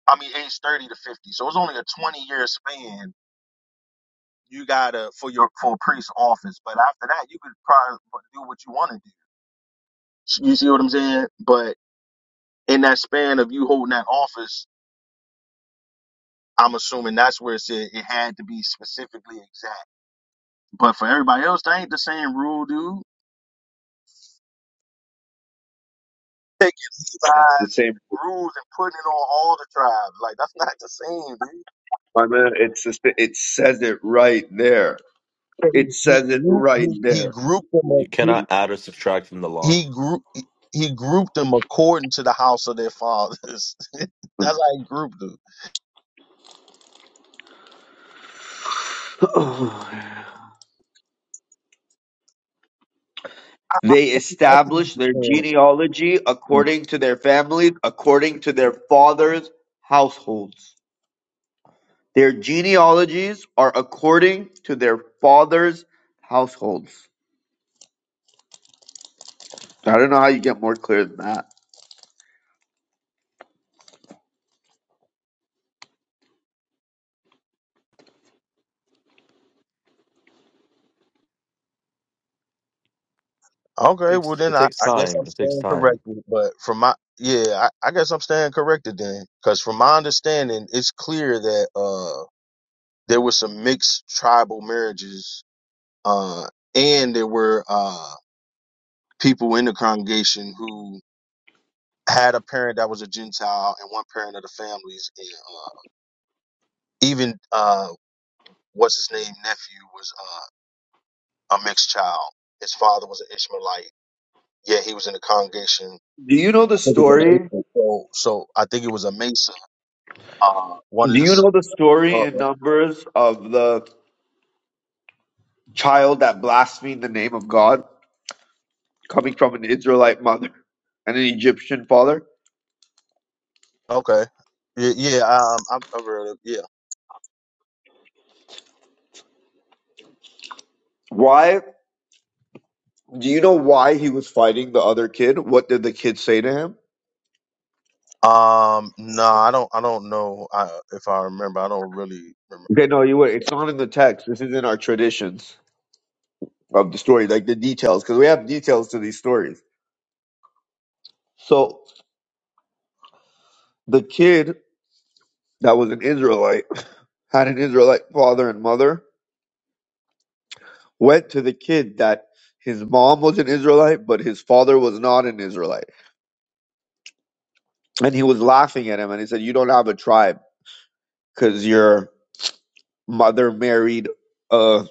I mean, age 30 to 50. So it's only a 20 year span you gotta for your for a priest office. But after that, you could probably do what you want to do. You see what I'm saying? But in that span of you holding that office, I'm assuming that's where it said it had to be specifically exact. But for everybody else, that ain't the same rule, dude. Levi
It's the same.
rules and putting it on all the tribes. Like that's not the same, dude.
My man, it's the, it says it right there. It
He,
says it right
he,
there.
he grouped
You
them.
cannot add or subtract from the law.
he grew he grouped them according to the house of their fathers. [LAUGHS] That's how he grouped them.
[SIGHS] They
That's, that's what
establish
he
their
said.
genealogy
Yeah.
according to their families, according to their fathers' households. Their genealogies are according to their fathers' households. I don't know how you get more clear than that.
It
Okay, well
takes,
then
it
I,
takes
I guess
time.
I'm
It takes
staying
time.
corrected. But from my yeah, I, I guess I'm staying corrected then, because from my understanding, it's clear that uh there were some mixed tribal marriages, uh, and there were uh people in the congregation who had a parent that was a Gentile and one parent of the families, and uh, even uh, what's his name nephew was uh, a mixed child. His father was an Ishmaelite. Yeah, he was in the congregation.
Do you know the
I think it was a
story?
Mesa. So, so I think it was a Mesa. Uh, one of
Do
the.
you
s-
know the story in
Uh,
Numbers of the child that blasphemed the name of God coming from an Israelite mother and an Egyptian father?
okay. Yeah, yeah, um, I'm, I've heard of yeah.
Why Do you know why he was fighting the other kid? What did the kid say to him?
Um, no, I don't, I don't know. I, if I remember, I don't really remember.
Okay, no, you wait. It's not in the text. This is in our traditions of the story, like the details, because we have details to these stories. So the kid that was an Israelite [LAUGHS] [CLEARS THROAT] had an Israelite father and mother. Went to the kid that his mom was an Israelite, but his father was not an Israelite, and he was laughing at him, and he said, "You don't have a tribe because your mother married a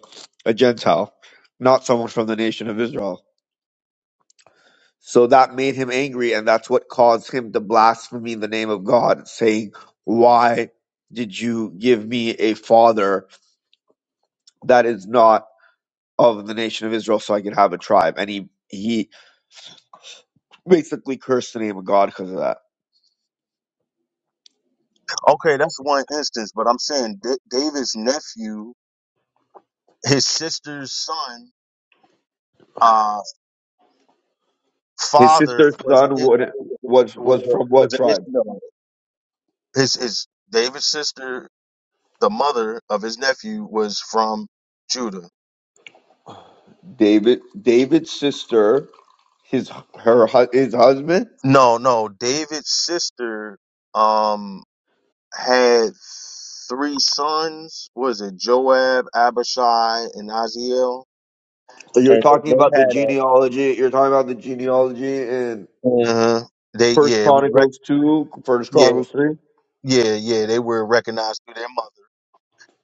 a Gentile, not someone from the nation of Israel." So that made him angry, and that's what caused him to blaspheme the name of God, saying, Why did you give me a father that is not of the nation of Israel so I could have a tribe? And he, he basically cursed the name of God because of that.
Okay, that's one instance, but I'm saying D- David's nephew, his sister's son, uh,
His
father
sister's
was an,
son
Ish-
would, was
was
was
a,
from what
was an
tribe?
Ishmaelite. his his David's sister, the mother of his nephew, was from Judah.
David. David's sister, his her hu- his husband.
No, no, David's sister um had three sons. Was it Joab, Abishai, and Aziel?
So you're
And
talking
they
about the
had
genealogy. You're talking about the genealogy in
a uh, they
First
yeah we rec-
Chronicles two, First
yeah
Chronicles three.
yeah yeah they were recognized through their mother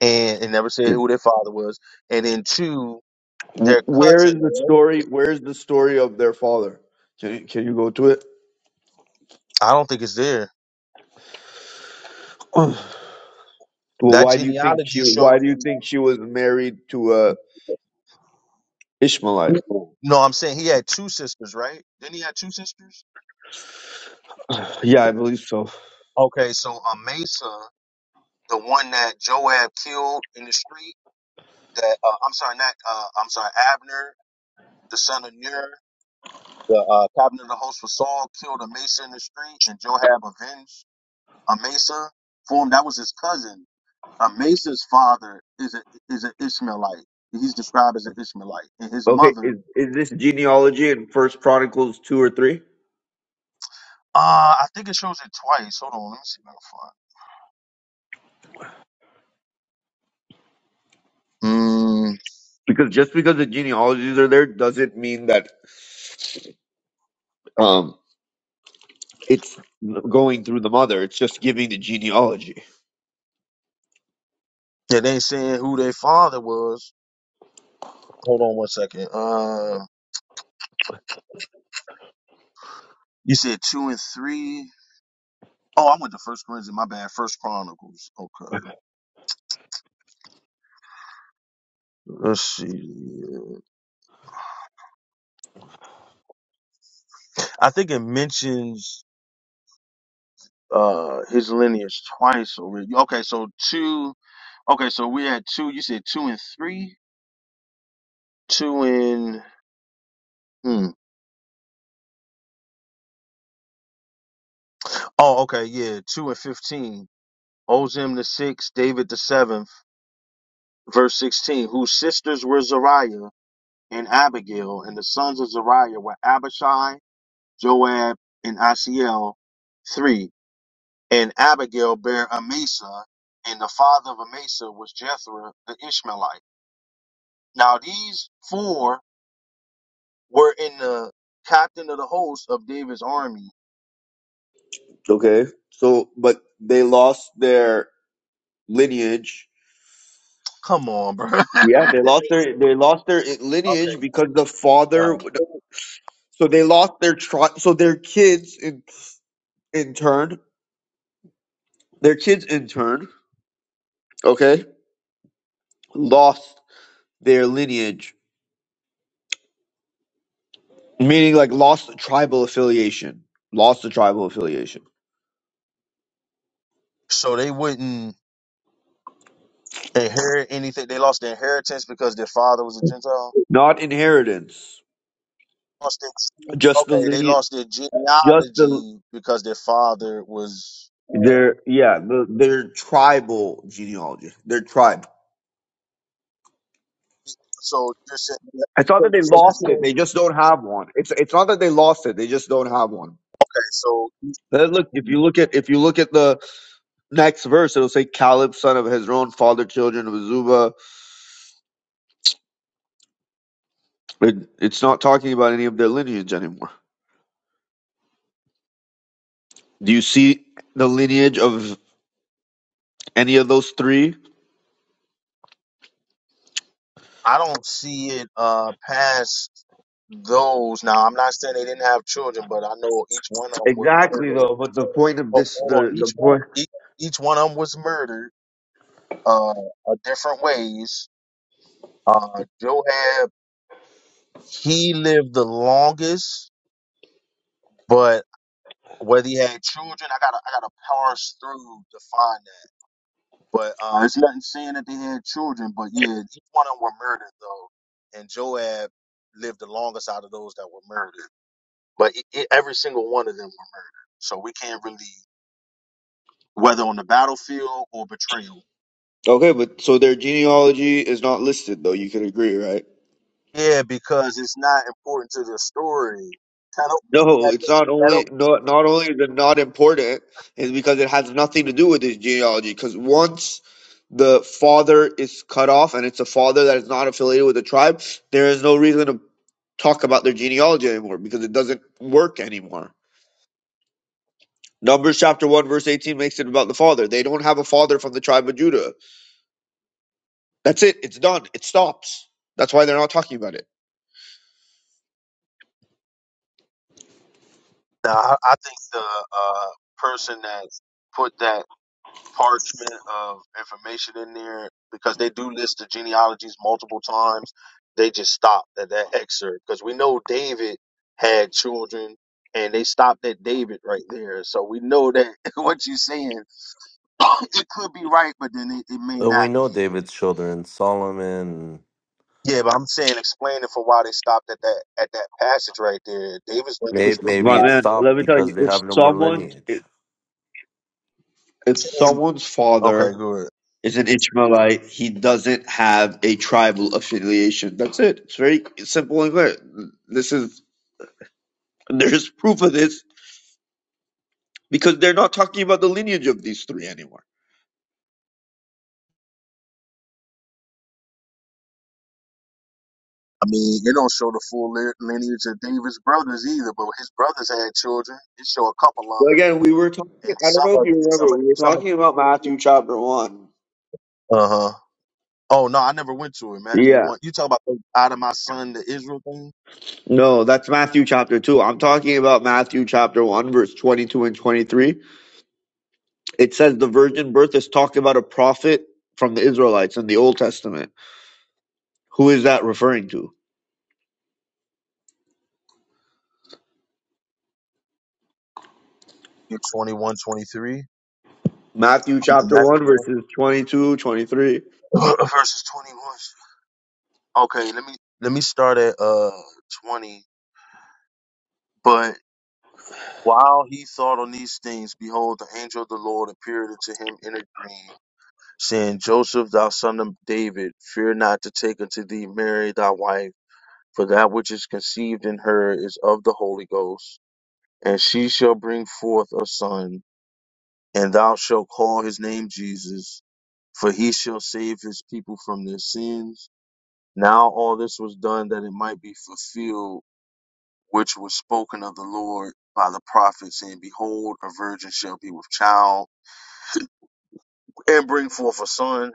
and it never said who their father was. And then two,
Wh-
their
Where
cousin.
is the story? Where is the story of their father? Can you, can you go to it?
I don't think it's there.
[CLEARS THROAT] well,
That
why do you think she?
genealogy
Why
shows.
do you think she was married to a Ishmaelite?
No, I'm saying he had two sisters, right? Then he had two sisters.
Yeah, I believe so.
Okay, so uh, Mesa, the one that Joab killed in the street, that uh, I'm sorry, not uh, I'm sorry, Abner, the son of Ner, the uh, captain of the host for Saul, killed Amasa in the street, and Joab avenged Amasa. for him. That was his cousin. Amasa's father is a is an Ishmaelite. He's described as an Ishmaelite, and his
Okay,
mother.
is is this genealogy in First Chronicles two or three?
Uh, I think it shows it twice. Hold on, let me see if I can find.
Because just because the genealogies are there doesn't mean that um it's going through the mother. It's just giving the genealogy.
Yeah, they ain't saying who their father was. Hold on one second. Uh, you said two and three. Oh, I went to First Corinthians. My bad. First Chronicles. Okay. Let's see. I think it mentions uh his lineage twice already. Okay, so two. Okay, so we had two. You said two and three. Two and. Hmm. Oh, okay. Yeah, two and fifteen. Ozem the sixth, David the seventh. Verse sixteen. Whose sisters were Zariah. and Abigail, and the sons of Zariah were Abishai, Joab, and Asiel, three. And Abigail bare Amasa, and the father of Amasa was Jethro the Ishmaelite. Now these four were in the captain of the host of David's army.
Okay, so but they lost their lineage
Come on, bro. [LAUGHS]
Yeah,
okay.
they lost their they lost their lineage because the father.
No.
So they lost their tri- So their kids in in turn, their kids in turn, okay, lost their lineage, meaning like lost tribal affiliation, lost the tribal affiliation,
So they wouldn't inherit anything. They lost their inheritance because their father was a Gentile.
not inheritance,
lost their
just the
okay, they
lineage,
lost their
just the
genealogy because their father was.
their yeah the, their tribal genealogy, their tribe.
So you're saying,
It's not
so
that they
so you're
lost it; they
saying,
just don't have one. It's it's not that they lost it; they just don't have one.
okay, so
Then look, if you look at if you look at the next verse, it'll say Caleb, son of Hezron, father children of Zuba. But it's not talking about any of their lineage anymore. Do you see the lineage of any of those three?
I don't see it uh past those. Now I'm not saying they didn't have children, but I know each one of them were murdered.
Exactly, though. But the point of
Hold,
this,
hold
the
on,
the
each one,
point.
each, each one of them was murdered uh, uh different ways. Uh, Joab, he lived the longest, but whether he had children, I gotta I gotta parse through to find that. But uh, it's nothing saying that they had children, but yeah, each one of them were murdered though, and Joab lived the longest out of those that were murdered. But it, it, every single one of them were murdered, so we can't really whether on the battlefield or betrayal.
Okay, but so their genealogy is not listed, though. You can agree, right?
Yeah, because it's not important to the story. That don't mean
No,
that.
it's not
That
only
don't.
not not only is it not important, is because it has nothing to do with his genealogy. Because once the father is cut off, and it's a father that is not affiliated with the tribe, there is no reason to talk about their genealogy anymore because it doesn't work anymore. Numbers chapter one verse eighteen makes it about the father. They don't have a father from the tribe of Judah. That's it. It's done. It stops. That's why they're not talking about it.
Nah, I I think the uh, person that put that parchment of information in there because they do list the genealogies multiple times. They just stopped at that excerpt because we know David had children and they stopped at David right there. So we know that [LAUGHS] what you're saying, [COUGHS] [CLEARS THROAT] it could be right, but then it, it may
But we
not
know
be.
David's children, Solomon.
Yeah, but I'm saying explaining for why they stopped at that at that passage right there. David's lineage
Maybe,
didn't
maybe
My
it
stop
man, let
stopped
me tell you,
because they
if
have no more
someone
lineage.
if
there. And-
someone's father
Okay, good.
is an Ishmaelite. He doesn't have a tribal affiliation. That's it. It's very simple and clear. This is there's proof of this because they're not talking about the lineage of these three anymore.
I mean, it don't show the full li- lineage of David's brothers either, but his brothers had children. It show a couple of
So again, we were talking.
them, and
I don't
some,
know if
of-
you
some,
remember.
of-
We were
some.
talking about Matthew chapter one.
Uh huh. Oh no, I never went to it. Matthew
Yeah.
one. You talk about the out of my son the Israel thing.
No, that's Matthew chapter two. I'm talking about Matthew chapter one, verse twenty-two and twenty-three. It says the virgin birth is talking about a prophet from the Israelites in the Old Testament. Who is that referring to?
You 21, twenty-three. I
Matthew
mean
chapter
Matthew
1,
one
verses twenty two, twenty three.
[CLEARS THROAT] verses twenty one. Okay, let me let me start at uh twenty. But while he thought on these things, behold, the angel of the Lord appeared unto him in a dream saying, Joseph, thou son of David, fear not to take unto thee Mary thy wife, for that which is conceived in her is of the Holy Ghost. And she shall bring forth a son, and thou shalt call his name Jesus, for he shall save his people from their sins. Now all this was done that it might be fulfilled, which was spoken of the Lord by the prophet, saying, Behold, a virgin shall be with child and bring forth a son,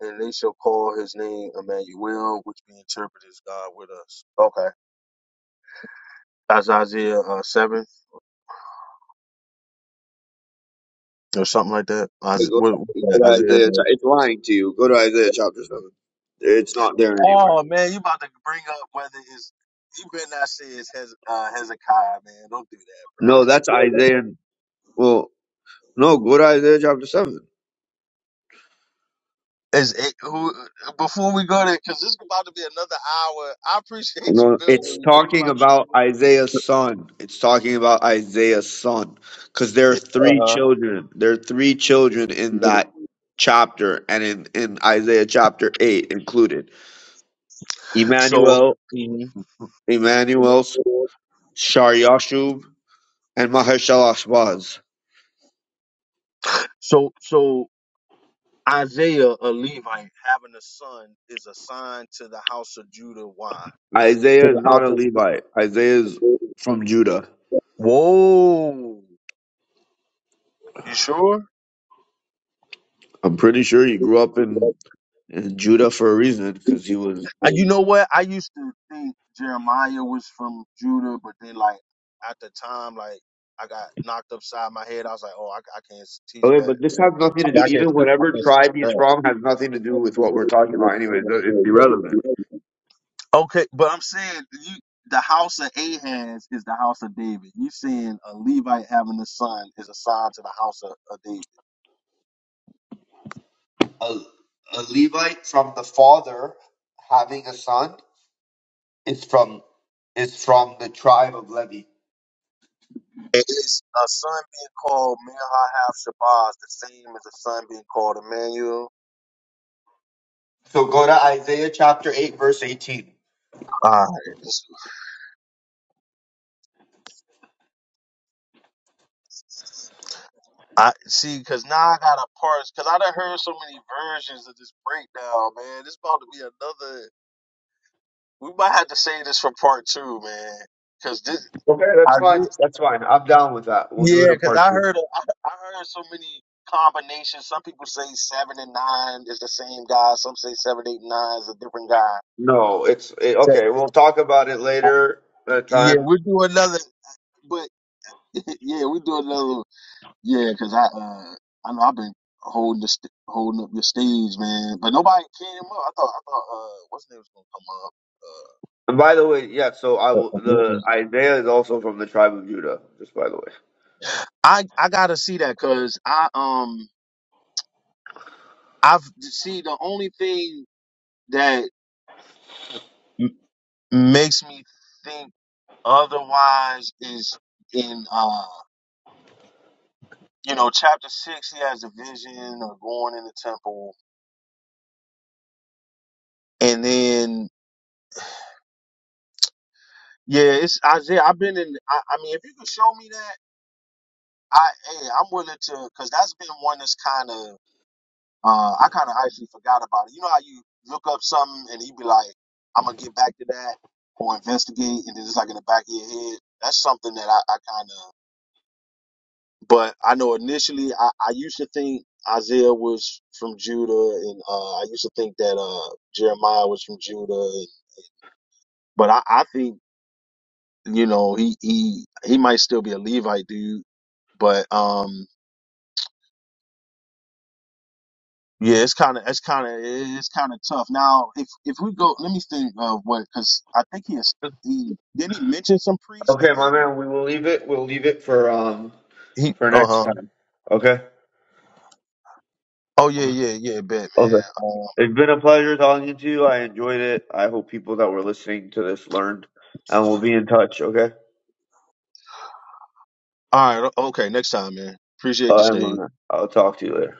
and they shall call his name Emmanuel, which be interpreted as God with us. Okay. That's Isaiah uh, 7 or something like that.
23. Hey,
Isaiah,
Go
what,
go
what,
to
Isaiah.
Isaiah. cha- It's lying to you. Go to Isaiah chapter 7. It's not there anywhere.
Oh, man, you about to bring up whether it's. You better not say it's Hez, uh, Hezekiah, man. Don't do that, bro.
No, that's Isaiah. Well, no, go to Isaiah chapter 7.
[LAUGHS] Is it, who, before we go there, because this is about to be another hour. I appreciate you,
No,
Bill, with
it's
me, but
talking about Isaiah's son. It's talking about Isaiah's son. Because there are
it's
three
about to
children. There are three children in
be. Uh huh.
that chapter and in, in Isaiah chapter 8 included.
So,
Emmanuel,
mhm.
Emmanuel, Sharyashub, and Mahershala was.
so, so, Isaiah, a Levite, having a son is a sign to the house of Judah. Why? Is it to
Isaiah is
the
not
house
a
of
Levite. Isaiah is from Judah.
Whoa. You sure?
I'm pretty sure he grew up in, in Judah for a reason because he was.
Uh, you know what? I used to think Jeremiah was from Judah, but then, like, at the time, like, I got knocked upside my head. I was like, oh, I, I can't s- teach
Okay,
that.
but this has nothing
I,
to do.
mean, I can't
Even
speak. I
whatever
can't
tribe he's from has nothing to do with what we're talking
speak
about. Anyways, it- it's irrelevant.
that. Okay, but I'm saying you, the house of Ahaz is the house of David. You saying a Levite having a son is a sign to the house of, of David.
A, a Levite from the father having a son is from is from the tribe of Levi.
It is a son being called Merhav Shabazz the same as a son being called Emmanuel?
So go to Isaiah chapter eight, verse eighteen.
All right. I see, cause now I got a parse, cause I done heard so many versions of this breakdown, man. This about to be another. We might have to say this for part two, man, cause this.
Okay, that's fine.
I
That's fine. I'm down with that. We'll do it
Yeah, because
apart.
I heard I I heard so many combinations. Some people say seven and nine is the same guy. Some say seven, eight, and nine is a different guy.
No, it's eh,
So-
okay. We'll talk about it
uh,
later at a
Yeah,
time.
we'll do another. But [LAUGHS] yeah, we do another. Yeah, because I uh I know I've been holding the st- holding up your stage, man. But nobody came up. I thought I thought uh what's name was gonna come
And by the way, yeah. So I
up. Uh, a
will.
a
The
movie.
Isaiah is also from the tribe of Judah. Just by the way.
I I gotta see that because I um I've see the only thing that m- makes me think. Otherwise, is in uh, you know chapter six, he has a vision of going in the temple, and then yeah, it's Isaiah. I've been in. I, I mean, if you could show me that, I hey, I'm willing to because that's been one that's kind of uh, I kind of actually forgot about it. You know how you look up something and you be like, I'm gonna get back to that or investigate, and then it's like in the back of your head. That's something that I, I kind of But I know initially I, I used to think Isaiah was from Judah and uh, I used to think that uh, Jeremiah was from Judah. And, but I, I think, you know, he, he, he might still be a Levite dude, but, um, yeah, it's kind of, it's kind of, it's kind of tough. Now, if, if we go, let me think of what, cause I think he is, he, didn't he mention some priest
Okay,
in
my
here?
man. We will leave it. We'll leave it for um
He,
for
uh
next
huh.
time. Okay.
Oh yeah, yeah, yeah, bet, man.
Okay.
Uh,
It's been a pleasure talking to you. I enjoyed it. I hope people that were listening to this learned, and we'll be in touch. Okay.
all right. Okay. Next time, man. Appreciate
Uh,
your stay.
and, uh, I'll talk to you later.